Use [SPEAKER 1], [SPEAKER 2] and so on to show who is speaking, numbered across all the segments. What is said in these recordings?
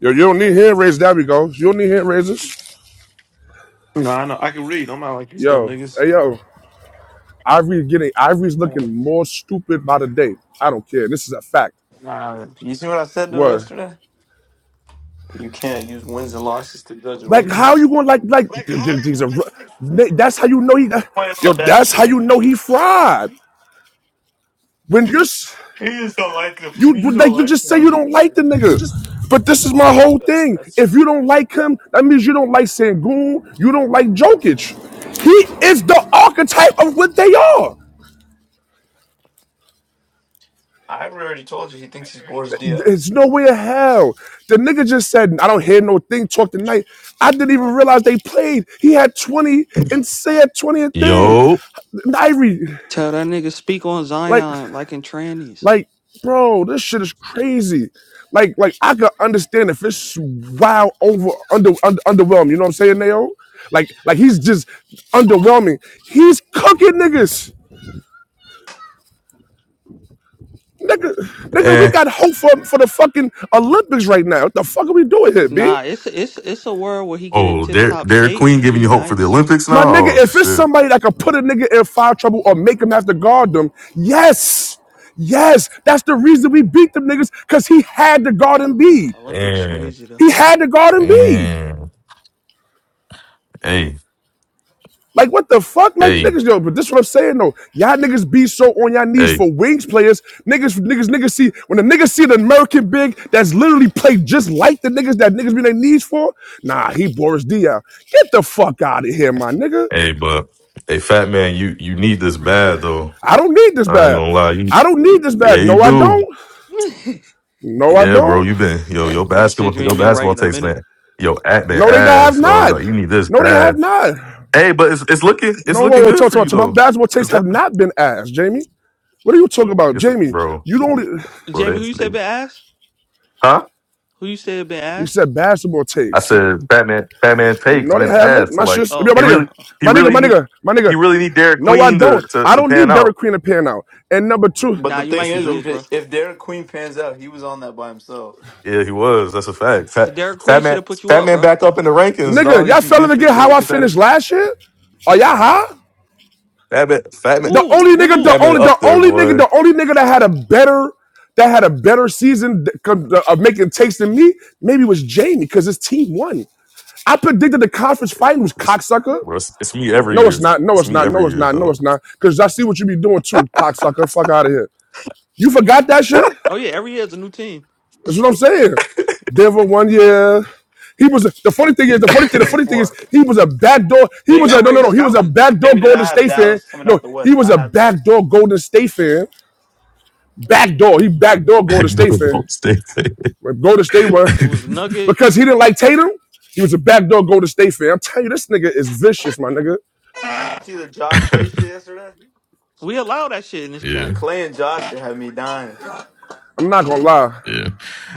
[SPEAKER 1] Yo, you don't need hand raisers. There we go. You don't need hand raisers.
[SPEAKER 2] No, I know. I can read. I'm not like these dumb
[SPEAKER 1] Yo,
[SPEAKER 2] niggas.
[SPEAKER 1] hey yo, Ivory's getting Ivory's looking more stupid by the day. I don't care. This is a fact.
[SPEAKER 2] Nah, you see what I said to him
[SPEAKER 1] What?
[SPEAKER 2] yesterday? You can't use wins and losses to judge a
[SPEAKER 1] Like
[SPEAKER 2] rookie.
[SPEAKER 1] how you going to like like
[SPEAKER 2] Like,
[SPEAKER 1] th-
[SPEAKER 2] how
[SPEAKER 1] th-
[SPEAKER 2] you
[SPEAKER 1] these are
[SPEAKER 2] want to
[SPEAKER 1] ru-
[SPEAKER 2] like this?
[SPEAKER 1] Th- that's how you know he
[SPEAKER 2] playing on
[SPEAKER 1] yo
[SPEAKER 2] a bad
[SPEAKER 1] that's how
[SPEAKER 2] team?
[SPEAKER 1] you know he fried. When you're s-
[SPEAKER 2] He just don't like him.
[SPEAKER 1] you
[SPEAKER 2] He just
[SPEAKER 1] like
[SPEAKER 2] don't
[SPEAKER 1] you
[SPEAKER 2] like
[SPEAKER 1] just say
[SPEAKER 2] how
[SPEAKER 1] you
[SPEAKER 2] he
[SPEAKER 1] don't like
[SPEAKER 2] plays.
[SPEAKER 1] the nigga.
[SPEAKER 3] Just
[SPEAKER 1] But this is my whole
[SPEAKER 2] That-
[SPEAKER 1] thing.
[SPEAKER 2] That's.
[SPEAKER 1] If you don't like him, that means you don't like Sangoon. You don't like Jokic. He is the archetype of what they are.
[SPEAKER 2] I already told you he thinks he's Boris Dio.
[SPEAKER 1] It's no way to hell. The nigga just said, I don't hear no thing talk tonight. I didn't even realize they played. He had 20 and said 20 and thing.
[SPEAKER 4] Yo.
[SPEAKER 1] Nairi,
[SPEAKER 5] Tell that nigga speak on
[SPEAKER 1] like,
[SPEAKER 5] Zion like in trannies.
[SPEAKER 1] like, bro, this shit is crazy. Like, like I could understand if it's wow over under, under underwhelming. You know what I'm saying, Nao? Like, like he's just underwhelming. He's cooking niggas. Nigga, nigga, we
[SPEAKER 4] Eh,
[SPEAKER 1] got hope for, for the fucking Olympics right now. What the fuck are we doing here, B?
[SPEAKER 5] Nah, it's it's it's a world where he get in
[SPEAKER 4] Oh,
[SPEAKER 5] tip
[SPEAKER 4] Der
[SPEAKER 5] top
[SPEAKER 4] Derek
[SPEAKER 5] shape
[SPEAKER 4] Queen
[SPEAKER 5] and
[SPEAKER 4] giving
[SPEAKER 5] he
[SPEAKER 4] you hope for the
[SPEAKER 5] nice.
[SPEAKER 4] Olympics
[SPEAKER 1] My
[SPEAKER 4] now?
[SPEAKER 1] nigga,
[SPEAKER 4] Oh
[SPEAKER 1] if it's
[SPEAKER 4] shit.
[SPEAKER 1] somebody that can put a nigga in foul trouble or make him have to guard them, yes. Yes. That's the reason we beat them niggas, because he had to guard
[SPEAKER 5] Nah,
[SPEAKER 1] Embiid.
[SPEAKER 5] Olympics
[SPEAKER 4] Damn, eh.
[SPEAKER 5] crazy though.
[SPEAKER 1] He had to guard Embiid.
[SPEAKER 4] Hey,
[SPEAKER 1] Like, what the fuck? Like,
[SPEAKER 4] hey,
[SPEAKER 1] niggas, yo, but this is what I'm saying, though. Y'all niggas be so on y'all knees
[SPEAKER 4] hey,
[SPEAKER 1] for wings players. Niggas, niggas, niggas see, when the niggas see the American big that's literally played just like the niggas that niggas be on their knees for, nah, he Boris Diaw. Get the fuck out of here, my nigga.
[SPEAKER 4] hey, but hey, fat man, you you need this bad though.
[SPEAKER 1] I don't need this
[SPEAKER 4] I ain't
[SPEAKER 1] bad.
[SPEAKER 4] gonna lie. You
[SPEAKER 1] I don't need this
[SPEAKER 4] yeah,
[SPEAKER 1] bad.
[SPEAKER 4] you
[SPEAKER 1] No, I
[SPEAKER 4] do.
[SPEAKER 1] don't.
[SPEAKER 5] nigga
[SPEAKER 1] No, I
[SPEAKER 4] Yeah, bro,
[SPEAKER 1] don't.
[SPEAKER 4] you been yo, your basketball
[SPEAKER 5] said you
[SPEAKER 4] your
[SPEAKER 5] ain't been right
[SPEAKER 4] basketball
[SPEAKER 5] in a
[SPEAKER 4] takes,
[SPEAKER 5] minute.
[SPEAKER 4] man. Yo, at man
[SPEAKER 1] No, they have
[SPEAKER 4] ass, dog.
[SPEAKER 1] not.
[SPEAKER 4] Like you need this
[SPEAKER 1] No, they have
[SPEAKER 4] bad.
[SPEAKER 1] not.
[SPEAKER 4] Hey, but it's it's looking it's
[SPEAKER 1] No, whoa,
[SPEAKER 4] looking
[SPEAKER 1] whoa,
[SPEAKER 4] good
[SPEAKER 1] talk,
[SPEAKER 4] for
[SPEAKER 1] talk,
[SPEAKER 4] you
[SPEAKER 1] talk. My
[SPEAKER 4] though.
[SPEAKER 1] basketball
[SPEAKER 4] It's
[SPEAKER 1] takes have
[SPEAKER 4] definitely
[SPEAKER 1] not been asked, Jamie. What are you talking about,
[SPEAKER 4] it's
[SPEAKER 1] Jamie?
[SPEAKER 4] bro,
[SPEAKER 1] You don't.
[SPEAKER 4] bro,
[SPEAKER 5] Jamie,
[SPEAKER 4] they,
[SPEAKER 5] who you said
[SPEAKER 4] they
[SPEAKER 5] been ass?
[SPEAKER 4] huh?
[SPEAKER 5] Who you said been
[SPEAKER 1] You
[SPEAKER 5] ass?
[SPEAKER 1] said basketball
[SPEAKER 4] I
[SPEAKER 1] takes.
[SPEAKER 4] said Batman Batman's take's
[SPEAKER 1] No, they
[SPEAKER 4] been
[SPEAKER 1] haven't.
[SPEAKER 4] ass. So
[SPEAKER 1] My
[SPEAKER 4] like
[SPEAKER 1] shit's Yo,
[SPEAKER 4] he
[SPEAKER 1] my
[SPEAKER 5] Oh,
[SPEAKER 4] really
[SPEAKER 1] nigga,
[SPEAKER 4] he
[SPEAKER 1] my nigga,
[SPEAKER 4] really
[SPEAKER 1] my
[SPEAKER 4] need
[SPEAKER 1] nigga, my
[SPEAKER 4] he
[SPEAKER 1] nigga.
[SPEAKER 4] really need Derek
[SPEAKER 1] No, I
[SPEAKER 4] Queen to,
[SPEAKER 1] don't.
[SPEAKER 4] to,
[SPEAKER 1] I
[SPEAKER 4] to
[SPEAKER 1] don't
[SPEAKER 4] pan
[SPEAKER 1] need
[SPEAKER 4] out.
[SPEAKER 1] Derek Queen to pan out. And number two,
[SPEAKER 2] But
[SPEAKER 5] nah,
[SPEAKER 2] the
[SPEAKER 5] you
[SPEAKER 2] thing
[SPEAKER 5] might
[SPEAKER 4] Yes, you
[SPEAKER 2] is,
[SPEAKER 5] need
[SPEAKER 2] if
[SPEAKER 5] this,
[SPEAKER 4] do.
[SPEAKER 2] it,
[SPEAKER 5] bro.
[SPEAKER 2] if Derek Queen pans out, he was on that by himself.
[SPEAKER 4] Yeah, he was. That's a fact. Fat,
[SPEAKER 5] The Derek Queen
[SPEAKER 4] fat
[SPEAKER 5] should
[SPEAKER 4] man,
[SPEAKER 5] have put you
[SPEAKER 4] fat
[SPEAKER 5] up,
[SPEAKER 4] man,
[SPEAKER 5] bro.
[SPEAKER 4] back up in the rankings,
[SPEAKER 1] nigga,
[SPEAKER 4] dog.
[SPEAKER 1] y'all
[SPEAKER 4] If he,
[SPEAKER 1] fell in
[SPEAKER 4] if he-
[SPEAKER 1] again
[SPEAKER 4] if
[SPEAKER 1] how
[SPEAKER 5] Yeah.
[SPEAKER 1] I
[SPEAKER 4] if that
[SPEAKER 1] finished last year. Are y'all high?
[SPEAKER 4] fat man, fat man,
[SPEAKER 1] The
[SPEAKER 5] Woo,
[SPEAKER 1] only nigga, the
[SPEAKER 4] fat
[SPEAKER 5] woohoo.
[SPEAKER 4] man
[SPEAKER 1] only, the
[SPEAKER 4] up there,
[SPEAKER 1] only nigga,
[SPEAKER 4] boy.
[SPEAKER 1] the only nigga that had a better, that had a better season of making takes than me, maybe was Jamie because his team won. I predicted the conference fighting was
[SPEAKER 4] It's,
[SPEAKER 1] cocksucker.
[SPEAKER 4] bro, it's, it's me every
[SPEAKER 1] No, it's
[SPEAKER 4] year.
[SPEAKER 1] not. No,
[SPEAKER 4] It's
[SPEAKER 1] it's
[SPEAKER 4] me
[SPEAKER 1] not. No,
[SPEAKER 4] every
[SPEAKER 1] it's
[SPEAKER 4] year
[SPEAKER 1] not. No,
[SPEAKER 4] though.
[SPEAKER 1] it's not. Because I see what you be doing too, cocksucker. Fuck out of here. You forgot that shit.
[SPEAKER 5] Oh yeah, every year it's a new team.
[SPEAKER 1] That's what I'm saying. Denver one year. He was a, the funny thing is the funny thing. The
[SPEAKER 2] Twenty
[SPEAKER 1] funny thing is
[SPEAKER 2] four.
[SPEAKER 1] he was a backdoor. He
[SPEAKER 5] He
[SPEAKER 1] was
[SPEAKER 2] Jamie,
[SPEAKER 1] a no
[SPEAKER 5] already
[SPEAKER 1] no no. He was a
[SPEAKER 5] scouting.
[SPEAKER 1] backdoor
[SPEAKER 2] Jamie did
[SPEAKER 1] Golden
[SPEAKER 2] I have
[SPEAKER 1] State fan.
[SPEAKER 2] Dallas coming
[SPEAKER 1] No,
[SPEAKER 2] out the
[SPEAKER 1] he
[SPEAKER 2] West. I
[SPEAKER 1] was a
[SPEAKER 2] had that.
[SPEAKER 1] backdoor Golden State fan Backdoor. He backdoor
[SPEAKER 4] Back
[SPEAKER 1] Golden
[SPEAKER 4] to
[SPEAKER 1] State
[SPEAKER 4] the
[SPEAKER 1] fan.
[SPEAKER 4] Golden State
[SPEAKER 1] When Golden State won
[SPEAKER 5] It was
[SPEAKER 1] because he
[SPEAKER 5] Nuggets.
[SPEAKER 1] didn't like Tatum. He was a backdoor Golden State fan. I'm telling you, this nigga is vicious, my nigga.
[SPEAKER 2] See the Jaw Clay shit yesterday.
[SPEAKER 5] We allow that shit in this
[SPEAKER 2] The
[SPEAKER 4] yeah,
[SPEAKER 5] chat.
[SPEAKER 2] Clay and Josh shit had me dying.
[SPEAKER 1] I'm not gonna lie.
[SPEAKER 4] yeah.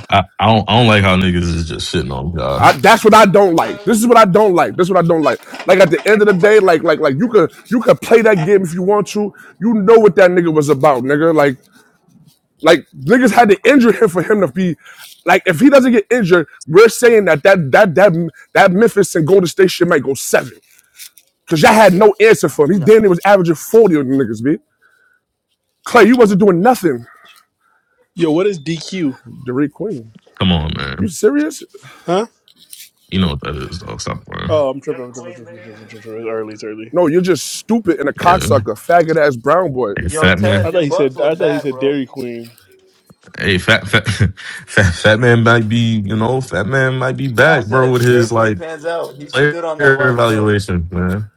[SPEAKER 4] I, I don't I don't like how niggas is just shitting on
[SPEAKER 1] I,
[SPEAKER 4] God.
[SPEAKER 1] that's what I don't like. This is what I don't like. This is what I don't like. Like at the end of the day, like like like you could you could play that game if you want to. You know what that nigga was about, nigga. Like like niggas had to injure him for him to be like if he doesn't get injured, we're saying that that that that that Memphis and Golden State shit might go seven. Cause y'all had no answer for him. He
[SPEAKER 5] No,
[SPEAKER 1] damn near was averaging 40 on the niggas, B. Clay, you
[SPEAKER 5] I'm gonna
[SPEAKER 1] wasn't doing
[SPEAKER 5] average
[SPEAKER 1] nothing.
[SPEAKER 5] forty.
[SPEAKER 6] Yo, what is DQ?
[SPEAKER 1] Derek Queen.
[SPEAKER 4] Come on, man.
[SPEAKER 1] You serious?
[SPEAKER 6] Huh?
[SPEAKER 4] You know what that is, dog. Stop playing.
[SPEAKER 6] Oh, I'm
[SPEAKER 2] You're
[SPEAKER 6] tripping.
[SPEAKER 2] the
[SPEAKER 6] I'm tripping.
[SPEAKER 2] queen,
[SPEAKER 6] tripping, tripping,
[SPEAKER 2] nigga.
[SPEAKER 6] tripping, tripping. It's early. It's early.
[SPEAKER 1] No, you're just stupid and a
[SPEAKER 4] Yeah.
[SPEAKER 1] cocksucker, faggot ass brown boy.
[SPEAKER 4] Hey,
[SPEAKER 2] Yo,
[SPEAKER 4] fat man.
[SPEAKER 6] I
[SPEAKER 2] Ted, your
[SPEAKER 6] thought he
[SPEAKER 2] Bucks
[SPEAKER 6] said. I
[SPEAKER 2] look
[SPEAKER 6] thought he
[SPEAKER 2] bad,
[SPEAKER 6] said
[SPEAKER 2] bro.
[SPEAKER 6] Dairy Queen.
[SPEAKER 4] Hey, fat, fat, fat, fat man might be, you know, fat man might be
[SPEAKER 2] Yeah, I
[SPEAKER 4] back,
[SPEAKER 2] said
[SPEAKER 4] bro,
[SPEAKER 2] if
[SPEAKER 4] with
[SPEAKER 2] their
[SPEAKER 4] his
[SPEAKER 2] queen
[SPEAKER 4] like
[SPEAKER 2] pans out, he
[SPEAKER 4] player
[SPEAKER 2] stood on that by himself.
[SPEAKER 4] evaluation, man.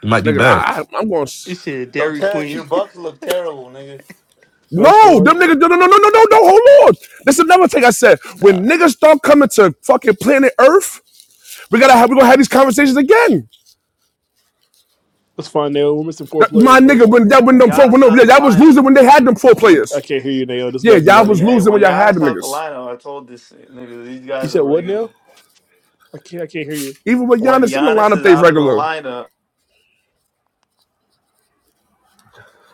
[SPEAKER 4] He might be
[SPEAKER 1] Nigga,
[SPEAKER 4] back.
[SPEAKER 1] I, I, I'm going to.
[SPEAKER 5] You said
[SPEAKER 2] Yo,
[SPEAKER 5] Dairy
[SPEAKER 2] Ted, your
[SPEAKER 5] Queen.
[SPEAKER 2] Bucks look terrible, nigga.
[SPEAKER 6] But that's
[SPEAKER 1] No,
[SPEAKER 6] fine.
[SPEAKER 1] them niggas, no, no, no, no, no, no, no, hold on. That's another thing I said.
[SPEAKER 5] nah.
[SPEAKER 1] When niggas start coming to fucking planet Earth, we gotta have, we gonna have these conversations again.
[SPEAKER 6] That's fine, Nail. We're missing four
[SPEAKER 1] That- My
[SPEAKER 6] players, bro.
[SPEAKER 1] nigga, when that, when them four,
[SPEAKER 2] Giannis
[SPEAKER 1] when
[SPEAKER 2] is
[SPEAKER 1] them,
[SPEAKER 2] out
[SPEAKER 1] yeah,
[SPEAKER 2] the
[SPEAKER 1] y'all was losing
[SPEAKER 2] lineup.
[SPEAKER 1] when they had them four
[SPEAKER 6] I, I
[SPEAKER 1] players.
[SPEAKER 6] can't hear you, Nail. This
[SPEAKER 1] Yeah,
[SPEAKER 6] guy's
[SPEAKER 1] y'all
[SPEAKER 2] When
[SPEAKER 1] was
[SPEAKER 6] yelling.
[SPEAKER 2] hey,
[SPEAKER 1] losing when
[SPEAKER 2] when
[SPEAKER 1] y'all had
[SPEAKER 2] Giannis
[SPEAKER 1] them
[SPEAKER 2] out the
[SPEAKER 1] niggas.
[SPEAKER 2] lineup, I told this nigga these
[SPEAKER 6] You
[SPEAKER 2] guys
[SPEAKER 6] said
[SPEAKER 2] are
[SPEAKER 6] what, Nail?
[SPEAKER 2] regular.
[SPEAKER 6] I can't. I can't hear you.
[SPEAKER 1] Even with
[SPEAKER 2] When
[SPEAKER 1] Giannis in the
[SPEAKER 2] Giannis
[SPEAKER 1] lineup,
[SPEAKER 2] is
[SPEAKER 1] they
[SPEAKER 2] out of the
[SPEAKER 1] regular.
[SPEAKER 2] lineup,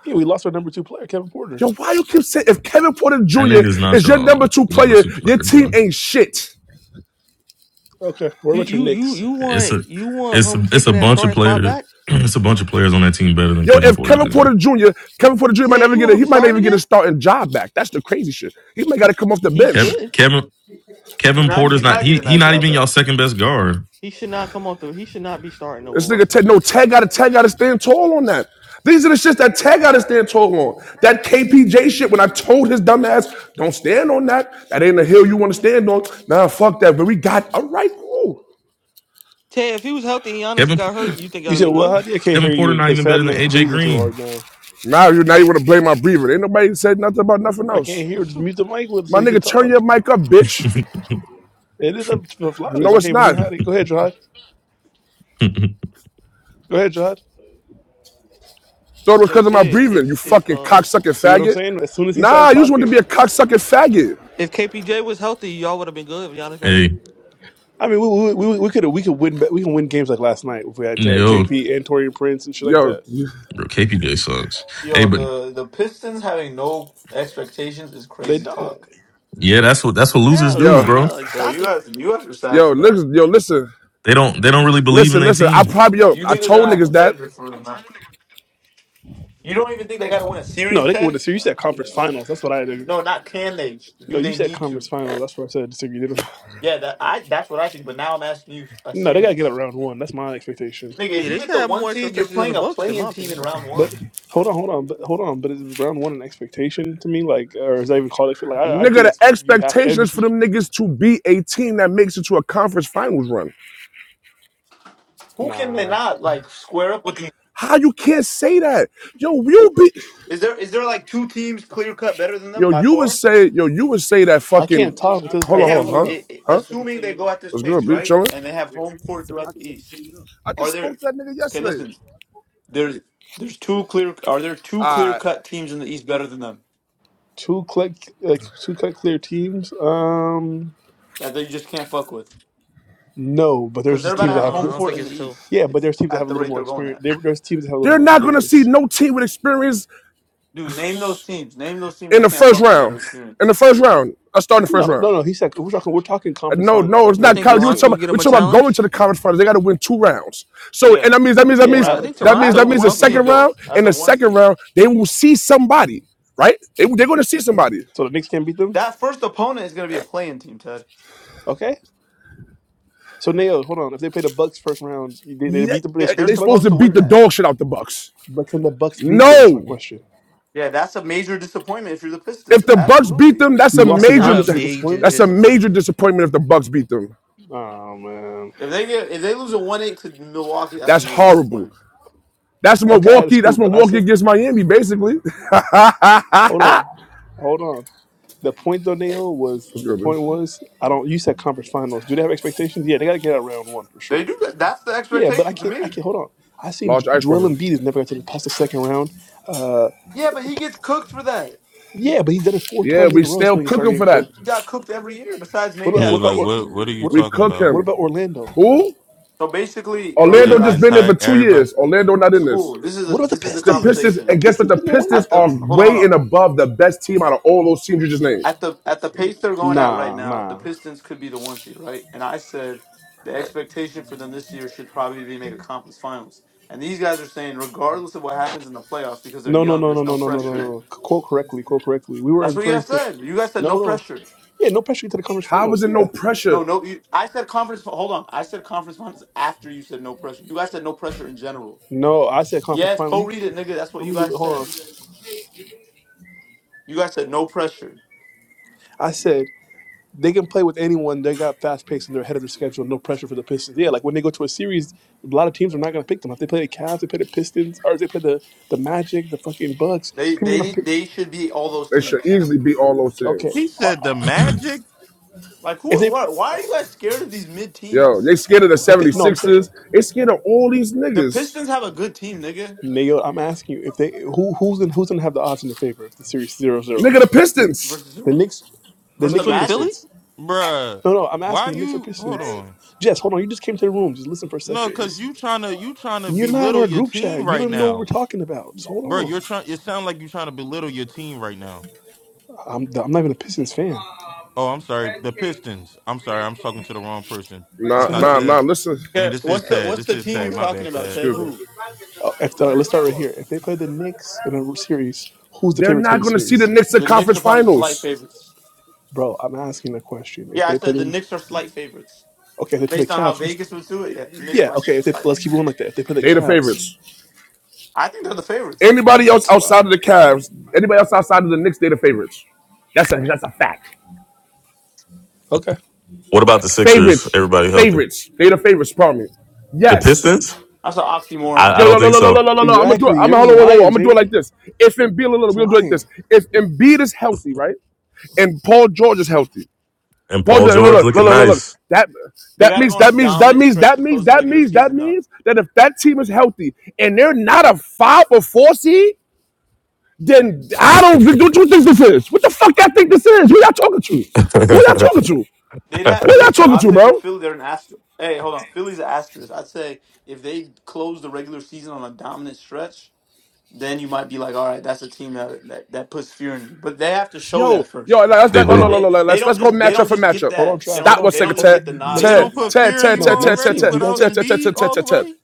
[SPEAKER 6] Yeah, we lost our number two player, Kevin Porter.
[SPEAKER 1] Yo, why you keep saying if Kevin Porter
[SPEAKER 4] That
[SPEAKER 1] Jr.
[SPEAKER 4] nigga's not
[SPEAKER 1] is your
[SPEAKER 4] y'all
[SPEAKER 1] number two
[SPEAKER 4] number
[SPEAKER 1] player,
[SPEAKER 4] two
[SPEAKER 1] your
[SPEAKER 4] player,
[SPEAKER 1] team
[SPEAKER 4] bro.
[SPEAKER 1] ain't shit.
[SPEAKER 6] Okay. What
[SPEAKER 5] You
[SPEAKER 6] about your
[SPEAKER 5] you you
[SPEAKER 6] Knicks?
[SPEAKER 5] you
[SPEAKER 4] It's
[SPEAKER 5] want
[SPEAKER 4] a,
[SPEAKER 5] you want
[SPEAKER 4] it's a,
[SPEAKER 5] him
[SPEAKER 4] it's a
[SPEAKER 5] taking that
[SPEAKER 4] bunch of
[SPEAKER 5] starting spot
[SPEAKER 4] players.
[SPEAKER 5] back?
[SPEAKER 4] It's a bunch of players on that team better than
[SPEAKER 1] Yo,
[SPEAKER 4] Kevin
[SPEAKER 1] if
[SPEAKER 4] Porter
[SPEAKER 1] Kevin
[SPEAKER 4] Jr.
[SPEAKER 1] Porter Jr. Kevin Porter Jr. might
[SPEAKER 5] Ted,
[SPEAKER 1] never
[SPEAKER 5] you
[SPEAKER 1] get
[SPEAKER 5] want
[SPEAKER 1] a
[SPEAKER 5] him
[SPEAKER 1] he
[SPEAKER 5] to
[SPEAKER 1] might not
[SPEAKER 5] start
[SPEAKER 1] even get a
[SPEAKER 5] again?
[SPEAKER 1] starting job back. That's the crazy shit. He might gotta come off the
[SPEAKER 5] He
[SPEAKER 4] Kevin,
[SPEAKER 1] bench.
[SPEAKER 5] should.
[SPEAKER 4] Kevin,
[SPEAKER 2] he's
[SPEAKER 4] Kevin
[SPEAKER 2] not
[SPEAKER 5] He
[SPEAKER 4] Porter's
[SPEAKER 2] he's
[SPEAKER 4] not.
[SPEAKER 2] not
[SPEAKER 4] He,
[SPEAKER 2] getting
[SPEAKER 4] he
[SPEAKER 2] that
[SPEAKER 4] not
[SPEAKER 2] job
[SPEAKER 4] even y'all
[SPEAKER 2] back.
[SPEAKER 4] second best guard.
[SPEAKER 5] he should not come off the he should not be starting over
[SPEAKER 1] This nigga Ted,
[SPEAKER 5] Westland.
[SPEAKER 1] no Tag gotta Tag gotta stand tall on that. These are the shits that Tag gotta stand tall on. That KPJ shit when I told his dumb ass, don't stand on that. That ain't a hill you wanna stand on. Nah, fuck that. But we got all right, cool.
[SPEAKER 5] Ted, if he was healthy and Giannis
[SPEAKER 4] Kevin,
[SPEAKER 5] got hurt, you think y'all
[SPEAKER 6] You said
[SPEAKER 5] have been
[SPEAKER 6] well, how
[SPEAKER 5] good?
[SPEAKER 6] do I can't hear
[SPEAKER 4] Kevin Porter
[SPEAKER 6] you
[SPEAKER 4] not
[SPEAKER 6] because
[SPEAKER 4] even
[SPEAKER 6] Fat
[SPEAKER 4] better than
[SPEAKER 6] Man's
[SPEAKER 4] AJ
[SPEAKER 6] breathing too
[SPEAKER 4] Green.
[SPEAKER 6] hard now.
[SPEAKER 1] Now you now you wanna blame my breather. Ain't nobody said nothing about nothing
[SPEAKER 6] I can't
[SPEAKER 1] else.
[SPEAKER 6] hear. Just mute the mic with so
[SPEAKER 1] My
[SPEAKER 6] he can
[SPEAKER 1] nigga, turn your
[SPEAKER 6] talk.
[SPEAKER 1] mic up, bitch.
[SPEAKER 6] It is up to the loudest.
[SPEAKER 1] No,
[SPEAKER 6] I can't
[SPEAKER 1] it's
[SPEAKER 6] even hear
[SPEAKER 1] not.
[SPEAKER 6] Hottie. Go ahead, Jod. Go ahead, Jod.
[SPEAKER 1] Thought it was
[SPEAKER 5] Yo,
[SPEAKER 1] because of my
[SPEAKER 5] Ted,
[SPEAKER 1] breathing, you
[SPEAKER 5] if if
[SPEAKER 1] fucking
[SPEAKER 5] uh
[SPEAKER 1] cocksucking
[SPEAKER 6] See what I'm
[SPEAKER 1] faggot.
[SPEAKER 6] saying? As soon as he
[SPEAKER 1] Nah,
[SPEAKER 6] started
[SPEAKER 1] you just want to
[SPEAKER 6] talking.
[SPEAKER 1] be a cocksucking faggot.
[SPEAKER 5] if KPJ was healthy, y'all would have been good if Giannis got hurt?
[SPEAKER 4] hey,
[SPEAKER 6] I mean, we we we could we could win we can win games like last night if we had K-
[SPEAKER 4] no.
[SPEAKER 6] KP and Torian Prince and shit like
[SPEAKER 1] Yo,
[SPEAKER 6] that.
[SPEAKER 4] Bro, KPJ sucks. Hey,
[SPEAKER 2] Yo,
[SPEAKER 4] but
[SPEAKER 2] the the Pistons having no expectations is
[SPEAKER 6] They
[SPEAKER 2] crazy
[SPEAKER 6] don't.
[SPEAKER 2] talk.
[SPEAKER 4] yeah, that's what that's what losers
[SPEAKER 5] Hell
[SPEAKER 4] do,
[SPEAKER 1] yo,
[SPEAKER 5] yeah,
[SPEAKER 4] bro.
[SPEAKER 5] no,
[SPEAKER 2] Yeah, you
[SPEAKER 5] shocker.
[SPEAKER 2] guys you guys are sad
[SPEAKER 1] yo,
[SPEAKER 2] for that.
[SPEAKER 1] listen, yo, listen,
[SPEAKER 4] They don't they don't really believe in
[SPEAKER 1] listen,
[SPEAKER 4] their
[SPEAKER 1] listen. I
[SPEAKER 4] team.
[SPEAKER 1] probably, yo,
[SPEAKER 2] You
[SPEAKER 1] I
[SPEAKER 2] niggas are
[SPEAKER 1] told
[SPEAKER 2] not
[SPEAKER 1] niggas that.
[SPEAKER 2] competitive for real, man. You don't even think they gotta win a
[SPEAKER 6] No,
[SPEAKER 2] series,
[SPEAKER 6] they could
[SPEAKER 2] Ted?
[SPEAKER 6] win the series. You said conference finals. That's what I did.
[SPEAKER 2] No, not can they?
[SPEAKER 6] No,
[SPEAKER 2] Do
[SPEAKER 6] you
[SPEAKER 2] they
[SPEAKER 6] said
[SPEAKER 2] need
[SPEAKER 6] conference
[SPEAKER 2] to?
[SPEAKER 6] finals. That's what I said. I Disagree. Didn't
[SPEAKER 2] Yeah, that I that's what I think. But now I'm asking you a
[SPEAKER 6] No, they gotta get up
[SPEAKER 2] series,
[SPEAKER 6] round one. That's my expectation.
[SPEAKER 2] nigga. If
[SPEAKER 5] Yeah,
[SPEAKER 2] you
[SPEAKER 5] they
[SPEAKER 2] get
[SPEAKER 5] should
[SPEAKER 2] the
[SPEAKER 5] have
[SPEAKER 2] one
[SPEAKER 5] more
[SPEAKER 2] seed, you're
[SPEAKER 5] expectations than
[SPEAKER 2] playing
[SPEAKER 5] the
[SPEAKER 2] a
[SPEAKER 5] Bucks, in
[SPEAKER 2] play-in
[SPEAKER 5] my
[SPEAKER 2] team in
[SPEAKER 5] opinion.
[SPEAKER 2] round
[SPEAKER 6] But
[SPEAKER 2] one.
[SPEAKER 6] hold on, hold on, but hold on. But is round one an expectation to me? Like, or is that even called it? Like, I, I
[SPEAKER 1] Nigga,
[SPEAKER 6] think
[SPEAKER 1] the
[SPEAKER 6] that's you have to
[SPEAKER 1] expectation
[SPEAKER 6] every
[SPEAKER 1] is for
[SPEAKER 6] team.
[SPEAKER 1] them niggas to be a team that makes it to a conference finals run.
[SPEAKER 2] Who can they
[SPEAKER 6] Nah,
[SPEAKER 2] not like square up with? you?
[SPEAKER 1] How you can't say that? Yo, you be,
[SPEAKER 2] Is there is there like two teams clear cut better than them
[SPEAKER 1] yo,
[SPEAKER 2] by
[SPEAKER 1] you would
[SPEAKER 2] four?
[SPEAKER 1] say, yo, you would say that
[SPEAKER 6] I
[SPEAKER 1] fucking,
[SPEAKER 6] can't talk with this
[SPEAKER 1] hold
[SPEAKER 2] They
[SPEAKER 1] on,
[SPEAKER 6] guy.
[SPEAKER 1] hold on,
[SPEAKER 2] have
[SPEAKER 1] huh?
[SPEAKER 2] i- i-
[SPEAKER 1] Huh?
[SPEAKER 2] assuming they go at this
[SPEAKER 1] What's
[SPEAKER 2] pace,
[SPEAKER 1] good, be
[SPEAKER 2] right?
[SPEAKER 1] chilling?
[SPEAKER 2] And they have home court throughout the East.
[SPEAKER 1] I
[SPEAKER 2] Are
[SPEAKER 1] just spoke
[SPEAKER 2] there?
[SPEAKER 1] to that nigga
[SPEAKER 2] Okay,
[SPEAKER 1] yesterday.
[SPEAKER 2] listen. There's there's two clear. Are there two clear
[SPEAKER 1] Uh,
[SPEAKER 2] cut teams in the East better than them
[SPEAKER 6] Two click like two cut clear teams. Um,
[SPEAKER 2] that they just can't fuck with?
[SPEAKER 6] no, but
[SPEAKER 2] Because
[SPEAKER 6] there's
[SPEAKER 2] they're
[SPEAKER 6] just
[SPEAKER 2] about to
[SPEAKER 6] teams
[SPEAKER 5] Yeah,
[SPEAKER 6] that
[SPEAKER 5] I
[SPEAKER 2] have
[SPEAKER 5] don't,
[SPEAKER 6] have.
[SPEAKER 5] I
[SPEAKER 2] home
[SPEAKER 5] don't
[SPEAKER 2] court
[SPEAKER 5] think
[SPEAKER 2] in the
[SPEAKER 5] it's two.
[SPEAKER 2] East.
[SPEAKER 6] Yeah, but
[SPEAKER 2] It's
[SPEAKER 6] there's teams that
[SPEAKER 2] at
[SPEAKER 6] have a
[SPEAKER 2] the
[SPEAKER 6] little
[SPEAKER 2] rate
[SPEAKER 6] more
[SPEAKER 2] they're going
[SPEAKER 6] experience.
[SPEAKER 2] at.
[SPEAKER 6] There, there's teams that have a little
[SPEAKER 1] they're
[SPEAKER 6] more
[SPEAKER 1] not going to see
[SPEAKER 6] experience.
[SPEAKER 1] no team with experience
[SPEAKER 2] Dude, name those teams. Name those teams
[SPEAKER 1] in
[SPEAKER 2] that
[SPEAKER 1] the
[SPEAKER 2] can't
[SPEAKER 1] first
[SPEAKER 2] fuck with that are
[SPEAKER 1] round. In
[SPEAKER 2] experienced.
[SPEAKER 1] the first round, I start in the first
[SPEAKER 6] No, no,
[SPEAKER 1] round.
[SPEAKER 6] no. He said we're talking. We're talking
[SPEAKER 1] Uh,
[SPEAKER 6] conference
[SPEAKER 1] No,
[SPEAKER 6] finals,
[SPEAKER 1] no,
[SPEAKER 6] that
[SPEAKER 1] it's
[SPEAKER 5] I
[SPEAKER 1] not
[SPEAKER 6] man.
[SPEAKER 5] think
[SPEAKER 1] college. We're
[SPEAKER 5] Toronto
[SPEAKER 6] Listen,
[SPEAKER 1] talking
[SPEAKER 5] will get
[SPEAKER 1] about, we're
[SPEAKER 5] him a
[SPEAKER 1] talking about going
[SPEAKER 5] challenge.
[SPEAKER 1] to the conference finals. They got to win two rounds. So,
[SPEAKER 2] Yeah.
[SPEAKER 1] and that means that means that
[SPEAKER 2] Two
[SPEAKER 1] means
[SPEAKER 6] yeah.
[SPEAKER 5] I
[SPEAKER 6] I,
[SPEAKER 5] think
[SPEAKER 2] rounds.
[SPEAKER 1] that means
[SPEAKER 2] As
[SPEAKER 5] Toronto
[SPEAKER 2] a
[SPEAKER 1] that
[SPEAKER 5] can
[SPEAKER 1] means the
[SPEAKER 2] one
[SPEAKER 5] fuck with
[SPEAKER 2] seed
[SPEAKER 5] them.
[SPEAKER 1] second
[SPEAKER 2] though.
[SPEAKER 1] round.
[SPEAKER 2] As
[SPEAKER 1] In
[SPEAKER 2] a
[SPEAKER 1] the
[SPEAKER 2] one
[SPEAKER 1] second
[SPEAKER 2] seed.
[SPEAKER 1] round, they will see somebody, right? They, they're going to see somebody.
[SPEAKER 6] so the Knicks can't beat them.
[SPEAKER 2] That first opponent is gonna be a playing team, Ted.
[SPEAKER 6] Okay. So Nail, hold on. If they play the Bucks first round, they, they
[SPEAKER 1] Yeah,
[SPEAKER 6] beat them. They
[SPEAKER 2] Yeah, they're
[SPEAKER 6] scrape the
[SPEAKER 1] they're supposed
[SPEAKER 6] Bucks.
[SPEAKER 2] supposed
[SPEAKER 1] to
[SPEAKER 2] to
[SPEAKER 1] beat
[SPEAKER 2] win
[SPEAKER 1] the
[SPEAKER 2] that.
[SPEAKER 1] dog shit out the Bucks.
[SPEAKER 6] But can the Bucks beat them? That's my
[SPEAKER 1] No,
[SPEAKER 6] question.
[SPEAKER 2] Yeah, that's a major disappointment if you're the Pistons.
[SPEAKER 1] if the Bucks beat
[SPEAKER 2] Absolutely.
[SPEAKER 1] them,
[SPEAKER 6] So
[SPEAKER 1] that's a
[SPEAKER 6] you lost to
[SPEAKER 5] That's not
[SPEAKER 1] major.
[SPEAKER 6] Giannis
[SPEAKER 5] a
[SPEAKER 6] is a
[SPEAKER 5] major
[SPEAKER 6] disappointment.
[SPEAKER 1] That's a major
[SPEAKER 5] disappointment.
[SPEAKER 1] disappointment if the Bucks beat them.
[SPEAKER 6] Oh man.
[SPEAKER 2] If they get if they lose a one eight to Milwaukee, that's a
[SPEAKER 1] That's
[SPEAKER 2] major
[SPEAKER 1] horrible.
[SPEAKER 2] disappointment.
[SPEAKER 1] That's
[SPEAKER 6] Okay, that's
[SPEAKER 1] Milwaukee.
[SPEAKER 6] cool.
[SPEAKER 1] That's
[SPEAKER 6] But I
[SPEAKER 1] Milwaukee
[SPEAKER 6] said,
[SPEAKER 1] against Miami, basically.
[SPEAKER 6] hold on, hold on. The point though, Nail, was
[SPEAKER 1] What's
[SPEAKER 6] the
[SPEAKER 1] good, man?
[SPEAKER 6] point was I don't. You said conference finals. Do they have expectations? Yeah, they got to get out round one for
[SPEAKER 2] They
[SPEAKER 6] sure.
[SPEAKER 2] do that. That's the
[SPEAKER 6] Yeah, but I
[SPEAKER 2] expectation to
[SPEAKER 6] can't. I
[SPEAKER 2] me.
[SPEAKER 6] can't hold on. I seen Jo-
[SPEAKER 1] Large ice
[SPEAKER 6] Joel
[SPEAKER 1] coffee.
[SPEAKER 6] Embiid is never going to get past the second round. Uh,
[SPEAKER 2] Yeah, but he gets cooked for that.
[SPEAKER 6] yeah, but he's done it four
[SPEAKER 1] Yeah,
[SPEAKER 6] times
[SPEAKER 1] we
[SPEAKER 6] in a row. That's
[SPEAKER 1] still
[SPEAKER 6] when he started
[SPEAKER 1] cooking
[SPEAKER 6] getting
[SPEAKER 1] for that.
[SPEAKER 6] cooked.
[SPEAKER 2] He got cooked every year, besides
[SPEAKER 6] What
[SPEAKER 2] maybe
[SPEAKER 6] about
[SPEAKER 7] Yeah,
[SPEAKER 6] what
[SPEAKER 2] that
[SPEAKER 6] about
[SPEAKER 7] like
[SPEAKER 2] twenty
[SPEAKER 6] Or-
[SPEAKER 7] what?
[SPEAKER 2] eighteen
[SPEAKER 7] What are
[SPEAKER 2] year.
[SPEAKER 7] you
[SPEAKER 6] what
[SPEAKER 1] We
[SPEAKER 6] about-
[SPEAKER 7] talking
[SPEAKER 1] cook
[SPEAKER 7] about?
[SPEAKER 6] what
[SPEAKER 1] him.
[SPEAKER 6] about Orlando?
[SPEAKER 1] Who?
[SPEAKER 2] So basically
[SPEAKER 7] The
[SPEAKER 1] Orlando
[SPEAKER 2] earlier I
[SPEAKER 1] just
[SPEAKER 6] Orlando.
[SPEAKER 1] been there for
[SPEAKER 7] entire
[SPEAKER 2] said
[SPEAKER 1] two
[SPEAKER 7] everybody.
[SPEAKER 1] years. Orlando not in this.
[SPEAKER 2] school, this is
[SPEAKER 6] What
[SPEAKER 2] a
[SPEAKER 6] about the
[SPEAKER 2] this is the
[SPEAKER 1] The
[SPEAKER 6] Pistons?
[SPEAKER 1] Pistons,
[SPEAKER 2] conversation.
[SPEAKER 6] Are
[SPEAKER 1] and guess what?
[SPEAKER 6] Pistons
[SPEAKER 1] The
[SPEAKER 6] been there one?
[SPEAKER 1] Pistons
[SPEAKER 2] At the
[SPEAKER 1] are
[SPEAKER 2] hold on, hold
[SPEAKER 1] way
[SPEAKER 2] on.
[SPEAKER 1] and above the best team out of all those teams you just named.
[SPEAKER 2] At the at the pace they're going at right
[SPEAKER 6] Nah,
[SPEAKER 2] now, the
[SPEAKER 6] nah.
[SPEAKER 2] Pistons could be the one seed, right? And I said the expectation for them this year should probably be make a conference finals. And these guys are saying, regardless of what happens in the playoffs, because they're
[SPEAKER 6] No, no,
[SPEAKER 2] young,
[SPEAKER 6] no, no,
[SPEAKER 2] there's
[SPEAKER 6] no,
[SPEAKER 2] no
[SPEAKER 6] no, no, no,
[SPEAKER 2] pressure.
[SPEAKER 6] no. C- Quote correctly. Quote correctly. We were
[SPEAKER 2] That's what you
[SPEAKER 6] inferring
[SPEAKER 2] guys
[SPEAKER 6] to.
[SPEAKER 2] said. You guys said no
[SPEAKER 6] No, no.
[SPEAKER 2] pressure.
[SPEAKER 6] Yeah, no pressure to the conference
[SPEAKER 1] How is
[SPEAKER 6] finals.
[SPEAKER 1] it no
[SPEAKER 6] Yeah.
[SPEAKER 1] pressure?
[SPEAKER 2] No, no. You, I said conference. Hold on. I said conference finals after you said no pressure. You guys said no pressure in general.
[SPEAKER 6] No, I said conference
[SPEAKER 2] Yes,
[SPEAKER 6] finals.
[SPEAKER 2] go
[SPEAKER 6] You,
[SPEAKER 2] read it, nigga. That's what
[SPEAKER 6] let
[SPEAKER 2] you
[SPEAKER 6] me
[SPEAKER 2] guys
[SPEAKER 6] hold
[SPEAKER 2] said.
[SPEAKER 6] on.
[SPEAKER 2] You guys said no pressure.
[SPEAKER 6] I said they can play with anyone. They got fast pace and they're ahead of their schedule. No pressure for the Pistons. Yeah, like when they go to a series, a lot of teams are not going to pick them. If they play the Cavs, they play the Pistons, or if they play the the Magic, the fucking Bucks.
[SPEAKER 2] They
[SPEAKER 6] People are
[SPEAKER 2] they
[SPEAKER 6] going to
[SPEAKER 2] need
[SPEAKER 6] pick.
[SPEAKER 2] they should be all those
[SPEAKER 1] They should
[SPEAKER 2] teams.
[SPEAKER 1] easily beat all those
[SPEAKER 6] Okay,
[SPEAKER 7] He
[SPEAKER 1] teams.
[SPEAKER 6] Or-
[SPEAKER 7] said
[SPEAKER 6] or-
[SPEAKER 7] the magic,
[SPEAKER 2] Like
[SPEAKER 6] if
[SPEAKER 2] who?
[SPEAKER 6] they
[SPEAKER 2] What? Why are you guys scared of these mid
[SPEAKER 1] Yo,
[SPEAKER 2] teams?
[SPEAKER 1] they scared of the
[SPEAKER 6] if they no, I'm saying
[SPEAKER 1] 76ers. They scared of all these
[SPEAKER 2] The
[SPEAKER 1] niggas.
[SPEAKER 2] Pistons have a good team, nigga.
[SPEAKER 6] Nayo, I'm asking you if they who who's gonna who's gonna have the odds in their favor if the series zero zero.
[SPEAKER 1] Nigga, the Pistons.
[SPEAKER 2] Versus
[SPEAKER 6] The
[SPEAKER 2] who?
[SPEAKER 6] Knicks, the
[SPEAKER 2] Versus the
[SPEAKER 6] Knicks or
[SPEAKER 5] Between
[SPEAKER 2] Magic?
[SPEAKER 5] Philly?
[SPEAKER 6] Pistons.
[SPEAKER 7] bruh.
[SPEAKER 6] No, no, I'm
[SPEAKER 7] Why
[SPEAKER 6] asking the Knicks or
[SPEAKER 7] you? Hold
[SPEAKER 6] Pistons.
[SPEAKER 7] on.
[SPEAKER 6] Jess, hold on. You just came to the room. Just listen for a
[SPEAKER 7] No,
[SPEAKER 6] second.
[SPEAKER 7] cause
[SPEAKER 6] Just,
[SPEAKER 7] you trying to you trying to
[SPEAKER 6] you're not in
[SPEAKER 7] belittle
[SPEAKER 6] our
[SPEAKER 7] your
[SPEAKER 6] group
[SPEAKER 7] team
[SPEAKER 6] chat. You don't
[SPEAKER 7] right
[SPEAKER 6] even know what we're
[SPEAKER 7] now,
[SPEAKER 6] talking about. Just hold
[SPEAKER 7] bro.
[SPEAKER 6] on.
[SPEAKER 7] You're trying. It sounds like you're trying to belittle your team right now.
[SPEAKER 6] I'm I'm not even a Pistons fan.
[SPEAKER 7] Oh, I'm sorry. The Pistons. I'm sorry. I'm talking to the wrong person. It's
[SPEAKER 1] Nah,
[SPEAKER 7] not
[SPEAKER 6] So
[SPEAKER 1] nah, nah.
[SPEAKER 7] Ted.
[SPEAKER 1] Listen.
[SPEAKER 7] I mean,
[SPEAKER 2] Okay,
[SPEAKER 7] this is
[SPEAKER 2] what's the
[SPEAKER 7] Tad.
[SPEAKER 2] What's
[SPEAKER 7] This
[SPEAKER 2] the
[SPEAKER 7] is
[SPEAKER 2] team
[SPEAKER 7] Tad.
[SPEAKER 2] you're
[SPEAKER 7] My
[SPEAKER 2] talking
[SPEAKER 7] bad,
[SPEAKER 2] about,
[SPEAKER 7] Tad.
[SPEAKER 2] Ted?
[SPEAKER 1] Excuse me.
[SPEAKER 2] Who?
[SPEAKER 6] oh, if the, let's start right here. If they play the Knicks in a series, who's the
[SPEAKER 1] They're
[SPEAKER 6] favorite to win
[SPEAKER 1] not
[SPEAKER 6] the
[SPEAKER 1] going to see the
[SPEAKER 6] series,
[SPEAKER 1] Knicks in
[SPEAKER 2] The Knicks
[SPEAKER 1] conference
[SPEAKER 2] are probably slight
[SPEAKER 1] finals.
[SPEAKER 2] favorites.
[SPEAKER 6] bro? I'm asking a question. If
[SPEAKER 2] Yeah, I
[SPEAKER 6] they play
[SPEAKER 2] said the
[SPEAKER 6] the,
[SPEAKER 2] Knicks are slight favorites
[SPEAKER 6] okay, if they play
[SPEAKER 2] based
[SPEAKER 6] the
[SPEAKER 2] on how
[SPEAKER 6] Cavs. Who's,
[SPEAKER 2] Vegas would do it. Yeah, the Knicks
[SPEAKER 6] yeah,
[SPEAKER 2] like
[SPEAKER 6] okay. If they
[SPEAKER 2] slight.
[SPEAKER 6] let's keep going like that. If they play the
[SPEAKER 1] They the
[SPEAKER 6] Cavs,
[SPEAKER 1] favorites.
[SPEAKER 2] I think they're the favorites.
[SPEAKER 1] Anybody else
[SPEAKER 6] all
[SPEAKER 1] outside
[SPEAKER 6] right,
[SPEAKER 1] of the Cavs, anybody else outside of the Knicks, they the favorites. That's a that's a fact.
[SPEAKER 6] okay,
[SPEAKER 4] What about the Sixers?
[SPEAKER 1] Favorites,
[SPEAKER 4] Everybody healthy.
[SPEAKER 1] favorites. They the favorites. Pardon me.
[SPEAKER 4] The
[SPEAKER 1] Yes.
[SPEAKER 4] Pistons?
[SPEAKER 2] That's an
[SPEAKER 4] I,
[SPEAKER 2] oxymoron,
[SPEAKER 4] I
[SPEAKER 1] Yo,
[SPEAKER 4] don't
[SPEAKER 1] yo,
[SPEAKER 2] Jamie.
[SPEAKER 1] no,
[SPEAKER 4] think
[SPEAKER 1] no, no, no,
[SPEAKER 4] so.
[SPEAKER 1] no, no, no. I'm gonna do it.
[SPEAKER 6] exactly.
[SPEAKER 1] I'm
[SPEAKER 6] You're
[SPEAKER 1] gonna
[SPEAKER 6] just
[SPEAKER 1] hold on, whoa, whoa, whoa.
[SPEAKER 6] lying,
[SPEAKER 1] I'm gonna do it like
[SPEAKER 6] Jamie.
[SPEAKER 1] this. If Embiid, no, no, no,
[SPEAKER 6] Just
[SPEAKER 1] we'll do it like this.
[SPEAKER 6] lying.
[SPEAKER 1] If Embiid is healthy, right, and Paul George is healthy,
[SPEAKER 4] And
[SPEAKER 1] Paul,
[SPEAKER 4] Paul
[SPEAKER 1] look, look,
[SPEAKER 4] George
[SPEAKER 1] look,
[SPEAKER 4] looking
[SPEAKER 1] look, look, look.
[SPEAKER 4] nice.
[SPEAKER 1] That
[SPEAKER 2] They
[SPEAKER 1] that
[SPEAKER 2] got to go
[SPEAKER 1] means
[SPEAKER 2] on a
[SPEAKER 1] that means that
[SPEAKER 2] dominant
[SPEAKER 1] means
[SPEAKER 2] stretch
[SPEAKER 1] that
[SPEAKER 2] to
[SPEAKER 1] means
[SPEAKER 2] close the
[SPEAKER 1] that
[SPEAKER 2] regular
[SPEAKER 1] means that
[SPEAKER 2] season, though.
[SPEAKER 1] means that if that team is healthy and they're not a five or four seed, then I don't. What you think this is? What the fuck y'all think this is? Who y'all talking to? Who y'all
[SPEAKER 4] they
[SPEAKER 1] talking to?
[SPEAKER 2] They'd have
[SPEAKER 1] Who y'all
[SPEAKER 2] listen.
[SPEAKER 1] talking
[SPEAKER 2] I'd
[SPEAKER 1] to,
[SPEAKER 2] say for
[SPEAKER 1] bro?
[SPEAKER 2] Philly, they're an asterisk. Hey, hold on, Philly's an asterisk. I'd say if they close the regular season on a dominant stretch. then you might be like, all right, that's a team that that, that puts fear in you. But they have to show
[SPEAKER 1] Yo,
[SPEAKER 2] that
[SPEAKER 1] yo, like,
[SPEAKER 2] first.
[SPEAKER 1] let's let no
[SPEAKER 6] Hold
[SPEAKER 1] no
[SPEAKER 4] do.
[SPEAKER 6] on,
[SPEAKER 1] no
[SPEAKER 2] They
[SPEAKER 1] no no,
[SPEAKER 2] they
[SPEAKER 1] let's
[SPEAKER 2] don't
[SPEAKER 1] let's go
[SPEAKER 2] just they
[SPEAKER 1] matchup
[SPEAKER 2] don't
[SPEAKER 1] for
[SPEAKER 2] just get
[SPEAKER 1] matchup.
[SPEAKER 6] hold on,
[SPEAKER 2] that. They
[SPEAKER 6] Trav. Hold
[SPEAKER 1] Stop
[SPEAKER 6] on,
[SPEAKER 2] don't
[SPEAKER 1] one
[SPEAKER 2] they
[SPEAKER 6] Trav.
[SPEAKER 2] don't
[SPEAKER 1] second,
[SPEAKER 2] just
[SPEAKER 6] Hold
[SPEAKER 1] Ted.
[SPEAKER 2] get the
[SPEAKER 6] on.
[SPEAKER 2] nod
[SPEAKER 7] They
[SPEAKER 6] Next
[SPEAKER 2] in
[SPEAKER 6] team.
[SPEAKER 1] Ted,
[SPEAKER 2] that
[SPEAKER 7] don't
[SPEAKER 2] in my
[SPEAKER 7] put
[SPEAKER 1] Ted,
[SPEAKER 2] opinion.
[SPEAKER 7] fear in
[SPEAKER 1] Ted,
[SPEAKER 7] you
[SPEAKER 6] No,
[SPEAKER 1] Ted, Ted,
[SPEAKER 6] next
[SPEAKER 1] Ted,
[SPEAKER 7] already
[SPEAKER 6] team.
[SPEAKER 1] Ted,
[SPEAKER 6] We gotta
[SPEAKER 7] without
[SPEAKER 6] go.
[SPEAKER 1] Ted, Ted, Ted,
[SPEAKER 7] Embiid
[SPEAKER 1] Ted, Ted,
[SPEAKER 7] all the
[SPEAKER 1] Ted, Ted,
[SPEAKER 7] way.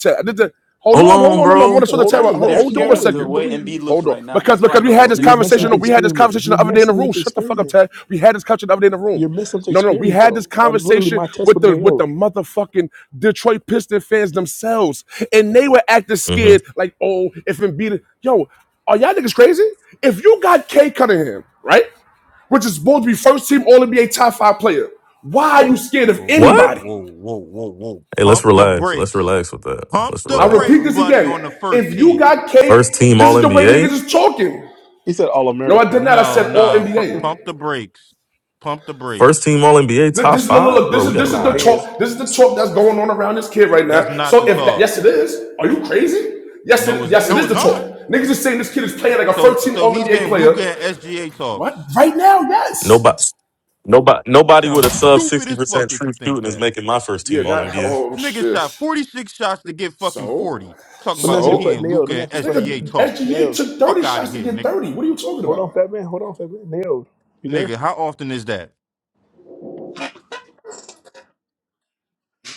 [SPEAKER 1] Hold
[SPEAKER 4] Hold
[SPEAKER 1] on, hold
[SPEAKER 4] on,
[SPEAKER 1] on, no, no, I'm
[SPEAKER 4] bro.
[SPEAKER 1] gonna show the
[SPEAKER 6] Hold
[SPEAKER 1] Ted.
[SPEAKER 2] They're
[SPEAKER 1] Hold
[SPEAKER 6] on. Let
[SPEAKER 2] they're
[SPEAKER 6] us
[SPEAKER 1] hold
[SPEAKER 6] keep
[SPEAKER 1] on
[SPEAKER 2] scared
[SPEAKER 1] one
[SPEAKER 2] of
[SPEAKER 6] going.
[SPEAKER 2] the
[SPEAKER 1] second.
[SPEAKER 6] You,
[SPEAKER 2] way
[SPEAKER 6] we-
[SPEAKER 2] Embiid looks
[SPEAKER 1] Hold on,
[SPEAKER 2] right now.
[SPEAKER 1] because
[SPEAKER 2] That's why I
[SPEAKER 1] because we
[SPEAKER 2] know
[SPEAKER 1] had
[SPEAKER 2] these
[SPEAKER 6] oh,
[SPEAKER 1] this
[SPEAKER 6] you're
[SPEAKER 2] niggas are
[SPEAKER 6] messing up the
[SPEAKER 1] conversation.
[SPEAKER 2] sad.
[SPEAKER 1] We had this
[SPEAKER 6] experiment.
[SPEAKER 1] conversation
[SPEAKER 6] You're
[SPEAKER 1] the other day in the
[SPEAKER 6] messing up
[SPEAKER 1] room.
[SPEAKER 6] the
[SPEAKER 1] Shut the fuck up,
[SPEAKER 6] experiment.
[SPEAKER 1] Ted. We had this conversation the other day in the room.
[SPEAKER 6] You're messing up the
[SPEAKER 1] No, no, we
[SPEAKER 6] experiment,
[SPEAKER 1] had this
[SPEAKER 6] though. That's literally
[SPEAKER 1] conversation
[SPEAKER 6] my test
[SPEAKER 1] with
[SPEAKER 6] with
[SPEAKER 1] the
[SPEAKER 6] an
[SPEAKER 1] with
[SPEAKER 6] AO.
[SPEAKER 1] the motherfucking Detroit Pistons fans themselves, and they were acting
[SPEAKER 4] hmm
[SPEAKER 1] scared, like, oh, if Embiid, yo, are y'all niggas crazy? If you got K Cunningham, right, which is supposed to be first team All NBA top five player, why are you scared of
[SPEAKER 7] Whoa, whoa,
[SPEAKER 4] What?
[SPEAKER 1] anybody?
[SPEAKER 7] whoa, whoa, whoa, whoa.
[SPEAKER 4] Hey, let's
[SPEAKER 7] Pump the
[SPEAKER 4] relax. Let's
[SPEAKER 7] brakes.
[SPEAKER 4] relax with that.
[SPEAKER 7] Pump
[SPEAKER 4] Let's
[SPEAKER 7] the
[SPEAKER 1] I
[SPEAKER 4] relax.
[SPEAKER 1] repeat
[SPEAKER 7] brakes,
[SPEAKER 1] this
[SPEAKER 7] buddy, on the
[SPEAKER 1] again.
[SPEAKER 7] first
[SPEAKER 1] If you
[SPEAKER 7] team.
[SPEAKER 1] got
[SPEAKER 4] First
[SPEAKER 1] K,
[SPEAKER 4] team
[SPEAKER 1] this
[SPEAKER 4] All
[SPEAKER 1] is the way niggas
[SPEAKER 4] NBA.
[SPEAKER 1] is talking.
[SPEAKER 6] He said All
[SPEAKER 1] No, I
[SPEAKER 6] American.
[SPEAKER 1] did not. I
[SPEAKER 7] No,
[SPEAKER 1] said All
[SPEAKER 7] nah. fir-
[SPEAKER 1] NBA.
[SPEAKER 7] pump the brakes. Pump the
[SPEAKER 4] First
[SPEAKER 7] brakes.
[SPEAKER 4] team All NBA
[SPEAKER 1] Look,
[SPEAKER 4] top
[SPEAKER 1] This is look, look,
[SPEAKER 4] five, bro.
[SPEAKER 1] this
[SPEAKER 4] We
[SPEAKER 1] is
[SPEAKER 4] gotta
[SPEAKER 1] this is
[SPEAKER 6] Nah,
[SPEAKER 1] the
[SPEAKER 6] he ain't.
[SPEAKER 4] relax.
[SPEAKER 1] talk. This is the talk that's going on around this kid right
[SPEAKER 7] That's
[SPEAKER 1] now.
[SPEAKER 7] not the
[SPEAKER 1] So if that,
[SPEAKER 7] talk.
[SPEAKER 1] yes, it is. Are you crazy? Yes,
[SPEAKER 7] No,
[SPEAKER 1] it
[SPEAKER 7] it's
[SPEAKER 1] yes, it
[SPEAKER 7] no,
[SPEAKER 1] is
[SPEAKER 7] it's
[SPEAKER 1] the
[SPEAKER 7] not.
[SPEAKER 1] talk. Niggas is saying this kid is playing like a
[SPEAKER 7] So
[SPEAKER 1] first team
[SPEAKER 7] so
[SPEAKER 1] All
[SPEAKER 7] he's
[SPEAKER 1] NBA
[SPEAKER 7] in
[SPEAKER 1] player.
[SPEAKER 7] Luca and SGA
[SPEAKER 1] What?
[SPEAKER 7] talks.
[SPEAKER 1] Right now? Yes.
[SPEAKER 4] Nobody, nobody,
[SPEAKER 7] You
[SPEAKER 4] nobody with
[SPEAKER 7] sound
[SPEAKER 4] a sub
[SPEAKER 7] stupid
[SPEAKER 4] sixty
[SPEAKER 7] as
[SPEAKER 4] percent
[SPEAKER 7] fuck if
[SPEAKER 4] true
[SPEAKER 7] you think
[SPEAKER 4] shooting is
[SPEAKER 7] that.
[SPEAKER 4] making my first
[SPEAKER 1] Yeah.
[SPEAKER 4] team All
[SPEAKER 1] Not.
[SPEAKER 4] NBA.
[SPEAKER 1] Oh
[SPEAKER 7] Nigga
[SPEAKER 1] shit.
[SPEAKER 7] shot 46 shots to get fucking
[SPEAKER 1] So,
[SPEAKER 7] 40. Talking
[SPEAKER 6] Let me
[SPEAKER 7] about
[SPEAKER 6] ask
[SPEAKER 7] some
[SPEAKER 6] you a
[SPEAKER 7] he
[SPEAKER 6] question.
[SPEAKER 7] ain't
[SPEAKER 1] so,
[SPEAKER 6] Nailed. Let me
[SPEAKER 7] Luca and
[SPEAKER 6] ask you a
[SPEAKER 1] so,
[SPEAKER 6] question.
[SPEAKER 7] SGA
[SPEAKER 1] nigga,
[SPEAKER 7] talks.
[SPEAKER 1] SGA
[SPEAKER 6] Nailed.
[SPEAKER 1] took
[SPEAKER 7] Fuck
[SPEAKER 1] 30
[SPEAKER 7] out of
[SPEAKER 1] shots to
[SPEAKER 7] here,
[SPEAKER 1] get
[SPEAKER 7] nigga.
[SPEAKER 1] 30. What are you talking
[SPEAKER 6] Hold on, Fat
[SPEAKER 1] about?
[SPEAKER 6] Man. Hold on, Fat Man. Nailed. You there?
[SPEAKER 7] Nigga, how often is that?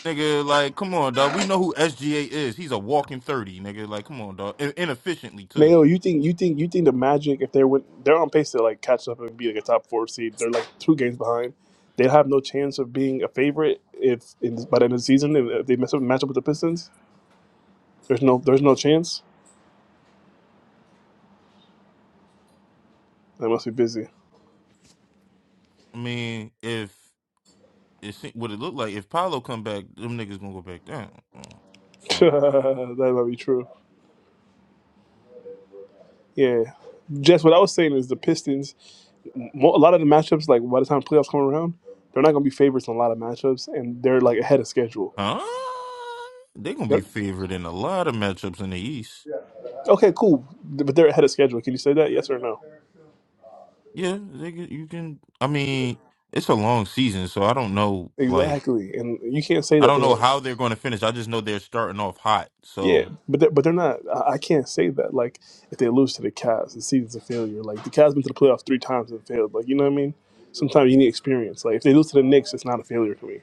[SPEAKER 7] Nigga, like, come on, dog. We know who SGA is. He's a walking thirty, nigga. Like, come on, dog. Inefficiently too.
[SPEAKER 6] Nailed. You think you think you think the Magic if they went they're on pace to like catch up and be like a top four seed. They're like two games behind. They have no chance of being a favorite if in, by the end of the season if they mess up match up with the Pistons. There's no there's no chance. They must be busy.
[SPEAKER 7] I mean, if it se- what it look like if Paolo come back, them niggas gonna go back down. Mm, So,
[SPEAKER 6] that might be true. Yeah, Jess. What I was saying is the Pistons. mo- A lot of the matchups, like by the time playoffs come around, they're not going to be favorites in a lot of matchups, and they're like ahead of schedule.
[SPEAKER 7] huh? They gonna be
[SPEAKER 6] They're,
[SPEAKER 7] favored in a lot of matchups in the East.
[SPEAKER 6] okay, cool, but they're ahead of schedule. Can you say that? Yes or no?
[SPEAKER 7] Yeah, they can, you can. I mean, it's a long season, so I don't know. Like,
[SPEAKER 6] Exactly, and you can't say
[SPEAKER 7] I
[SPEAKER 6] that
[SPEAKER 7] don't know
[SPEAKER 6] they're.
[SPEAKER 7] how they're going to finish. I just know they're starting off hot.
[SPEAKER 6] Yeah,
[SPEAKER 7] So,
[SPEAKER 6] but they're, but they're not. I, I can't say that. Like if they lose to the Cavs, the season's a failure. Like the Cavs been to the playoffs three times and failed. Like you know what I mean? Sometimes you need experience. Like if they lose to the Knicks, it's not a failure to me.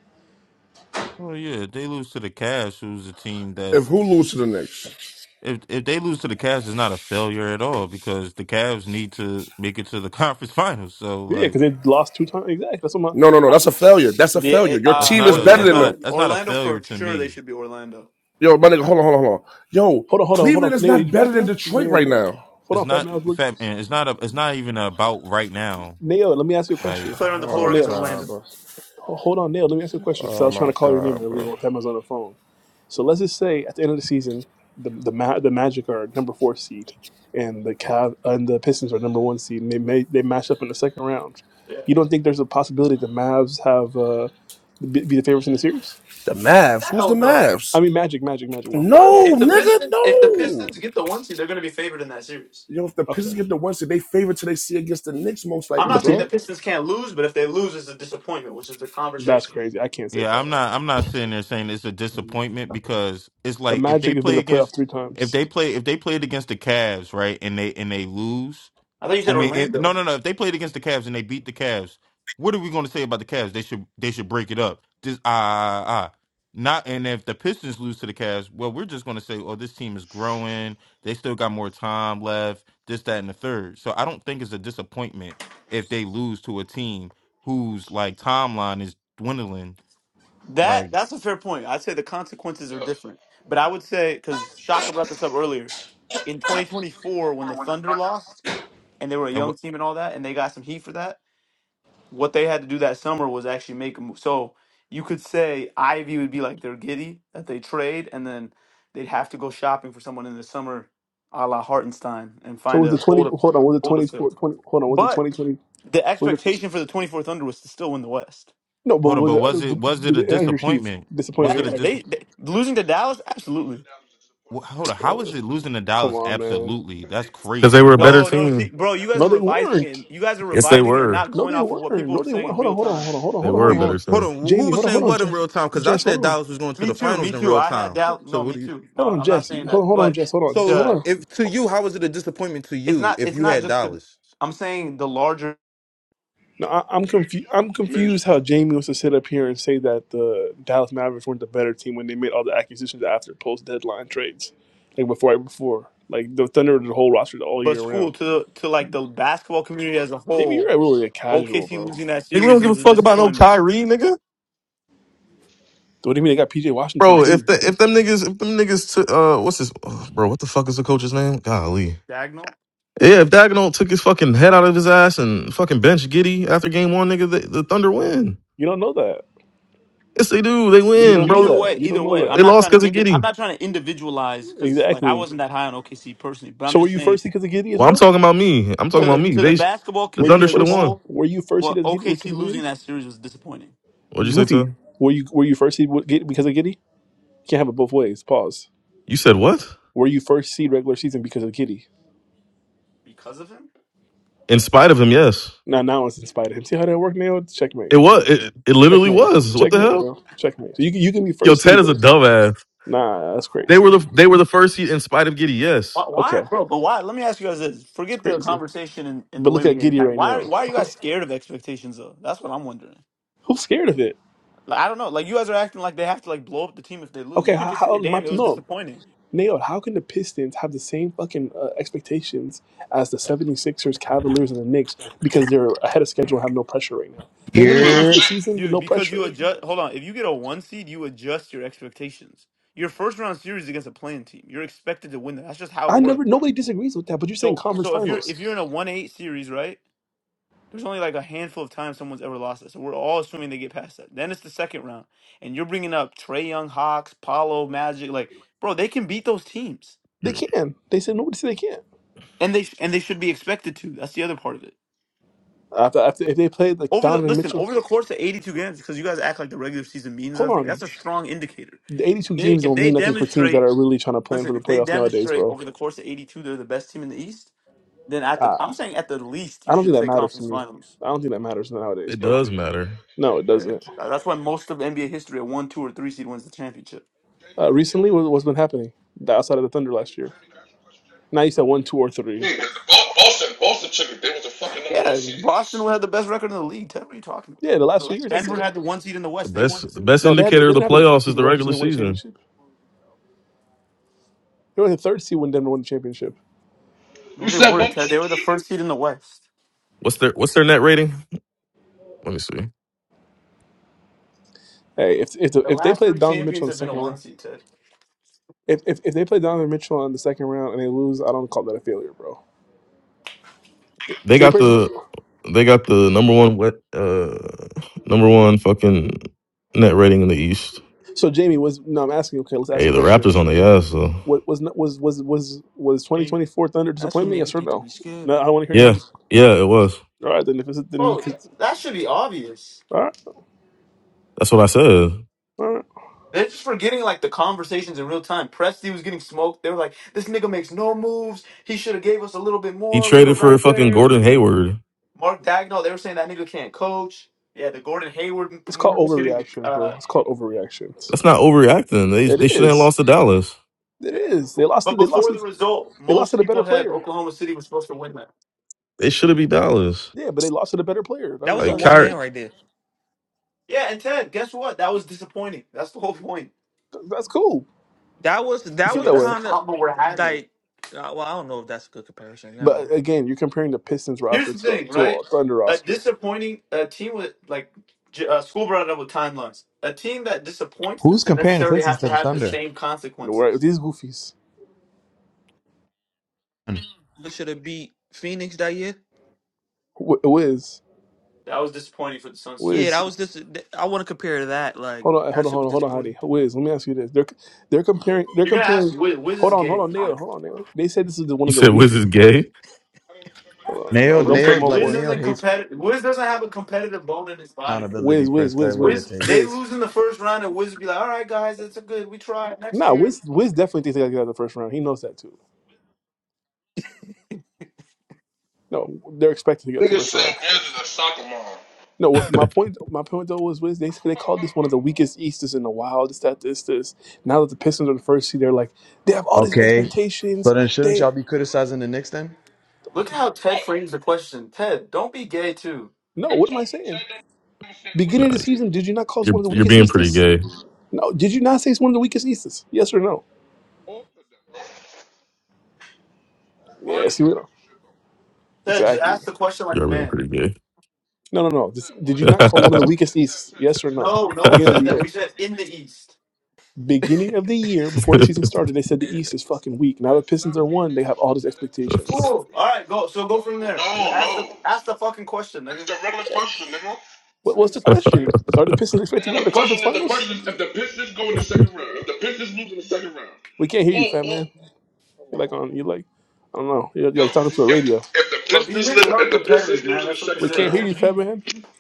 [SPEAKER 7] well, yeah, if they lose to the Cavs, who's a team that
[SPEAKER 1] If who lose to the Knicks?
[SPEAKER 7] If if they lose to the Cavs, it's not a failure at all because the Cavs need to make it to the conference finals. So
[SPEAKER 6] Yeah, because
[SPEAKER 7] like
[SPEAKER 6] they lost two times. Exactly. That's what
[SPEAKER 1] No, no,
[SPEAKER 6] my.
[SPEAKER 1] no. That's a failure. That's a
[SPEAKER 2] Yeah,
[SPEAKER 1] failure.
[SPEAKER 2] eh,
[SPEAKER 1] Your
[SPEAKER 7] that's
[SPEAKER 2] uh,
[SPEAKER 1] team
[SPEAKER 7] not
[SPEAKER 1] is
[SPEAKER 7] a
[SPEAKER 1] better
[SPEAKER 7] that's
[SPEAKER 1] than
[SPEAKER 7] not a
[SPEAKER 2] Orlando
[SPEAKER 1] them.
[SPEAKER 7] that's not a
[SPEAKER 2] Orlando
[SPEAKER 7] failure
[SPEAKER 2] for
[SPEAKER 7] to
[SPEAKER 2] sure they
[SPEAKER 7] me.
[SPEAKER 2] should be Orlando.
[SPEAKER 1] Yo, my nigga, hold on, hold on, hold on. Yo,
[SPEAKER 6] Hold on, hold on, hold
[SPEAKER 1] Cleveland
[SPEAKER 6] on.
[SPEAKER 1] is
[SPEAKER 6] Nail,
[SPEAKER 1] not
[SPEAKER 6] you
[SPEAKER 1] better
[SPEAKER 6] back
[SPEAKER 1] than
[SPEAKER 6] now?
[SPEAKER 1] Detroit
[SPEAKER 6] Nail, you
[SPEAKER 1] right
[SPEAKER 6] back?
[SPEAKER 1] now.
[SPEAKER 6] Hold
[SPEAKER 7] It's
[SPEAKER 6] on, Fat
[SPEAKER 7] not
[SPEAKER 6] Man. look,
[SPEAKER 7] fat man. It's not a it's not even about right now.
[SPEAKER 6] Nail, let me ask you a
[SPEAKER 7] Like
[SPEAKER 6] question.
[SPEAKER 2] Playing on the
[SPEAKER 1] Oh
[SPEAKER 6] Hold
[SPEAKER 2] floor
[SPEAKER 6] on,
[SPEAKER 1] my
[SPEAKER 6] Nail.
[SPEAKER 2] against
[SPEAKER 1] god,
[SPEAKER 2] Orlando.
[SPEAKER 1] bro.
[SPEAKER 6] Ho- Hold on, Nail. Let me ask you a question because I
[SPEAKER 1] Oh
[SPEAKER 6] was trying to
[SPEAKER 1] my
[SPEAKER 6] call your name
[SPEAKER 1] god, bro.
[SPEAKER 6] earlier when Fat Man was on the phone. So let's just say at the end of the season, the the, Ma- the Magic are number four seed, and the Cav and the Pistons are number one seed, and they may, they match up in the second round.
[SPEAKER 2] Yeah.
[SPEAKER 6] You don't think there's a possibility the Mavs have uh, be, be the favorites in the series?
[SPEAKER 1] The Mavs. Who's the
[SPEAKER 2] Hell no.
[SPEAKER 6] I
[SPEAKER 1] Mavs?
[SPEAKER 6] mean, Magic, Magic, Magic, my fault.
[SPEAKER 2] Bro,
[SPEAKER 1] No,
[SPEAKER 2] If the
[SPEAKER 1] nigga,
[SPEAKER 2] Pistons if the
[SPEAKER 1] no.
[SPEAKER 2] Pistons get the one seed, they're gonna be favored in that series.
[SPEAKER 1] Yo, if the
[SPEAKER 6] Okay,
[SPEAKER 1] Pistons get the Wednesday, they favorite till they see against the Knicks, most
[SPEAKER 2] I'm
[SPEAKER 1] likely,
[SPEAKER 6] but
[SPEAKER 2] not saying
[SPEAKER 6] can,
[SPEAKER 2] the
[SPEAKER 1] bro.
[SPEAKER 2] Pistons can't lose, but if they lose, it's a disappointment, which is the
[SPEAKER 6] that's
[SPEAKER 2] conversation.
[SPEAKER 6] crazy. I can't say
[SPEAKER 7] yeah, I'm
[SPEAKER 6] that.
[SPEAKER 7] not I'm not sitting there saying it's a disappointment because it's
[SPEAKER 6] The
[SPEAKER 7] like if
[SPEAKER 6] Magic
[SPEAKER 7] they
[SPEAKER 6] has been
[SPEAKER 7] play
[SPEAKER 6] to the playoff
[SPEAKER 7] against
[SPEAKER 6] three
[SPEAKER 7] if
[SPEAKER 6] times.
[SPEAKER 7] they play if they played against the Cavs right and they and they lose
[SPEAKER 2] I thought you
[SPEAKER 7] I
[SPEAKER 2] said
[SPEAKER 7] mean, it, no,
[SPEAKER 2] Orlando.
[SPEAKER 7] no, no. If they played against the Cavs and they beat the Cavs, what are we going to say about the Cavs? They should they should break it up. Just ah ah ah. ah. Not and if the Pistons lose to the Cavs, well, we're just going to say, oh, this team is growing. They still got more time left. This, that, and the third. So I don't think it's a disappointment if they lose to a team whose like timeline is dwindling.
[SPEAKER 2] That
[SPEAKER 7] Like
[SPEAKER 2] that's a fair point. I'd say the consequences are different, but I would say because Shaka brought this up earlier in 2024 when the Thunder lost and they were a
[SPEAKER 7] that. wa-
[SPEAKER 2] young team and all that, and they got some heat for that. What they had to do that summer was actually make a move. So you could say Ivy would be like their giddy that they trade, and then they'd have to go shopping for someone in the summer, a la Hartenstein, and
[SPEAKER 6] So
[SPEAKER 2] find
[SPEAKER 6] was the
[SPEAKER 2] a
[SPEAKER 6] twenty?
[SPEAKER 2] hold
[SPEAKER 6] Hold on, was it
[SPEAKER 2] hold a
[SPEAKER 6] twenty
[SPEAKER 2] field.
[SPEAKER 6] four? Twenty? Hold on, was it
[SPEAKER 2] But
[SPEAKER 6] twenty twenty?
[SPEAKER 2] the
[SPEAKER 6] Was it?
[SPEAKER 2] expectation for the 24 Thunder was to still win the West.
[SPEAKER 6] No, but
[SPEAKER 7] Hold on,
[SPEAKER 6] was
[SPEAKER 7] but
[SPEAKER 6] it?
[SPEAKER 7] was it
[SPEAKER 6] Did,
[SPEAKER 7] was it
[SPEAKER 6] did
[SPEAKER 7] a
[SPEAKER 6] it underachieve?
[SPEAKER 7] disappointment?
[SPEAKER 2] Yeah,
[SPEAKER 7] Was it
[SPEAKER 6] Disappointment.
[SPEAKER 7] a dis?
[SPEAKER 6] Yeah.
[SPEAKER 2] they, they
[SPEAKER 1] a a major
[SPEAKER 2] losing to Dallas,
[SPEAKER 1] disappointment. And
[SPEAKER 2] absolutely.
[SPEAKER 1] losing to Dallas was a
[SPEAKER 7] wh-
[SPEAKER 1] disappointment.
[SPEAKER 7] Hold on,
[SPEAKER 1] Yes, it
[SPEAKER 7] how
[SPEAKER 6] Oh,
[SPEAKER 1] was.
[SPEAKER 7] is it losing to
[SPEAKER 6] come
[SPEAKER 7] Dallas?
[SPEAKER 6] on, man.
[SPEAKER 7] Absolutely,
[SPEAKER 1] was
[SPEAKER 7] that's
[SPEAKER 1] Because
[SPEAKER 4] Because
[SPEAKER 1] Dallas
[SPEAKER 4] they
[SPEAKER 7] crazy.
[SPEAKER 4] were
[SPEAKER 1] was
[SPEAKER 4] a
[SPEAKER 1] not
[SPEAKER 7] What?
[SPEAKER 4] better
[SPEAKER 2] No,
[SPEAKER 6] That's
[SPEAKER 1] supposed.
[SPEAKER 2] no, see,
[SPEAKER 4] team.
[SPEAKER 1] They
[SPEAKER 2] bro,
[SPEAKER 1] were a
[SPEAKER 2] you
[SPEAKER 1] better
[SPEAKER 2] guys
[SPEAKER 6] no,
[SPEAKER 2] are
[SPEAKER 6] they
[SPEAKER 1] team.
[SPEAKER 2] revising
[SPEAKER 6] weren't.
[SPEAKER 2] it.
[SPEAKER 1] Oh
[SPEAKER 2] You
[SPEAKER 1] my
[SPEAKER 2] guys are
[SPEAKER 1] god,
[SPEAKER 4] Yes, they
[SPEAKER 1] bro!
[SPEAKER 2] revising it and
[SPEAKER 4] were.
[SPEAKER 2] not
[SPEAKER 6] No,
[SPEAKER 2] going
[SPEAKER 6] they
[SPEAKER 2] off of
[SPEAKER 6] weren't.
[SPEAKER 2] what people
[SPEAKER 6] No,
[SPEAKER 2] were
[SPEAKER 6] they
[SPEAKER 2] saying
[SPEAKER 6] weren't.
[SPEAKER 2] in
[SPEAKER 6] Hold on,
[SPEAKER 2] real
[SPEAKER 6] hold on,
[SPEAKER 2] time.
[SPEAKER 6] hold on, hold on,
[SPEAKER 4] They
[SPEAKER 6] hold on,
[SPEAKER 4] were
[SPEAKER 6] hold
[SPEAKER 4] a
[SPEAKER 6] on,
[SPEAKER 7] You
[SPEAKER 6] hold
[SPEAKER 4] better
[SPEAKER 6] on.
[SPEAKER 7] hold
[SPEAKER 4] team.
[SPEAKER 7] on.
[SPEAKER 1] Yo, Yo,
[SPEAKER 7] Who
[SPEAKER 6] Jamie,
[SPEAKER 7] was
[SPEAKER 6] hold on, hold
[SPEAKER 7] saying
[SPEAKER 1] yo, yo, yo, yo,
[SPEAKER 6] on,
[SPEAKER 7] what in
[SPEAKER 1] yo,
[SPEAKER 6] Jess,
[SPEAKER 7] real time? Because I
[SPEAKER 6] Jess, hold
[SPEAKER 7] said
[SPEAKER 6] on,
[SPEAKER 7] Dallas was going to
[SPEAKER 2] Me
[SPEAKER 7] the
[SPEAKER 1] I
[SPEAKER 2] too,
[SPEAKER 7] finals
[SPEAKER 2] me
[SPEAKER 1] niggas
[SPEAKER 7] in
[SPEAKER 1] hey,
[SPEAKER 2] too.
[SPEAKER 7] real
[SPEAKER 2] I had
[SPEAKER 7] time.
[SPEAKER 2] doubt.
[SPEAKER 7] So
[SPEAKER 2] No,
[SPEAKER 7] what
[SPEAKER 2] me
[SPEAKER 7] do you?
[SPEAKER 2] too. No,
[SPEAKER 6] hold on,
[SPEAKER 2] I'm not
[SPEAKER 6] Jess,
[SPEAKER 2] saying
[SPEAKER 6] hold
[SPEAKER 2] that.
[SPEAKER 6] on, hold on,
[SPEAKER 2] But
[SPEAKER 6] Jess, hold on,
[SPEAKER 7] So
[SPEAKER 6] hold
[SPEAKER 2] the
[SPEAKER 6] on.
[SPEAKER 7] if to you, how was it a disappointment to
[SPEAKER 2] it's
[SPEAKER 7] you
[SPEAKER 2] not
[SPEAKER 7] if
[SPEAKER 2] it's
[SPEAKER 7] you
[SPEAKER 2] not
[SPEAKER 7] had
[SPEAKER 2] just to
[SPEAKER 7] Dallas?
[SPEAKER 2] I'm saying the larger
[SPEAKER 6] No, I, I'm confused. I'm confused how Jamie was to sit up here and say that the Dallas Mavericks weren't the better team when they made all the acquisitions after post deadline trades, like before, right before, like the Thunder did the whole roster all
[SPEAKER 2] but
[SPEAKER 6] year
[SPEAKER 2] school
[SPEAKER 6] round.
[SPEAKER 2] to to like the basketball community as a
[SPEAKER 6] Jamie, you're
[SPEAKER 2] whole.
[SPEAKER 6] really a casual,
[SPEAKER 2] OKC
[SPEAKER 6] bro.
[SPEAKER 2] losing
[SPEAKER 6] What
[SPEAKER 2] that
[SPEAKER 4] Nigga, we
[SPEAKER 2] series
[SPEAKER 4] don't give a
[SPEAKER 2] was a
[SPEAKER 4] fuck about no
[SPEAKER 2] disappointment.
[SPEAKER 4] Kyrie, nigga.
[SPEAKER 6] do you mean they got PJ Washington
[SPEAKER 4] Bro, if
[SPEAKER 6] too?
[SPEAKER 4] the if them niggas if them niggas took uh what's his oh, bro, what the fuck is the coach's name? Golly.
[SPEAKER 2] Diagonal.
[SPEAKER 4] Yeah, if Dagnall took his fucking head out of his ass and fucking bench Giddy after game one, nigga, the, the Thunder win.
[SPEAKER 6] You don't know that.
[SPEAKER 4] Yes, they do. They
[SPEAKER 6] You
[SPEAKER 2] E-
[SPEAKER 4] win,
[SPEAKER 6] don't know
[SPEAKER 4] bro.
[SPEAKER 2] either
[SPEAKER 6] that.
[SPEAKER 2] way,
[SPEAKER 6] You don't
[SPEAKER 2] either
[SPEAKER 6] know
[SPEAKER 2] way, I'm
[SPEAKER 4] They
[SPEAKER 6] that.
[SPEAKER 2] not
[SPEAKER 4] lost
[SPEAKER 2] trying to
[SPEAKER 4] because of
[SPEAKER 2] indi- I'm
[SPEAKER 4] Giddy.
[SPEAKER 2] not trying to individualize because like I
[SPEAKER 6] Exactly.
[SPEAKER 2] wasn't that high on OKC personally, but I'm
[SPEAKER 6] So were
[SPEAKER 2] just
[SPEAKER 6] you
[SPEAKER 2] saying
[SPEAKER 6] first because of Giddy as
[SPEAKER 4] Well, I'm
[SPEAKER 6] well?
[SPEAKER 4] talking about me. I'm
[SPEAKER 6] No,
[SPEAKER 4] talking
[SPEAKER 2] to the
[SPEAKER 6] were
[SPEAKER 4] about me.
[SPEAKER 2] to the
[SPEAKER 4] They
[SPEAKER 6] you?
[SPEAKER 4] sh-
[SPEAKER 2] basketball
[SPEAKER 4] the
[SPEAKER 6] Were you
[SPEAKER 2] community
[SPEAKER 4] Thunder
[SPEAKER 2] as
[SPEAKER 4] should
[SPEAKER 2] a
[SPEAKER 4] have
[SPEAKER 6] first?
[SPEAKER 4] won.
[SPEAKER 2] whole,
[SPEAKER 6] Were you first seed
[SPEAKER 2] what
[SPEAKER 6] as Giddy? Because
[SPEAKER 2] OKC
[SPEAKER 6] of
[SPEAKER 2] losing
[SPEAKER 6] Giddy?
[SPEAKER 2] that series was disappointing
[SPEAKER 4] What'd you say
[SPEAKER 6] Goofy.
[SPEAKER 4] to?
[SPEAKER 6] Were you? Were you first seed with Giddy because of Giddy? Can't have it both ways. Pause.
[SPEAKER 4] You said what?
[SPEAKER 6] where you first see regular season because of Kitty.
[SPEAKER 2] because of him.
[SPEAKER 4] In spite of him, yes.
[SPEAKER 6] Now, now it's in spite of him. See how that worked, now? Checkmate,
[SPEAKER 4] It
[SPEAKER 6] bro.
[SPEAKER 4] was. It, it literally
[SPEAKER 6] Checkmate.
[SPEAKER 4] was. What the
[SPEAKER 6] Checkmate,
[SPEAKER 4] hell?
[SPEAKER 6] bro. Checkmate. So you, can- you can be
[SPEAKER 4] Yo,
[SPEAKER 6] first
[SPEAKER 4] Ted
[SPEAKER 6] seed,
[SPEAKER 4] is a
[SPEAKER 6] but
[SPEAKER 4] dumbass.
[SPEAKER 6] nah, that's
[SPEAKER 4] They were
[SPEAKER 6] crazy.
[SPEAKER 4] the they were the first seed in spite of Giddy. Yes,
[SPEAKER 2] Why, why
[SPEAKER 6] Okay,
[SPEAKER 2] bro? But why? Let me ask you guys this:
[SPEAKER 6] it's
[SPEAKER 2] Forget the
[SPEAKER 6] crazy.
[SPEAKER 2] conversation and, and the
[SPEAKER 6] But look
[SPEAKER 2] way we
[SPEAKER 6] at Giddy
[SPEAKER 2] had.
[SPEAKER 6] right now.
[SPEAKER 2] Why? Why are you guys scared of expectations though? That's what I'm wondering.
[SPEAKER 6] Who's scared of it?
[SPEAKER 2] Like I don't know. Like you guys are acting like they have to like blow up the team if they lose. You
[SPEAKER 6] Okay,
[SPEAKER 2] can
[SPEAKER 6] how,
[SPEAKER 2] just say,
[SPEAKER 6] how my,
[SPEAKER 2] "Damn, it was
[SPEAKER 6] no.
[SPEAKER 2] disappointing,
[SPEAKER 6] Nailed. How can the Pistons have the same fucking uh, expectations as the 76ers, Cavaliers, and the Knicks because they're ahead of schedule and have no pressure right now? They literally come to the
[SPEAKER 8] You're
[SPEAKER 6] season with
[SPEAKER 2] dude."
[SPEAKER 6] no
[SPEAKER 2] Because
[SPEAKER 6] pressure.
[SPEAKER 2] you adjust. Hold on. If you get a one seed, you adjust your expectations. Your first round series against a playing team, you're expected to win that. That's just how it
[SPEAKER 6] I never,
[SPEAKER 2] works.
[SPEAKER 6] nobody disagrees with that, but you're saying
[SPEAKER 2] So,
[SPEAKER 6] conference
[SPEAKER 2] so if you're
[SPEAKER 6] finals.
[SPEAKER 2] if you're in a one eight series, right? There's only like a handful of times someone's ever lost that. So we're all assuming they get past that. Then it's the second round. And you're bringing up Trey Young, Hawks, Paolo, Magic. Like, bro, they can beat those teams.
[SPEAKER 6] They
[SPEAKER 4] it
[SPEAKER 6] can. They said nobody said they can't.
[SPEAKER 2] And they sh- and they should be expected to. That's the other part of it.
[SPEAKER 6] After, after if they played like
[SPEAKER 2] Over the
[SPEAKER 6] Donovan
[SPEAKER 2] listen,
[SPEAKER 6] Mitchell,
[SPEAKER 2] over the course of 82 games, because you guys act like the regular season means
[SPEAKER 6] hold
[SPEAKER 2] nothing.
[SPEAKER 6] on,
[SPEAKER 2] That's a strong indicator.
[SPEAKER 6] the eighty-two
[SPEAKER 2] They,
[SPEAKER 6] games
[SPEAKER 2] if
[SPEAKER 6] don't
[SPEAKER 2] they
[SPEAKER 6] mean nothing for teams that
[SPEAKER 2] demonstrate,
[SPEAKER 6] are really trying to plan for
[SPEAKER 2] listen,
[SPEAKER 6] the
[SPEAKER 2] if they
[SPEAKER 6] playoffs nowadays,
[SPEAKER 2] demonstrate
[SPEAKER 6] bro.
[SPEAKER 2] over the course of 82 they're the best team in the East, then at the
[SPEAKER 6] Uh,
[SPEAKER 2] I'm saying at the least
[SPEAKER 6] I
[SPEAKER 2] you
[SPEAKER 6] don't think
[SPEAKER 2] should
[SPEAKER 6] that
[SPEAKER 2] say
[SPEAKER 6] matters to
[SPEAKER 2] conference
[SPEAKER 6] me.
[SPEAKER 2] finals.
[SPEAKER 6] I don't think that matters nowadays,
[SPEAKER 1] hey, hey, hey,
[SPEAKER 6] bro.
[SPEAKER 4] does matter.
[SPEAKER 1] hey,
[SPEAKER 6] No, it
[SPEAKER 1] Jamie, hey,
[SPEAKER 2] Okay.
[SPEAKER 1] yo,
[SPEAKER 6] doesn't.
[SPEAKER 1] Jamie, hey,
[SPEAKER 2] That's
[SPEAKER 1] yo,
[SPEAKER 2] why
[SPEAKER 1] Jamie,
[SPEAKER 2] most of NBA history a one, two, or three seed wins the championship.
[SPEAKER 1] Jamie,
[SPEAKER 6] Uh,
[SPEAKER 1] hey, yo,
[SPEAKER 6] recently, what,
[SPEAKER 1] Jamie,
[SPEAKER 6] what's been happening outside of the Thunder last
[SPEAKER 1] Jamie,
[SPEAKER 6] year?
[SPEAKER 1] Jamie? can I ask you, a question, Jamie?
[SPEAKER 6] Now you said one, two, or three.
[SPEAKER 1] Nigga, the Bo- Boston, Boston took it. They was the fucking number one
[SPEAKER 2] Yeah,
[SPEAKER 1] seed in the East.
[SPEAKER 2] Boston had the best record in the league. Ted, what are you talking about?
[SPEAKER 6] Yeah, the last two years, that's
[SPEAKER 2] Denver had
[SPEAKER 6] it.
[SPEAKER 2] the one seed in the
[SPEAKER 4] The
[SPEAKER 2] West. They won the
[SPEAKER 4] best the
[SPEAKER 2] two.
[SPEAKER 4] best
[SPEAKER 6] No, they had they
[SPEAKER 4] indicator of
[SPEAKER 6] didn't
[SPEAKER 4] the
[SPEAKER 6] have the first
[SPEAKER 4] playoffs
[SPEAKER 6] seed
[SPEAKER 4] is
[SPEAKER 6] in the
[SPEAKER 4] the
[SPEAKER 6] West, so
[SPEAKER 4] regular
[SPEAKER 6] they won the
[SPEAKER 4] season.
[SPEAKER 6] championship. They were the third seed when Denver won the championship.
[SPEAKER 2] No, they
[SPEAKER 4] Well,
[SPEAKER 2] weren't, Ted. They were the first seed in the West.
[SPEAKER 4] What's their What's their net rating? Let me see.
[SPEAKER 6] Hey, if if, the,
[SPEAKER 2] The
[SPEAKER 6] if they
[SPEAKER 2] last
[SPEAKER 6] played
[SPEAKER 2] three
[SPEAKER 6] Donovan Mitchell
[SPEAKER 2] champions
[SPEAKER 6] in the
[SPEAKER 2] have been a
[SPEAKER 6] second round.
[SPEAKER 2] one seed, Ted.
[SPEAKER 6] If, if if they play Donovan Mitchell in the second round and they lose, I don't call that a failure, bro. If
[SPEAKER 4] They
[SPEAKER 6] they
[SPEAKER 4] got
[SPEAKER 6] play,
[SPEAKER 4] the they got the number one wet uh number one fucking net rating in the East.
[SPEAKER 6] so Jamie was no, I'm asking. Okay, let's ask
[SPEAKER 4] Hey,
[SPEAKER 6] a
[SPEAKER 4] the
[SPEAKER 6] question.
[SPEAKER 4] Raptors on the ass. So
[SPEAKER 6] Was was no, was was was was 2024 Thunder
[SPEAKER 5] That's who
[SPEAKER 6] disappointment? Yes
[SPEAKER 5] niggas
[SPEAKER 6] or
[SPEAKER 5] need to
[SPEAKER 6] no?
[SPEAKER 5] be scared
[SPEAKER 6] No, I
[SPEAKER 5] of.
[SPEAKER 6] don't want to hear
[SPEAKER 4] yeah,
[SPEAKER 6] the.
[SPEAKER 4] yeah, it was.
[SPEAKER 6] All right, then if it's then you
[SPEAKER 2] Bro,
[SPEAKER 6] can.
[SPEAKER 2] that should be obvious.
[SPEAKER 6] All right,
[SPEAKER 4] That's what I said.
[SPEAKER 6] all right.
[SPEAKER 2] They're just forgetting like the conversations in real time. Presti was getting smoked. They were like, "This nigga makes no moves. He should have gave us a little bit
[SPEAKER 4] He
[SPEAKER 2] more. We were
[SPEAKER 4] traded for
[SPEAKER 2] right
[SPEAKER 4] fucking
[SPEAKER 2] there."
[SPEAKER 4] Gordon Hayward.
[SPEAKER 2] Mark Dagnall, they were saying that nigga can't coach. Yeah, the Gordon Hayward
[SPEAKER 6] It's called
[SPEAKER 2] move was getting.
[SPEAKER 6] overreaction,
[SPEAKER 2] uh,
[SPEAKER 6] bro. It's called overreactions.
[SPEAKER 4] That's not overreacting. They
[SPEAKER 6] It
[SPEAKER 4] they should have
[SPEAKER 6] is.
[SPEAKER 4] lost to Dallas.
[SPEAKER 6] It
[SPEAKER 2] Yeah.
[SPEAKER 6] is. They lost.
[SPEAKER 2] But
[SPEAKER 6] They
[SPEAKER 2] before
[SPEAKER 6] lost.
[SPEAKER 2] the result,
[SPEAKER 6] They lost to
[SPEAKER 2] most
[SPEAKER 6] the better
[SPEAKER 2] people had
[SPEAKER 6] player.
[SPEAKER 2] Oklahoma City was supposed to win that.
[SPEAKER 4] They should have beat Dallas.
[SPEAKER 6] Yeah, but they lost to the better player. That
[SPEAKER 5] That
[SPEAKER 6] was
[SPEAKER 5] was a
[SPEAKER 4] Like
[SPEAKER 6] that's
[SPEAKER 5] one
[SPEAKER 4] Kyrie,
[SPEAKER 5] man
[SPEAKER 6] cool.
[SPEAKER 5] right there.
[SPEAKER 2] Yeah, and Ted, guess what? That was disappointing. That's the whole point.
[SPEAKER 6] That's cool.
[SPEAKER 5] That was
[SPEAKER 6] You
[SPEAKER 5] that
[SPEAKER 6] feel
[SPEAKER 5] was
[SPEAKER 2] Nigga,
[SPEAKER 6] that
[SPEAKER 2] that's
[SPEAKER 6] way.
[SPEAKER 2] the
[SPEAKER 5] kind of
[SPEAKER 2] combo we're having.
[SPEAKER 5] like uh, well, I don't know if that's a good comparison. Never
[SPEAKER 6] But
[SPEAKER 5] mind.
[SPEAKER 6] again, you're comparing the Pistons
[SPEAKER 2] Here's
[SPEAKER 6] roster
[SPEAKER 2] the
[SPEAKER 6] to,
[SPEAKER 2] thing,
[SPEAKER 6] to a
[SPEAKER 2] right?
[SPEAKER 6] Thunder
[SPEAKER 2] A
[SPEAKER 6] roster.
[SPEAKER 2] disappointing a team with like J- uh, school brought it up with timelines. A team that disappoints
[SPEAKER 8] who's
[SPEAKER 2] doesn't
[SPEAKER 8] comparing the
[SPEAKER 2] necessarily
[SPEAKER 8] Pistons
[SPEAKER 2] have to
[SPEAKER 8] to the
[SPEAKER 2] have the
[SPEAKER 8] Thunder?
[SPEAKER 2] same
[SPEAKER 6] Right,
[SPEAKER 2] consequences.
[SPEAKER 6] these goofies.
[SPEAKER 5] Should have beat Phoenix that year?
[SPEAKER 6] Wh- Wiz,
[SPEAKER 2] That was disappointing for the Suns too.
[SPEAKER 5] Yeah, that
[SPEAKER 6] Wiz.
[SPEAKER 5] was just. I want to compare to that. Like
[SPEAKER 6] Hold on, hold
[SPEAKER 5] that
[SPEAKER 6] on,
[SPEAKER 5] shit
[SPEAKER 6] hold
[SPEAKER 5] was
[SPEAKER 6] on, hold on, Hadi.
[SPEAKER 5] disappointing.
[SPEAKER 6] Wiz, let me ask you this. They're they're comparing. They're
[SPEAKER 2] You're gonna
[SPEAKER 6] comparing.
[SPEAKER 2] ask Wiz. Wiz
[SPEAKER 6] Hold
[SPEAKER 2] is
[SPEAKER 6] on, hold
[SPEAKER 2] gay.
[SPEAKER 6] on,
[SPEAKER 2] nigga.
[SPEAKER 6] nail, Hold on, nail. They said this is the one
[SPEAKER 4] you
[SPEAKER 6] of the
[SPEAKER 4] said
[SPEAKER 6] weak.
[SPEAKER 4] Wiz is gay.
[SPEAKER 6] Hold on, no,
[SPEAKER 8] Nailed,
[SPEAKER 6] don't
[SPEAKER 2] Wiz,
[SPEAKER 6] put
[SPEAKER 8] nailed,
[SPEAKER 6] my
[SPEAKER 8] like
[SPEAKER 2] Wiz
[SPEAKER 6] boy.
[SPEAKER 8] nailed
[SPEAKER 2] isn't
[SPEAKER 8] hates
[SPEAKER 2] competitive. Wiz doesn't have a competitive bone in his body.
[SPEAKER 8] accountability
[SPEAKER 6] Wiz,
[SPEAKER 8] for
[SPEAKER 6] Wiz,
[SPEAKER 8] his fair
[SPEAKER 6] Wiz,
[SPEAKER 8] weather
[SPEAKER 6] Wiz,
[SPEAKER 2] Wiz,
[SPEAKER 8] takes.
[SPEAKER 2] they
[SPEAKER 6] Wiz.
[SPEAKER 2] lose in the first round, and Wiz be like, "All right, guys, it's a good. We tried next
[SPEAKER 6] Nah,
[SPEAKER 2] year."
[SPEAKER 6] Wiz, Wiz definitely thinks they got to get out of the first round. He knows that too. No, they're expected to get out the first round. No, what- my point, my point though was Wiz. They they called this one of the weakest Easters in the wild. This, that, this, this. Now that the Pistons are the first seed, they're like they have all these
[SPEAKER 8] Okay,
[SPEAKER 6] expectations.
[SPEAKER 8] so then shouldn't
[SPEAKER 6] They
[SPEAKER 8] y'all be criticizing the Knicks then?
[SPEAKER 2] Look at how Ted frames the question. Ted, don't be gay too.
[SPEAKER 6] no, what am I saying? Beginning of
[SPEAKER 4] No,
[SPEAKER 6] the season, did you not call us
[SPEAKER 4] You're
[SPEAKER 6] one of the
[SPEAKER 4] you're
[SPEAKER 6] weakest
[SPEAKER 4] being pretty
[SPEAKER 6] Easters?
[SPEAKER 4] gay.
[SPEAKER 6] No. Did you not say it's one of the weakest Easters? Yes or no? Yeah, see later.
[SPEAKER 2] Ted, just ask
[SPEAKER 6] Exactly.
[SPEAKER 2] the question like a
[SPEAKER 4] You're being
[SPEAKER 2] man.
[SPEAKER 4] pretty gay.
[SPEAKER 6] No, no, no. This, did you not call one of the weakest Easts? Yes or no?
[SPEAKER 2] No, no one
[SPEAKER 6] Beginning of
[SPEAKER 2] said
[SPEAKER 6] the
[SPEAKER 2] that. We
[SPEAKER 6] year.
[SPEAKER 2] said in the East.
[SPEAKER 6] Beginning of the year, before the season started, they said the
[SPEAKER 5] Yeah.
[SPEAKER 6] East is fucking weak. Now the Pistons are one. They have all these expectations.
[SPEAKER 2] Cool. All right, go. So go from there. Just ask the ask the fucking question, nigga.
[SPEAKER 6] Yeah.
[SPEAKER 2] This
[SPEAKER 6] What, what's the
[SPEAKER 2] nigga's so
[SPEAKER 6] question?
[SPEAKER 2] strange.
[SPEAKER 6] Are the Pistons expected to go to the conference finals? We can't hear you, fat man. You're like on. You're like, I don't know. You're, you're like talking to a radio.
[SPEAKER 2] Bro, these niggas aren't competitive, man. That's what
[SPEAKER 6] We
[SPEAKER 2] this
[SPEAKER 6] can't
[SPEAKER 2] is.
[SPEAKER 6] hear you, fat man.
[SPEAKER 2] Niggas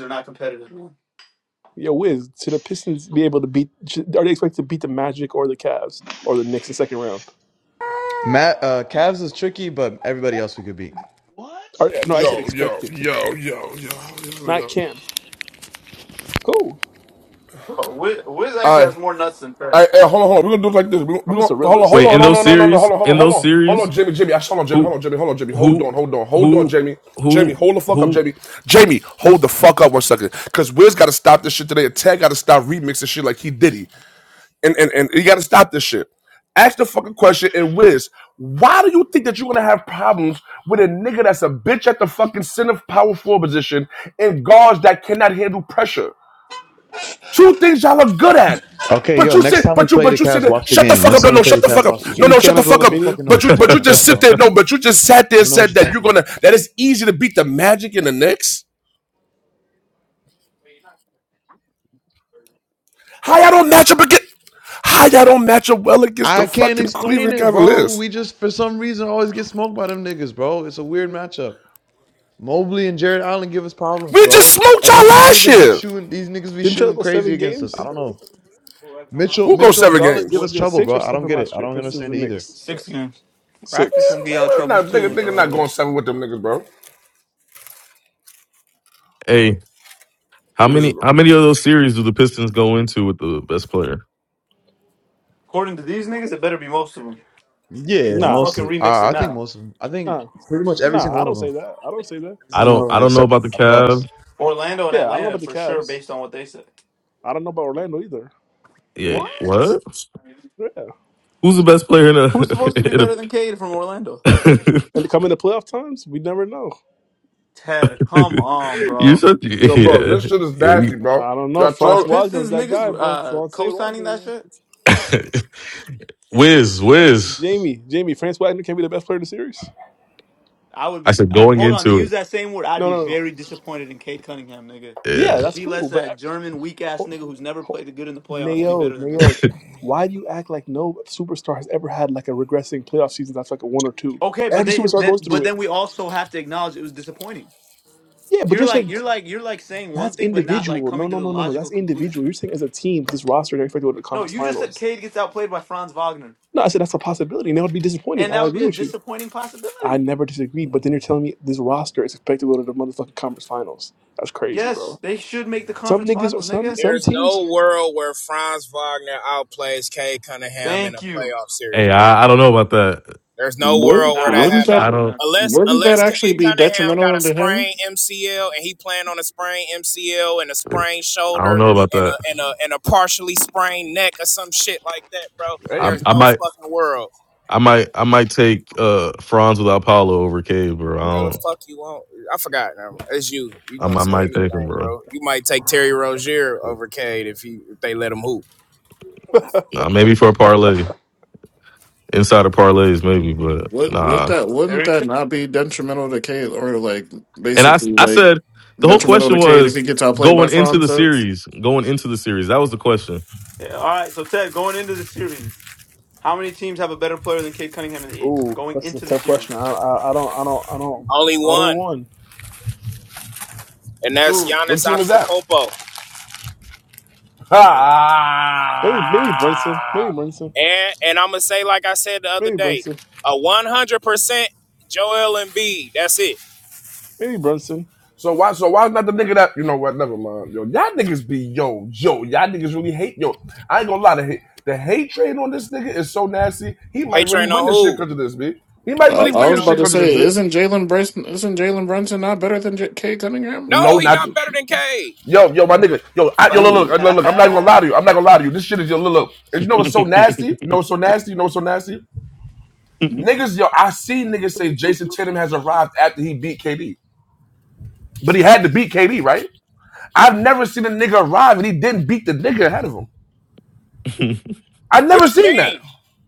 [SPEAKER 2] are not competitive.
[SPEAKER 6] Yo, Wiz, should the Pistons be able to beat? Should, are they expected to beat the Magic or the Cavs or the Knicks in second round?
[SPEAKER 8] Matt, uh, Cavs is tricky, but everybody else we could beat.
[SPEAKER 6] Are, no, I
[SPEAKER 1] Yo,
[SPEAKER 6] said
[SPEAKER 1] yo,
[SPEAKER 6] expected,
[SPEAKER 1] yo, yo, yo, yo,
[SPEAKER 6] not
[SPEAKER 1] yo.
[SPEAKER 6] can. Cool.
[SPEAKER 2] Bro, Wiz, Wiz actually
[SPEAKER 1] All
[SPEAKER 2] has
[SPEAKER 1] right.
[SPEAKER 2] more nuts than
[SPEAKER 1] All
[SPEAKER 2] Ted.
[SPEAKER 1] right, hey, hold on, hold on. We're gonna do it like this. We're gonna, we
[SPEAKER 6] I'm just a
[SPEAKER 1] gonna hold on,
[SPEAKER 6] realist.
[SPEAKER 1] hold
[SPEAKER 4] Wait,
[SPEAKER 1] on,
[SPEAKER 4] in
[SPEAKER 1] no,
[SPEAKER 4] those
[SPEAKER 1] no, no, no, no,
[SPEAKER 4] series,
[SPEAKER 1] hold on, hold on,
[SPEAKER 4] in
[SPEAKER 1] hold
[SPEAKER 4] those
[SPEAKER 1] on, hold
[SPEAKER 4] series,
[SPEAKER 1] on, Jamie, Jamie. I hold on, Jamie,
[SPEAKER 4] who
[SPEAKER 1] hold on, Jamie, hold on, Jamie, hold
[SPEAKER 4] who
[SPEAKER 1] on, hold on, hold on,
[SPEAKER 4] who
[SPEAKER 1] Jamie, Jamie,
[SPEAKER 4] who
[SPEAKER 1] hold the fuck up,
[SPEAKER 4] who?
[SPEAKER 1] Jamie, Jamie, hold the fuck up one second, cause Wiz gotta stop this shit today, and Tag gotta stop remixing shit like he did. and and, and you got to stop this shit. Ask the fucking question and whiz. Why do you think that you're gonna have problems with a nigga that's a bitch at the fucking center power forward position and guards that cannot handle pressure? Two things y'all are good at.
[SPEAKER 8] Okay,
[SPEAKER 1] But
[SPEAKER 8] yo,
[SPEAKER 1] you
[SPEAKER 8] next
[SPEAKER 1] sit,
[SPEAKER 8] time we
[SPEAKER 1] but you,
[SPEAKER 8] play the
[SPEAKER 1] but you sit
[SPEAKER 8] Cavs,
[SPEAKER 1] there.
[SPEAKER 8] watch the
[SPEAKER 1] Shut the
[SPEAKER 8] game.
[SPEAKER 1] fuck
[SPEAKER 8] Next
[SPEAKER 1] up! No,
[SPEAKER 8] time we
[SPEAKER 1] no,
[SPEAKER 8] play the
[SPEAKER 1] shut the fuck
[SPEAKER 8] Cavs,
[SPEAKER 1] up!
[SPEAKER 8] watch
[SPEAKER 6] He,
[SPEAKER 8] the
[SPEAKER 1] No,
[SPEAKER 6] can't- he
[SPEAKER 1] no,
[SPEAKER 8] game.
[SPEAKER 6] can't
[SPEAKER 1] shut the
[SPEAKER 6] have his own
[SPEAKER 1] fuck
[SPEAKER 8] You
[SPEAKER 1] up!
[SPEAKER 8] don't
[SPEAKER 6] opinion.
[SPEAKER 8] fucking know
[SPEAKER 1] But
[SPEAKER 8] what
[SPEAKER 1] you,
[SPEAKER 8] you're
[SPEAKER 1] but you
[SPEAKER 8] talking
[SPEAKER 1] just
[SPEAKER 8] about,
[SPEAKER 1] sit
[SPEAKER 8] bro.
[SPEAKER 1] there. No, but you just sat there
[SPEAKER 8] You
[SPEAKER 1] and
[SPEAKER 8] don't know what
[SPEAKER 1] said
[SPEAKER 8] you're
[SPEAKER 1] that you're
[SPEAKER 8] talking about.
[SPEAKER 1] gonna. That it's easy to beat the Magic in the Knicks. How y'all don't match up against? How y'all don't match up well against the
[SPEAKER 8] I can't
[SPEAKER 1] fucking
[SPEAKER 8] explain
[SPEAKER 1] Cleveland
[SPEAKER 8] it, bro.
[SPEAKER 1] Cavaliers?
[SPEAKER 8] We just for some reason always get smoked by them niggas, bro. It's a weird matchup. Mobley and Jared Allen give us problems,
[SPEAKER 1] We just
[SPEAKER 8] bro.
[SPEAKER 1] smoked
[SPEAKER 8] And
[SPEAKER 1] y'all
[SPEAKER 8] then these
[SPEAKER 1] last
[SPEAKER 8] niggas be
[SPEAKER 1] year.
[SPEAKER 8] shooting, these niggas be
[SPEAKER 6] Didn't you
[SPEAKER 8] shooting
[SPEAKER 6] go
[SPEAKER 8] crazy
[SPEAKER 6] seven
[SPEAKER 8] against us. I
[SPEAKER 6] games?
[SPEAKER 8] don't know. Mitchell,
[SPEAKER 1] Who goes
[SPEAKER 8] Mitchell and
[SPEAKER 1] seven
[SPEAKER 8] Garland give
[SPEAKER 1] games?
[SPEAKER 6] Well,
[SPEAKER 8] us
[SPEAKER 6] just
[SPEAKER 8] trouble,
[SPEAKER 6] six
[SPEAKER 8] bro.
[SPEAKER 6] or
[SPEAKER 8] I don't
[SPEAKER 6] seven
[SPEAKER 8] get it.
[SPEAKER 6] last
[SPEAKER 8] I
[SPEAKER 6] year.
[SPEAKER 8] don't
[SPEAKER 6] Pistons
[SPEAKER 8] understand it
[SPEAKER 6] and
[SPEAKER 8] either.
[SPEAKER 6] Knicks.
[SPEAKER 2] Six games.
[SPEAKER 5] Raptors
[SPEAKER 1] Man,
[SPEAKER 6] Six.
[SPEAKER 5] gonna get y'all
[SPEAKER 1] man,
[SPEAKER 5] troubles
[SPEAKER 1] not, nigga,
[SPEAKER 5] too,
[SPEAKER 1] nigga
[SPEAKER 5] uh,
[SPEAKER 1] not going
[SPEAKER 5] Wes.
[SPEAKER 1] seven with them niggas, bro.
[SPEAKER 4] hey, how
[SPEAKER 1] Niggas
[SPEAKER 4] many
[SPEAKER 1] is,
[SPEAKER 4] how many of those series do the Pistons go into with the best player?
[SPEAKER 2] According to these niggas, it better be most of them.
[SPEAKER 8] Yeah,
[SPEAKER 2] Don't
[SPEAKER 6] Nah,
[SPEAKER 8] most
[SPEAKER 2] fucking
[SPEAKER 8] of.
[SPEAKER 2] remix it
[SPEAKER 8] I I think
[SPEAKER 2] now.
[SPEAKER 8] most of them. I think
[SPEAKER 6] nah,
[SPEAKER 8] pretty much every
[SPEAKER 6] nah.
[SPEAKER 8] single
[SPEAKER 6] I
[SPEAKER 8] one
[SPEAKER 6] don't
[SPEAKER 8] of them.
[SPEAKER 6] say that. I don't say that.
[SPEAKER 8] Every
[SPEAKER 4] I
[SPEAKER 8] single
[SPEAKER 4] don't
[SPEAKER 8] one of
[SPEAKER 4] I
[SPEAKER 8] them
[SPEAKER 4] don't know
[SPEAKER 8] except
[SPEAKER 4] about the
[SPEAKER 8] the Bucks.
[SPEAKER 4] Cavs.
[SPEAKER 2] Orlando and
[SPEAKER 6] Yeah, I don't know
[SPEAKER 2] Atlanta
[SPEAKER 6] about the
[SPEAKER 2] for sure,
[SPEAKER 6] Cavs.
[SPEAKER 2] based on what they said.
[SPEAKER 6] I don't know about Orlando either.
[SPEAKER 4] Yeah,
[SPEAKER 2] What?
[SPEAKER 4] what?
[SPEAKER 6] Yeah.
[SPEAKER 4] Who's the best player in a
[SPEAKER 2] Who's supposed to be better than Cade from Orlando?
[SPEAKER 4] in
[SPEAKER 6] And to come into playoff times, we never know.
[SPEAKER 2] Ted, come on,
[SPEAKER 4] a? you
[SPEAKER 2] bro.
[SPEAKER 4] said
[SPEAKER 1] yo, bro, this
[SPEAKER 4] yeah
[SPEAKER 1] shit is
[SPEAKER 4] yeah. You,
[SPEAKER 1] nasty, bro.
[SPEAKER 6] I don't know.
[SPEAKER 1] Y'all
[SPEAKER 2] Are the
[SPEAKER 6] Franz
[SPEAKER 1] talk.
[SPEAKER 6] Wagner is
[SPEAKER 2] Pistons
[SPEAKER 6] that
[SPEAKER 2] niggas
[SPEAKER 6] guy, bro.
[SPEAKER 2] uh,
[SPEAKER 6] Franz A.
[SPEAKER 2] co-signing
[SPEAKER 6] Wagner,
[SPEAKER 2] that
[SPEAKER 6] man.
[SPEAKER 2] shit?
[SPEAKER 4] Wiz Wiz.
[SPEAKER 6] Jamie, Jamie, France Wagner can be the best player in the series.
[SPEAKER 2] I would
[SPEAKER 4] I
[SPEAKER 2] be.
[SPEAKER 4] said
[SPEAKER 2] Uh,
[SPEAKER 4] going
[SPEAKER 2] hold on, to
[SPEAKER 4] into
[SPEAKER 2] use that same word, I'd
[SPEAKER 6] No,
[SPEAKER 2] be
[SPEAKER 6] no, no.
[SPEAKER 2] very disappointed in Cade Cunningham, nigga.
[SPEAKER 6] Yeah,
[SPEAKER 4] it.
[SPEAKER 2] If
[SPEAKER 6] that's
[SPEAKER 2] he
[SPEAKER 6] cool.
[SPEAKER 2] lets
[SPEAKER 6] But I,
[SPEAKER 2] that German weak ass
[SPEAKER 6] ho,
[SPEAKER 2] nigga who's never
[SPEAKER 6] ho,
[SPEAKER 2] played good in the playoffs be
[SPEAKER 6] Nayo,
[SPEAKER 2] better than him.
[SPEAKER 4] Yeah.
[SPEAKER 6] Nayo, why do you act like no superstar has ever had like a regressing playoff season that's like a one or two?
[SPEAKER 2] Okay, but
[SPEAKER 6] Every
[SPEAKER 2] they
[SPEAKER 6] superstar
[SPEAKER 2] then
[SPEAKER 6] goes through
[SPEAKER 2] but
[SPEAKER 6] it.
[SPEAKER 2] then we also have to acknowledge it was disappointing.
[SPEAKER 6] Yeah, but
[SPEAKER 2] You're
[SPEAKER 6] you're
[SPEAKER 2] like
[SPEAKER 6] saying
[SPEAKER 2] you're like you're like saying one
[SPEAKER 6] that's
[SPEAKER 2] thing but not like
[SPEAKER 6] individual. No,
[SPEAKER 2] coming to
[SPEAKER 6] no,
[SPEAKER 2] the
[SPEAKER 6] no, no, no.
[SPEAKER 2] logical
[SPEAKER 6] That's
[SPEAKER 2] conclusion.
[SPEAKER 6] individual. You're saying as a team, with this roster, they're expected to go to the
[SPEAKER 2] No,
[SPEAKER 6] conference
[SPEAKER 2] you just said
[SPEAKER 6] finals.
[SPEAKER 2] Cade gets outplayed by Franz Wagner,
[SPEAKER 6] No, I said that's a possibility. And that would be disappointing.
[SPEAKER 2] and
[SPEAKER 6] I
[SPEAKER 2] that would be
[SPEAKER 6] agree
[SPEAKER 2] a
[SPEAKER 6] with you.
[SPEAKER 2] disappointing
[SPEAKER 6] I
[SPEAKER 2] possibility.
[SPEAKER 6] never disagreed, but then you're telling me this roster is expected to go to the motherfucking conference finals. That's crazy, bro.
[SPEAKER 2] Yes, they should make the
[SPEAKER 6] Some
[SPEAKER 2] conference
[SPEAKER 6] niggas,
[SPEAKER 2] finals,
[SPEAKER 6] some
[SPEAKER 2] nigga.
[SPEAKER 6] some
[SPEAKER 3] There's
[SPEAKER 6] teams
[SPEAKER 3] no world where Franz Wagner outplays Kay Cunningham in a
[SPEAKER 2] Thank you.
[SPEAKER 3] playoff series,
[SPEAKER 4] Hey,
[SPEAKER 3] bro.
[SPEAKER 4] I, I don't know about that.
[SPEAKER 3] There's no
[SPEAKER 9] Would,
[SPEAKER 3] world where
[SPEAKER 2] Nah,
[SPEAKER 3] that
[SPEAKER 2] I'm with
[SPEAKER 9] wouldn't that
[SPEAKER 3] happens.
[SPEAKER 4] I
[SPEAKER 2] Shaka,
[SPEAKER 4] don't.
[SPEAKER 2] man.
[SPEAKER 3] Unless
[SPEAKER 9] wouldn't that
[SPEAKER 3] unless Kay
[SPEAKER 9] actually be
[SPEAKER 3] Cunningham got
[SPEAKER 9] detrimental
[SPEAKER 3] a
[SPEAKER 9] to him?
[SPEAKER 3] sprained MCL and he playing on a sprained MCL and a sprained
[SPEAKER 4] I don't
[SPEAKER 3] shoulder
[SPEAKER 4] know about
[SPEAKER 3] and
[SPEAKER 4] that.
[SPEAKER 3] a and a and a partially sprained neck or some shit like that, bro.
[SPEAKER 4] I,
[SPEAKER 3] There's
[SPEAKER 1] Hey,
[SPEAKER 4] I
[SPEAKER 3] no
[SPEAKER 4] might.
[SPEAKER 3] fucking world.
[SPEAKER 4] I might. I might take uh Franz without Paulo over Cade, bro. I
[SPEAKER 3] What the
[SPEAKER 4] don't.
[SPEAKER 3] fuck you want? I forgot. um, It's you. You
[SPEAKER 4] I,
[SPEAKER 3] gonna
[SPEAKER 4] might- I
[SPEAKER 3] say
[SPEAKER 4] might take him,
[SPEAKER 3] anything,
[SPEAKER 4] bro.
[SPEAKER 3] bro? You might take Terry Rozier over Cade if he if they let him hoop.
[SPEAKER 4] Nah, maybe for a parlay inside of parlays, maybe, but
[SPEAKER 9] Would would
[SPEAKER 4] nah.
[SPEAKER 9] that wouldn't
[SPEAKER 2] Scary.
[SPEAKER 9] that
[SPEAKER 2] Ted.
[SPEAKER 9] not be detrimental to Cade or like
[SPEAKER 4] And I. s-
[SPEAKER 9] basically
[SPEAKER 4] I
[SPEAKER 9] like
[SPEAKER 4] said the whole
[SPEAKER 9] detrimental
[SPEAKER 4] question
[SPEAKER 9] to Cade if
[SPEAKER 4] was
[SPEAKER 9] he gets outplayed by
[SPEAKER 4] going into the
[SPEAKER 9] Franza?
[SPEAKER 4] series. Going into the series, that was the question.
[SPEAKER 2] Yeah, all right, so Ted, going into the series, how many teams have a better player than Cade Cunningham in the East
[SPEAKER 6] Ooh,
[SPEAKER 2] going
[SPEAKER 6] that's a
[SPEAKER 2] into the
[SPEAKER 6] tough
[SPEAKER 2] series?
[SPEAKER 6] question. I, I, I don't, I don't, I don't,
[SPEAKER 3] Only
[SPEAKER 6] I don't
[SPEAKER 3] one.
[SPEAKER 6] one.
[SPEAKER 3] and that's
[SPEAKER 2] Who?
[SPEAKER 1] what
[SPEAKER 3] Giannis
[SPEAKER 1] team is that?
[SPEAKER 3] Antetokounmpo.
[SPEAKER 6] Maybe, maybe Brunson. Maybe
[SPEAKER 1] Ha!
[SPEAKER 6] Brunson.
[SPEAKER 3] And and I'm gonna say, like I said the other
[SPEAKER 6] Maybe
[SPEAKER 3] day,
[SPEAKER 6] Brunson.
[SPEAKER 3] a 100 percent Joel Embiid. That's it.
[SPEAKER 6] Maybe Brunson.
[SPEAKER 1] So why? So why is not the nigga that you know what? Never mind. Yo, y'all niggas be yo yo. Y'all niggas really hate yo. I ain't gonna lie. to hate, the hate train on this nigga is so nasty. He might
[SPEAKER 3] Hey,
[SPEAKER 1] really
[SPEAKER 3] train on
[SPEAKER 1] win this shit
[SPEAKER 3] who?
[SPEAKER 1] because of this, bitch. He might
[SPEAKER 9] Uh,
[SPEAKER 3] Hey,
[SPEAKER 1] really
[SPEAKER 9] I
[SPEAKER 1] win
[SPEAKER 3] train
[SPEAKER 9] was
[SPEAKER 1] this
[SPEAKER 3] on.
[SPEAKER 9] about
[SPEAKER 1] shit
[SPEAKER 9] to
[SPEAKER 1] because of this,
[SPEAKER 9] say,
[SPEAKER 1] bitch.
[SPEAKER 9] isn't Jalen Brunson isn't Jalen Brunson not better than J- Cade Cunningham?
[SPEAKER 1] No,
[SPEAKER 3] No, he
[SPEAKER 1] not
[SPEAKER 3] not better than K.
[SPEAKER 1] Yo, yo, my nigga, yo, I, yo,
[SPEAKER 3] Fuck.
[SPEAKER 1] look, look,
[SPEAKER 9] Ooh.
[SPEAKER 1] look, look, I'm not gonna lie to you. I'm not gonna lie to you. This shit is yo, look, look. And you know what's
[SPEAKER 4] he
[SPEAKER 1] so nasty? You know what's so nasty? You know what's so nasty?
[SPEAKER 4] ain't
[SPEAKER 1] Niggas, yo, I seen niggas say Jason Tatum has arrived after he beat KD, but he had to beat KD, right? I've never seen a nigga arrive and he didn't beat the nigga ahead of him. I've
[SPEAKER 3] What
[SPEAKER 1] never
[SPEAKER 3] you
[SPEAKER 1] seen that.
[SPEAKER 3] mean?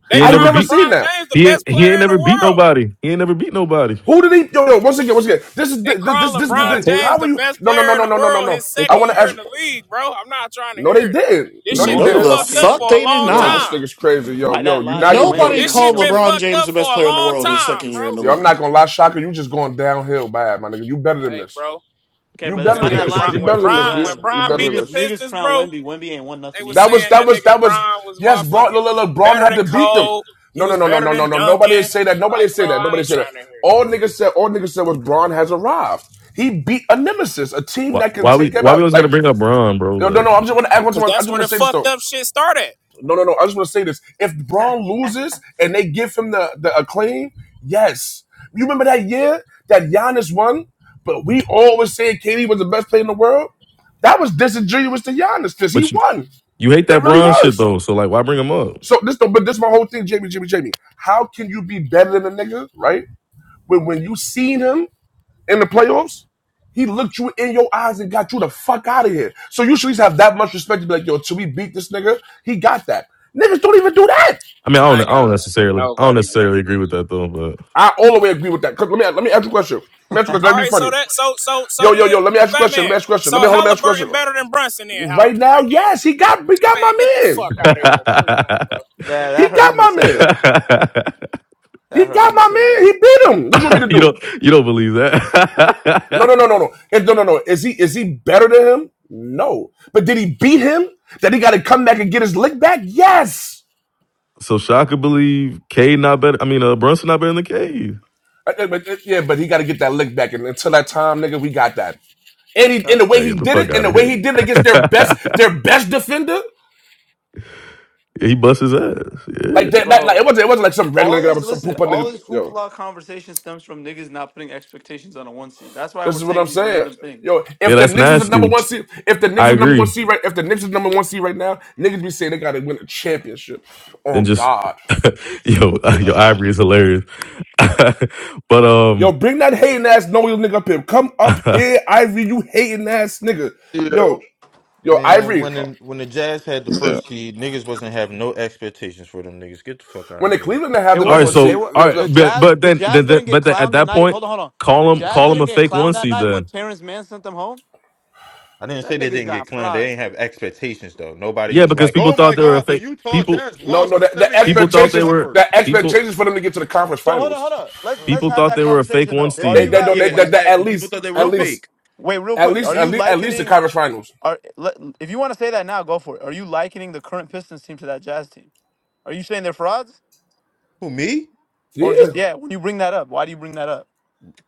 [SPEAKER 3] They
[SPEAKER 1] I've
[SPEAKER 4] never
[SPEAKER 3] crown
[SPEAKER 1] never
[SPEAKER 4] beat.
[SPEAKER 1] seen
[SPEAKER 3] LeBron
[SPEAKER 1] that.
[SPEAKER 3] James the
[SPEAKER 4] He
[SPEAKER 3] best
[SPEAKER 4] ain't, he ain't
[SPEAKER 3] player in the
[SPEAKER 4] never beat
[SPEAKER 3] world.
[SPEAKER 4] nobody. He ain't never beat nobody.
[SPEAKER 1] Who did he? Yo, yo, once again, once again, this is
[SPEAKER 3] They
[SPEAKER 1] the- this, this,
[SPEAKER 3] crown
[SPEAKER 1] this, this,
[SPEAKER 6] Nah,
[SPEAKER 3] LeBron
[SPEAKER 1] this
[SPEAKER 6] Tate.
[SPEAKER 3] James
[SPEAKER 1] how are
[SPEAKER 3] the
[SPEAKER 1] you?
[SPEAKER 3] best
[SPEAKER 1] No, no,
[SPEAKER 3] player
[SPEAKER 1] no,
[SPEAKER 3] in
[SPEAKER 1] no,
[SPEAKER 3] the
[SPEAKER 1] no, no, no,
[SPEAKER 3] world
[SPEAKER 1] no.
[SPEAKER 3] his
[SPEAKER 6] They
[SPEAKER 1] I
[SPEAKER 3] second
[SPEAKER 6] call
[SPEAKER 1] want to
[SPEAKER 3] year
[SPEAKER 1] ask.
[SPEAKER 3] in the league, bro. I'm not trying to
[SPEAKER 1] No,
[SPEAKER 3] hear
[SPEAKER 1] they
[SPEAKER 3] it.
[SPEAKER 1] did.
[SPEAKER 3] This
[SPEAKER 1] No, they
[SPEAKER 3] shit been
[SPEAKER 9] No,
[SPEAKER 1] did.
[SPEAKER 2] also,
[SPEAKER 9] the
[SPEAKER 2] I
[SPEAKER 3] fucked up
[SPEAKER 9] fuck
[SPEAKER 2] mean,
[SPEAKER 3] for a
[SPEAKER 9] they did
[SPEAKER 3] long
[SPEAKER 1] Yo,
[SPEAKER 9] not.
[SPEAKER 1] this
[SPEAKER 3] time.
[SPEAKER 1] nigga's crazy. Yo,
[SPEAKER 2] by
[SPEAKER 1] yo,
[SPEAKER 2] that
[SPEAKER 1] you now
[SPEAKER 2] logic,
[SPEAKER 1] you
[SPEAKER 2] Wemby
[SPEAKER 1] yo.
[SPEAKER 9] Nobody
[SPEAKER 2] ain't
[SPEAKER 3] This
[SPEAKER 2] beat
[SPEAKER 3] shit
[SPEAKER 9] called
[SPEAKER 3] been
[SPEAKER 2] nobody.
[SPEAKER 9] LeBron
[SPEAKER 3] fucked
[SPEAKER 9] James
[SPEAKER 3] up
[SPEAKER 9] the
[SPEAKER 3] for
[SPEAKER 9] best
[SPEAKER 3] a
[SPEAKER 9] player in the
[SPEAKER 3] long
[SPEAKER 9] world his
[SPEAKER 3] time,
[SPEAKER 9] second year
[SPEAKER 3] bro.
[SPEAKER 9] in the
[SPEAKER 1] Yo, I'm
[SPEAKER 9] league.
[SPEAKER 1] not gonna lie, Shaka. You just going downhill bad, my nigga. You better than
[SPEAKER 3] Hey,
[SPEAKER 1] this.
[SPEAKER 3] bro.
[SPEAKER 2] Okay,
[SPEAKER 1] You
[SPEAKER 3] When
[SPEAKER 2] but
[SPEAKER 1] better
[SPEAKER 3] that
[SPEAKER 2] by
[SPEAKER 1] than
[SPEAKER 2] that
[SPEAKER 3] nigga
[SPEAKER 1] this.
[SPEAKER 3] Bron,
[SPEAKER 1] You
[SPEAKER 2] logic,
[SPEAKER 3] when
[SPEAKER 1] better than this,
[SPEAKER 3] Bron
[SPEAKER 1] B.
[SPEAKER 2] Trav,
[SPEAKER 3] when
[SPEAKER 1] You
[SPEAKER 3] Bron
[SPEAKER 1] better
[SPEAKER 3] beat
[SPEAKER 1] than
[SPEAKER 3] the
[SPEAKER 2] niggas,
[SPEAKER 1] this.
[SPEAKER 2] niggas
[SPEAKER 3] Pistons,
[SPEAKER 2] crown
[SPEAKER 3] bro,
[SPEAKER 2] Wemby. Wemby ain't won
[SPEAKER 3] they
[SPEAKER 2] nothing
[SPEAKER 3] was
[SPEAKER 2] either.
[SPEAKER 1] That was
[SPEAKER 3] saying
[SPEAKER 1] that
[SPEAKER 3] that
[SPEAKER 1] was
[SPEAKER 3] nigga
[SPEAKER 1] that was
[SPEAKER 3] Bron was
[SPEAKER 1] yes, Braun
[SPEAKER 3] motherfucking
[SPEAKER 1] look, look, look, Braun
[SPEAKER 3] better
[SPEAKER 1] had
[SPEAKER 3] than
[SPEAKER 1] to beat them.
[SPEAKER 3] Cole. He
[SPEAKER 1] No, no,
[SPEAKER 3] was
[SPEAKER 1] no, no,
[SPEAKER 3] better
[SPEAKER 1] no, no,
[SPEAKER 3] than
[SPEAKER 1] no. Nobody
[SPEAKER 3] Duncan.
[SPEAKER 1] say that.
[SPEAKER 3] Like,
[SPEAKER 1] Nobody say
[SPEAKER 3] bro,
[SPEAKER 1] that.
[SPEAKER 3] I
[SPEAKER 1] Nobody
[SPEAKER 3] ain't
[SPEAKER 1] say that.
[SPEAKER 3] trying to hear that.
[SPEAKER 1] All niggas said, all niggas said was Braun has arrived. He beat a nemesis, a team
[SPEAKER 4] why,
[SPEAKER 1] that can
[SPEAKER 4] why we
[SPEAKER 1] take him
[SPEAKER 4] why we
[SPEAKER 1] out.
[SPEAKER 4] always got to
[SPEAKER 1] Like,
[SPEAKER 4] bring up Braun, bro?
[SPEAKER 1] yo, no,
[SPEAKER 4] Like,
[SPEAKER 1] no, I'm just wanna add one to
[SPEAKER 3] Cause
[SPEAKER 1] my- I
[SPEAKER 3] that's
[SPEAKER 1] just
[SPEAKER 3] where
[SPEAKER 1] wanna
[SPEAKER 3] the
[SPEAKER 1] say this
[SPEAKER 3] fucked
[SPEAKER 1] though.
[SPEAKER 3] up shit started.
[SPEAKER 1] No, no, no. I just want to say this. If Braun loses and they give him the, the acclaim, yes. You remember that year that Giannis won, but we always said KD was the best player in the world? That was disingenuous to Giannis because he
[SPEAKER 4] but you,
[SPEAKER 1] won.
[SPEAKER 4] You hate
[SPEAKER 1] It
[SPEAKER 4] that
[SPEAKER 1] really
[SPEAKER 4] bronze shit
[SPEAKER 1] was.
[SPEAKER 4] though, so like, why bring him up?
[SPEAKER 1] So this but this is my whole thing, Jamie, Jamie, Jamie. How can you be better than a nigga, right? When when you seen him in the playoffs, he looked you in your eyes and got you the fuck out of here. So you should at least have that much respect to be like, yo, till we beat this nigga, he got that. Niggas don't even do that.
[SPEAKER 4] I mean, I
[SPEAKER 3] I
[SPEAKER 4] don't,
[SPEAKER 3] ain't
[SPEAKER 4] I don't
[SPEAKER 3] gotta respect
[SPEAKER 4] necessarily, I don't
[SPEAKER 3] nobody, bro.
[SPEAKER 4] necessarily agree with that though, but
[SPEAKER 1] I all the way agree with that. 'Cause let me let me ask you a question. Let me ask you a question. Let
[SPEAKER 3] All
[SPEAKER 1] me be
[SPEAKER 3] right, so
[SPEAKER 1] funny.
[SPEAKER 3] that so so so
[SPEAKER 1] Yo, yo,
[SPEAKER 3] then,
[SPEAKER 1] yo, let me ask you a
[SPEAKER 3] fat
[SPEAKER 1] question. Let me
[SPEAKER 3] man.
[SPEAKER 1] ask you a question. Let
[SPEAKER 3] So
[SPEAKER 1] me hold on, let me ask you a
[SPEAKER 3] Halliburton better
[SPEAKER 1] question.
[SPEAKER 3] than Brunson then, Hall-
[SPEAKER 1] Right now,
[SPEAKER 3] right then.
[SPEAKER 1] yes, he got he got my
[SPEAKER 3] Man, get the fuck
[SPEAKER 1] man.
[SPEAKER 3] out of here. No, he not, bro. No,
[SPEAKER 2] That
[SPEAKER 3] he
[SPEAKER 2] that
[SPEAKER 1] He
[SPEAKER 2] hurt
[SPEAKER 1] got
[SPEAKER 2] him to
[SPEAKER 1] my
[SPEAKER 2] say that.
[SPEAKER 1] man.
[SPEAKER 2] That
[SPEAKER 1] He
[SPEAKER 2] hurt
[SPEAKER 1] got
[SPEAKER 2] him to
[SPEAKER 1] my
[SPEAKER 2] say that.
[SPEAKER 1] man. He beat him. What you want me to
[SPEAKER 4] you
[SPEAKER 1] do?
[SPEAKER 4] don't, you don't believe
[SPEAKER 1] No,
[SPEAKER 4] that.
[SPEAKER 1] no, no, no, no. And no, no, no. Is he is he better than him? No. But did he beat him? That he gotta come back and get his lick back? Yes.
[SPEAKER 4] so Shaka believe Cade not better. I mean, uh, Brunson not better than Cade.
[SPEAKER 1] Uh, uh, But, uh, yeah, but he gotta get that lick back. And until that time, nigga, we got that. And
[SPEAKER 2] That's
[SPEAKER 1] he,
[SPEAKER 2] tough.
[SPEAKER 1] and the way
[SPEAKER 4] Man, get
[SPEAKER 1] he
[SPEAKER 4] the
[SPEAKER 1] did
[SPEAKER 4] fuck
[SPEAKER 1] it, and
[SPEAKER 4] out
[SPEAKER 1] the
[SPEAKER 4] of
[SPEAKER 1] way
[SPEAKER 4] here.
[SPEAKER 1] he did it against their best, their best defender.
[SPEAKER 4] he busts his ass. Yeah,
[SPEAKER 1] Like that, that
[SPEAKER 2] Bro,
[SPEAKER 1] like, it wasn't it wasn't like some regular
[SPEAKER 2] all
[SPEAKER 1] nigga that
[SPEAKER 2] this,
[SPEAKER 1] was some
[SPEAKER 2] listen,
[SPEAKER 1] poop
[SPEAKER 2] all
[SPEAKER 1] nigga.
[SPEAKER 2] this
[SPEAKER 1] Yo,
[SPEAKER 2] hoopla conversation stems from niggas not putting expectations on a one seed. That's why
[SPEAKER 1] this
[SPEAKER 2] we're
[SPEAKER 1] is what I'm
[SPEAKER 2] saying these
[SPEAKER 1] saying.
[SPEAKER 2] random things.
[SPEAKER 1] Yo,
[SPEAKER 4] yeah,
[SPEAKER 1] if the
[SPEAKER 4] that's
[SPEAKER 1] Knicks was the number
[SPEAKER 4] nasty.
[SPEAKER 1] one seed, if the
[SPEAKER 4] I
[SPEAKER 1] Knicks was number one
[SPEAKER 4] agree.
[SPEAKER 1] seed right, if the Knicks is number one seed right now, niggas be saying they gotta win a championship.
[SPEAKER 4] And
[SPEAKER 1] On
[SPEAKER 4] just
[SPEAKER 1] God.
[SPEAKER 4] yo, your ivory is hilarious. but
[SPEAKER 1] Yo,
[SPEAKER 4] um,
[SPEAKER 1] bring that hating ass no you nigga up here. Come up here, Ivory, you hating ass nigga.
[SPEAKER 10] Yep.
[SPEAKER 1] Yo, yo,
[SPEAKER 7] Man,
[SPEAKER 1] Ivory,
[SPEAKER 7] when the when the Jazz had the
[SPEAKER 10] The
[SPEAKER 7] first seed, niggas wasn't having no expectations for them niggas. Get the fuck out
[SPEAKER 1] when
[SPEAKER 7] of
[SPEAKER 1] the
[SPEAKER 7] here.
[SPEAKER 1] Cleveland didn't have
[SPEAKER 2] It
[SPEAKER 1] the
[SPEAKER 4] All
[SPEAKER 1] number
[SPEAKER 4] right,
[SPEAKER 1] one
[SPEAKER 2] wasn't, it
[SPEAKER 1] seed,
[SPEAKER 4] so
[SPEAKER 2] was,
[SPEAKER 4] all
[SPEAKER 1] yo, yo,
[SPEAKER 4] right,
[SPEAKER 2] the
[SPEAKER 4] but
[SPEAKER 2] Jazz,
[SPEAKER 4] but
[SPEAKER 2] the
[SPEAKER 4] then,
[SPEAKER 2] Jazz
[SPEAKER 4] then, then
[SPEAKER 2] didn't get
[SPEAKER 4] but then at
[SPEAKER 2] clowned the
[SPEAKER 4] that
[SPEAKER 2] night.
[SPEAKER 4] point,
[SPEAKER 2] Hold on, hold on.
[SPEAKER 4] call
[SPEAKER 2] The
[SPEAKER 4] them
[SPEAKER 2] Jazz
[SPEAKER 4] call them
[SPEAKER 2] didn't
[SPEAKER 4] a
[SPEAKER 2] get
[SPEAKER 4] fake
[SPEAKER 2] clowned
[SPEAKER 4] one
[SPEAKER 2] that
[SPEAKER 4] seed.
[SPEAKER 2] night when
[SPEAKER 4] Then
[SPEAKER 2] Terrence Mann sent them home.
[SPEAKER 7] I didn't
[SPEAKER 2] That
[SPEAKER 7] say they
[SPEAKER 2] niggas
[SPEAKER 7] didn't get
[SPEAKER 2] got
[SPEAKER 7] clowned. They
[SPEAKER 2] fried.
[SPEAKER 7] ain't have expectations though. Nobody
[SPEAKER 4] yeah,
[SPEAKER 7] was
[SPEAKER 4] because
[SPEAKER 7] like,
[SPEAKER 4] people
[SPEAKER 7] "Oh my
[SPEAKER 4] thought they were a
[SPEAKER 7] god, the
[SPEAKER 4] fake
[SPEAKER 7] Utah
[SPEAKER 4] people.
[SPEAKER 7] Jazz
[SPEAKER 1] no,
[SPEAKER 7] lost
[SPEAKER 1] no,
[SPEAKER 7] in
[SPEAKER 1] the, the
[SPEAKER 7] seven
[SPEAKER 4] People
[SPEAKER 7] games to the
[SPEAKER 4] thought they
[SPEAKER 1] expectations,
[SPEAKER 4] were
[SPEAKER 7] Clippers."
[SPEAKER 1] the
[SPEAKER 4] people.
[SPEAKER 1] expectations for them to get to the conference
[SPEAKER 2] So hold on, hold
[SPEAKER 1] finals.
[SPEAKER 2] on. Let's
[SPEAKER 7] Like,
[SPEAKER 2] let's
[SPEAKER 4] People
[SPEAKER 2] have
[SPEAKER 4] thought
[SPEAKER 2] that
[SPEAKER 4] they were a fake
[SPEAKER 2] conversation
[SPEAKER 4] one
[SPEAKER 2] though.
[SPEAKER 7] eh,
[SPEAKER 2] Are
[SPEAKER 7] eh,
[SPEAKER 1] They,
[SPEAKER 2] you
[SPEAKER 4] seed.
[SPEAKER 1] they,
[SPEAKER 7] eh,
[SPEAKER 1] don't-
[SPEAKER 7] yeah,
[SPEAKER 2] guys
[SPEAKER 1] they, they,
[SPEAKER 2] like
[SPEAKER 1] they at
[SPEAKER 7] exactly. People
[SPEAKER 1] least,
[SPEAKER 7] thought they were
[SPEAKER 1] at
[SPEAKER 2] real quick?
[SPEAKER 1] least,
[SPEAKER 7] fake.
[SPEAKER 2] Wait, real
[SPEAKER 1] at
[SPEAKER 2] quick. Are
[SPEAKER 1] least, at
[SPEAKER 2] you
[SPEAKER 1] least, at least the
[SPEAKER 2] likening?
[SPEAKER 1] conference finals.
[SPEAKER 2] Are le- if you want to say that now, go for it. Are you likening the current Pistons team to that Jazz team? Are you saying they're frauds?
[SPEAKER 7] Who me?
[SPEAKER 2] Or
[SPEAKER 1] Yeah.
[SPEAKER 2] just yeah, when you bring that up, why do you bring that up?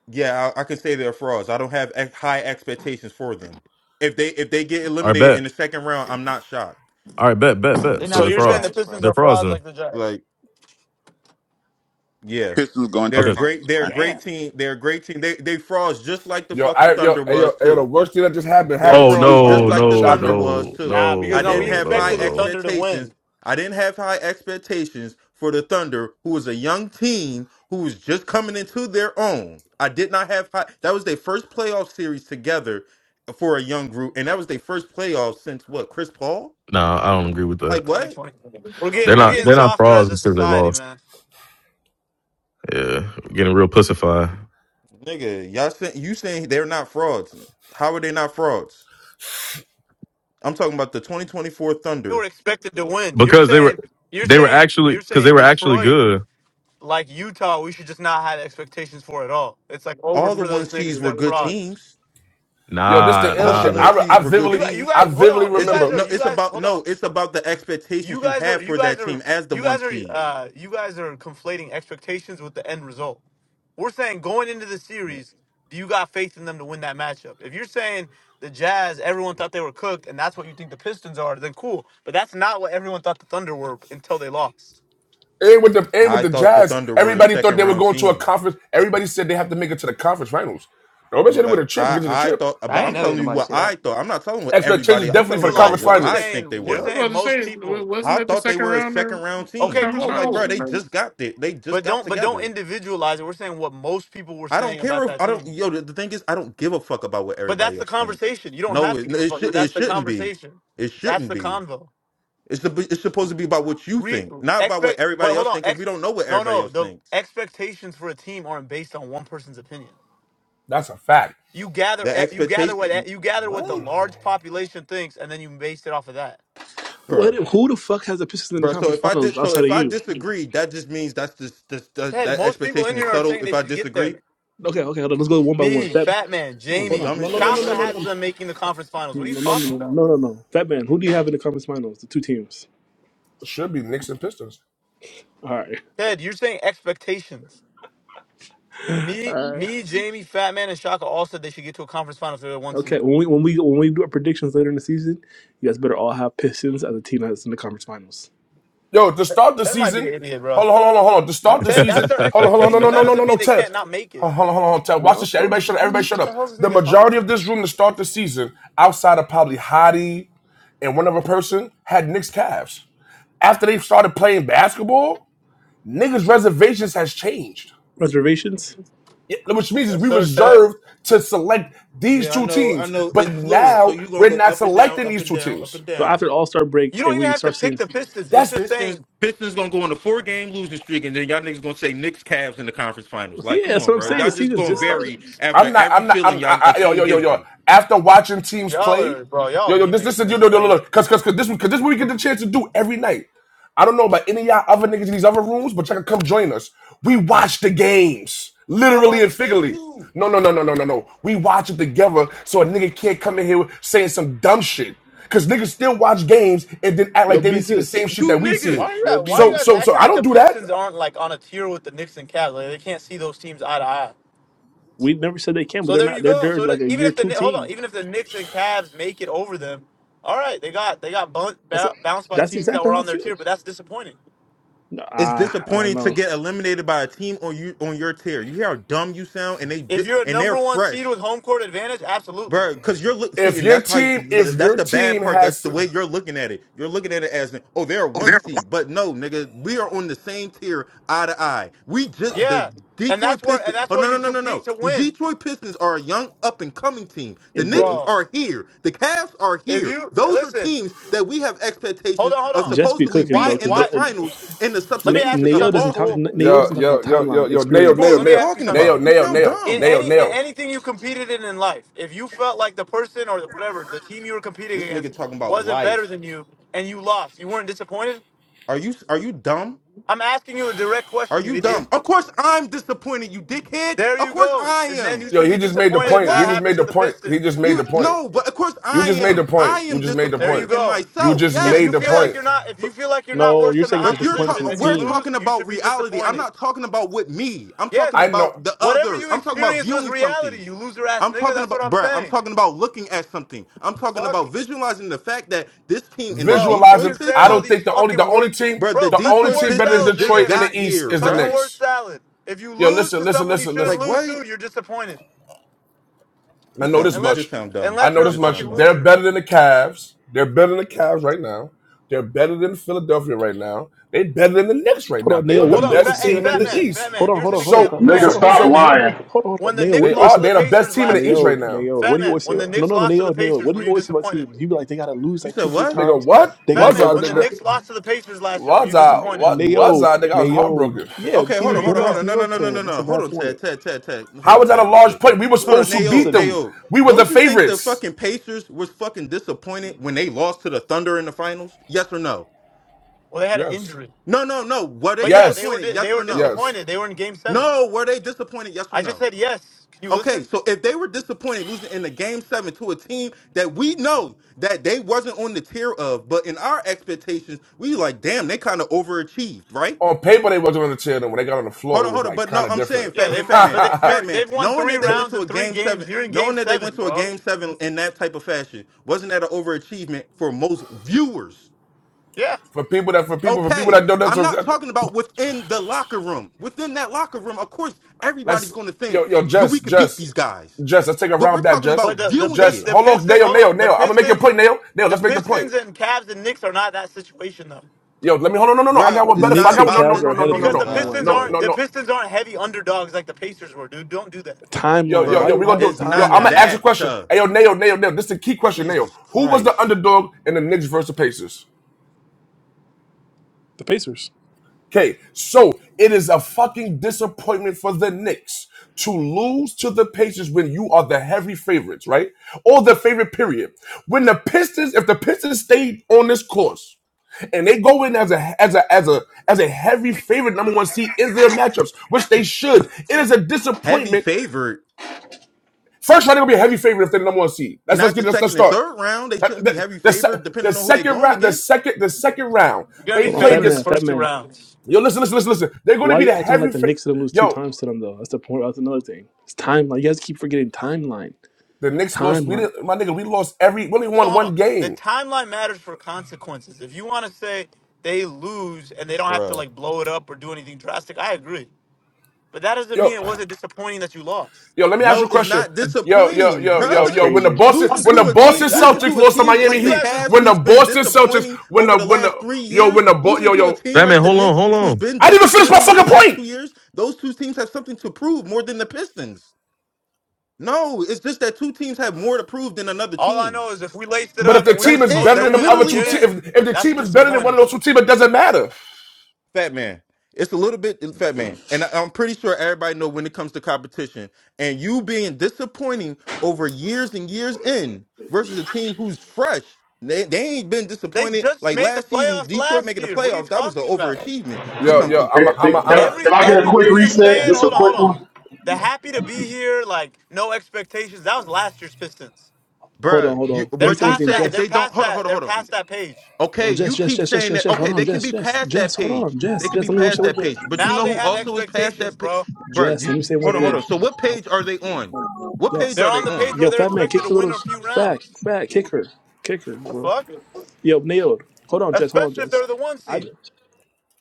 [SPEAKER 7] Yeah, I, I could say they're frauds. I don't have ex- high expectations for them. If they if they get
[SPEAKER 4] I
[SPEAKER 7] eliminated
[SPEAKER 4] bet.
[SPEAKER 7] in the second round, I'm not shocked.
[SPEAKER 4] All right, bet, bet,
[SPEAKER 5] They're
[SPEAKER 4] bet. So
[SPEAKER 2] So
[SPEAKER 5] not
[SPEAKER 4] they're
[SPEAKER 5] the
[SPEAKER 2] you're saying the
[SPEAKER 4] frauds.
[SPEAKER 5] Jazz,
[SPEAKER 2] Pistons
[SPEAKER 5] bro.
[SPEAKER 4] They're
[SPEAKER 2] are
[SPEAKER 4] frauds
[SPEAKER 2] frauds
[SPEAKER 4] then.
[SPEAKER 2] like the Jags?
[SPEAKER 7] Like, yeah,
[SPEAKER 10] Pistons going to
[SPEAKER 7] they're
[SPEAKER 10] the
[SPEAKER 4] Okay.
[SPEAKER 7] a great.
[SPEAKER 10] finals,
[SPEAKER 7] They're a
[SPEAKER 10] man.
[SPEAKER 7] great
[SPEAKER 2] Damn.
[SPEAKER 7] team. They're a great team. They they frauds just like the
[SPEAKER 1] Yo,
[SPEAKER 7] fucking
[SPEAKER 1] I yo
[SPEAKER 7] Thunder
[SPEAKER 1] hey, yo
[SPEAKER 7] was
[SPEAKER 1] hey, yo.
[SPEAKER 7] too.
[SPEAKER 1] The worst thing that just happened
[SPEAKER 7] They're
[SPEAKER 1] happened
[SPEAKER 4] Oh
[SPEAKER 1] to
[SPEAKER 7] frauds,
[SPEAKER 1] you,
[SPEAKER 7] just
[SPEAKER 4] no,
[SPEAKER 1] um,
[SPEAKER 7] like the
[SPEAKER 4] no,
[SPEAKER 7] Thunder
[SPEAKER 1] Shaka.
[SPEAKER 7] was
[SPEAKER 4] no,
[SPEAKER 7] too.
[SPEAKER 2] Nah,
[SPEAKER 7] I
[SPEAKER 4] no, no,
[SPEAKER 2] because no, we
[SPEAKER 7] didn't have
[SPEAKER 4] no,
[SPEAKER 7] high
[SPEAKER 2] expected the
[SPEAKER 4] no.
[SPEAKER 2] Thunder to
[SPEAKER 7] expectations.
[SPEAKER 2] win.
[SPEAKER 7] I didn't have high expectations for the Thunder, who was a young team who was just coming into their own. I did not have high. That was their first playoff series together for a young group, and that was their first playoff since what? Chris Paul?
[SPEAKER 4] Nah, I don't agree with that.
[SPEAKER 7] Like what?
[SPEAKER 2] 2020. We're
[SPEAKER 4] They're
[SPEAKER 2] getting we're
[SPEAKER 4] not.
[SPEAKER 2] getting
[SPEAKER 7] Nick,
[SPEAKER 4] They're not
[SPEAKER 2] softer as
[SPEAKER 4] frauds
[SPEAKER 2] a
[SPEAKER 4] Instead they
[SPEAKER 2] society,
[SPEAKER 4] lost.
[SPEAKER 2] man.
[SPEAKER 4] Yeah, getting real pussified
[SPEAKER 7] nigga, y'all saying you saying they're not frauds? How are they not frauds? I'm talking about the 2024
[SPEAKER 2] We were
[SPEAKER 7] Thunder.
[SPEAKER 2] expected to win. You're
[SPEAKER 4] because they were.
[SPEAKER 2] saying you're
[SPEAKER 4] They were
[SPEAKER 2] saying
[SPEAKER 4] actually
[SPEAKER 2] you're
[SPEAKER 4] because
[SPEAKER 2] saying
[SPEAKER 4] they were actually
[SPEAKER 2] Detroit
[SPEAKER 4] good.
[SPEAKER 2] like Utah, we should just not have expectations for at all. It's like over
[SPEAKER 7] All the
[SPEAKER 2] for
[SPEAKER 7] one
[SPEAKER 2] those
[SPEAKER 7] seeds
[SPEAKER 2] niggas.
[SPEAKER 7] were
[SPEAKER 2] They're
[SPEAKER 7] good
[SPEAKER 2] frauds.
[SPEAKER 7] teams.
[SPEAKER 1] Yo, this
[SPEAKER 4] Nah,
[SPEAKER 1] the ill
[SPEAKER 7] All the
[SPEAKER 1] shit.
[SPEAKER 4] nah.
[SPEAKER 7] one
[SPEAKER 1] I
[SPEAKER 7] seeds
[SPEAKER 1] I
[SPEAKER 7] were good
[SPEAKER 2] You
[SPEAKER 1] vividly
[SPEAKER 2] guys, you
[SPEAKER 7] teams.
[SPEAKER 1] I
[SPEAKER 2] guys, hold
[SPEAKER 1] vividly
[SPEAKER 2] on. You
[SPEAKER 7] It's the,
[SPEAKER 2] guys
[SPEAKER 1] remember.
[SPEAKER 2] are
[SPEAKER 7] no,
[SPEAKER 2] you
[SPEAKER 7] it's
[SPEAKER 2] guys
[SPEAKER 7] about
[SPEAKER 2] hold
[SPEAKER 7] no,
[SPEAKER 2] on.
[SPEAKER 7] it's about the
[SPEAKER 2] You
[SPEAKER 7] expectations you
[SPEAKER 2] guys are
[SPEAKER 7] have
[SPEAKER 2] you
[SPEAKER 7] for
[SPEAKER 2] guys
[SPEAKER 7] that team
[SPEAKER 2] are
[SPEAKER 7] as the
[SPEAKER 2] you
[SPEAKER 7] one
[SPEAKER 2] guys are
[SPEAKER 7] seed.
[SPEAKER 2] uh you guys are conflating expectations with the end result. We're saying going into the series, do you got faith in them to win that matchup? If you're saying the Jazz, everyone thought they were cooked, and that's what you think the Pistons are, then cool. But that's not what everyone thought the Thunder were until they lost.
[SPEAKER 1] And with the and with
[SPEAKER 7] I
[SPEAKER 1] the
[SPEAKER 7] thought the
[SPEAKER 1] Jazz,
[SPEAKER 7] Thunder were a
[SPEAKER 1] everybody
[SPEAKER 7] second
[SPEAKER 1] thought they were
[SPEAKER 7] round
[SPEAKER 1] going to a
[SPEAKER 7] team.
[SPEAKER 1] conference. Everybody said they have to make it to the conference finals. Nobody said they with
[SPEAKER 7] Like
[SPEAKER 1] a chip. We
[SPEAKER 7] I,
[SPEAKER 1] get to the
[SPEAKER 7] I
[SPEAKER 1] chip.
[SPEAKER 7] thought, uh, but
[SPEAKER 5] I
[SPEAKER 7] I'm
[SPEAKER 5] ain't never
[SPEAKER 7] telling
[SPEAKER 5] heard
[SPEAKER 7] you
[SPEAKER 5] nobody
[SPEAKER 7] what
[SPEAKER 5] say
[SPEAKER 7] I
[SPEAKER 5] that.
[SPEAKER 7] thought. I'm not telling what
[SPEAKER 1] Expectations
[SPEAKER 7] everybody. I'm
[SPEAKER 1] definitely
[SPEAKER 7] telling
[SPEAKER 1] for
[SPEAKER 7] you
[SPEAKER 1] the
[SPEAKER 7] what,
[SPEAKER 2] Individualize
[SPEAKER 1] conference
[SPEAKER 2] it.
[SPEAKER 7] what
[SPEAKER 2] We're
[SPEAKER 7] I
[SPEAKER 1] finals.
[SPEAKER 7] think they
[SPEAKER 2] saying
[SPEAKER 9] Yeah,
[SPEAKER 2] we're
[SPEAKER 9] I was
[SPEAKER 7] were.
[SPEAKER 9] about
[SPEAKER 2] saying
[SPEAKER 9] to
[SPEAKER 2] most
[SPEAKER 9] say, w-
[SPEAKER 2] people.
[SPEAKER 9] wasn't
[SPEAKER 7] I
[SPEAKER 9] it the
[SPEAKER 7] thought they
[SPEAKER 9] second
[SPEAKER 7] were a
[SPEAKER 9] round
[SPEAKER 7] second
[SPEAKER 9] or
[SPEAKER 7] round
[SPEAKER 9] or
[SPEAKER 2] Okay,
[SPEAKER 7] team.
[SPEAKER 9] conference
[SPEAKER 7] I'm
[SPEAKER 2] cool,
[SPEAKER 7] like,
[SPEAKER 9] finals?
[SPEAKER 7] bro,
[SPEAKER 2] cool.
[SPEAKER 7] they just got there. They just
[SPEAKER 2] But
[SPEAKER 7] got
[SPEAKER 2] don't but don't
[SPEAKER 7] together.
[SPEAKER 2] individualize it. We're saying what most people were
[SPEAKER 7] I don't
[SPEAKER 2] saying
[SPEAKER 7] care
[SPEAKER 2] about
[SPEAKER 7] if
[SPEAKER 2] that
[SPEAKER 7] I don't.
[SPEAKER 2] team.
[SPEAKER 7] Yo, the, the thing is, I don't give a fuck about what
[SPEAKER 2] But
[SPEAKER 7] everybody
[SPEAKER 2] that's the
[SPEAKER 7] else thinks.
[SPEAKER 2] conversation. You don't
[SPEAKER 7] No,
[SPEAKER 2] have to
[SPEAKER 7] it,
[SPEAKER 2] give a
[SPEAKER 7] it,
[SPEAKER 2] fuck. But
[SPEAKER 7] should, it
[SPEAKER 2] that's the
[SPEAKER 7] shouldn't be.
[SPEAKER 2] conversation.
[SPEAKER 7] It
[SPEAKER 2] That's
[SPEAKER 7] shouldn't
[SPEAKER 2] the
[SPEAKER 7] be.
[SPEAKER 2] convo.
[SPEAKER 7] It's the it's supposed to be about what you
[SPEAKER 2] Re
[SPEAKER 7] think, not about
[SPEAKER 2] expect,
[SPEAKER 7] what
[SPEAKER 2] but
[SPEAKER 7] everybody
[SPEAKER 2] hold
[SPEAKER 7] else
[SPEAKER 2] on.
[SPEAKER 7] thinks, because we
[SPEAKER 2] Ex,
[SPEAKER 7] don't know what
[SPEAKER 2] no,
[SPEAKER 7] everybody
[SPEAKER 2] no.
[SPEAKER 7] else
[SPEAKER 2] The
[SPEAKER 7] thinks.
[SPEAKER 2] expectations for a team aren't based on one person's opinion.
[SPEAKER 1] That's a fact.
[SPEAKER 2] You gather,
[SPEAKER 7] The
[SPEAKER 2] e- you gather what
[SPEAKER 7] expectation,
[SPEAKER 2] e- you gather what the
[SPEAKER 7] what,
[SPEAKER 2] large population thinks, and then you base it off of that.
[SPEAKER 6] what?
[SPEAKER 7] bruh,
[SPEAKER 6] Who the fuck has the Pistons in the
[SPEAKER 7] bruh. So
[SPEAKER 6] conference
[SPEAKER 7] if I
[SPEAKER 6] finals
[SPEAKER 7] did, so
[SPEAKER 6] outside of
[SPEAKER 7] if I
[SPEAKER 6] you?
[SPEAKER 7] disagree, that just means that's just, just uh,
[SPEAKER 2] Ted,
[SPEAKER 7] that
[SPEAKER 2] most people in
[SPEAKER 7] expectation is
[SPEAKER 2] here are
[SPEAKER 7] subtle.
[SPEAKER 2] saying
[SPEAKER 7] If
[SPEAKER 2] they
[SPEAKER 7] I
[SPEAKER 2] should get
[SPEAKER 7] disagree,
[SPEAKER 2] there.
[SPEAKER 6] Okay, okay, hold on. Let's go one by one.
[SPEAKER 2] Me,
[SPEAKER 6] Fat.
[SPEAKER 2] Fat Man,
[SPEAKER 7] that's the most
[SPEAKER 6] Hold on.
[SPEAKER 2] Jamie,
[SPEAKER 6] No,
[SPEAKER 7] dumbest
[SPEAKER 6] no,
[SPEAKER 7] shit
[SPEAKER 6] no,
[SPEAKER 7] I
[SPEAKER 6] no,
[SPEAKER 7] ever
[SPEAKER 6] no,
[SPEAKER 2] Shaka
[SPEAKER 6] no,
[SPEAKER 2] has
[SPEAKER 7] heard.
[SPEAKER 6] no,
[SPEAKER 2] them making the conference finals. What are you
[SPEAKER 6] no, no,
[SPEAKER 2] talking
[SPEAKER 6] no,
[SPEAKER 2] about?
[SPEAKER 6] no, no. no. Fat man. Who do you have in the conference finals? The two teams.
[SPEAKER 1] It Should be Knicks and Pistons.
[SPEAKER 6] All right.
[SPEAKER 2] Ted, you're saying expectations.
[SPEAKER 6] All
[SPEAKER 2] Me,
[SPEAKER 6] right.
[SPEAKER 2] me, Jamie, Fat Man, and Shaka all said they should get to a conference finals for their one
[SPEAKER 6] Okay.
[SPEAKER 2] seed.
[SPEAKER 6] When we when we when we do our predictions later in the season, you guys better all have Pistons as a team that's in the conference finals.
[SPEAKER 1] Yo, to start the
[SPEAKER 2] Ted might be
[SPEAKER 1] season,
[SPEAKER 2] an idiot, bro.
[SPEAKER 1] hold on, hold on, hold on, hold on. To
[SPEAKER 6] Nah,
[SPEAKER 1] start the
[SPEAKER 2] Ted, that's
[SPEAKER 1] season,
[SPEAKER 2] their
[SPEAKER 1] hold on, hold on, no,
[SPEAKER 2] expectation.
[SPEAKER 6] nah,
[SPEAKER 1] no, no,
[SPEAKER 2] That
[SPEAKER 1] no, no,
[SPEAKER 2] doesn't
[SPEAKER 1] no,
[SPEAKER 2] mean they
[SPEAKER 1] Ted.
[SPEAKER 2] can't not make it.
[SPEAKER 1] Hold on, hold on, hold on, Ted. Watch
[SPEAKER 6] no,
[SPEAKER 1] this shit.
[SPEAKER 6] no, no.
[SPEAKER 1] Everybody shut up,
[SPEAKER 6] no,
[SPEAKER 1] everybody shut
[SPEAKER 2] the
[SPEAKER 1] up.
[SPEAKER 2] hell's this
[SPEAKER 1] The
[SPEAKER 2] nigga talking
[SPEAKER 1] majority of
[SPEAKER 2] about?
[SPEAKER 1] this room to start the season, outside of probably Hottie and one other person, had Knicks Cavs. After they started playing basketball, niggas' reservations has changed.
[SPEAKER 6] reservations.
[SPEAKER 1] Yeah, Which means is
[SPEAKER 2] Yes,
[SPEAKER 1] we
[SPEAKER 2] sir, Ted.
[SPEAKER 1] reserved to select these
[SPEAKER 7] Yeah, I
[SPEAKER 1] two
[SPEAKER 7] know. I
[SPEAKER 1] teams,
[SPEAKER 7] know
[SPEAKER 1] but
[SPEAKER 7] it's fluid, so
[SPEAKER 1] now
[SPEAKER 7] you're gonna
[SPEAKER 1] we're
[SPEAKER 7] go
[SPEAKER 1] not
[SPEAKER 7] up and down,
[SPEAKER 1] selecting
[SPEAKER 7] up
[SPEAKER 1] these
[SPEAKER 7] and
[SPEAKER 1] two
[SPEAKER 7] down, up
[SPEAKER 1] teams.
[SPEAKER 7] and
[SPEAKER 6] So
[SPEAKER 7] down.
[SPEAKER 6] after the All Star break,
[SPEAKER 2] You don't
[SPEAKER 6] and
[SPEAKER 2] even
[SPEAKER 6] we
[SPEAKER 2] have to
[SPEAKER 6] start
[SPEAKER 2] pick
[SPEAKER 6] seeing,
[SPEAKER 2] the Pistons. It's
[SPEAKER 1] That's
[SPEAKER 2] just
[SPEAKER 7] Pistons,
[SPEAKER 2] saying,
[SPEAKER 7] Pistons gonna go on a four game losing streak, and then y'all niggas gonna say Knicks, Cavs in the conference finals. Like,
[SPEAKER 6] yeah,
[SPEAKER 7] come
[SPEAKER 6] that's
[SPEAKER 7] on,
[SPEAKER 6] what I'm
[SPEAKER 7] bro,
[SPEAKER 6] saying. The
[SPEAKER 7] y'all
[SPEAKER 2] nah.
[SPEAKER 7] just
[SPEAKER 6] season's
[SPEAKER 7] gonna
[SPEAKER 6] just started.
[SPEAKER 2] What?
[SPEAKER 7] vary after
[SPEAKER 1] I'm not.
[SPEAKER 7] every
[SPEAKER 1] I'm not.
[SPEAKER 7] feeling
[SPEAKER 1] I'm.
[SPEAKER 7] y'all
[SPEAKER 1] I,
[SPEAKER 7] a
[SPEAKER 1] I, yo,
[SPEAKER 7] team
[SPEAKER 1] yo, yo,
[SPEAKER 7] gives
[SPEAKER 1] yo.
[SPEAKER 7] you.
[SPEAKER 1] After watching teams
[SPEAKER 2] Y'all
[SPEAKER 1] play,
[SPEAKER 2] are, bro, y'all
[SPEAKER 1] yo, yo. This, this
[SPEAKER 2] remixing
[SPEAKER 1] is yo,
[SPEAKER 2] this
[SPEAKER 1] yo, yo, yo.
[SPEAKER 2] crazy.
[SPEAKER 1] Cause, cause, cause this, cause this, is what we get the chance to do every night. I don't know about any of y'all other niggas in these other rooms, but y'all can come join us. We watch the games,
[SPEAKER 7] I
[SPEAKER 1] literally
[SPEAKER 7] watched
[SPEAKER 1] and
[SPEAKER 7] the games
[SPEAKER 1] figuratively.
[SPEAKER 7] too.
[SPEAKER 1] No, no, no, no, no, no, no. We watch it together, so a nigga can't come in here saying some dumb shit. Cause niggas still watch games and then act like
[SPEAKER 6] Yo,
[SPEAKER 1] they didn't see the
[SPEAKER 6] Beezus,
[SPEAKER 1] same shit
[SPEAKER 7] You
[SPEAKER 1] that we
[SPEAKER 7] niggas.
[SPEAKER 2] Why
[SPEAKER 1] seen.
[SPEAKER 2] are you
[SPEAKER 6] yo,
[SPEAKER 2] at, Why are you
[SPEAKER 1] So,
[SPEAKER 2] guys
[SPEAKER 6] Beezus.
[SPEAKER 1] so, so
[SPEAKER 2] acting
[SPEAKER 1] I
[SPEAKER 2] like
[SPEAKER 1] don't
[SPEAKER 2] the
[SPEAKER 1] do that.
[SPEAKER 2] Pistons aren't, like, on a tier with the Knicks and Cavs? Like, they can't see those teams eye to eye.
[SPEAKER 6] We never said they can, but
[SPEAKER 2] So
[SPEAKER 6] they're
[SPEAKER 2] there
[SPEAKER 6] not.
[SPEAKER 2] you
[SPEAKER 6] They're
[SPEAKER 2] go.
[SPEAKER 6] they're
[SPEAKER 2] So the,
[SPEAKER 6] like a
[SPEAKER 2] even
[SPEAKER 6] year
[SPEAKER 2] if the
[SPEAKER 6] two
[SPEAKER 2] Kni- hold
[SPEAKER 6] team.
[SPEAKER 2] on, even if the Knicks and Cavs make it over them, all right, they got they got bun-
[SPEAKER 6] That's
[SPEAKER 2] bou- bounced by
[SPEAKER 6] that's
[SPEAKER 2] teams that
[SPEAKER 6] exactly
[SPEAKER 2] were
[SPEAKER 6] how I
[SPEAKER 2] on their
[SPEAKER 6] feel.
[SPEAKER 2] tier, but that's disappointing.
[SPEAKER 7] It's
[SPEAKER 6] Ah, I don't
[SPEAKER 7] disappointing to
[SPEAKER 6] know.
[SPEAKER 7] get eliminated by a team on you on your tier. You hear how dumb you sound, and they
[SPEAKER 2] If
[SPEAKER 7] ju-
[SPEAKER 2] you're a
[SPEAKER 7] and they're
[SPEAKER 2] number one seed with
[SPEAKER 7] fresh.
[SPEAKER 2] home court advantage, absolutely,
[SPEAKER 7] Bro, because you're look see,
[SPEAKER 1] If
[SPEAKER 7] and
[SPEAKER 1] your
[SPEAKER 7] that's how you,
[SPEAKER 1] team, if
[SPEAKER 7] that's
[SPEAKER 1] your
[SPEAKER 7] the bad
[SPEAKER 1] team
[SPEAKER 7] part. That
[SPEAKER 1] has
[SPEAKER 7] the
[SPEAKER 1] to.
[SPEAKER 7] way you're looking at it, you're looking at it as oh, they're one seed, but no, nigga, we are on the same tier, eye to eye. We just the
[SPEAKER 2] yeah, and
[SPEAKER 7] Detroit
[SPEAKER 2] that's where and
[SPEAKER 7] Pistons.
[SPEAKER 2] that's
[SPEAKER 7] Oh
[SPEAKER 2] where
[SPEAKER 7] no,
[SPEAKER 2] you
[SPEAKER 7] no, no, no,
[SPEAKER 2] compete
[SPEAKER 7] no.
[SPEAKER 2] to
[SPEAKER 7] The
[SPEAKER 2] win,
[SPEAKER 7] Detroit Pistons are a young up and coming team. The
[SPEAKER 6] It,
[SPEAKER 7] Knicks
[SPEAKER 6] the
[SPEAKER 2] bro.
[SPEAKER 7] are here. The Cavs are
[SPEAKER 2] If
[SPEAKER 7] here.
[SPEAKER 2] you
[SPEAKER 7] Those are
[SPEAKER 2] listen,
[SPEAKER 7] teams that we have
[SPEAKER 2] hold
[SPEAKER 7] expectations
[SPEAKER 2] on, hold
[SPEAKER 7] of
[SPEAKER 2] on.
[SPEAKER 6] just be
[SPEAKER 7] supposedly
[SPEAKER 6] cooking,
[SPEAKER 7] being
[SPEAKER 2] Why?
[SPEAKER 6] bro.
[SPEAKER 7] in
[SPEAKER 6] Because
[SPEAKER 7] the
[SPEAKER 2] Why?
[SPEAKER 6] uh,
[SPEAKER 7] finals in the
[SPEAKER 2] Let me
[SPEAKER 6] Na-
[SPEAKER 7] substitution
[SPEAKER 2] ask you
[SPEAKER 7] of
[SPEAKER 6] Nayo
[SPEAKER 2] something,
[SPEAKER 6] doesn't talk.
[SPEAKER 2] school.
[SPEAKER 7] Boston.
[SPEAKER 6] Nayo
[SPEAKER 1] Yo,
[SPEAKER 6] doesn't talk about
[SPEAKER 1] yo, yo, yo,
[SPEAKER 6] timeline
[SPEAKER 1] yo, nail,
[SPEAKER 7] Like, what are
[SPEAKER 2] School.
[SPEAKER 1] nail,
[SPEAKER 6] experience.
[SPEAKER 7] you
[SPEAKER 2] Let me
[SPEAKER 1] nail,
[SPEAKER 2] ask you
[SPEAKER 7] talking
[SPEAKER 2] something.
[SPEAKER 1] nail,
[SPEAKER 7] about? You
[SPEAKER 1] nail,
[SPEAKER 7] sound
[SPEAKER 1] nail,
[SPEAKER 2] In
[SPEAKER 7] dumb.
[SPEAKER 1] nail,
[SPEAKER 2] any in
[SPEAKER 1] nail.
[SPEAKER 2] anything you competed in in life, if you felt like the person or whatever the team you were competing
[SPEAKER 7] This nigga
[SPEAKER 2] against
[SPEAKER 7] talking about
[SPEAKER 2] wasn't better
[SPEAKER 7] life.
[SPEAKER 2] than you and you lost, you weren't disappointed.
[SPEAKER 7] Are you are you dumb?
[SPEAKER 2] I'm asking you a direct
[SPEAKER 7] Are
[SPEAKER 2] question, you
[SPEAKER 7] you dumb?
[SPEAKER 2] idiot.
[SPEAKER 7] Of course I'm disappointed, you dickhead.
[SPEAKER 2] There
[SPEAKER 7] Of
[SPEAKER 2] you
[SPEAKER 7] course
[SPEAKER 2] go.
[SPEAKER 7] I
[SPEAKER 2] And then
[SPEAKER 7] am.
[SPEAKER 2] you
[SPEAKER 1] Yo,
[SPEAKER 2] should
[SPEAKER 1] he
[SPEAKER 2] be
[SPEAKER 1] just made the
[SPEAKER 2] disappointed
[SPEAKER 7] Like
[SPEAKER 2] if
[SPEAKER 1] point.
[SPEAKER 2] that
[SPEAKER 1] He
[SPEAKER 7] what?
[SPEAKER 1] just
[SPEAKER 2] happens
[SPEAKER 1] made
[SPEAKER 2] to
[SPEAKER 1] the
[SPEAKER 2] the
[SPEAKER 1] point. He just
[SPEAKER 2] Pistons.
[SPEAKER 1] made the
[SPEAKER 7] You
[SPEAKER 1] point.
[SPEAKER 7] no, but of course
[SPEAKER 1] You
[SPEAKER 7] I
[SPEAKER 1] just made the
[SPEAKER 7] am. I
[SPEAKER 1] point. You
[SPEAKER 7] am
[SPEAKER 1] just made the
[SPEAKER 2] There
[SPEAKER 7] disappointed
[SPEAKER 2] you
[SPEAKER 1] point.
[SPEAKER 7] in
[SPEAKER 2] go.
[SPEAKER 1] You
[SPEAKER 7] myself.
[SPEAKER 1] just
[SPEAKER 2] If
[SPEAKER 7] Yes,
[SPEAKER 2] you
[SPEAKER 1] made the
[SPEAKER 2] feel like
[SPEAKER 1] point.
[SPEAKER 2] you're
[SPEAKER 7] yes.
[SPEAKER 2] not, if you
[SPEAKER 7] But
[SPEAKER 2] feel like you're not
[SPEAKER 6] No,
[SPEAKER 2] worse
[SPEAKER 6] you're
[SPEAKER 2] than the
[SPEAKER 6] saying it's a
[SPEAKER 7] but you're
[SPEAKER 6] disappointment from
[SPEAKER 2] opposition
[SPEAKER 6] the
[SPEAKER 7] talking.
[SPEAKER 2] and you
[SPEAKER 7] We're
[SPEAKER 6] team.
[SPEAKER 2] lose,
[SPEAKER 7] talking
[SPEAKER 2] you
[SPEAKER 7] about
[SPEAKER 2] should be
[SPEAKER 7] reality. I'm
[SPEAKER 2] disappointed.
[SPEAKER 7] not talking about with me. I'm
[SPEAKER 2] Yes.
[SPEAKER 7] talking
[SPEAKER 1] I know.
[SPEAKER 7] about the
[SPEAKER 2] Whatever
[SPEAKER 7] other.
[SPEAKER 2] you
[SPEAKER 7] I'm talking about
[SPEAKER 2] experienced was
[SPEAKER 7] viewing something.
[SPEAKER 2] reality, you loser ass
[SPEAKER 7] I'm
[SPEAKER 2] nigga.
[SPEAKER 7] talking
[SPEAKER 2] That's what
[SPEAKER 7] about,
[SPEAKER 2] I'm
[SPEAKER 7] bruh, I'm
[SPEAKER 2] saying.
[SPEAKER 7] talking about looking at something. I'm talking
[SPEAKER 2] Fuck.
[SPEAKER 7] about visualizing the fact that this team in the
[SPEAKER 2] Bro, you
[SPEAKER 7] Detroit
[SPEAKER 2] can
[SPEAKER 1] Visualizing.
[SPEAKER 2] say
[SPEAKER 1] I
[SPEAKER 2] all
[SPEAKER 1] don't
[SPEAKER 7] Pistons,
[SPEAKER 2] these
[SPEAKER 1] think the only the
[SPEAKER 2] fucking word
[SPEAKER 1] only team
[SPEAKER 7] bruh, the
[SPEAKER 2] Bro,
[SPEAKER 1] the
[SPEAKER 2] cut the
[SPEAKER 1] only
[SPEAKER 7] Detroit
[SPEAKER 2] word
[SPEAKER 1] team better than
[SPEAKER 7] Pistons
[SPEAKER 2] salad,
[SPEAKER 7] just
[SPEAKER 1] Detroit
[SPEAKER 2] nigga.
[SPEAKER 1] in the
[SPEAKER 7] got
[SPEAKER 1] East
[SPEAKER 7] here,
[SPEAKER 1] is the
[SPEAKER 2] Cut the
[SPEAKER 7] bruh.
[SPEAKER 2] word
[SPEAKER 1] Knicks.
[SPEAKER 2] salad. If you
[SPEAKER 1] Yo,
[SPEAKER 2] lose
[SPEAKER 1] listen,
[SPEAKER 2] to
[SPEAKER 1] listen,
[SPEAKER 2] someone you
[SPEAKER 1] listen,
[SPEAKER 7] Like,
[SPEAKER 2] shouldn't
[SPEAKER 1] listen.
[SPEAKER 2] lose
[SPEAKER 7] what?
[SPEAKER 2] to, you're disappointed.
[SPEAKER 7] You
[SPEAKER 1] I know
[SPEAKER 7] sound
[SPEAKER 1] this
[SPEAKER 7] you
[SPEAKER 2] Unless
[SPEAKER 7] just
[SPEAKER 1] much.
[SPEAKER 7] sound dumb.
[SPEAKER 1] I
[SPEAKER 2] unless
[SPEAKER 1] know
[SPEAKER 7] You
[SPEAKER 2] you're a
[SPEAKER 1] this
[SPEAKER 7] just
[SPEAKER 1] much.
[SPEAKER 2] fucking
[SPEAKER 7] sound dumb.
[SPEAKER 1] They're
[SPEAKER 2] loser.
[SPEAKER 1] better than the Cavs. They're better than the Cavs right now. They're better than Philadelphia right now. They're better than the Knicks right now.
[SPEAKER 6] Hold on,
[SPEAKER 1] They
[SPEAKER 6] Nayo.
[SPEAKER 1] are
[SPEAKER 6] What
[SPEAKER 1] the
[SPEAKER 2] Hold
[SPEAKER 6] do you
[SPEAKER 2] on, fat
[SPEAKER 6] always
[SPEAKER 1] best
[SPEAKER 6] say
[SPEAKER 2] hey,
[SPEAKER 1] team
[SPEAKER 6] about
[SPEAKER 1] in
[SPEAKER 2] fat
[SPEAKER 1] the
[SPEAKER 6] teams?
[SPEAKER 2] man, fat
[SPEAKER 1] East.
[SPEAKER 6] Hold
[SPEAKER 2] man,
[SPEAKER 6] on,
[SPEAKER 2] here's
[SPEAKER 6] hold
[SPEAKER 2] an
[SPEAKER 6] on, hold on,
[SPEAKER 1] So,
[SPEAKER 2] example.
[SPEAKER 6] hold on,
[SPEAKER 11] Nigga,
[SPEAKER 2] Fat
[SPEAKER 6] hold on,
[SPEAKER 1] so,
[SPEAKER 6] hold on,
[SPEAKER 11] stop
[SPEAKER 2] fat
[SPEAKER 1] so
[SPEAKER 6] family. Hold on,
[SPEAKER 2] man.
[SPEAKER 11] lying.
[SPEAKER 6] hold on, hold on, hold
[SPEAKER 2] When
[SPEAKER 6] on.
[SPEAKER 2] the
[SPEAKER 6] Nayo, what
[SPEAKER 2] Knicks
[SPEAKER 1] they
[SPEAKER 6] do you always
[SPEAKER 2] lost
[SPEAKER 1] are.
[SPEAKER 6] say?
[SPEAKER 2] to the
[SPEAKER 1] They're the best
[SPEAKER 2] Pacers
[SPEAKER 1] team in
[SPEAKER 2] last
[SPEAKER 1] the East
[SPEAKER 2] year,
[SPEAKER 6] Nayo,
[SPEAKER 1] right now.
[SPEAKER 6] Nayo. What
[SPEAKER 2] Fat
[SPEAKER 6] do you
[SPEAKER 2] Man,
[SPEAKER 6] always say?
[SPEAKER 2] when the
[SPEAKER 6] About, no,
[SPEAKER 2] Knicks
[SPEAKER 6] no, no,
[SPEAKER 2] lost to
[SPEAKER 6] Nayo,
[SPEAKER 2] the
[SPEAKER 6] Nayo. What
[SPEAKER 2] Pacers,
[SPEAKER 6] do
[SPEAKER 2] were
[SPEAKER 6] you
[SPEAKER 2] you
[SPEAKER 6] always say about
[SPEAKER 2] disappointed?
[SPEAKER 6] teams? You be like, they gotta lose
[SPEAKER 7] You
[SPEAKER 6] like
[SPEAKER 7] said
[SPEAKER 6] two, three
[SPEAKER 7] what?
[SPEAKER 1] Nigga,
[SPEAKER 6] times.
[SPEAKER 1] what
[SPEAKER 6] They
[SPEAKER 2] Fat
[SPEAKER 6] gotta
[SPEAKER 1] was
[SPEAKER 6] go
[SPEAKER 1] I?
[SPEAKER 2] Man,
[SPEAKER 6] over
[SPEAKER 2] when the
[SPEAKER 1] Nigga,
[SPEAKER 6] trial.
[SPEAKER 2] Knicks lost to the Pacers last year, were
[SPEAKER 1] was
[SPEAKER 2] you
[SPEAKER 1] I?
[SPEAKER 2] disappointed?
[SPEAKER 1] What was
[SPEAKER 6] Nayo,
[SPEAKER 1] I? Nigga, I was
[SPEAKER 6] Nayo.
[SPEAKER 1] heartbroken.
[SPEAKER 6] Yeah,
[SPEAKER 7] Okay,
[SPEAKER 6] he's a
[SPEAKER 7] hold
[SPEAKER 2] There
[SPEAKER 7] on,
[SPEAKER 2] you
[SPEAKER 7] hold on, hold
[SPEAKER 6] dumbass
[SPEAKER 2] go.
[SPEAKER 7] on.
[SPEAKER 6] New
[SPEAKER 7] No, no,
[SPEAKER 6] York
[SPEAKER 7] no, no, no,
[SPEAKER 6] fan. That's
[SPEAKER 7] no.
[SPEAKER 6] a
[SPEAKER 7] Hold
[SPEAKER 6] bad
[SPEAKER 7] on, Ted,
[SPEAKER 6] point.
[SPEAKER 7] Ted, Ted, Ted. Hold
[SPEAKER 1] How
[SPEAKER 7] on,
[SPEAKER 1] was that
[SPEAKER 7] Ted,
[SPEAKER 1] a
[SPEAKER 7] real
[SPEAKER 1] large
[SPEAKER 7] quick.
[SPEAKER 1] play? We were
[SPEAKER 7] Hold on,
[SPEAKER 1] supposed to
[SPEAKER 6] That's
[SPEAKER 1] beat
[SPEAKER 7] Nayo,
[SPEAKER 6] a
[SPEAKER 1] them.
[SPEAKER 7] Nayo.
[SPEAKER 1] We were the
[SPEAKER 7] Don't you think the
[SPEAKER 1] favorites.
[SPEAKER 7] fucking Pacers was fucking disappointed when they lost to the Thunder in the finals? Yes or no?
[SPEAKER 2] Well, they had an
[SPEAKER 1] Yes.
[SPEAKER 2] injury,
[SPEAKER 7] No, no, no. Were they
[SPEAKER 2] but yeah, they
[SPEAKER 1] Yes.
[SPEAKER 2] were
[SPEAKER 7] disappointed?
[SPEAKER 2] di-
[SPEAKER 7] Yes
[SPEAKER 2] they
[SPEAKER 7] or
[SPEAKER 2] were
[SPEAKER 7] no?
[SPEAKER 1] Yes.
[SPEAKER 2] disappointed. They were in Game Seven.
[SPEAKER 7] No, were they disappointed? Yes or
[SPEAKER 2] I just
[SPEAKER 7] no?
[SPEAKER 2] said yes. Can you
[SPEAKER 7] Okay,
[SPEAKER 2] listen?
[SPEAKER 7] so if they were disappointed losing in the game seven to a team that we know that they wasn't on the tier of, but in our expectations, we like, damn, they kind of overachieved, right?
[SPEAKER 1] on paper they wasn't on the chair though. When they got on the floor,
[SPEAKER 7] Hold
[SPEAKER 1] it
[SPEAKER 7] on,
[SPEAKER 1] was
[SPEAKER 7] hold on.
[SPEAKER 1] like
[SPEAKER 7] But no,
[SPEAKER 1] kind of
[SPEAKER 7] I'm saying
[SPEAKER 1] different.
[SPEAKER 7] Fat
[SPEAKER 2] Yeah,
[SPEAKER 7] Man, Fat
[SPEAKER 2] they've,
[SPEAKER 7] Man,
[SPEAKER 2] but they,
[SPEAKER 7] Fat
[SPEAKER 2] you're
[SPEAKER 7] Man.
[SPEAKER 2] they've won
[SPEAKER 7] Knowing
[SPEAKER 2] three
[SPEAKER 7] that they went
[SPEAKER 2] rounds
[SPEAKER 7] to a
[SPEAKER 2] in three
[SPEAKER 7] game seven,
[SPEAKER 2] games. You're in Game
[SPEAKER 7] knowing that they went
[SPEAKER 2] Seven,
[SPEAKER 7] to a
[SPEAKER 2] bro.
[SPEAKER 7] game seven in that type of fashion, wasn't that an overachievement for most viewers?
[SPEAKER 2] Yeah,
[SPEAKER 1] for people that for people for people
[SPEAKER 7] Okay,
[SPEAKER 1] that don't know,
[SPEAKER 7] I'm
[SPEAKER 1] so
[SPEAKER 7] not
[SPEAKER 1] uh,
[SPEAKER 7] talking about within the locker room. Within that locker room, of course, everybody's
[SPEAKER 1] let's
[SPEAKER 7] going to think
[SPEAKER 1] yo yo
[SPEAKER 7] "Yo, we
[SPEAKER 1] just
[SPEAKER 7] could beat
[SPEAKER 1] just
[SPEAKER 7] these guys,
[SPEAKER 1] just let's take a
[SPEAKER 7] but we're
[SPEAKER 1] round back.
[SPEAKER 7] talking
[SPEAKER 1] Just
[SPEAKER 2] but
[SPEAKER 7] about
[SPEAKER 2] the the
[SPEAKER 7] viewing
[SPEAKER 2] pist
[SPEAKER 1] just
[SPEAKER 7] it,
[SPEAKER 2] the
[SPEAKER 1] hold on,
[SPEAKER 2] piston.
[SPEAKER 1] nail
[SPEAKER 2] Hold
[SPEAKER 1] nail
[SPEAKER 2] on, the
[SPEAKER 1] nail. I'm gonna make your
[SPEAKER 2] Pistons,
[SPEAKER 1] point, nail nail.
[SPEAKER 2] the
[SPEAKER 1] Let's make the point.
[SPEAKER 2] Pistons and Cavs and Knicks are not that situation though,
[SPEAKER 1] Yo, let me hold on. No no no. I
[SPEAKER 7] bruh.
[SPEAKER 1] got one
[SPEAKER 7] It's
[SPEAKER 1] better. For,
[SPEAKER 7] not
[SPEAKER 1] I
[SPEAKER 6] Knicks
[SPEAKER 1] got
[SPEAKER 6] and
[SPEAKER 1] one. No
[SPEAKER 7] about
[SPEAKER 1] no
[SPEAKER 6] Cavs
[SPEAKER 7] the.
[SPEAKER 6] are
[SPEAKER 1] no no
[SPEAKER 6] ahead
[SPEAKER 7] Oh
[SPEAKER 6] of
[SPEAKER 1] no
[SPEAKER 6] them
[SPEAKER 1] no
[SPEAKER 7] my
[SPEAKER 6] on
[SPEAKER 2] because the
[SPEAKER 1] no
[SPEAKER 7] God,
[SPEAKER 6] timeline,
[SPEAKER 2] Pistons
[SPEAKER 1] no
[SPEAKER 7] brother,
[SPEAKER 6] bro.
[SPEAKER 2] aren't
[SPEAKER 1] no
[SPEAKER 2] the
[SPEAKER 1] no.
[SPEAKER 2] Pistons aren't heavy underdogs like the Pacers were, dude. Don't do that.
[SPEAKER 1] Yo
[SPEAKER 6] Timeline.
[SPEAKER 1] yo
[SPEAKER 6] Why
[SPEAKER 7] bruh.
[SPEAKER 1] yo.
[SPEAKER 6] do
[SPEAKER 1] We
[SPEAKER 6] why
[SPEAKER 1] gonna do. it.
[SPEAKER 7] It's
[SPEAKER 2] The
[SPEAKER 1] Yo,
[SPEAKER 7] not
[SPEAKER 2] fuck
[SPEAKER 1] I'm gonna
[SPEAKER 2] out of
[SPEAKER 6] timeline?
[SPEAKER 1] ask you a
[SPEAKER 2] here.
[SPEAKER 7] that.
[SPEAKER 1] question.
[SPEAKER 7] Uh,
[SPEAKER 1] Hey yo nail nail nail. This is the key question, nail.
[SPEAKER 7] Jesus
[SPEAKER 1] Who was the
[SPEAKER 7] Christ,
[SPEAKER 1] underdog in the Knicks versus Pacers?
[SPEAKER 6] The Pacers.
[SPEAKER 1] Okay, so it is a fucking disappointment for the Knicks to lose to the Pacers when you are the heavy favorites, right? Or the favorite period. When the Pistons, if the Pistons stayed on this course and they go in as a as a as a as a heavy favorite number one seed in their matchups, which they should, it is a
[SPEAKER 7] heavy
[SPEAKER 1] disappointment.
[SPEAKER 7] favorite.
[SPEAKER 1] First round, they're gonna be a heavy favorite if they're the number one seed. Let's let's
[SPEAKER 7] Not the
[SPEAKER 1] get let's, let's
[SPEAKER 7] second and
[SPEAKER 1] start.
[SPEAKER 7] third round. They
[SPEAKER 1] The,
[SPEAKER 7] shouldn't be
[SPEAKER 1] the,
[SPEAKER 7] heavy
[SPEAKER 1] the
[SPEAKER 7] favored
[SPEAKER 1] the
[SPEAKER 7] depending on who they're
[SPEAKER 1] second
[SPEAKER 7] going
[SPEAKER 1] round, the
[SPEAKER 7] against.
[SPEAKER 1] second, the second round,
[SPEAKER 2] You're gonna
[SPEAKER 1] they
[SPEAKER 2] be
[SPEAKER 6] Hold on,
[SPEAKER 1] play
[SPEAKER 6] Fat
[SPEAKER 2] favored in the
[SPEAKER 1] against.
[SPEAKER 6] Man, Fat
[SPEAKER 2] first two
[SPEAKER 6] Man.
[SPEAKER 2] rounds.
[SPEAKER 1] Yo, listen, listen, listen, listen. They're going to
[SPEAKER 6] Why
[SPEAKER 1] be
[SPEAKER 6] you
[SPEAKER 1] the
[SPEAKER 6] acting like
[SPEAKER 1] heavy.
[SPEAKER 6] the
[SPEAKER 1] Fa-
[SPEAKER 6] Knicks didn't lose two
[SPEAKER 1] yo,
[SPEAKER 6] times to them though? That's the point. That's another thing. It's timeline. You guys keep forgetting timeline.
[SPEAKER 1] the Knicks lost. We
[SPEAKER 6] Timeline.
[SPEAKER 1] didn't, my nigga. We lost every. We only
[SPEAKER 2] hold on,
[SPEAKER 1] won
[SPEAKER 2] hold on.
[SPEAKER 1] one
[SPEAKER 2] The
[SPEAKER 1] game.
[SPEAKER 2] timeline matters for consequences. If you want to say they lose and they don't have to
[SPEAKER 7] Bruh.
[SPEAKER 2] like blow it up or do anything drastic, I agree. But that doesn't
[SPEAKER 1] Yo,
[SPEAKER 2] mean it wasn't disappointing that you lost,
[SPEAKER 1] yo. Let me ask
[SPEAKER 7] No,
[SPEAKER 1] you a
[SPEAKER 7] it's
[SPEAKER 1] question.
[SPEAKER 7] not
[SPEAKER 1] Yo, yo,
[SPEAKER 7] disappointing,
[SPEAKER 1] yo, yo,
[SPEAKER 6] That's
[SPEAKER 7] bruh.
[SPEAKER 1] yo. When the
[SPEAKER 6] crazy.
[SPEAKER 1] Boston,
[SPEAKER 7] Losing
[SPEAKER 1] when the
[SPEAKER 7] to a
[SPEAKER 2] bro.
[SPEAKER 7] team,
[SPEAKER 2] You
[SPEAKER 1] Boston
[SPEAKER 2] guys,
[SPEAKER 7] losing
[SPEAKER 1] Celtics
[SPEAKER 7] to a
[SPEAKER 1] lost to
[SPEAKER 7] team
[SPEAKER 1] Miami
[SPEAKER 7] like
[SPEAKER 2] you
[SPEAKER 7] the
[SPEAKER 1] Heat,
[SPEAKER 2] guys just.
[SPEAKER 7] Cavs,
[SPEAKER 1] when the
[SPEAKER 7] who's been
[SPEAKER 1] Boston Celtics,
[SPEAKER 7] disappointing
[SPEAKER 1] when
[SPEAKER 7] over
[SPEAKER 1] the,
[SPEAKER 7] the
[SPEAKER 1] when the,
[SPEAKER 7] last three
[SPEAKER 1] yo,
[SPEAKER 7] years,
[SPEAKER 1] when the,
[SPEAKER 7] losing
[SPEAKER 1] yo,
[SPEAKER 7] to a
[SPEAKER 1] yo.
[SPEAKER 7] team like
[SPEAKER 4] Batman,
[SPEAKER 7] the
[SPEAKER 4] hold on,
[SPEAKER 7] Knicks,
[SPEAKER 4] hold
[SPEAKER 7] who's
[SPEAKER 4] on.
[SPEAKER 7] been
[SPEAKER 1] I didn't even finish my
[SPEAKER 7] disappointing over the
[SPEAKER 1] fucking
[SPEAKER 7] last
[SPEAKER 1] point.
[SPEAKER 7] two years. Those two teams have something to prove more than the Pistons. No, it's just that two teams have more to prove than another
[SPEAKER 2] All I
[SPEAKER 7] team.
[SPEAKER 2] know is if we laced it
[SPEAKER 1] But if
[SPEAKER 2] up
[SPEAKER 1] the
[SPEAKER 2] and we were
[SPEAKER 7] That's
[SPEAKER 1] team is
[SPEAKER 7] it.
[SPEAKER 2] supposed
[SPEAKER 1] better
[SPEAKER 2] to
[SPEAKER 1] than
[SPEAKER 7] That's
[SPEAKER 2] win
[SPEAKER 1] them
[SPEAKER 2] and we
[SPEAKER 1] other
[SPEAKER 7] literally
[SPEAKER 1] two, te-
[SPEAKER 7] it.
[SPEAKER 2] didn't,
[SPEAKER 1] if if the
[SPEAKER 2] that's
[SPEAKER 1] team is better than one of
[SPEAKER 2] disappointing.
[SPEAKER 1] those two teams, it doesn't matter.
[SPEAKER 7] Fat man. It's a little bit fat man, and I, I'm pretty sure everybody know when it comes to competition and you being disappointing over years and years in versus a team who's fresh. They, they ain't been
[SPEAKER 2] They
[SPEAKER 7] disappointed
[SPEAKER 2] just
[SPEAKER 7] like
[SPEAKER 2] made the
[SPEAKER 7] last season.
[SPEAKER 2] playoffs
[SPEAKER 7] Detroit
[SPEAKER 2] last
[SPEAKER 7] making the
[SPEAKER 2] year. What are you
[SPEAKER 7] playoffs that was an
[SPEAKER 2] talking about?
[SPEAKER 7] overachievement to
[SPEAKER 1] Yo,
[SPEAKER 7] some
[SPEAKER 1] yo. I'm
[SPEAKER 11] Can,
[SPEAKER 7] people,
[SPEAKER 1] a, I'm
[SPEAKER 11] can-
[SPEAKER 1] a, I'm a.
[SPEAKER 11] can-
[SPEAKER 2] Every
[SPEAKER 11] I get a quick
[SPEAKER 2] everything you're
[SPEAKER 11] reset?
[SPEAKER 2] saying,
[SPEAKER 11] Just a
[SPEAKER 2] hold on, hold
[SPEAKER 11] quick
[SPEAKER 2] on.
[SPEAKER 11] one.
[SPEAKER 2] The happy to be here, like no expectations. That was last year's Pistons.
[SPEAKER 6] Hold on,
[SPEAKER 7] Bruh,
[SPEAKER 6] hold
[SPEAKER 7] You
[SPEAKER 6] on. Let
[SPEAKER 2] They're
[SPEAKER 6] me say
[SPEAKER 7] but you
[SPEAKER 6] one
[SPEAKER 2] past
[SPEAKER 6] thing,
[SPEAKER 7] said
[SPEAKER 2] that.
[SPEAKER 7] if
[SPEAKER 6] Jess.
[SPEAKER 2] They're
[SPEAKER 7] they don't
[SPEAKER 2] past
[SPEAKER 7] hold on, hold
[SPEAKER 2] that.
[SPEAKER 7] on,
[SPEAKER 2] They're
[SPEAKER 7] hold on.
[SPEAKER 2] past that page.
[SPEAKER 7] Okay,
[SPEAKER 6] Oh, Jess,
[SPEAKER 7] you
[SPEAKER 6] Jess,
[SPEAKER 7] keep
[SPEAKER 6] Jess, Jess,
[SPEAKER 7] saying
[SPEAKER 6] Jess,
[SPEAKER 7] that.
[SPEAKER 6] Jess, hold
[SPEAKER 7] Okay,
[SPEAKER 6] on,
[SPEAKER 7] they can
[SPEAKER 6] Jess,
[SPEAKER 7] be
[SPEAKER 6] Jess,
[SPEAKER 7] past that
[SPEAKER 6] Jess, hold
[SPEAKER 7] page.
[SPEAKER 6] on,
[SPEAKER 7] They
[SPEAKER 6] Jess,
[SPEAKER 7] could
[SPEAKER 6] Jess,
[SPEAKER 7] be
[SPEAKER 6] let me say
[SPEAKER 7] past
[SPEAKER 6] one
[SPEAKER 7] that
[SPEAKER 6] thing.
[SPEAKER 7] page. But you
[SPEAKER 2] Now
[SPEAKER 7] know
[SPEAKER 2] they
[SPEAKER 7] who
[SPEAKER 2] have
[SPEAKER 7] also is past
[SPEAKER 2] expectations,
[SPEAKER 7] that page,
[SPEAKER 2] bro.
[SPEAKER 7] Bruh,
[SPEAKER 6] Jess,
[SPEAKER 7] You
[SPEAKER 6] let me say one
[SPEAKER 7] hold on, hold
[SPEAKER 12] Good.
[SPEAKER 6] thing.
[SPEAKER 7] on. So what
[SPEAKER 6] Oh,
[SPEAKER 7] page are they on? What page
[SPEAKER 6] Jess.
[SPEAKER 2] They're
[SPEAKER 7] are they
[SPEAKER 2] on the
[SPEAKER 7] on?
[SPEAKER 2] page
[SPEAKER 6] Yo,
[SPEAKER 2] where they're
[SPEAKER 6] fat man,
[SPEAKER 2] expected
[SPEAKER 6] kick
[SPEAKER 2] to
[SPEAKER 6] the little,
[SPEAKER 2] win a few
[SPEAKER 6] fat,
[SPEAKER 2] rounds.
[SPEAKER 6] fat, kick her, kick her,
[SPEAKER 2] The
[SPEAKER 6] bro.
[SPEAKER 2] fuck?
[SPEAKER 6] Yo, nailed. Hold on, Jess, hold on,
[SPEAKER 2] Especially if
[SPEAKER 6] Jess.
[SPEAKER 2] they're the one
[SPEAKER 6] I,
[SPEAKER 2] seed,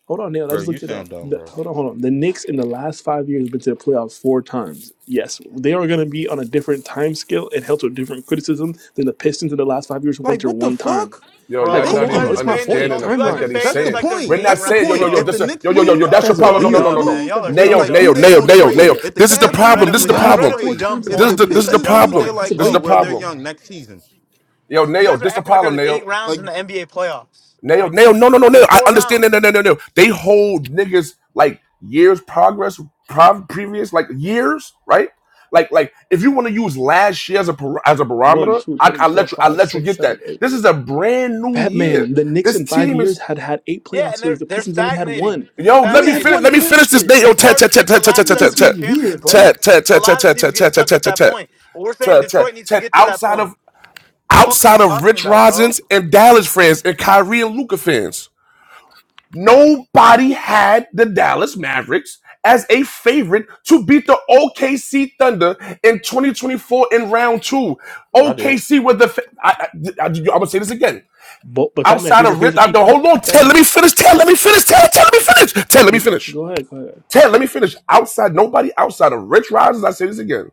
[SPEAKER 6] hold on, nailed, I
[SPEAKER 7] Bro,
[SPEAKER 6] just
[SPEAKER 7] you
[SPEAKER 6] looked it up.
[SPEAKER 7] sound dumb,
[SPEAKER 6] The,
[SPEAKER 7] bro.
[SPEAKER 6] hold on, hold on. The Knicks in the last five years have been to the playoffs four times. Yes, they are going to be on a different time scale and held to a different criticism than the Pistons in the last five years who
[SPEAKER 7] Like,
[SPEAKER 6] went there
[SPEAKER 7] what the
[SPEAKER 6] one time.
[SPEAKER 7] fuck?
[SPEAKER 1] Yo,
[SPEAKER 6] Like,
[SPEAKER 1] y'all
[SPEAKER 2] bro.
[SPEAKER 6] come
[SPEAKER 2] You
[SPEAKER 7] Thank
[SPEAKER 1] not
[SPEAKER 6] on,
[SPEAKER 1] even
[SPEAKER 2] guys
[SPEAKER 6] but
[SPEAKER 2] are
[SPEAKER 6] that's
[SPEAKER 7] you.
[SPEAKER 6] my
[SPEAKER 2] saying this.
[SPEAKER 6] point.
[SPEAKER 1] understanding
[SPEAKER 2] Whole,
[SPEAKER 1] the
[SPEAKER 2] you guys
[SPEAKER 1] point
[SPEAKER 2] are
[SPEAKER 1] that
[SPEAKER 6] Timeline.
[SPEAKER 1] he's
[SPEAKER 2] saying
[SPEAKER 7] That's the
[SPEAKER 2] this
[SPEAKER 1] saying.
[SPEAKER 2] like there's
[SPEAKER 1] We're
[SPEAKER 7] point.
[SPEAKER 2] eight
[SPEAKER 1] not
[SPEAKER 7] That's the
[SPEAKER 2] rounds,
[SPEAKER 1] saying, yo, yo,
[SPEAKER 7] point.
[SPEAKER 1] yo,
[SPEAKER 7] If the
[SPEAKER 1] this,
[SPEAKER 2] bro.
[SPEAKER 1] yo,
[SPEAKER 7] Knicks
[SPEAKER 1] yo, yo, yo,
[SPEAKER 7] lose,
[SPEAKER 6] These
[SPEAKER 2] Y'all
[SPEAKER 1] that's
[SPEAKER 2] are
[SPEAKER 1] your
[SPEAKER 6] guys are
[SPEAKER 7] if
[SPEAKER 1] problem.
[SPEAKER 2] so
[SPEAKER 7] the
[SPEAKER 1] No, no, no,
[SPEAKER 6] weird,
[SPEAKER 7] Knicks
[SPEAKER 1] no,
[SPEAKER 2] dumb,
[SPEAKER 6] bro.
[SPEAKER 1] no.
[SPEAKER 6] These
[SPEAKER 2] man.
[SPEAKER 7] lose,
[SPEAKER 2] Y'all
[SPEAKER 6] guys
[SPEAKER 2] are
[SPEAKER 6] are
[SPEAKER 7] it's
[SPEAKER 2] so
[SPEAKER 1] Nail,
[SPEAKER 7] like
[SPEAKER 6] weird.
[SPEAKER 7] who
[SPEAKER 1] nail,
[SPEAKER 2] dumb.
[SPEAKER 7] they
[SPEAKER 1] nail,
[SPEAKER 6] These
[SPEAKER 7] gonna
[SPEAKER 6] guys are
[SPEAKER 1] nail, nail.
[SPEAKER 6] weird.
[SPEAKER 7] trade. If the
[SPEAKER 1] This is the
[SPEAKER 7] Cavs lose,
[SPEAKER 1] problem. This
[SPEAKER 7] who
[SPEAKER 1] is
[SPEAKER 2] Incredibly,
[SPEAKER 1] the
[SPEAKER 7] they
[SPEAKER 6] Five,
[SPEAKER 7] gonna
[SPEAKER 1] problem.
[SPEAKER 2] incredibly
[SPEAKER 6] four
[SPEAKER 7] trade.
[SPEAKER 2] dumb
[SPEAKER 6] times in
[SPEAKER 7] If
[SPEAKER 1] This is
[SPEAKER 7] the
[SPEAKER 2] point.
[SPEAKER 6] five
[SPEAKER 1] the, this
[SPEAKER 2] Just
[SPEAKER 1] is
[SPEAKER 2] a
[SPEAKER 1] the
[SPEAKER 6] years.
[SPEAKER 7] Pistons
[SPEAKER 2] dumb
[SPEAKER 7] lose, they
[SPEAKER 2] point.
[SPEAKER 1] problem.
[SPEAKER 6] That's
[SPEAKER 7] like,
[SPEAKER 6] a
[SPEAKER 1] This is
[SPEAKER 7] oh
[SPEAKER 1] the
[SPEAKER 6] great
[SPEAKER 7] well,
[SPEAKER 6] point.
[SPEAKER 7] they're
[SPEAKER 1] problem.
[SPEAKER 7] young next season.
[SPEAKER 1] Yo,
[SPEAKER 2] You
[SPEAKER 1] nail,
[SPEAKER 2] guys are
[SPEAKER 1] this is the
[SPEAKER 2] acting like
[SPEAKER 1] problem,
[SPEAKER 2] there's
[SPEAKER 1] nail.
[SPEAKER 2] eight rounds
[SPEAKER 7] Like
[SPEAKER 2] in the NBA playoffs.
[SPEAKER 1] Nail,
[SPEAKER 2] Like
[SPEAKER 1] nail, no, no, no,
[SPEAKER 2] there's
[SPEAKER 1] nail. I
[SPEAKER 2] four
[SPEAKER 1] understand that, no,
[SPEAKER 2] rounds.
[SPEAKER 1] no, no, no. They hold niggas like years progress, prov- previous, like years, right? Like, like if you want to use last year as a bar- as a
[SPEAKER 6] One,
[SPEAKER 1] barometer,
[SPEAKER 6] two,
[SPEAKER 1] I,
[SPEAKER 6] three,
[SPEAKER 1] I
[SPEAKER 6] four,
[SPEAKER 1] let you, I
[SPEAKER 6] five,
[SPEAKER 1] let you
[SPEAKER 6] six,
[SPEAKER 1] get
[SPEAKER 6] seven,
[SPEAKER 1] that.
[SPEAKER 6] eight.
[SPEAKER 1] This is a brand new
[SPEAKER 6] That
[SPEAKER 1] year.
[SPEAKER 6] man, the Knicks
[SPEAKER 1] This
[SPEAKER 6] in five
[SPEAKER 1] team is.
[SPEAKER 6] years had had eight
[SPEAKER 2] Yeah,
[SPEAKER 6] playoff
[SPEAKER 2] and they're
[SPEAKER 6] series. The
[SPEAKER 2] they're
[SPEAKER 6] Pistons only had one.
[SPEAKER 2] stagnating. They're
[SPEAKER 1] Yo,
[SPEAKER 6] They
[SPEAKER 1] let
[SPEAKER 6] only
[SPEAKER 1] me
[SPEAKER 6] had
[SPEAKER 1] finish.
[SPEAKER 6] one
[SPEAKER 2] stagnating.
[SPEAKER 1] Let me
[SPEAKER 6] playoff
[SPEAKER 1] finish this day.
[SPEAKER 6] series.
[SPEAKER 1] Yo,
[SPEAKER 2] It's
[SPEAKER 1] tat
[SPEAKER 2] hard to
[SPEAKER 1] tat tat
[SPEAKER 2] take the
[SPEAKER 1] tat tat tat
[SPEAKER 2] last step
[SPEAKER 6] Niggas
[SPEAKER 1] tat
[SPEAKER 2] to be a
[SPEAKER 1] tat
[SPEAKER 6] be
[SPEAKER 2] champion,
[SPEAKER 6] weird, bro.
[SPEAKER 2] Ted.
[SPEAKER 1] tat tat
[SPEAKER 2] A lot of
[SPEAKER 1] tat tat tat tat tat tat tat
[SPEAKER 2] teams get stuck
[SPEAKER 1] tat
[SPEAKER 2] at that point. But we're saying
[SPEAKER 1] tat tat tat
[SPEAKER 2] Detroit needs to
[SPEAKER 1] tat
[SPEAKER 2] get to that
[SPEAKER 1] outside
[SPEAKER 2] point.
[SPEAKER 1] of
[SPEAKER 2] The fuck are you
[SPEAKER 1] outside of
[SPEAKER 2] talking
[SPEAKER 1] Rich
[SPEAKER 2] about, bro?
[SPEAKER 1] Rosins and Dallas fans and Kyrie and Luca fans. Nobody had the Dallas Mavericks as a favorite to beat the OKC Thunder in 2024 in round two.
[SPEAKER 7] I did.
[SPEAKER 1] OKC with the fa- I, I, I, am gonna say this again.
[SPEAKER 6] But, but Fat Man,
[SPEAKER 1] Outside
[SPEAKER 6] here's a
[SPEAKER 1] of
[SPEAKER 6] here's
[SPEAKER 1] Rich,
[SPEAKER 6] a
[SPEAKER 1] I,
[SPEAKER 6] key
[SPEAKER 1] no,
[SPEAKER 6] fact.
[SPEAKER 1] hold on,
[SPEAKER 6] Fat
[SPEAKER 1] Ted. Let
[SPEAKER 6] Man,
[SPEAKER 1] me finish. Ted, let me finish. Ted, Ted, let me finish. Ted, let me
[SPEAKER 6] you
[SPEAKER 1] finish.
[SPEAKER 6] go ahead, go ahead.
[SPEAKER 1] Ted, let me finish. Outside, nobody outside of Rich Rodgers. I say this again.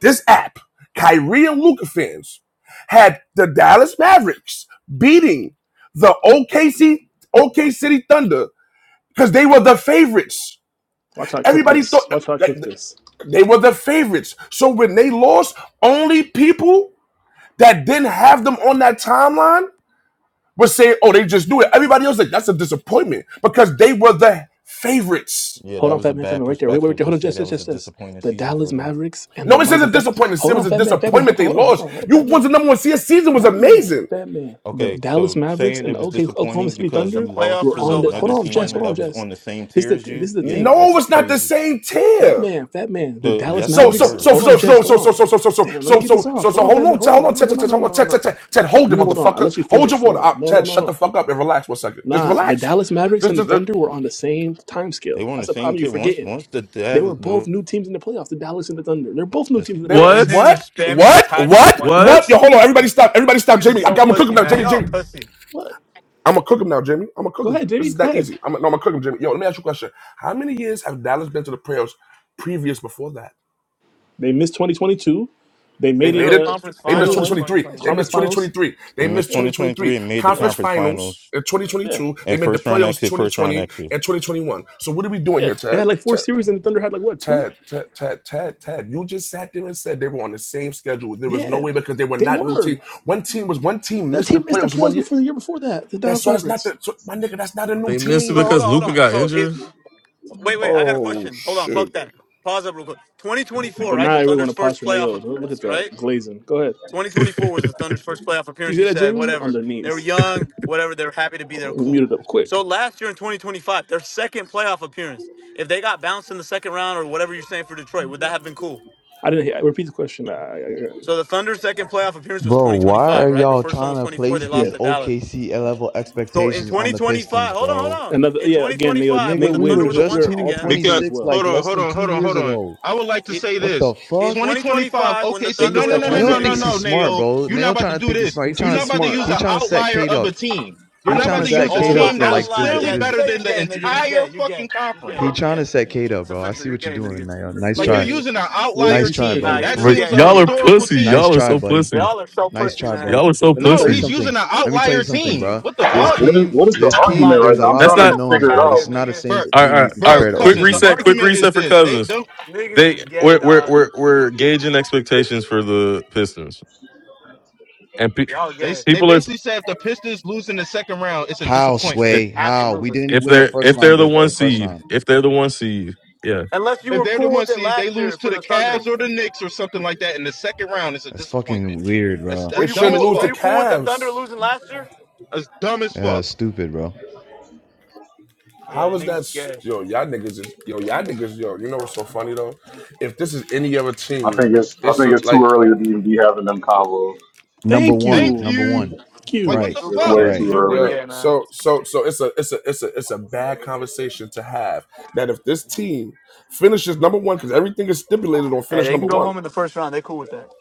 [SPEAKER 1] This app, Kyrie and Luca fans, had the Dallas Mavericks beating the OKC OK City Thunder because they were the favorites.
[SPEAKER 6] Watch how I cook
[SPEAKER 1] Everybody
[SPEAKER 6] this.
[SPEAKER 1] thought
[SPEAKER 6] Watch how I
[SPEAKER 1] like,
[SPEAKER 6] cook this.
[SPEAKER 1] they were the favorites. So when they lost, only people that didn't have them on that timeline were saying, "Oh, they just do it." Everybody else like that's a disappointment because they were the favorites.
[SPEAKER 7] Yeah,
[SPEAKER 6] Hold
[SPEAKER 7] that
[SPEAKER 6] on,
[SPEAKER 7] was
[SPEAKER 6] Fat
[SPEAKER 7] a
[SPEAKER 6] Man, Fat
[SPEAKER 7] bad
[SPEAKER 6] Man, right there. Wait, wait, right
[SPEAKER 7] perspective
[SPEAKER 6] there.
[SPEAKER 7] to
[SPEAKER 6] Hold on,
[SPEAKER 7] say
[SPEAKER 6] just,
[SPEAKER 7] that
[SPEAKER 6] just,
[SPEAKER 7] was a
[SPEAKER 6] just, just.
[SPEAKER 7] disappointing
[SPEAKER 6] The
[SPEAKER 7] season
[SPEAKER 6] Dallas
[SPEAKER 7] for them.
[SPEAKER 6] Mavericks and the
[SPEAKER 1] Nobody says a
[SPEAKER 6] motherfucker.
[SPEAKER 1] disappointment.
[SPEAKER 6] Hold
[SPEAKER 1] It was
[SPEAKER 6] on,
[SPEAKER 1] a
[SPEAKER 6] Fat Man, Fat Man.
[SPEAKER 1] disappointment
[SPEAKER 6] Hold on,
[SPEAKER 1] they
[SPEAKER 6] hold on, hold
[SPEAKER 1] lost.
[SPEAKER 6] on, hold on,
[SPEAKER 1] You
[SPEAKER 6] Fat Man.
[SPEAKER 1] was the number one seed. Season was
[SPEAKER 6] That man,
[SPEAKER 1] amazing.
[SPEAKER 6] that man, the
[SPEAKER 7] Okay,
[SPEAKER 6] Dallas
[SPEAKER 7] so
[SPEAKER 6] Mavericks
[SPEAKER 7] saying
[SPEAKER 6] and
[SPEAKER 7] it was
[SPEAKER 6] OK Oklahoma
[SPEAKER 7] disappointing
[SPEAKER 6] City
[SPEAKER 7] because
[SPEAKER 2] The
[SPEAKER 6] Thunder
[SPEAKER 7] you lost
[SPEAKER 2] playoff
[SPEAKER 6] were
[SPEAKER 7] to
[SPEAKER 6] on
[SPEAKER 2] result
[SPEAKER 6] the.
[SPEAKER 2] was a
[SPEAKER 6] Hold
[SPEAKER 7] another
[SPEAKER 6] on, Jess.
[SPEAKER 7] team
[SPEAKER 6] Hold
[SPEAKER 2] disappointment.
[SPEAKER 6] on,
[SPEAKER 7] that was
[SPEAKER 6] Jess.
[SPEAKER 7] on the same
[SPEAKER 6] This is
[SPEAKER 7] tier
[SPEAKER 6] the
[SPEAKER 7] as
[SPEAKER 6] thing. This
[SPEAKER 7] you,
[SPEAKER 6] is the
[SPEAKER 7] yeah,
[SPEAKER 6] thing.
[SPEAKER 1] No,
[SPEAKER 7] that's
[SPEAKER 1] it's not the
[SPEAKER 7] crazy.
[SPEAKER 1] same
[SPEAKER 6] That
[SPEAKER 1] tier.
[SPEAKER 6] man, that man, the
[SPEAKER 7] The
[SPEAKER 6] Dallas
[SPEAKER 7] yes, they
[SPEAKER 1] So
[SPEAKER 6] Mavericks.
[SPEAKER 1] so
[SPEAKER 7] were.
[SPEAKER 1] so
[SPEAKER 6] Hold
[SPEAKER 1] so
[SPEAKER 6] on, Jess.
[SPEAKER 1] so
[SPEAKER 6] Hold
[SPEAKER 1] so so
[SPEAKER 6] on.
[SPEAKER 1] so so so so
[SPEAKER 6] Damn, let me
[SPEAKER 1] so
[SPEAKER 6] get this
[SPEAKER 1] so so
[SPEAKER 6] off. Hold
[SPEAKER 1] so
[SPEAKER 6] on,
[SPEAKER 1] hold
[SPEAKER 6] fat
[SPEAKER 1] on,
[SPEAKER 6] man. Hold
[SPEAKER 1] hold
[SPEAKER 6] on.
[SPEAKER 1] on,
[SPEAKER 6] No,
[SPEAKER 1] Ted,
[SPEAKER 6] no,
[SPEAKER 1] Ted,
[SPEAKER 6] no,
[SPEAKER 1] Ted,
[SPEAKER 6] no,
[SPEAKER 1] hold
[SPEAKER 6] no,
[SPEAKER 1] on,
[SPEAKER 6] no,
[SPEAKER 1] Ted, Ted,
[SPEAKER 6] no.
[SPEAKER 1] Ted, Ted, hold it,
[SPEAKER 6] You hold on. I
[SPEAKER 1] motherfucker.
[SPEAKER 6] let you
[SPEAKER 1] Hold your
[SPEAKER 6] finish.
[SPEAKER 1] water
[SPEAKER 6] No,
[SPEAKER 1] up,
[SPEAKER 6] no, no,
[SPEAKER 1] Ted.
[SPEAKER 6] no,
[SPEAKER 1] Shut the
[SPEAKER 6] no.
[SPEAKER 1] fuck up and relax one second. Just
[SPEAKER 6] Nah, the
[SPEAKER 1] relax.
[SPEAKER 6] Dallas Mavericks and
[SPEAKER 1] Just,
[SPEAKER 6] the
[SPEAKER 1] just uh,
[SPEAKER 6] Thunder were on the same time
[SPEAKER 7] They
[SPEAKER 6] scale.
[SPEAKER 7] were on the
[SPEAKER 6] That's the
[SPEAKER 7] same
[SPEAKER 6] problem you're
[SPEAKER 7] tier. Once
[SPEAKER 6] forgetting.
[SPEAKER 7] once the
[SPEAKER 6] They were
[SPEAKER 7] Devils
[SPEAKER 6] both
[SPEAKER 7] were
[SPEAKER 6] new teams in the playoffs. The Dallas and the Thunder. They're
[SPEAKER 7] on
[SPEAKER 6] both new
[SPEAKER 7] the
[SPEAKER 6] teams
[SPEAKER 7] same-
[SPEAKER 6] in the
[SPEAKER 1] they
[SPEAKER 2] Bro, These
[SPEAKER 6] playoffs.
[SPEAKER 4] What?
[SPEAKER 2] niggas are
[SPEAKER 1] what?
[SPEAKER 2] spamming that
[SPEAKER 1] What?
[SPEAKER 2] timeline
[SPEAKER 1] What?
[SPEAKER 2] point,
[SPEAKER 4] What?
[SPEAKER 2] bro.
[SPEAKER 1] What? Yo, hold on. Everybody stop. Everybody stop.
[SPEAKER 2] Niggas are
[SPEAKER 1] Jamie, I
[SPEAKER 2] so
[SPEAKER 1] got my cooking
[SPEAKER 2] pussy,
[SPEAKER 1] now.
[SPEAKER 2] man.
[SPEAKER 1] Jamie,
[SPEAKER 2] Y'all are
[SPEAKER 1] Jamie.
[SPEAKER 2] pussy.
[SPEAKER 6] What?
[SPEAKER 1] I'm gonna cook him now, Jimmy. I'm gonna cook
[SPEAKER 6] Go
[SPEAKER 1] him.
[SPEAKER 6] ahead,
[SPEAKER 1] This
[SPEAKER 6] Jimmy.
[SPEAKER 1] is
[SPEAKER 6] Go
[SPEAKER 1] that
[SPEAKER 6] ahead.
[SPEAKER 1] easy. I'm, no, I'm gonna cook him, Jimmy. Yo, let me ask you a question. How many years have Dallas been to the playoffs previous before that?
[SPEAKER 6] They missed 2022. They
[SPEAKER 2] No,
[SPEAKER 1] They
[SPEAKER 6] made
[SPEAKER 2] they
[SPEAKER 6] it
[SPEAKER 1] made
[SPEAKER 2] were
[SPEAKER 1] it.
[SPEAKER 6] uh
[SPEAKER 2] conference
[SPEAKER 1] They missed
[SPEAKER 2] finals in
[SPEAKER 6] 21
[SPEAKER 1] 2023. They
[SPEAKER 6] conference
[SPEAKER 1] missed
[SPEAKER 2] 2022.
[SPEAKER 6] finals.
[SPEAKER 1] 2023. They
[SPEAKER 7] and missed
[SPEAKER 1] missed
[SPEAKER 6] Yeah,
[SPEAKER 7] 2023
[SPEAKER 1] 2023.
[SPEAKER 7] and made the
[SPEAKER 6] yeah,
[SPEAKER 1] Conference
[SPEAKER 7] conference
[SPEAKER 1] finals
[SPEAKER 7] finals
[SPEAKER 1] in
[SPEAKER 6] yeah,
[SPEAKER 1] 2022. They
[SPEAKER 7] and
[SPEAKER 1] made the
[SPEAKER 7] first round
[SPEAKER 1] playoffs
[SPEAKER 7] exit, first round
[SPEAKER 1] 2020
[SPEAKER 7] exit.
[SPEAKER 1] and 2021. So what are we doing
[SPEAKER 6] yeah.
[SPEAKER 1] here,
[SPEAKER 6] They
[SPEAKER 1] Ted?
[SPEAKER 6] had like four
[SPEAKER 1] Ted.
[SPEAKER 6] series, and the Thunder had like what two?
[SPEAKER 1] Ted, Ted, Ted, Ted, Ted, you just sat there and said they were on the same schedule. There was no
[SPEAKER 6] Yeah,
[SPEAKER 1] way because they were
[SPEAKER 6] they
[SPEAKER 1] not new
[SPEAKER 6] were.
[SPEAKER 1] team. One team was one team
[SPEAKER 6] That
[SPEAKER 1] missed the
[SPEAKER 6] team missed the
[SPEAKER 1] playoffs one
[SPEAKER 6] playoffs
[SPEAKER 1] year.
[SPEAKER 6] before the year before that. The
[SPEAKER 1] That's
[SPEAKER 6] Dallas
[SPEAKER 1] so that's not
[SPEAKER 6] Mavericks.
[SPEAKER 1] the so, my nigga. That's not a new
[SPEAKER 4] They missed it
[SPEAKER 2] So
[SPEAKER 1] team.
[SPEAKER 2] hold
[SPEAKER 4] because
[SPEAKER 2] on, hold
[SPEAKER 4] Luca
[SPEAKER 2] on.
[SPEAKER 4] got
[SPEAKER 2] So if
[SPEAKER 4] injured.
[SPEAKER 2] wait, wait, I got a
[SPEAKER 1] Oh
[SPEAKER 2] question. Hold on, fuck
[SPEAKER 1] shit!
[SPEAKER 2] that. Pause up real quick. 2024,
[SPEAKER 6] So
[SPEAKER 2] right?
[SPEAKER 6] now
[SPEAKER 2] The
[SPEAKER 6] everyone want
[SPEAKER 2] Thunder's
[SPEAKER 6] to pause
[SPEAKER 2] first
[SPEAKER 6] for
[SPEAKER 2] playoff
[SPEAKER 6] Nayo. Look at
[SPEAKER 2] appearance,
[SPEAKER 6] that
[SPEAKER 2] right?
[SPEAKER 6] glazing. Go ahead.
[SPEAKER 2] 2024 was the Thunder's first playoff
[SPEAKER 6] You
[SPEAKER 2] appearance.
[SPEAKER 6] see
[SPEAKER 2] You
[SPEAKER 6] that,
[SPEAKER 2] said
[SPEAKER 6] Jamie? On
[SPEAKER 2] whatever.
[SPEAKER 6] their
[SPEAKER 2] They were
[SPEAKER 6] knees.
[SPEAKER 2] young, whatever. They were happy to be
[SPEAKER 6] Oh,
[SPEAKER 2] there.
[SPEAKER 6] you
[SPEAKER 2] Cool.
[SPEAKER 6] Muted up quick.
[SPEAKER 2] So last year in 2025, their second playoff appearance. If they got bounced in the second round or whatever you're saying for Detroit, would that have been cool?
[SPEAKER 6] I didn't hear. Repeat the question. I, I, I-
[SPEAKER 2] So the Thunder's second playoff appearance was
[SPEAKER 8] Bro, why
[SPEAKER 2] 2025,
[SPEAKER 8] are
[SPEAKER 2] right? The
[SPEAKER 8] y'all
[SPEAKER 2] first one was
[SPEAKER 8] trying to
[SPEAKER 2] 24. They
[SPEAKER 8] place
[SPEAKER 6] yeah.
[SPEAKER 2] lost
[SPEAKER 8] these
[SPEAKER 2] to Dallas.
[SPEAKER 8] OKC level
[SPEAKER 2] So in
[SPEAKER 8] expectations on the Pistons,
[SPEAKER 2] 2025, hold on, hold
[SPEAKER 8] bro?
[SPEAKER 2] on.
[SPEAKER 6] Another.
[SPEAKER 2] In
[SPEAKER 6] Yeah. Again, Nayo.
[SPEAKER 2] 2025,
[SPEAKER 8] Nigga,
[SPEAKER 2] when
[SPEAKER 6] Nate
[SPEAKER 2] the
[SPEAKER 8] we
[SPEAKER 6] Wiz.
[SPEAKER 2] Thunder
[SPEAKER 8] were
[SPEAKER 2] were
[SPEAKER 6] There's
[SPEAKER 2] the
[SPEAKER 6] a,
[SPEAKER 2] one
[SPEAKER 8] just
[SPEAKER 6] they're an
[SPEAKER 2] seed
[SPEAKER 8] two
[SPEAKER 6] all
[SPEAKER 8] and
[SPEAKER 2] again,
[SPEAKER 6] time
[SPEAKER 8] twenty
[SPEAKER 6] team
[SPEAKER 7] Because
[SPEAKER 6] as
[SPEAKER 8] six
[SPEAKER 6] well.
[SPEAKER 8] like
[SPEAKER 7] hold on,
[SPEAKER 8] less
[SPEAKER 7] hold
[SPEAKER 8] than
[SPEAKER 7] on,
[SPEAKER 8] two
[SPEAKER 7] hold on,
[SPEAKER 8] years
[SPEAKER 7] hold on.
[SPEAKER 8] ago.
[SPEAKER 7] I would like to
[SPEAKER 2] it,
[SPEAKER 7] say
[SPEAKER 8] What the
[SPEAKER 7] this.
[SPEAKER 2] in
[SPEAKER 8] fuck?
[SPEAKER 7] 2025
[SPEAKER 2] 2025, when the
[SPEAKER 6] They
[SPEAKER 7] OKC.
[SPEAKER 2] Thunder
[SPEAKER 7] No,
[SPEAKER 6] missed
[SPEAKER 2] were
[SPEAKER 7] no,
[SPEAKER 2] the
[SPEAKER 6] that
[SPEAKER 7] no,
[SPEAKER 2] one
[SPEAKER 7] no,
[SPEAKER 8] Neil
[SPEAKER 7] no,
[SPEAKER 2] seed
[SPEAKER 6] caveat,
[SPEAKER 7] no,
[SPEAKER 8] thinks
[SPEAKER 2] again,
[SPEAKER 7] no,
[SPEAKER 8] he's
[SPEAKER 6] Wiz.
[SPEAKER 8] smart,
[SPEAKER 7] Nayo.
[SPEAKER 8] bro.
[SPEAKER 7] You're not
[SPEAKER 8] Neil
[SPEAKER 7] about to
[SPEAKER 8] trying to
[SPEAKER 7] do
[SPEAKER 8] think he's
[SPEAKER 7] this.
[SPEAKER 8] smart.
[SPEAKER 6] He
[SPEAKER 8] He
[SPEAKER 6] thinks
[SPEAKER 7] You're
[SPEAKER 8] trying
[SPEAKER 7] not
[SPEAKER 6] he's
[SPEAKER 8] to
[SPEAKER 7] about to use
[SPEAKER 6] smart.
[SPEAKER 8] he
[SPEAKER 7] an
[SPEAKER 8] trying to set
[SPEAKER 7] outlier
[SPEAKER 8] Kate
[SPEAKER 7] of a
[SPEAKER 8] up.
[SPEAKER 7] team. You're
[SPEAKER 8] He
[SPEAKER 7] not
[SPEAKER 8] trying
[SPEAKER 7] about
[SPEAKER 8] to
[SPEAKER 7] to
[SPEAKER 8] set
[SPEAKER 7] use
[SPEAKER 6] Exactly.
[SPEAKER 7] a
[SPEAKER 6] That's
[SPEAKER 2] Oh
[SPEAKER 8] Kate
[SPEAKER 6] another
[SPEAKER 8] up
[SPEAKER 2] my
[SPEAKER 7] team
[SPEAKER 8] for
[SPEAKER 7] that
[SPEAKER 6] thing.
[SPEAKER 7] was
[SPEAKER 8] like this.
[SPEAKER 2] outlier.
[SPEAKER 7] clearly
[SPEAKER 2] Yeah, just
[SPEAKER 7] better
[SPEAKER 8] This
[SPEAKER 2] say you're
[SPEAKER 7] than the
[SPEAKER 2] gay, nigga. You're
[SPEAKER 7] entire
[SPEAKER 2] gay. You're
[SPEAKER 7] fucking
[SPEAKER 2] gay. You're
[SPEAKER 7] conference.
[SPEAKER 2] gay.
[SPEAKER 8] he
[SPEAKER 2] You're
[SPEAKER 8] trying
[SPEAKER 2] gay.
[SPEAKER 8] to set Kate up,
[SPEAKER 2] It's
[SPEAKER 8] bro. I
[SPEAKER 2] official.
[SPEAKER 8] see
[SPEAKER 2] You're
[SPEAKER 8] what you're
[SPEAKER 2] gay,
[SPEAKER 8] doing,
[SPEAKER 2] nigga.
[SPEAKER 8] Neil. Nice
[SPEAKER 7] Like you're
[SPEAKER 8] try,
[SPEAKER 6] Yeah.
[SPEAKER 7] using an
[SPEAKER 6] Wiz,
[SPEAKER 7] outlier
[SPEAKER 8] nice
[SPEAKER 6] you see what
[SPEAKER 8] try,
[SPEAKER 6] they're
[SPEAKER 7] team.
[SPEAKER 2] Nah,
[SPEAKER 8] buddy.
[SPEAKER 6] doing.
[SPEAKER 2] you're
[SPEAKER 7] That
[SPEAKER 2] just
[SPEAKER 7] team
[SPEAKER 4] But
[SPEAKER 7] was
[SPEAKER 2] gay,
[SPEAKER 7] a
[SPEAKER 4] y'all are
[SPEAKER 2] nigga.
[SPEAKER 7] historical
[SPEAKER 4] pussy.
[SPEAKER 8] Nice
[SPEAKER 7] team.
[SPEAKER 4] Y'all are
[SPEAKER 8] try,
[SPEAKER 4] so
[SPEAKER 8] buddy.
[SPEAKER 4] pussy.
[SPEAKER 2] Y'all are so
[SPEAKER 8] Nice
[SPEAKER 2] pussy,
[SPEAKER 8] try,
[SPEAKER 2] man.
[SPEAKER 8] buddy.
[SPEAKER 4] Y'all are so
[SPEAKER 8] Let me
[SPEAKER 7] No,
[SPEAKER 8] tell you
[SPEAKER 7] he's
[SPEAKER 4] pussy.
[SPEAKER 8] something.
[SPEAKER 7] using an
[SPEAKER 8] Let me tell
[SPEAKER 7] outlier
[SPEAKER 8] you something,
[SPEAKER 7] team.
[SPEAKER 8] bro.
[SPEAKER 7] What the
[SPEAKER 8] This
[SPEAKER 7] fuck?
[SPEAKER 11] What is
[SPEAKER 8] team,
[SPEAKER 11] what is the
[SPEAKER 8] this team,
[SPEAKER 11] argument
[SPEAKER 2] Outlier
[SPEAKER 11] right
[SPEAKER 8] there's a
[SPEAKER 11] now? I'm
[SPEAKER 8] lot
[SPEAKER 2] team.
[SPEAKER 8] of
[SPEAKER 4] That's
[SPEAKER 11] trying
[SPEAKER 2] Get
[SPEAKER 11] to
[SPEAKER 4] not.
[SPEAKER 2] the fuck
[SPEAKER 8] unknowns,
[SPEAKER 11] figure it
[SPEAKER 8] bro.
[SPEAKER 2] out of
[SPEAKER 8] This
[SPEAKER 2] here,
[SPEAKER 8] is
[SPEAKER 11] out.
[SPEAKER 8] not the
[SPEAKER 2] nigga.
[SPEAKER 7] bro,
[SPEAKER 8] same
[SPEAKER 4] All right,
[SPEAKER 8] team
[SPEAKER 4] all
[SPEAKER 8] you
[SPEAKER 4] right,
[SPEAKER 8] can
[SPEAKER 4] all
[SPEAKER 7] bro,
[SPEAKER 8] compare to
[SPEAKER 4] right. Quick
[SPEAKER 7] cousins. The
[SPEAKER 8] OKC.
[SPEAKER 4] reset. Quick
[SPEAKER 7] argument is
[SPEAKER 4] reset for
[SPEAKER 7] this: they
[SPEAKER 4] Cousins.
[SPEAKER 7] don't.
[SPEAKER 2] Niggas is
[SPEAKER 4] They
[SPEAKER 2] gay,
[SPEAKER 4] we're we're
[SPEAKER 2] dog.
[SPEAKER 4] we're, we're gauging expectations for the Pistons. And pe-
[SPEAKER 2] Y'all
[SPEAKER 7] They
[SPEAKER 2] gay.
[SPEAKER 7] they
[SPEAKER 4] people are
[SPEAKER 7] basically said if the Pistons lose in the second round, it's a
[SPEAKER 8] How
[SPEAKER 7] disappointment.
[SPEAKER 8] sway? How we
[SPEAKER 2] Absolutely.
[SPEAKER 8] didn't even
[SPEAKER 4] if
[SPEAKER 8] win the
[SPEAKER 4] they're
[SPEAKER 8] first
[SPEAKER 4] if they're
[SPEAKER 8] round?
[SPEAKER 4] the
[SPEAKER 8] uh,
[SPEAKER 4] one
[SPEAKER 8] uh, First
[SPEAKER 4] seed.
[SPEAKER 8] round.
[SPEAKER 4] If they're the one seed. Yeah.
[SPEAKER 2] Unless you
[SPEAKER 7] If
[SPEAKER 2] were
[SPEAKER 7] they're the
[SPEAKER 2] cool
[SPEAKER 7] one
[SPEAKER 2] with it
[SPEAKER 7] seed, they
[SPEAKER 2] last
[SPEAKER 7] lose
[SPEAKER 2] year
[SPEAKER 7] to
[SPEAKER 2] for
[SPEAKER 7] the
[SPEAKER 2] the
[SPEAKER 7] Cavs
[SPEAKER 2] Thunder.
[SPEAKER 7] or the Knicks or something like that in the second round, it's a
[SPEAKER 8] That's
[SPEAKER 7] disappointment.
[SPEAKER 8] fucking weird,
[SPEAKER 7] That's
[SPEAKER 8] bro.
[SPEAKER 2] Were
[SPEAKER 1] They
[SPEAKER 7] that's
[SPEAKER 2] you
[SPEAKER 7] dumb
[SPEAKER 1] shouldn't
[SPEAKER 7] as
[SPEAKER 2] cool?
[SPEAKER 1] lose
[SPEAKER 2] Were
[SPEAKER 1] the
[SPEAKER 7] fuck.
[SPEAKER 2] you cool with the Thunder
[SPEAKER 1] Cavs.
[SPEAKER 2] losing last year?
[SPEAKER 7] That's dumb as
[SPEAKER 8] Uh,
[SPEAKER 7] fuck.
[SPEAKER 8] stupid, bro.
[SPEAKER 2] Yeah,
[SPEAKER 1] How is that?
[SPEAKER 2] niggas is
[SPEAKER 1] s-
[SPEAKER 2] gay.
[SPEAKER 1] Yo, y'all niggas is yo, y'all niggas yo. You know what's so funny though? If this is any other
[SPEAKER 11] I
[SPEAKER 1] team,
[SPEAKER 11] think it's I
[SPEAKER 1] it's
[SPEAKER 11] think
[SPEAKER 1] a,
[SPEAKER 11] it's too
[SPEAKER 1] like
[SPEAKER 11] early to be, be having them convos.
[SPEAKER 8] Number
[SPEAKER 6] Thank
[SPEAKER 8] one,
[SPEAKER 7] Thank
[SPEAKER 6] you.
[SPEAKER 8] number
[SPEAKER 7] you.
[SPEAKER 8] one.
[SPEAKER 6] Thank
[SPEAKER 7] Like what
[SPEAKER 6] you.
[SPEAKER 11] It's,
[SPEAKER 8] Right,
[SPEAKER 7] the
[SPEAKER 11] it's
[SPEAKER 2] Super
[SPEAKER 7] fuck?
[SPEAKER 11] way
[SPEAKER 2] gay.
[SPEAKER 11] too
[SPEAKER 8] right,
[SPEAKER 2] Super
[SPEAKER 11] early.
[SPEAKER 1] yeah.
[SPEAKER 2] gay, man.
[SPEAKER 1] So so so it's a it's a it's a it's a bad conversation to have that if this team finishes number one because everything is stipulated on
[SPEAKER 2] Hey,
[SPEAKER 1] finish
[SPEAKER 2] they can
[SPEAKER 1] number
[SPEAKER 2] go
[SPEAKER 1] one,
[SPEAKER 2] home in the first round. They cool with that.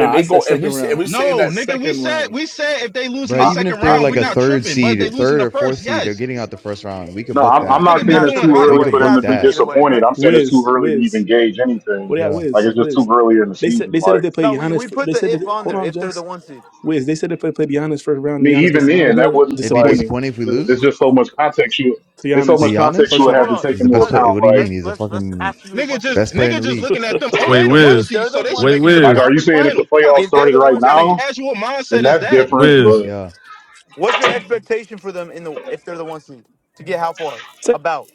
[SPEAKER 1] and
[SPEAKER 6] I
[SPEAKER 1] they
[SPEAKER 6] said
[SPEAKER 1] go and we
[SPEAKER 6] second
[SPEAKER 1] say and
[SPEAKER 6] round.
[SPEAKER 1] we saying
[SPEAKER 7] No,
[SPEAKER 1] that
[SPEAKER 7] nigga, we
[SPEAKER 6] Second
[SPEAKER 7] said
[SPEAKER 6] round.
[SPEAKER 7] we said if they lose in
[SPEAKER 8] right.
[SPEAKER 7] the
[SPEAKER 11] I,
[SPEAKER 8] Even if
[SPEAKER 7] second
[SPEAKER 11] I,
[SPEAKER 8] they're
[SPEAKER 7] round,
[SPEAKER 8] like
[SPEAKER 7] we're
[SPEAKER 8] a
[SPEAKER 6] Yeah.
[SPEAKER 7] not
[SPEAKER 8] third
[SPEAKER 7] tripping. But if
[SPEAKER 8] seed, or
[SPEAKER 7] they lose in
[SPEAKER 8] third
[SPEAKER 7] the
[SPEAKER 8] or fourth
[SPEAKER 7] first,
[SPEAKER 8] seed, they're
[SPEAKER 7] yes,
[SPEAKER 8] getting out the first round. We could
[SPEAKER 11] no,
[SPEAKER 8] book
[SPEAKER 11] I'm, I'm
[SPEAKER 8] that.
[SPEAKER 11] not
[SPEAKER 7] nigga,
[SPEAKER 2] You're
[SPEAKER 7] be
[SPEAKER 11] saying
[SPEAKER 2] not
[SPEAKER 11] it's
[SPEAKER 7] doing
[SPEAKER 2] tripping
[SPEAKER 11] too
[SPEAKER 7] high
[SPEAKER 2] either
[SPEAKER 8] We
[SPEAKER 11] early
[SPEAKER 2] way.
[SPEAKER 11] for
[SPEAKER 8] could
[SPEAKER 2] You're
[SPEAKER 11] them to
[SPEAKER 8] book
[SPEAKER 2] not
[SPEAKER 11] be
[SPEAKER 2] tripping
[SPEAKER 8] that.
[SPEAKER 2] either way, bro.
[SPEAKER 11] disappointed. I'm saying it's too
[SPEAKER 6] Wiz,
[SPEAKER 11] early to even
[SPEAKER 6] Wiz.
[SPEAKER 11] gauge anything.
[SPEAKER 6] What do y'all
[SPEAKER 8] Yeah,
[SPEAKER 11] Like
[SPEAKER 6] Wiz?
[SPEAKER 11] it's just too
[SPEAKER 6] Wiz.
[SPEAKER 11] early in the
[SPEAKER 6] They said
[SPEAKER 11] season.
[SPEAKER 6] they said if
[SPEAKER 11] Like I
[SPEAKER 6] they play
[SPEAKER 2] No, we,
[SPEAKER 6] Giannis
[SPEAKER 2] we
[SPEAKER 6] fir-
[SPEAKER 2] put
[SPEAKER 6] they said
[SPEAKER 2] the
[SPEAKER 6] that
[SPEAKER 2] if on
[SPEAKER 6] hold
[SPEAKER 2] there
[SPEAKER 6] on,
[SPEAKER 2] if they're the
[SPEAKER 6] Jess.
[SPEAKER 2] one seed.
[SPEAKER 6] Wiz, they said if they play Giannis first round and
[SPEAKER 11] mean,
[SPEAKER 6] Giannis
[SPEAKER 11] even
[SPEAKER 6] gets them out of
[SPEAKER 11] then, that
[SPEAKER 6] there,
[SPEAKER 11] wouldn't
[SPEAKER 8] it'd be
[SPEAKER 11] like.
[SPEAKER 6] disappointing.
[SPEAKER 8] disappointing if we
[SPEAKER 11] It's, it's
[SPEAKER 8] lose
[SPEAKER 11] just so much context you.
[SPEAKER 6] To
[SPEAKER 11] It's so
[SPEAKER 8] to
[SPEAKER 11] much
[SPEAKER 6] Giannis,
[SPEAKER 11] context you
[SPEAKER 8] Giannis.
[SPEAKER 6] first
[SPEAKER 2] So
[SPEAKER 11] would have
[SPEAKER 6] round.
[SPEAKER 2] hold
[SPEAKER 11] to
[SPEAKER 2] on,
[SPEAKER 11] take
[SPEAKER 8] He's
[SPEAKER 2] so,
[SPEAKER 8] the
[SPEAKER 11] into
[SPEAKER 8] best player.
[SPEAKER 2] cousin.
[SPEAKER 11] account.
[SPEAKER 8] What do you
[SPEAKER 11] Like.
[SPEAKER 8] mean?
[SPEAKER 2] Let's
[SPEAKER 8] He's the
[SPEAKER 2] let's let's
[SPEAKER 8] fucking
[SPEAKER 2] ask you a
[SPEAKER 7] Nigga
[SPEAKER 2] question
[SPEAKER 7] just
[SPEAKER 2] then.
[SPEAKER 8] best player in
[SPEAKER 7] nigga
[SPEAKER 8] the
[SPEAKER 7] just
[SPEAKER 8] league.
[SPEAKER 7] looking at them. Oh,
[SPEAKER 4] Wait,
[SPEAKER 7] they the one
[SPEAKER 2] If
[SPEAKER 4] Wiz.
[SPEAKER 7] seed,
[SPEAKER 2] they're
[SPEAKER 7] so
[SPEAKER 2] the
[SPEAKER 7] they should
[SPEAKER 2] one
[SPEAKER 4] Wait,
[SPEAKER 7] make it to the
[SPEAKER 2] seed,
[SPEAKER 11] Like,
[SPEAKER 4] Wiz.
[SPEAKER 11] are you
[SPEAKER 7] conference
[SPEAKER 11] saying if the
[SPEAKER 7] finals. What kind
[SPEAKER 11] playoffs
[SPEAKER 7] of
[SPEAKER 2] if
[SPEAKER 7] ca-
[SPEAKER 2] they're
[SPEAKER 11] started
[SPEAKER 2] the
[SPEAKER 11] right
[SPEAKER 7] what
[SPEAKER 2] one
[SPEAKER 7] kind of
[SPEAKER 2] seed,
[SPEAKER 11] now,
[SPEAKER 7] casual
[SPEAKER 11] then
[SPEAKER 7] mindset is
[SPEAKER 11] that's
[SPEAKER 7] that?
[SPEAKER 11] different?
[SPEAKER 4] Wiz.
[SPEAKER 11] But
[SPEAKER 8] Yeah.
[SPEAKER 2] what's your expectation for them in the if they're the one seed to get how far?
[SPEAKER 6] So
[SPEAKER 2] About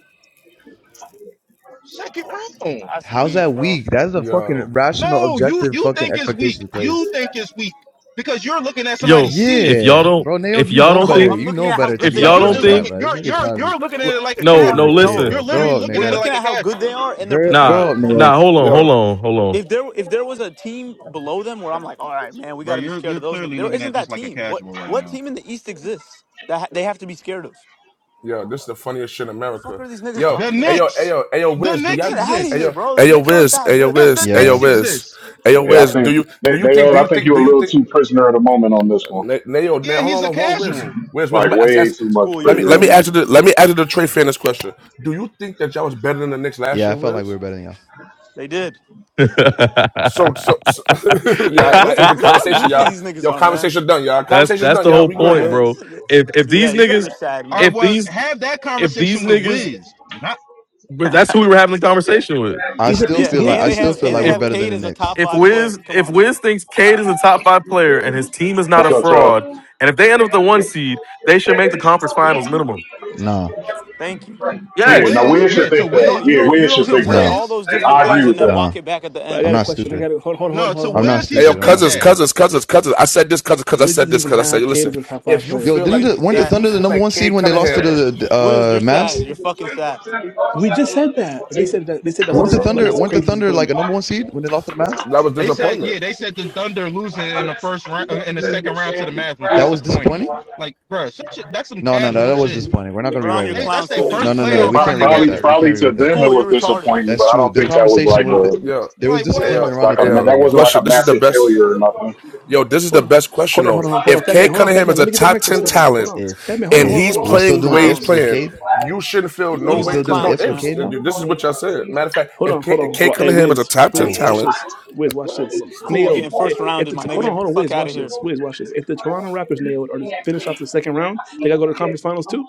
[SPEAKER 7] Second round.
[SPEAKER 2] that's
[SPEAKER 8] How's
[SPEAKER 2] weak,
[SPEAKER 8] that
[SPEAKER 2] bro.
[SPEAKER 8] weak? That's a
[SPEAKER 1] yo
[SPEAKER 8] fucking rational,
[SPEAKER 7] No, you
[SPEAKER 8] objective
[SPEAKER 7] you
[SPEAKER 8] fucking
[SPEAKER 7] think it's weak.
[SPEAKER 8] expectation
[SPEAKER 7] You
[SPEAKER 8] place.
[SPEAKER 7] think it's weak because you're looking at
[SPEAKER 4] Yo,
[SPEAKER 7] somebody's
[SPEAKER 4] if
[SPEAKER 7] seeding.
[SPEAKER 4] y'all
[SPEAKER 8] Yeah,
[SPEAKER 4] don't
[SPEAKER 8] bro, Nailed,
[SPEAKER 4] if
[SPEAKER 8] you
[SPEAKER 4] y'all
[SPEAKER 8] know
[SPEAKER 4] don't
[SPEAKER 2] No,
[SPEAKER 8] better.
[SPEAKER 4] think
[SPEAKER 2] I'm
[SPEAKER 8] You
[SPEAKER 2] looking
[SPEAKER 8] know
[SPEAKER 2] at how
[SPEAKER 8] better to
[SPEAKER 2] good
[SPEAKER 4] if
[SPEAKER 8] be
[SPEAKER 2] they
[SPEAKER 7] Like
[SPEAKER 2] are
[SPEAKER 4] y'all
[SPEAKER 8] acting
[SPEAKER 7] you're
[SPEAKER 4] don't
[SPEAKER 8] like
[SPEAKER 7] just
[SPEAKER 2] too.
[SPEAKER 8] that,
[SPEAKER 7] looking.
[SPEAKER 4] think,
[SPEAKER 8] bro. This
[SPEAKER 7] You're
[SPEAKER 8] nigga
[SPEAKER 7] you're
[SPEAKER 8] trying to be.
[SPEAKER 7] you're looking at
[SPEAKER 4] l-
[SPEAKER 7] it like a
[SPEAKER 8] This
[SPEAKER 4] no,
[SPEAKER 8] nigga's
[SPEAKER 4] no,
[SPEAKER 8] a
[SPEAKER 7] casual.
[SPEAKER 8] kid,
[SPEAKER 4] listen,
[SPEAKER 2] No,
[SPEAKER 7] You're
[SPEAKER 8] bro.
[SPEAKER 7] literally
[SPEAKER 8] Grow
[SPEAKER 2] you
[SPEAKER 8] up,
[SPEAKER 7] looking
[SPEAKER 2] we're
[SPEAKER 7] at it
[SPEAKER 8] nigga.
[SPEAKER 2] looking
[SPEAKER 7] like a
[SPEAKER 2] at how good they
[SPEAKER 7] casual.
[SPEAKER 2] are and their
[SPEAKER 8] Grow,
[SPEAKER 2] potential
[SPEAKER 4] nah,
[SPEAKER 8] grow up,
[SPEAKER 4] nah,
[SPEAKER 8] Nailed.
[SPEAKER 2] opponents.
[SPEAKER 4] hold on, hold
[SPEAKER 1] yo.
[SPEAKER 4] on, hold
[SPEAKER 2] If there if there was a team below them where I'm like, all right, man, we
[SPEAKER 7] Bro,
[SPEAKER 2] got to be
[SPEAKER 7] you're
[SPEAKER 2] scared
[SPEAKER 7] you're
[SPEAKER 2] of those. niggas."
[SPEAKER 7] clearly
[SPEAKER 2] There
[SPEAKER 7] looking
[SPEAKER 2] isn't
[SPEAKER 7] at
[SPEAKER 2] that
[SPEAKER 7] this like a
[SPEAKER 2] team. What
[SPEAKER 7] casual right
[SPEAKER 2] what
[SPEAKER 7] now.
[SPEAKER 2] team in the East exists that ha- they have to be scared of?
[SPEAKER 1] Yo, this is the funniest shit in
[SPEAKER 2] The fuck
[SPEAKER 1] America.
[SPEAKER 2] are these niggas
[SPEAKER 1] Yo,
[SPEAKER 7] The
[SPEAKER 2] talking
[SPEAKER 1] hey yo,
[SPEAKER 2] about?
[SPEAKER 1] hey
[SPEAKER 7] Knicks.
[SPEAKER 1] yo, hey yo,
[SPEAKER 7] The
[SPEAKER 1] Wiz, do
[SPEAKER 7] Knicks
[SPEAKER 1] y'all?
[SPEAKER 2] Get out of
[SPEAKER 1] Hey
[SPEAKER 7] exist.
[SPEAKER 2] here,
[SPEAKER 1] yo,
[SPEAKER 2] bro.
[SPEAKER 1] hey
[SPEAKER 2] The
[SPEAKER 1] yo,
[SPEAKER 2] Knicks aren't
[SPEAKER 1] Wiz,
[SPEAKER 2] that
[SPEAKER 1] hey yo,
[SPEAKER 2] good.
[SPEAKER 7] The, the
[SPEAKER 1] Wiz, hey yo,
[SPEAKER 8] Yeah.
[SPEAKER 7] Knicks
[SPEAKER 1] Wiz,
[SPEAKER 7] exist.
[SPEAKER 1] hey yo,
[SPEAKER 11] yeah, I
[SPEAKER 1] Wiz. Do
[SPEAKER 11] think
[SPEAKER 1] you
[SPEAKER 11] they,
[SPEAKER 1] do you
[SPEAKER 11] they
[SPEAKER 1] think do
[SPEAKER 11] I
[SPEAKER 1] you
[SPEAKER 11] think
[SPEAKER 1] think
[SPEAKER 11] you're
[SPEAKER 1] do
[SPEAKER 11] a
[SPEAKER 1] you
[SPEAKER 11] little
[SPEAKER 1] think?
[SPEAKER 11] too prisoner of the moment on this one.
[SPEAKER 1] Na- Nayo,
[SPEAKER 7] Yeah,
[SPEAKER 1] Nayo, hold
[SPEAKER 7] he's
[SPEAKER 1] on, hold
[SPEAKER 7] a
[SPEAKER 1] on, hold on, Wiz,
[SPEAKER 7] casual.
[SPEAKER 1] Wiz, Wiz.
[SPEAKER 11] Like,
[SPEAKER 1] Ask,
[SPEAKER 11] way
[SPEAKER 1] ask,
[SPEAKER 11] too much
[SPEAKER 2] School, you're
[SPEAKER 1] let
[SPEAKER 2] an
[SPEAKER 1] me
[SPEAKER 11] prisoner
[SPEAKER 1] let
[SPEAKER 11] of
[SPEAKER 1] me
[SPEAKER 11] the
[SPEAKER 2] idiot.
[SPEAKER 1] ask you
[SPEAKER 11] moment.
[SPEAKER 1] the let me ask you the Trey fan this question. Do you think that y'all was better than the Knicks last
[SPEAKER 8] Yeah, I
[SPEAKER 1] year,
[SPEAKER 8] felt like we
[SPEAKER 1] Wiz?
[SPEAKER 8] were better than y'all.
[SPEAKER 2] They did.
[SPEAKER 4] on.
[SPEAKER 1] So so, so
[SPEAKER 2] Yeah,
[SPEAKER 1] yeah,
[SPEAKER 2] look
[SPEAKER 1] that is
[SPEAKER 2] how
[SPEAKER 1] the
[SPEAKER 2] look how
[SPEAKER 1] conversation,
[SPEAKER 2] goofy
[SPEAKER 1] y'all.
[SPEAKER 2] these niggas
[SPEAKER 1] Yo,
[SPEAKER 2] are, man.
[SPEAKER 1] conversation done, y'all.
[SPEAKER 4] that's
[SPEAKER 1] Conversation's
[SPEAKER 4] that's
[SPEAKER 1] done,
[SPEAKER 4] the
[SPEAKER 1] y'all.
[SPEAKER 4] whole
[SPEAKER 1] We good,
[SPEAKER 2] Yeah,
[SPEAKER 4] point,
[SPEAKER 1] man.
[SPEAKER 2] this
[SPEAKER 4] bro.
[SPEAKER 2] is,
[SPEAKER 4] If if
[SPEAKER 2] yeah,
[SPEAKER 4] these
[SPEAKER 2] you got your
[SPEAKER 4] niggas,
[SPEAKER 2] side,
[SPEAKER 7] Or
[SPEAKER 2] man.
[SPEAKER 4] if
[SPEAKER 7] well,
[SPEAKER 4] these
[SPEAKER 7] have that
[SPEAKER 4] if these
[SPEAKER 7] conversation with
[SPEAKER 4] niggas,
[SPEAKER 7] Wiz. Not
[SPEAKER 4] but that's who we were having the conversation with.
[SPEAKER 8] I
[SPEAKER 6] he's a
[SPEAKER 8] still
[SPEAKER 2] Yeah,
[SPEAKER 6] piston
[SPEAKER 8] feel
[SPEAKER 6] he's a
[SPEAKER 8] like
[SPEAKER 2] and
[SPEAKER 8] I
[SPEAKER 2] they
[SPEAKER 8] still
[SPEAKER 6] Pistons
[SPEAKER 2] have
[SPEAKER 8] feel
[SPEAKER 2] and
[SPEAKER 8] like
[SPEAKER 2] they
[SPEAKER 6] fan.
[SPEAKER 8] we're
[SPEAKER 4] If
[SPEAKER 2] have
[SPEAKER 8] better than
[SPEAKER 2] Cade
[SPEAKER 8] the
[SPEAKER 2] as a
[SPEAKER 8] Knicks.
[SPEAKER 2] top
[SPEAKER 4] if
[SPEAKER 2] five player.
[SPEAKER 4] Wiz
[SPEAKER 2] Come
[SPEAKER 4] if
[SPEAKER 2] on, man.
[SPEAKER 4] Wiz thinks Cade is a top five player and his team is not
[SPEAKER 11] What's
[SPEAKER 4] a
[SPEAKER 11] up,
[SPEAKER 4] fraud,
[SPEAKER 11] Charles?
[SPEAKER 4] and if they end up with the one seed, they should make the conference finals minimum.
[SPEAKER 8] Nah,
[SPEAKER 2] Thank you.
[SPEAKER 7] to
[SPEAKER 11] Yeah,
[SPEAKER 4] Yes.
[SPEAKER 11] now
[SPEAKER 7] Wiz.
[SPEAKER 11] we should
[SPEAKER 7] Yeah, to
[SPEAKER 11] think
[SPEAKER 2] You
[SPEAKER 11] that.
[SPEAKER 7] Wiz.
[SPEAKER 2] don't you
[SPEAKER 11] Yeah,
[SPEAKER 2] don't you
[SPEAKER 11] we
[SPEAKER 2] don't
[SPEAKER 11] should
[SPEAKER 2] get
[SPEAKER 7] To
[SPEAKER 2] to
[SPEAKER 11] think
[SPEAKER 2] say
[SPEAKER 11] that.
[SPEAKER 8] nah,
[SPEAKER 2] all
[SPEAKER 7] Wiz.
[SPEAKER 2] those different
[SPEAKER 11] I agree
[SPEAKER 2] things and
[SPEAKER 11] with
[SPEAKER 2] then
[SPEAKER 11] that.
[SPEAKER 8] nah.
[SPEAKER 2] walk it back at the
[SPEAKER 6] But I
[SPEAKER 2] end.
[SPEAKER 8] I'm
[SPEAKER 6] got a
[SPEAKER 8] not
[SPEAKER 6] question. I
[SPEAKER 8] stupid.
[SPEAKER 6] got to hold hold hold
[SPEAKER 7] No,
[SPEAKER 6] hold
[SPEAKER 7] to
[SPEAKER 6] hold
[SPEAKER 8] I'm not
[SPEAKER 6] on.
[SPEAKER 7] Wiz, he
[SPEAKER 1] Hey, yo,
[SPEAKER 8] stupid.
[SPEAKER 7] should
[SPEAKER 8] I'm not
[SPEAKER 7] think
[SPEAKER 1] cousins,
[SPEAKER 7] that.
[SPEAKER 8] stupid.
[SPEAKER 1] cousins, cousins, cousins. I said this, cousins, because I
[SPEAKER 6] Wiz
[SPEAKER 1] said
[SPEAKER 6] does
[SPEAKER 1] this,
[SPEAKER 6] even
[SPEAKER 1] because I said,
[SPEAKER 6] have Cade
[SPEAKER 1] listen,
[SPEAKER 6] as a top five
[SPEAKER 1] if you
[SPEAKER 8] Yo,
[SPEAKER 6] player.
[SPEAKER 1] feel
[SPEAKER 8] didn't
[SPEAKER 1] like,
[SPEAKER 2] Niggas
[SPEAKER 8] the,
[SPEAKER 2] is
[SPEAKER 8] weren't the
[SPEAKER 1] if
[SPEAKER 2] sad,
[SPEAKER 1] you
[SPEAKER 8] Thunder the
[SPEAKER 1] feel
[SPEAKER 2] man.
[SPEAKER 8] number
[SPEAKER 1] like
[SPEAKER 8] one seed
[SPEAKER 1] Cade
[SPEAKER 8] when they lost to
[SPEAKER 1] Cunningham,
[SPEAKER 8] the
[SPEAKER 2] Wiz, you're
[SPEAKER 8] uh,
[SPEAKER 2] sad.
[SPEAKER 8] Mavs?
[SPEAKER 2] You're fucking sad.
[SPEAKER 6] We just said that. They said that they said that's a
[SPEAKER 8] Weren't
[SPEAKER 6] dis-
[SPEAKER 8] the
[SPEAKER 6] like
[SPEAKER 8] Thunder
[SPEAKER 6] it's a
[SPEAKER 8] weren't the
[SPEAKER 6] crazy
[SPEAKER 8] Thunder like a
[SPEAKER 6] disappointment.
[SPEAKER 8] number one seed when they lost to the Mavs?
[SPEAKER 1] that was
[SPEAKER 7] They said, yeah,
[SPEAKER 1] disappointment.
[SPEAKER 7] they said the Thunder losing in the first round, uh, in the second round to the Mavs was
[SPEAKER 8] That was
[SPEAKER 7] disappointing.
[SPEAKER 8] disappointing.
[SPEAKER 7] Like, bro, such a, that's some
[SPEAKER 8] No, no, no.
[SPEAKER 7] casual
[SPEAKER 8] That was
[SPEAKER 7] shit.
[SPEAKER 8] disappointing. We're not gonna
[SPEAKER 2] Put on
[SPEAKER 8] rewrite
[SPEAKER 2] your
[SPEAKER 7] They,
[SPEAKER 8] that.
[SPEAKER 2] clown
[SPEAKER 7] that's their
[SPEAKER 2] suit, nigga.
[SPEAKER 8] No,
[SPEAKER 2] You
[SPEAKER 7] first
[SPEAKER 8] no, no,
[SPEAKER 11] Yeah,
[SPEAKER 8] no.
[SPEAKER 2] sad.
[SPEAKER 8] We
[SPEAKER 7] playoff
[SPEAKER 11] pro-
[SPEAKER 7] run
[SPEAKER 8] can't rewrite
[SPEAKER 11] probably,
[SPEAKER 8] that.
[SPEAKER 7] together.
[SPEAKER 8] We
[SPEAKER 11] probably
[SPEAKER 8] can't
[SPEAKER 11] to
[SPEAKER 8] rewrite that.
[SPEAKER 11] them it
[SPEAKER 2] School,
[SPEAKER 11] was
[SPEAKER 2] you're retarded.
[SPEAKER 11] disappointing,
[SPEAKER 8] That's
[SPEAKER 11] but I
[SPEAKER 8] true.
[SPEAKER 11] don't
[SPEAKER 8] The
[SPEAKER 11] think that was
[SPEAKER 8] conversation
[SPEAKER 11] like
[SPEAKER 8] was
[SPEAKER 11] a
[SPEAKER 8] that
[SPEAKER 1] Yo,
[SPEAKER 8] there was
[SPEAKER 7] Like,
[SPEAKER 1] hey,
[SPEAKER 7] what?
[SPEAKER 1] yo,
[SPEAKER 8] disappointment around the
[SPEAKER 11] like a
[SPEAKER 1] hey,
[SPEAKER 11] ma-
[SPEAKER 8] Thunder
[SPEAKER 1] yo,
[SPEAKER 8] that
[SPEAKER 11] that
[SPEAKER 8] year.
[SPEAKER 11] wasn't like
[SPEAKER 1] question.
[SPEAKER 11] a
[SPEAKER 1] This is the
[SPEAKER 11] massive
[SPEAKER 1] best.
[SPEAKER 11] failure or nothing.
[SPEAKER 1] Yo, this is the
[SPEAKER 6] Hold on.
[SPEAKER 1] best question
[SPEAKER 6] Hold on,
[SPEAKER 1] though.
[SPEAKER 6] hold on, hold on,
[SPEAKER 1] If
[SPEAKER 6] fat man,
[SPEAKER 1] Cade
[SPEAKER 6] hold on, fat
[SPEAKER 1] Cunningham
[SPEAKER 6] man.
[SPEAKER 1] is
[SPEAKER 6] Let
[SPEAKER 1] a
[SPEAKER 6] me get the
[SPEAKER 1] top
[SPEAKER 6] mic for a
[SPEAKER 1] ten
[SPEAKER 6] second. Hold
[SPEAKER 1] talent
[SPEAKER 6] on. Fat
[SPEAKER 8] If
[SPEAKER 6] man, hold on,
[SPEAKER 1] and
[SPEAKER 6] hold on,
[SPEAKER 8] if
[SPEAKER 6] hold
[SPEAKER 1] he's
[SPEAKER 6] on.
[SPEAKER 8] we're
[SPEAKER 2] Fucking
[SPEAKER 8] still
[SPEAKER 1] playing the
[SPEAKER 8] doing
[SPEAKER 1] way he's
[SPEAKER 8] ifs with
[SPEAKER 2] clowns.
[SPEAKER 1] playing,
[SPEAKER 8] Cade,
[SPEAKER 1] you shouldn't feel no
[SPEAKER 8] we're
[SPEAKER 2] Niggas is
[SPEAKER 1] way.
[SPEAKER 8] still
[SPEAKER 1] There's
[SPEAKER 8] doing
[SPEAKER 6] Yeah.
[SPEAKER 1] no
[SPEAKER 2] clowns,
[SPEAKER 8] ifs with
[SPEAKER 2] man.
[SPEAKER 1] ifs.
[SPEAKER 8] Cade now.
[SPEAKER 1] This is what y'all said. Matter of fact,
[SPEAKER 6] Hold
[SPEAKER 1] if
[SPEAKER 6] on,
[SPEAKER 1] Cade,
[SPEAKER 6] hold
[SPEAKER 1] if
[SPEAKER 6] on.
[SPEAKER 1] Cade
[SPEAKER 6] Wa- Hey,
[SPEAKER 1] Cunningham is a
[SPEAKER 6] Wiz,
[SPEAKER 1] top ten
[SPEAKER 6] Wiz,
[SPEAKER 8] Cool.
[SPEAKER 6] watch
[SPEAKER 1] talent,
[SPEAKER 6] this. Wiz, watch
[SPEAKER 1] Wow, I'm
[SPEAKER 6] this.
[SPEAKER 1] going to smoke
[SPEAKER 2] cool
[SPEAKER 1] this
[SPEAKER 6] Nailed.
[SPEAKER 2] getting
[SPEAKER 1] shit.
[SPEAKER 6] Eh,
[SPEAKER 2] first
[SPEAKER 6] If
[SPEAKER 2] rounded,
[SPEAKER 6] the
[SPEAKER 2] my
[SPEAKER 6] t- hold on,
[SPEAKER 2] nigga.
[SPEAKER 6] hold on,
[SPEAKER 2] Fuck
[SPEAKER 6] Wiz,
[SPEAKER 2] out of
[SPEAKER 6] watch
[SPEAKER 2] here.
[SPEAKER 6] this. Wiz, watch this. If the Toronto Raptors nailed or to finish off the second round, they gotta go to the conference finals too.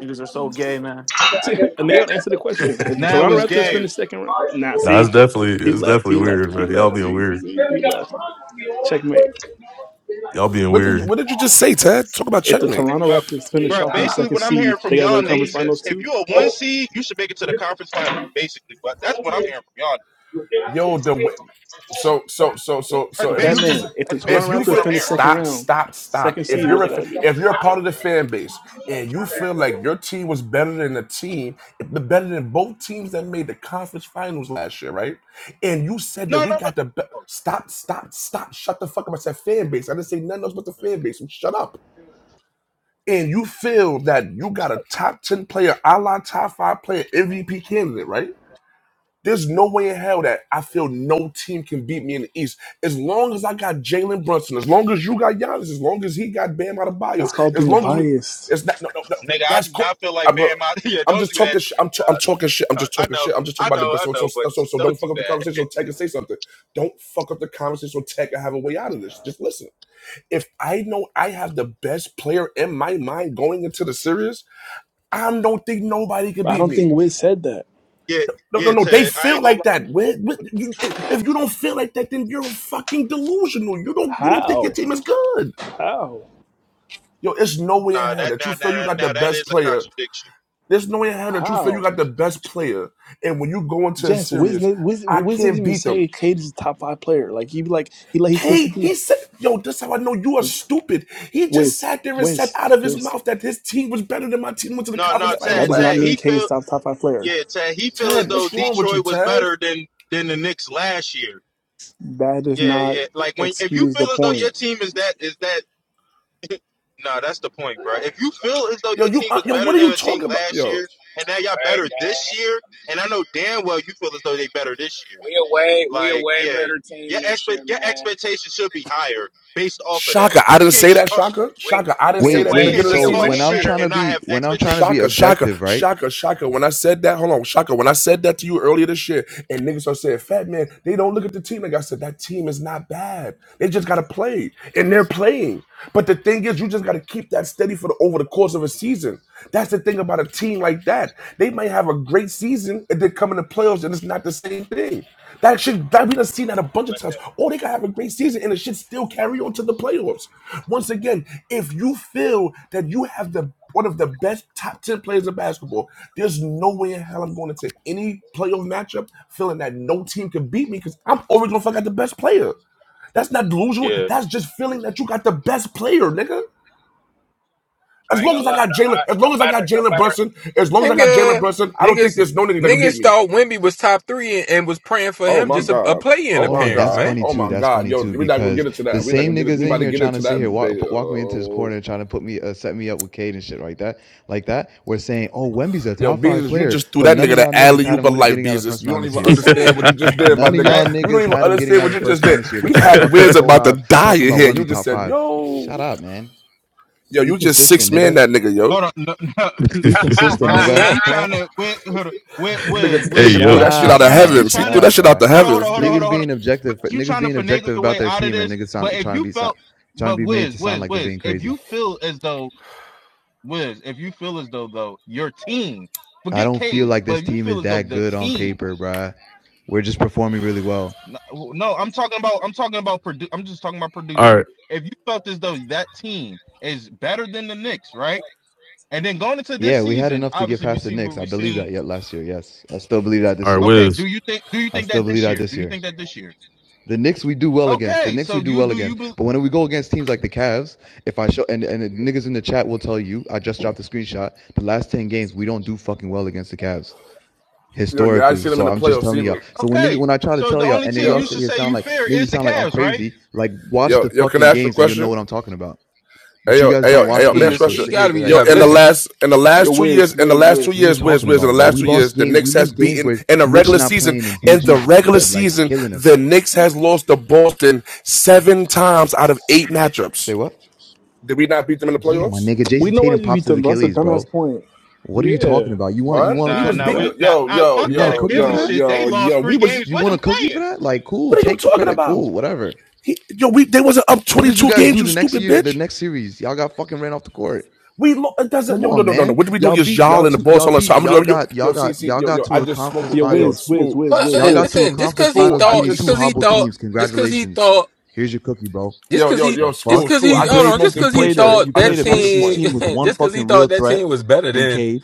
[SPEAKER 2] Niggas are so gay, man.
[SPEAKER 6] See, nailed answer the question. If the
[SPEAKER 7] Now
[SPEAKER 6] Toronto
[SPEAKER 7] it's
[SPEAKER 6] Raptors
[SPEAKER 7] game.
[SPEAKER 6] finish second round, nah,
[SPEAKER 4] Nah, it's
[SPEAKER 6] see,
[SPEAKER 4] definitely
[SPEAKER 6] he
[SPEAKER 4] it's
[SPEAKER 6] left,
[SPEAKER 4] definitely
[SPEAKER 6] he left,
[SPEAKER 4] weird,
[SPEAKER 6] he
[SPEAKER 4] man. Y'all
[SPEAKER 6] left.
[SPEAKER 4] being
[SPEAKER 6] See,
[SPEAKER 4] weird.
[SPEAKER 6] see, he left. Checkmate.
[SPEAKER 4] Y'all being
[SPEAKER 1] What did you,
[SPEAKER 4] weird.
[SPEAKER 1] what did you just say, Ted? Talk about
[SPEAKER 6] If the
[SPEAKER 1] checkmate.
[SPEAKER 6] Toronto
[SPEAKER 7] But,
[SPEAKER 6] Raptors finish
[SPEAKER 7] bro,
[SPEAKER 6] off as the
[SPEAKER 7] basically
[SPEAKER 6] second
[SPEAKER 7] what I'm
[SPEAKER 6] seed,
[SPEAKER 7] hearing from
[SPEAKER 6] they gotta go
[SPEAKER 7] y'all
[SPEAKER 6] to conference
[SPEAKER 7] niggas
[SPEAKER 6] finals
[SPEAKER 7] is if
[SPEAKER 6] too.
[SPEAKER 7] you're a one seed, you should make it to the conference finals, basically. But that's what I'm hearing from y'all.
[SPEAKER 1] Yo, the way, so so so so
[SPEAKER 7] That's
[SPEAKER 1] so
[SPEAKER 6] So,
[SPEAKER 1] if
[SPEAKER 6] Fat
[SPEAKER 1] you
[SPEAKER 7] basically,
[SPEAKER 1] just
[SPEAKER 6] Man, if the
[SPEAKER 7] that's
[SPEAKER 1] if
[SPEAKER 6] Toronto
[SPEAKER 7] basically
[SPEAKER 1] you
[SPEAKER 7] what
[SPEAKER 6] Raptors
[SPEAKER 1] feel
[SPEAKER 7] I'm
[SPEAKER 6] finish
[SPEAKER 7] hearing.
[SPEAKER 6] second
[SPEAKER 1] stop
[SPEAKER 6] round,
[SPEAKER 1] stop stop
[SPEAKER 6] second
[SPEAKER 1] if
[SPEAKER 6] seed, what
[SPEAKER 1] you're a
[SPEAKER 6] they got
[SPEAKER 1] fa-
[SPEAKER 6] to do?
[SPEAKER 1] if you're a part of the fan base and you feel like your team was better than the team better than both teams that made the conference finals last year right and you said that
[SPEAKER 7] No,
[SPEAKER 1] we
[SPEAKER 7] no,
[SPEAKER 1] got the be-
[SPEAKER 7] no.
[SPEAKER 1] stop stop stop shut the fuck up I said fan base I didn't say nothing else but the fan base so shut up and you feel that you got a top ten player a la top five player MVP candidate right there's no way in hell that I feel no team can beat me in the East. As long as I got Jalen Brunson, as long as you got Giannis, as long as he got Bam Adebayo,
[SPEAKER 6] That's called
[SPEAKER 1] as
[SPEAKER 6] being
[SPEAKER 1] long as we,
[SPEAKER 6] biased.
[SPEAKER 1] it's not, no, no, no
[SPEAKER 7] Nigga, I
[SPEAKER 1] that's
[SPEAKER 7] do
[SPEAKER 1] cool.
[SPEAKER 7] not feel like
[SPEAKER 1] I'm gonna,
[SPEAKER 7] bearing my. Yeah,
[SPEAKER 1] I'm
[SPEAKER 7] don't
[SPEAKER 1] just
[SPEAKER 7] do that
[SPEAKER 1] talking
[SPEAKER 7] to
[SPEAKER 1] shit.
[SPEAKER 7] me,
[SPEAKER 1] I'm, t- I'm
[SPEAKER 7] dog.
[SPEAKER 1] talking shit. I'm just
[SPEAKER 7] I, I
[SPEAKER 1] talking
[SPEAKER 7] know,
[SPEAKER 1] shit. I'm just
[SPEAKER 7] I
[SPEAKER 1] talking about the
[SPEAKER 7] know,
[SPEAKER 1] best.
[SPEAKER 7] I
[SPEAKER 1] So, so,
[SPEAKER 7] know, but
[SPEAKER 1] so, so so
[SPEAKER 7] don't
[SPEAKER 1] don't fuck up
[SPEAKER 7] do
[SPEAKER 1] the
[SPEAKER 7] that.
[SPEAKER 1] conversation. So Tech and say something. Don't fuck up the conversation. So Tech and have a way out of this. Just listen. If I know I have the best player in my mind going into the series, I don't think nobody can
[SPEAKER 6] I
[SPEAKER 1] beat
[SPEAKER 6] don't
[SPEAKER 1] me.
[SPEAKER 6] think Wiz said that.
[SPEAKER 7] Yeah,
[SPEAKER 1] No, no,
[SPEAKER 7] yeah,
[SPEAKER 1] no. They
[SPEAKER 7] Ted. I
[SPEAKER 1] feel
[SPEAKER 7] ain't gonna
[SPEAKER 1] like
[SPEAKER 7] lie.
[SPEAKER 1] that. Where, where- you, if you don't feel like that, then you're fucking delusional. You don't you don't think your
[SPEAKER 6] How?
[SPEAKER 1] team is good.
[SPEAKER 6] How?
[SPEAKER 1] Yo, it's no way in
[SPEAKER 7] Nah,
[SPEAKER 1] hell
[SPEAKER 7] that,
[SPEAKER 1] that you
[SPEAKER 7] nah, nah,
[SPEAKER 1] feel you
[SPEAKER 7] nah,
[SPEAKER 1] got the
[SPEAKER 7] nah that
[SPEAKER 1] best
[SPEAKER 7] is a
[SPEAKER 1] player.
[SPEAKER 7] contradiction.
[SPEAKER 1] There's no way in hell that you feel you
[SPEAKER 6] How?
[SPEAKER 1] got the best player. And when you go into a
[SPEAKER 6] Jess, Wiz,
[SPEAKER 1] series,
[SPEAKER 6] Wiz,
[SPEAKER 1] I
[SPEAKER 6] Wiz doesn't
[SPEAKER 1] can't
[SPEAKER 6] even
[SPEAKER 1] beat them.
[SPEAKER 6] say Cade is a top five player. Like, he be like, he like, he tells
[SPEAKER 1] K, he
[SPEAKER 6] you,
[SPEAKER 1] said, yo, this how I know you are stupid. He just
[SPEAKER 6] Wiz,
[SPEAKER 1] sat there and said
[SPEAKER 6] Wiz,
[SPEAKER 1] out of his
[SPEAKER 6] Wiz.
[SPEAKER 1] mouth that his team was better than my team went to the
[SPEAKER 7] No,
[SPEAKER 1] conference
[SPEAKER 7] no,
[SPEAKER 6] That, that
[SPEAKER 1] finals
[SPEAKER 7] Ted,
[SPEAKER 6] does not
[SPEAKER 1] last
[SPEAKER 7] Ted.
[SPEAKER 1] year.
[SPEAKER 6] mean
[SPEAKER 7] He
[SPEAKER 6] Cade is
[SPEAKER 7] feel,
[SPEAKER 6] top, top five player.
[SPEAKER 7] yeah, Ted. He feel as
[SPEAKER 1] Ted,
[SPEAKER 7] though
[SPEAKER 1] what's wrong with you,
[SPEAKER 7] Detroit was
[SPEAKER 1] Ted?
[SPEAKER 7] better than than the Knicks last year.
[SPEAKER 6] That does
[SPEAKER 7] Yeah,
[SPEAKER 6] not
[SPEAKER 7] yeah. Like when if you
[SPEAKER 6] excuse the
[SPEAKER 7] feel as though
[SPEAKER 6] point.
[SPEAKER 7] your team is that is that No, that's the point, bro. If you feel as though
[SPEAKER 1] Yo,
[SPEAKER 7] your
[SPEAKER 1] you,
[SPEAKER 7] team
[SPEAKER 1] uh,
[SPEAKER 7] was
[SPEAKER 1] yo, what
[SPEAKER 7] better
[SPEAKER 1] are
[SPEAKER 7] than
[SPEAKER 1] you
[SPEAKER 7] a team
[SPEAKER 1] talking about?
[SPEAKER 7] last
[SPEAKER 1] Yo,
[SPEAKER 7] year, and now y'all
[SPEAKER 3] not. Hey,
[SPEAKER 7] better
[SPEAKER 3] gang,
[SPEAKER 7] this year, and I know damn well you feel as though they better this year.
[SPEAKER 3] we a way we a
[SPEAKER 7] Like,
[SPEAKER 3] way
[SPEAKER 7] yeah,
[SPEAKER 3] better
[SPEAKER 7] your
[SPEAKER 3] team this year,
[SPEAKER 7] expect your
[SPEAKER 3] man.
[SPEAKER 7] expectations should be higher based off of that.
[SPEAKER 1] Shaka, I
[SPEAKER 7] You
[SPEAKER 1] didn't
[SPEAKER 7] can't
[SPEAKER 1] say
[SPEAKER 7] just
[SPEAKER 1] that,
[SPEAKER 7] talk,
[SPEAKER 1] Shaka.
[SPEAKER 3] We
[SPEAKER 1] Shaka, I didn't
[SPEAKER 3] we
[SPEAKER 1] say
[SPEAKER 3] are
[SPEAKER 8] Wait,
[SPEAKER 1] that in the
[SPEAKER 7] you
[SPEAKER 8] wait.
[SPEAKER 3] way
[SPEAKER 7] can't
[SPEAKER 1] beginning of the
[SPEAKER 3] we
[SPEAKER 7] just
[SPEAKER 3] are
[SPEAKER 8] So
[SPEAKER 7] talk
[SPEAKER 1] season.
[SPEAKER 8] when
[SPEAKER 3] way
[SPEAKER 8] I'm
[SPEAKER 7] shit
[SPEAKER 8] trying to
[SPEAKER 7] and
[SPEAKER 3] better.
[SPEAKER 7] not
[SPEAKER 8] be
[SPEAKER 7] have
[SPEAKER 8] when I'm trying to be
[SPEAKER 1] Shaka,
[SPEAKER 7] expectations.
[SPEAKER 1] shaka,
[SPEAKER 8] objective, right?
[SPEAKER 1] shaka, shaka. When I said that, hold on, shaka. When I said that to you earlier this year, and niggas are saying, "Fat man," they don't look at the team. Like I said, that team is not bad. They just gotta play, and they're playing. But the thing is, you just gotta keep that steady for the over the course of a season. That's the thing about a team like that. They might have a great season, and then come in the playoffs, and it's not the same thing. That shit, that we done seen that a bunch of
[SPEAKER 3] But
[SPEAKER 1] times.
[SPEAKER 3] the,
[SPEAKER 1] Oh, they gotta have a great season, and it should still carry on to the playoffs. Once again, if you feel that you have the one of the best top 10 players in basketball. There's no way in hell I'm going into any playoff matchup feeling that no team can beat me because I'm always going to fuck out the best player. That's not delusional.
[SPEAKER 7] Yeah,
[SPEAKER 1] That's just feeling that you got the best player, nigga.
[SPEAKER 3] I
[SPEAKER 1] As
[SPEAKER 3] ain't
[SPEAKER 1] long
[SPEAKER 3] gonna
[SPEAKER 1] as I
[SPEAKER 3] lie.
[SPEAKER 1] got
[SPEAKER 3] No, I,
[SPEAKER 1] Jalen, as
[SPEAKER 3] no
[SPEAKER 1] long as I
[SPEAKER 3] matter,
[SPEAKER 1] got
[SPEAKER 3] no
[SPEAKER 1] Jalen
[SPEAKER 3] matter.
[SPEAKER 1] Brunson, as long as I got Jalen
[SPEAKER 13] Nigga,
[SPEAKER 1] Brunson, I don't think
[SPEAKER 13] niggas,
[SPEAKER 1] there's no nigga that can beat
[SPEAKER 13] niggas
[SPEAKER 1] me.
[SPEAKER 13] thought Wimby was top three and, and was praying for
[SPEAKER 1] Oh
[SPEAKER 13] him
[SPEAKER 1] my
[SPEAKER 13] just a, a
[SPEAKER 1] God.
[SPEAKER 13] play-in
[SPEAKER 1] Oh
[SPEAKER 8] Hold
[SPEAKER 1] my
[SPEAKER 8] on,
[SPEAKER 13] appearance,
[SPEAKER 8] that's
[SPEAKER 1] God.
[SPEAKER 13] man.
[SPEAKER 8] funny
[SPEAKER 1] Oh
[SPEAKER 8] too.
[SPEAKER 1] my
[SPEAKER 8] That's
[SPEAKER 1] God.
[SPEAKER 8] funny
[SPEAKER 1] Yo,
[SPEAKER 8] too
[SPEAKER 1] we're not gonna
[SPEAKER 8] because
[SPEAKER 1] get into
[SPEAKER 8] the
[SPEAKER 1] that. We're not
[SPEAKER 8] same
[SPEAKER 1] gonna get it.
[SPEAKER 8] niggas
[SPEAKER 1] We
[SPEAKER 8] in
[SPEAKER 1] about to
[SPEAKER 8] here
[SPEAKER 1] get
[SPEAKER 8] trying to
[SPEAKER 1] into
[SPEAKER 8] sit
[SPEAKER 1] that
[SPEAKER 8] here walk
[SPEAKER 1] debate.
[SPEAKER 8] put, walk me into this
[SPEAKER 1] Oh.
[SPEAKER 8] corner, trying to put me uh, set me up with Cade and shit like that, like that. We're saying, oh, Wemby's a
[SPEAKER 1] Yo,
[SPEAKER 8] top five
[SPEAKER 1] Beezus, you
[SPEAKER 8] player,
[SPEAKER 1] just threw
[SPEAKER 8] but
[SPEAKER 1] that
[SPEAKER 8] none of
[SPEAKER 1] nigga
[SPEAKER 8] y'all
[SPEAKER 1] the
[SPEAKER 8] niggas
[SPEAKER 1] alley
[SPEAKER 8] had
[SPEAKER 1] oop
[SPEAKER 8] him
[SPEAKER 1] of
[SPEAKER 8] winning
[SPEAKER 1] life,
[SPEAKER 8] getting out of the
[SPEAKER 1] Beezus.
[SPEAKER 8] first
[SPEAKER 1] You
[SPEAKER 8] round
[SPEAKER 1] don't
[SPEAKER 8] this
[SPEAKER 1] even
[SPEAKER 13] I'm just
[SPEAKER 8] year.
[SPEAKER 1] understand
[SPEAKER 13] saying.
[SPEAKER 1] what you just did, my
[SPEAKER 8] None of
[SPEAKER 1] nigga.
[SPEAKER 8] y'all
[SPEAKER 7] that.
[SPEAKER 1] You don't
[SPEAKER 8] niggas
[SPEAKER 1] even
[SPEAKER 8] had him getting
[SPEAKER 1] understand
[SPEAKER 8] out of
[SPEAKER 1] what
[SPEAKER 8] the
[SPEAKER 1] you just
[SPEAKER 8] first round
[SPEAKER 1] did.
[SPEAKER 8] this year,
[SPEAKER 1] We
[SPEAKER 8] but y'all
[SPEAKER 1] had
[SPEAKER 8] talking
[SPEAKER 1] Wiz
[SPEAKER 8] so
[SPEAKER 1] about to
[SPEAKER 8] loud
[SPEAKER 1] die
[SPEAKER 8] talking
[SPEAKER 1] in
[SPEAKER 8] about
[SPEAKER 1] here. You
[SPEAKER 8] Wemby
[SPEAKER 1] just
[SPEAKER 8] top
[SPEAKER 1] said,
[SPEAKER 8] five.
[SPEAKER 1] yo,
[SPEAKER 8] Shut up, man.
[SPEAKER 1] yo,
[SPEAKER 8] Be
[SPEAKER 1] you just
[SPEAKER 8] consistent,
[SPEAKER 1] six man
[SPEAKER 8] nigga.
[SPEAKER 1] that nigga, yo.
[SPEAKER 7] Hold on, no, no.
[SPEAKER 8] Be consistent,
[SPEAKER 13] I'm
[SPEAKER 7] Bro,
[SPEAKER 13] just
[SPEAKER 8] nigga.
[SPEAKER 7] Wiz,
[SPEAKER 13] saying,
[SPEAKER 7] you
[SPEAKER 13] man.
[SPEAKER 7] trying to Wiz, Wiz,
[SPEAKER 1] Nigga,
[SPEAKER 7] Wiz,
[SPEAKER 4] hey
[SPEAKER 7] Wiz,
[SPEAKER 1] nigga
[SPEAKER 8] Shut
[SPEAKER 1] threw
[SPEAKER 7] Wiz,
[SPEAKER 4] yo.
[SPEAKER 1] that
[SPEAKER 7] you
[SPEAKER 1] shit
[SPEAKER 8] up,
[SPEAKER 1] out of
[SPEAKER 7] trying to you
[SPEAKER 8] man.
[SPEAKER 1] heavens. He
[SPEAKER 8] Shut
[SPEAKER 7] trying
[SPEAKER 1] threw
[SPEAKER 7] to
[SPEAKER 1] that
[SPEAKER 8] up,
[SPEAKER 1] shit out
[SPEAKER 8] bro.
[SPEAKER 1] the
[SPEAKER 7] hold on, hold on,
[SPEAKER 1] heavens,
[SPEAKER 7] hold on, hold
[SPEAKER 1] B.
[SPEAKER 7] on,
[SPEAKER 8] Niggas
[SPEAKER 7] hold on.
[SPEAKER 8] being objective,
[SPEAKER 7] You
[SPEAKER 8] niggas
[SPEAKER 7] trying to
[SPEAKER 8] being
[SPEAKER 7] finagle
[SPEAKER 8] objective
[SPEAKER 7] your
[SPEAKER 8] about
[SPEAKER 7] way
[SPEAKER 8] their
[SPEAKER 7] out of
[SPEAKER 8] team, and
[SPEAKER 7] this?
[SPEAKER 8] niggas
[SPEAKER 7] But
[SPEAKER 8] sound,
[SPEAKER 7] if
[SPEAKER 8] trying to
[SPEAKER 7] you
[SPEAKER 8] be so-
[SPEAKER 7] felt,
[SPEAKER 8] trying to
[SPEAKER 7] but
[SPEAKER 8] be made
[SPEAKER 7] Wiz,
[SPEAKER 8] to sound
[SPEAKER 7] Wiz,
[SPEAKER 8] like they're
[SPEAKER 7] Wiz,
[SPEAKER 8] being
[SPEAKER 7] if
[SPEAKER 8] crazy.
[SPEAKER 7] you feel as though Wiz, if you feel as though though your team,
[SPEAKER 8] I
[SPEAKER 7] forget
[SPEAKER 8] don't feel
[SPEAKER 7] Cade,
[SPEAKER 8] like this
[SPEAKER 7] but if you
[SPEAKER 8] team is
[SPEAKER 7] feel as though
[SPEAKER 8] that
[SPEAKER 7] the
[SPEAKER 8] good on
[SPEAKER 7] team,
[SPEAKER 8] paper, bruh. We're just performing really well.
[SPEAKER 7] no, no, I'm talking about, I'm talking about produ- I'm just talking about
[SPEAKER 4] All
[SPEAKER 7] producing.
[SPEAKER 4] right,
[SPEAKER 7] If you felt as though that team is better than the Knicks, right? And then going into this
[SPEAKER 8] Yeah, we had
[SPEAKER 7] season,
[SPEAKER 8] enough to get
[SPEAKER 7] obviously we
[SPEAKER 8] past the
[SPEAKER 7] see what
[SPEAKER 8] Knicks. I
[SPEAKER 7] we're
[SPEAKER 8] believe
[SPEAKER 7] seeing
[SPEAKER 8] that yet last year. Yes, I still believe that
[SPEAKER 4] all
[SPEAKER 8] this
[SPEAKER 4] right,
[SPEAKER 8] year.
[SPEAKER 7] Okay,
[SPEAKER 4] Wiz.
[SPEAKER 7] do you think do you
[SPEAKER 8] I
[SPEAKER 7] think
[SPEAKER 8] still
[SPEAKER 7] that
[SPEAKER 8] believe
[SPEAKER 7] this
[SPEAKER 8] that
[SPEAKER 7] year?
[SPEAKER 8] this
[SPEAKER 7] Do you
[SPEAKER 8] year.
[SPEAKER 7] think that this year?
[SPEAKER 8] The Knicks we do well against. The
[SPEAKER 7] Okay,
[SPEAKER 8] Knicks
[SPEAKER 7] so
[SPEAKER 8] we do
[SPEAKER 7] you
[SPEAKER 8] well
[SPEAKER 7] do you
[SPEAKER 8] against.
[SPEAKER 7] be,
[SPEAKER 8] But when we go against teams like the Cavs, if I show and and the niggas in the chat will tell you, I just dropped the screenshot. The last ten games we don't do fucking well against the Cavs.
[SPEAKER 1] Yo, yeah, I
[SPEAKER 8] historically.
[SPEAKER 1] seen him
[SPEAKER 8] So
[SPEAKER 1] in the
[SPEAKER 8] I'm just
[SPEAKER 1] playoffs
[SPEAKER 8] telling y'all.
[SPEAKER 1] even.
[SPEAKER 8] So when nigga,
[SPEAKER 7] okay.
[SPEAKER 8] when I try to
[SPEAKER 7] So
[SPEAKER 8] tell
[SPEAKER 7] the
[SPEAKER 8] y'all,
[SPEAKER 7] only
[SPEAKER 8] and then
[SPEAKER 7] team
[SPEAKER 8] y'all
[SPEAKER 7] you
[SPEAKER 1] Yo,
[SPEAKER 8] sit
[SPEAKER 7] should
[SPEAKER 8] here
[SPEAKER 7] say
[SPEAKER 8] sound
[SPEAKER 7] you
[SPEAKER 8] like
[SPEAKER 7] fear
[SPEAKER 8] maybe
[SPEAKER 7] is the
[SPEAKER 8] sound like I'm
[SPEAKER 7] Cavs, right?
[SPEAKER 8] crazy. Like watch
[SPEAKER 1] yo,
[SPEAKER 8] the
[SPEAKER 1] yo, can I
[SPEAKER 8] fucking
[SPEAKER 1] ask you a
[SPEAKER 8] games, and you'll know
[SPEAKER 1] question?
[SPEAKER 8] what I'm talking about.
[SPEAKER 1] Hey
[SPEAKER 8] But you
[SPEAKER 1] yo,
[SPEAKER 8] guys
[SPEAKER 1] hey
[SPEAKER 8] don't
[SPEAKER 1] yo,
[SPEAKER 13] Man,
[SPEAKER 1] hey
[SPEAKER 13] He
[SPEAKER 8] watch
[SPEAKER 1] yo,
[SPEAKER 13] was
[SPEAKER 1] man,
[SPEAKER 8] games,
[SPEAKER 13] just,
[SPEAKER 8] so
[SPEAKER 1] question.
[SPEAKER 13] he
[SPEAKER 8] sit here
[SPEAKER 13] gotta be just
[SPEAKER 1] Yo,
[SPEAKER 8] like,
[SPEAKER 13] happy.
[SPEAKER 8] come
[SPEAKER 1] in the
[SPEAKER 8] on,
[SPEAKER 13] Listen,
[SPEAKER 1] last in the
[SPEAKER 6] Yo,
[SPEAKER 1] last two
[SPEAKER 6] Wiz,
[SPEAKER 1] years, in the
[SPEAKER 6] Wiz,
[SPEAKER 1] last two
[SPEAKER 8] what are
[SPEAKER 6] Wiz.
[SPEAKER 8] we
[SPEAKER 1] years, Wiz,
[SPEAKER 8] talking
[SPEAKER 1] Wiz, in the
[SPEAKER 8] about, bro?
[SPEAKER 1] last
[SPEAKER 8] We
[SPEAKER 1] two
[SPEAKER 8] lost
[SPEAKER 1] years, the
[SPEAKER 8] games. We
[SPEAKER 1] Knicks has
[SPEAKER 8] lose games
[SPEAKER 1] beaten
[SPEAKER 8] where
[SPEAKER 1] in the
[SPEAKER 8] Mitch
[SPEAKER 1] regular
[SPEAKER 8] not
[SPEAKER 1] season.
[SPEAKER 8] playing and
[SPEAKER 1] In the
[SPEAKER 8] DG's b-
[SPEAKER 1] regular
[SPEAKER 8] like
[SPEAKER 1] season,
[SPEAKER 8] killing
[SPEAKER 1] the
[SPEAKER 8] us.
[SPEAKER 1] Knicks has lost to Boston seven times out of eight matchups.
[SPEAKER 8] Say what?
[SPEAKER 1] Did we not beat them in the
[SPEAKER 8] Yeah, my
[SPEAKER 1] playoffs?
[SPEAKER 8] nigga,
[SPEAKER 6] We
[SPEAKER 8] Jason
[SPEAKER 6] know why
[SPEAKER 8] Tatum
[SPEAKER 6] you beat
[SPEAKER 8] pops his
[SPEAKER 6] them, bro. That's a
[SPEAKER 8] Achilles,
[SPEAKER 6] dumbass
[SPEAKER 8] bro.
[SPEAKER 6] point.
[SPEAKER 8] What are you talking
[SPEAKER 6] Yeah.
[SPEAKER 8] about? You want you
[SPEAKER 1] What?
[SPEAKER 8] want a
[SPEAKER 1] We
[SPEAKER 7] Nah,
[SPEAKER 1] was
[SPEAKER 8] cookie
[SPEAKER 7] nah,
[SPEAKER 8] for
[SPEAKER 1] beat
[SPEAKER 7] we
[SPEAKER 8] that?
[SPEAKER 7] nah
[SPEAKER 1] yo,
[SPEAKER 7] I
[SPEAKER 1] yo,
[SPEAKER 7] fuck
[SPEAKER 8] You want a
[SPEAKER 7] that
[SPEAKER 1] yo,
[SPEAKER 8] cookie for
[SPEAKER 7] Achilles
[SPEAKER 1] yo,
[SPEAKER 8] that?
[SPEAKER 7] shit. They
[SPEAKER 1] yo,
[SPEAKER 7] lost
[SPEAKER 1] yo.
[SPEAKER 7] three
[SPEAKER 1] We was
[SPEAKER 7] games
[SPEAKER 8] You
[SPEAKER 7] with
[SPEAKER 8] want
[SPEAKER 7] them
[SPEAKER 8] a cookie for
[SPEAKER 7] playing.
[SPEAKER 8] that? Like, cool,
[SPEAKER 1] what are you
[SPEAKER 8] take the
[SPEAKER 1] talking
[SPEAKER 8] credit,
[SPEAKER 1] about?
[SPEAKER 8] cool, whatever.
[SPEAKER 1] He, yo, we they wasn't up
[SPEAKER 8] What
[SPEAKER 1] twenty
[SPEAKER 8] did you
[SPEAKER 1] two
[SPEAKER 8] guys
[SPEAKER 1] games,
[SPEAKER 8] do
[SPEAKER 1] you
[SPEAKER 8] the next
[SPEAKER 1] stupid
[SPEAKER 8] year?
[SPEAKER 1] bitch.
[SPEAKER 8] The next series, y'all got fucking ran off the court.
[SPEAKER 1] We lo- it doesn't
[SPEAKER 8] Come
[SPEAKER 1] yo no
[SPEAKER 8] on,
[SPEAKER 1] no no no.
[SPEAKER 8] man.
[SPEAKER 1] What do we do
[SPEAKER 8] Y'all
[SPEAKER 1] against
[SPEAKER 8] beat
[SPEAKER 1] y'all
[SPEAKER 8] y'all
[SPEAKER 1] and the
[SPEAKER 8] two.
[SPEAKER 1] boss
[SPEAKER 8] Y'all
[SPEAKER 1] all the time?
[SPEAKER 8] beat
[SPEAKER 1] I'm
[SPEAKER 8] y'all
[SPEAKER 1] gonna- Yo
[SPEAKER 8] got
[SPEAKER 1] yo
[SPEAKER 8] y'all
[SPEAKER 1] see
[SPEAKER 8] got
[SPEAKER 1] see
[SPEAKER 8] y'all
[SPEAKER 1] yo
[SPEAKER 8] got
[SPEAKER 1] yo. I
[SPEAKER 8] to a
[SPEAKER 1] just smoked
[SPEAKER 8] conference
[SPEAKER 1] it.
[SPEAKER 6] Yo,
[SPEAKER 1] Hey, yo
[SPEAKER 6] Wiz,
[SPEAKER 8] finals.
[SPEAKER 6] Wiz,
[SPEAKER 1] smooth
[SPEAKER 6] Wiz,
[SPEAKER 13] but
[SPEAKER 6] Wiz,
[SPEAKER 8] Y'all
[SPEAKER 13] uh,
[SPEAKER 8] got
[SPEAKER 1] school
[SPEAKER 6] Wiz.
[SPEAKER 8] to a
[SPEAKER 13] listen, just
[SPEAKER 8] conference
[SPEAKER 13] cause he
[SPEAKER 1] school.
[SPEAKER 8] finals
[SPEAKER 1] I
[SPEAKER 13] thought,
[SPEAKER 8] beating
[SPEAKER 13] just
[SPEAKER 8] two
[SPEAKER 1] just
[SPEAKER 13] cause he
[SPEAKER 8] hobbled
[SPEAKER 13] thought,
[SPEAKER 8] teams.
[SPEAKER 13] just cause he
[SPEAKER 8] Congratulations.
[SPEAKER 13] thought,
[SPEAKER 8] Here's your cookie, bro.
[SPEAKER 13] just
[SPEAKER 1] yo
[SPEAKER 13] cause
[SPEAKER 1] yo
[SPEAKER 13] he,
[SPEAKER 8] The
[SPEAKER 1] yo
[SPEAKER 13] just
[SPEAKER 8] fuck
[SPEAKER 1] school
[SPEAKER 13] cause
[SPEAKER 1] school.
[SPEAKER 8] you
[SPEAKER 13] he,
[SPEAKER 1] I
[SPEAKER 13] hold
[SPEAKER 1] just
[SPEAKER 13] on,
[SPEAKER 8] played?
[SPEAKER 1] smoked
[SPEAKER 13] just
[SPEAKER 8] You
[SPEAKER 1] this
[SPEAKER 13] cause he
[SPEAKER 1] point
[SPEAKER 8] played a
[SPEAKER 1] school.
[SPEAKER 13] thought
[SPEAKER 8] you
[SPEAKER 1] I
[SPEAKER 13] that
[SPEAKER 8] played
[SPEAKER 1] just
[SPEAKER 8] a
[SPEAKER 1] smoked this
[SPEAKER 8] Pistons
[SPEAKER 13] team,
[SPEAKER 1] point.
[SPEAKER 8] team with one
[SPEAKER 13] just cause
[SPEAKER 8] fucking
[SPEAKER 13] he
[SPEAKER 8] real
[SPEAKER 13] thought that
[SPEAKER 8] threat
[SPEAKER 13] team was better
[SPEAKER 8] in
[SPEAKER 13] than,
[SPEAKER 8] Cade,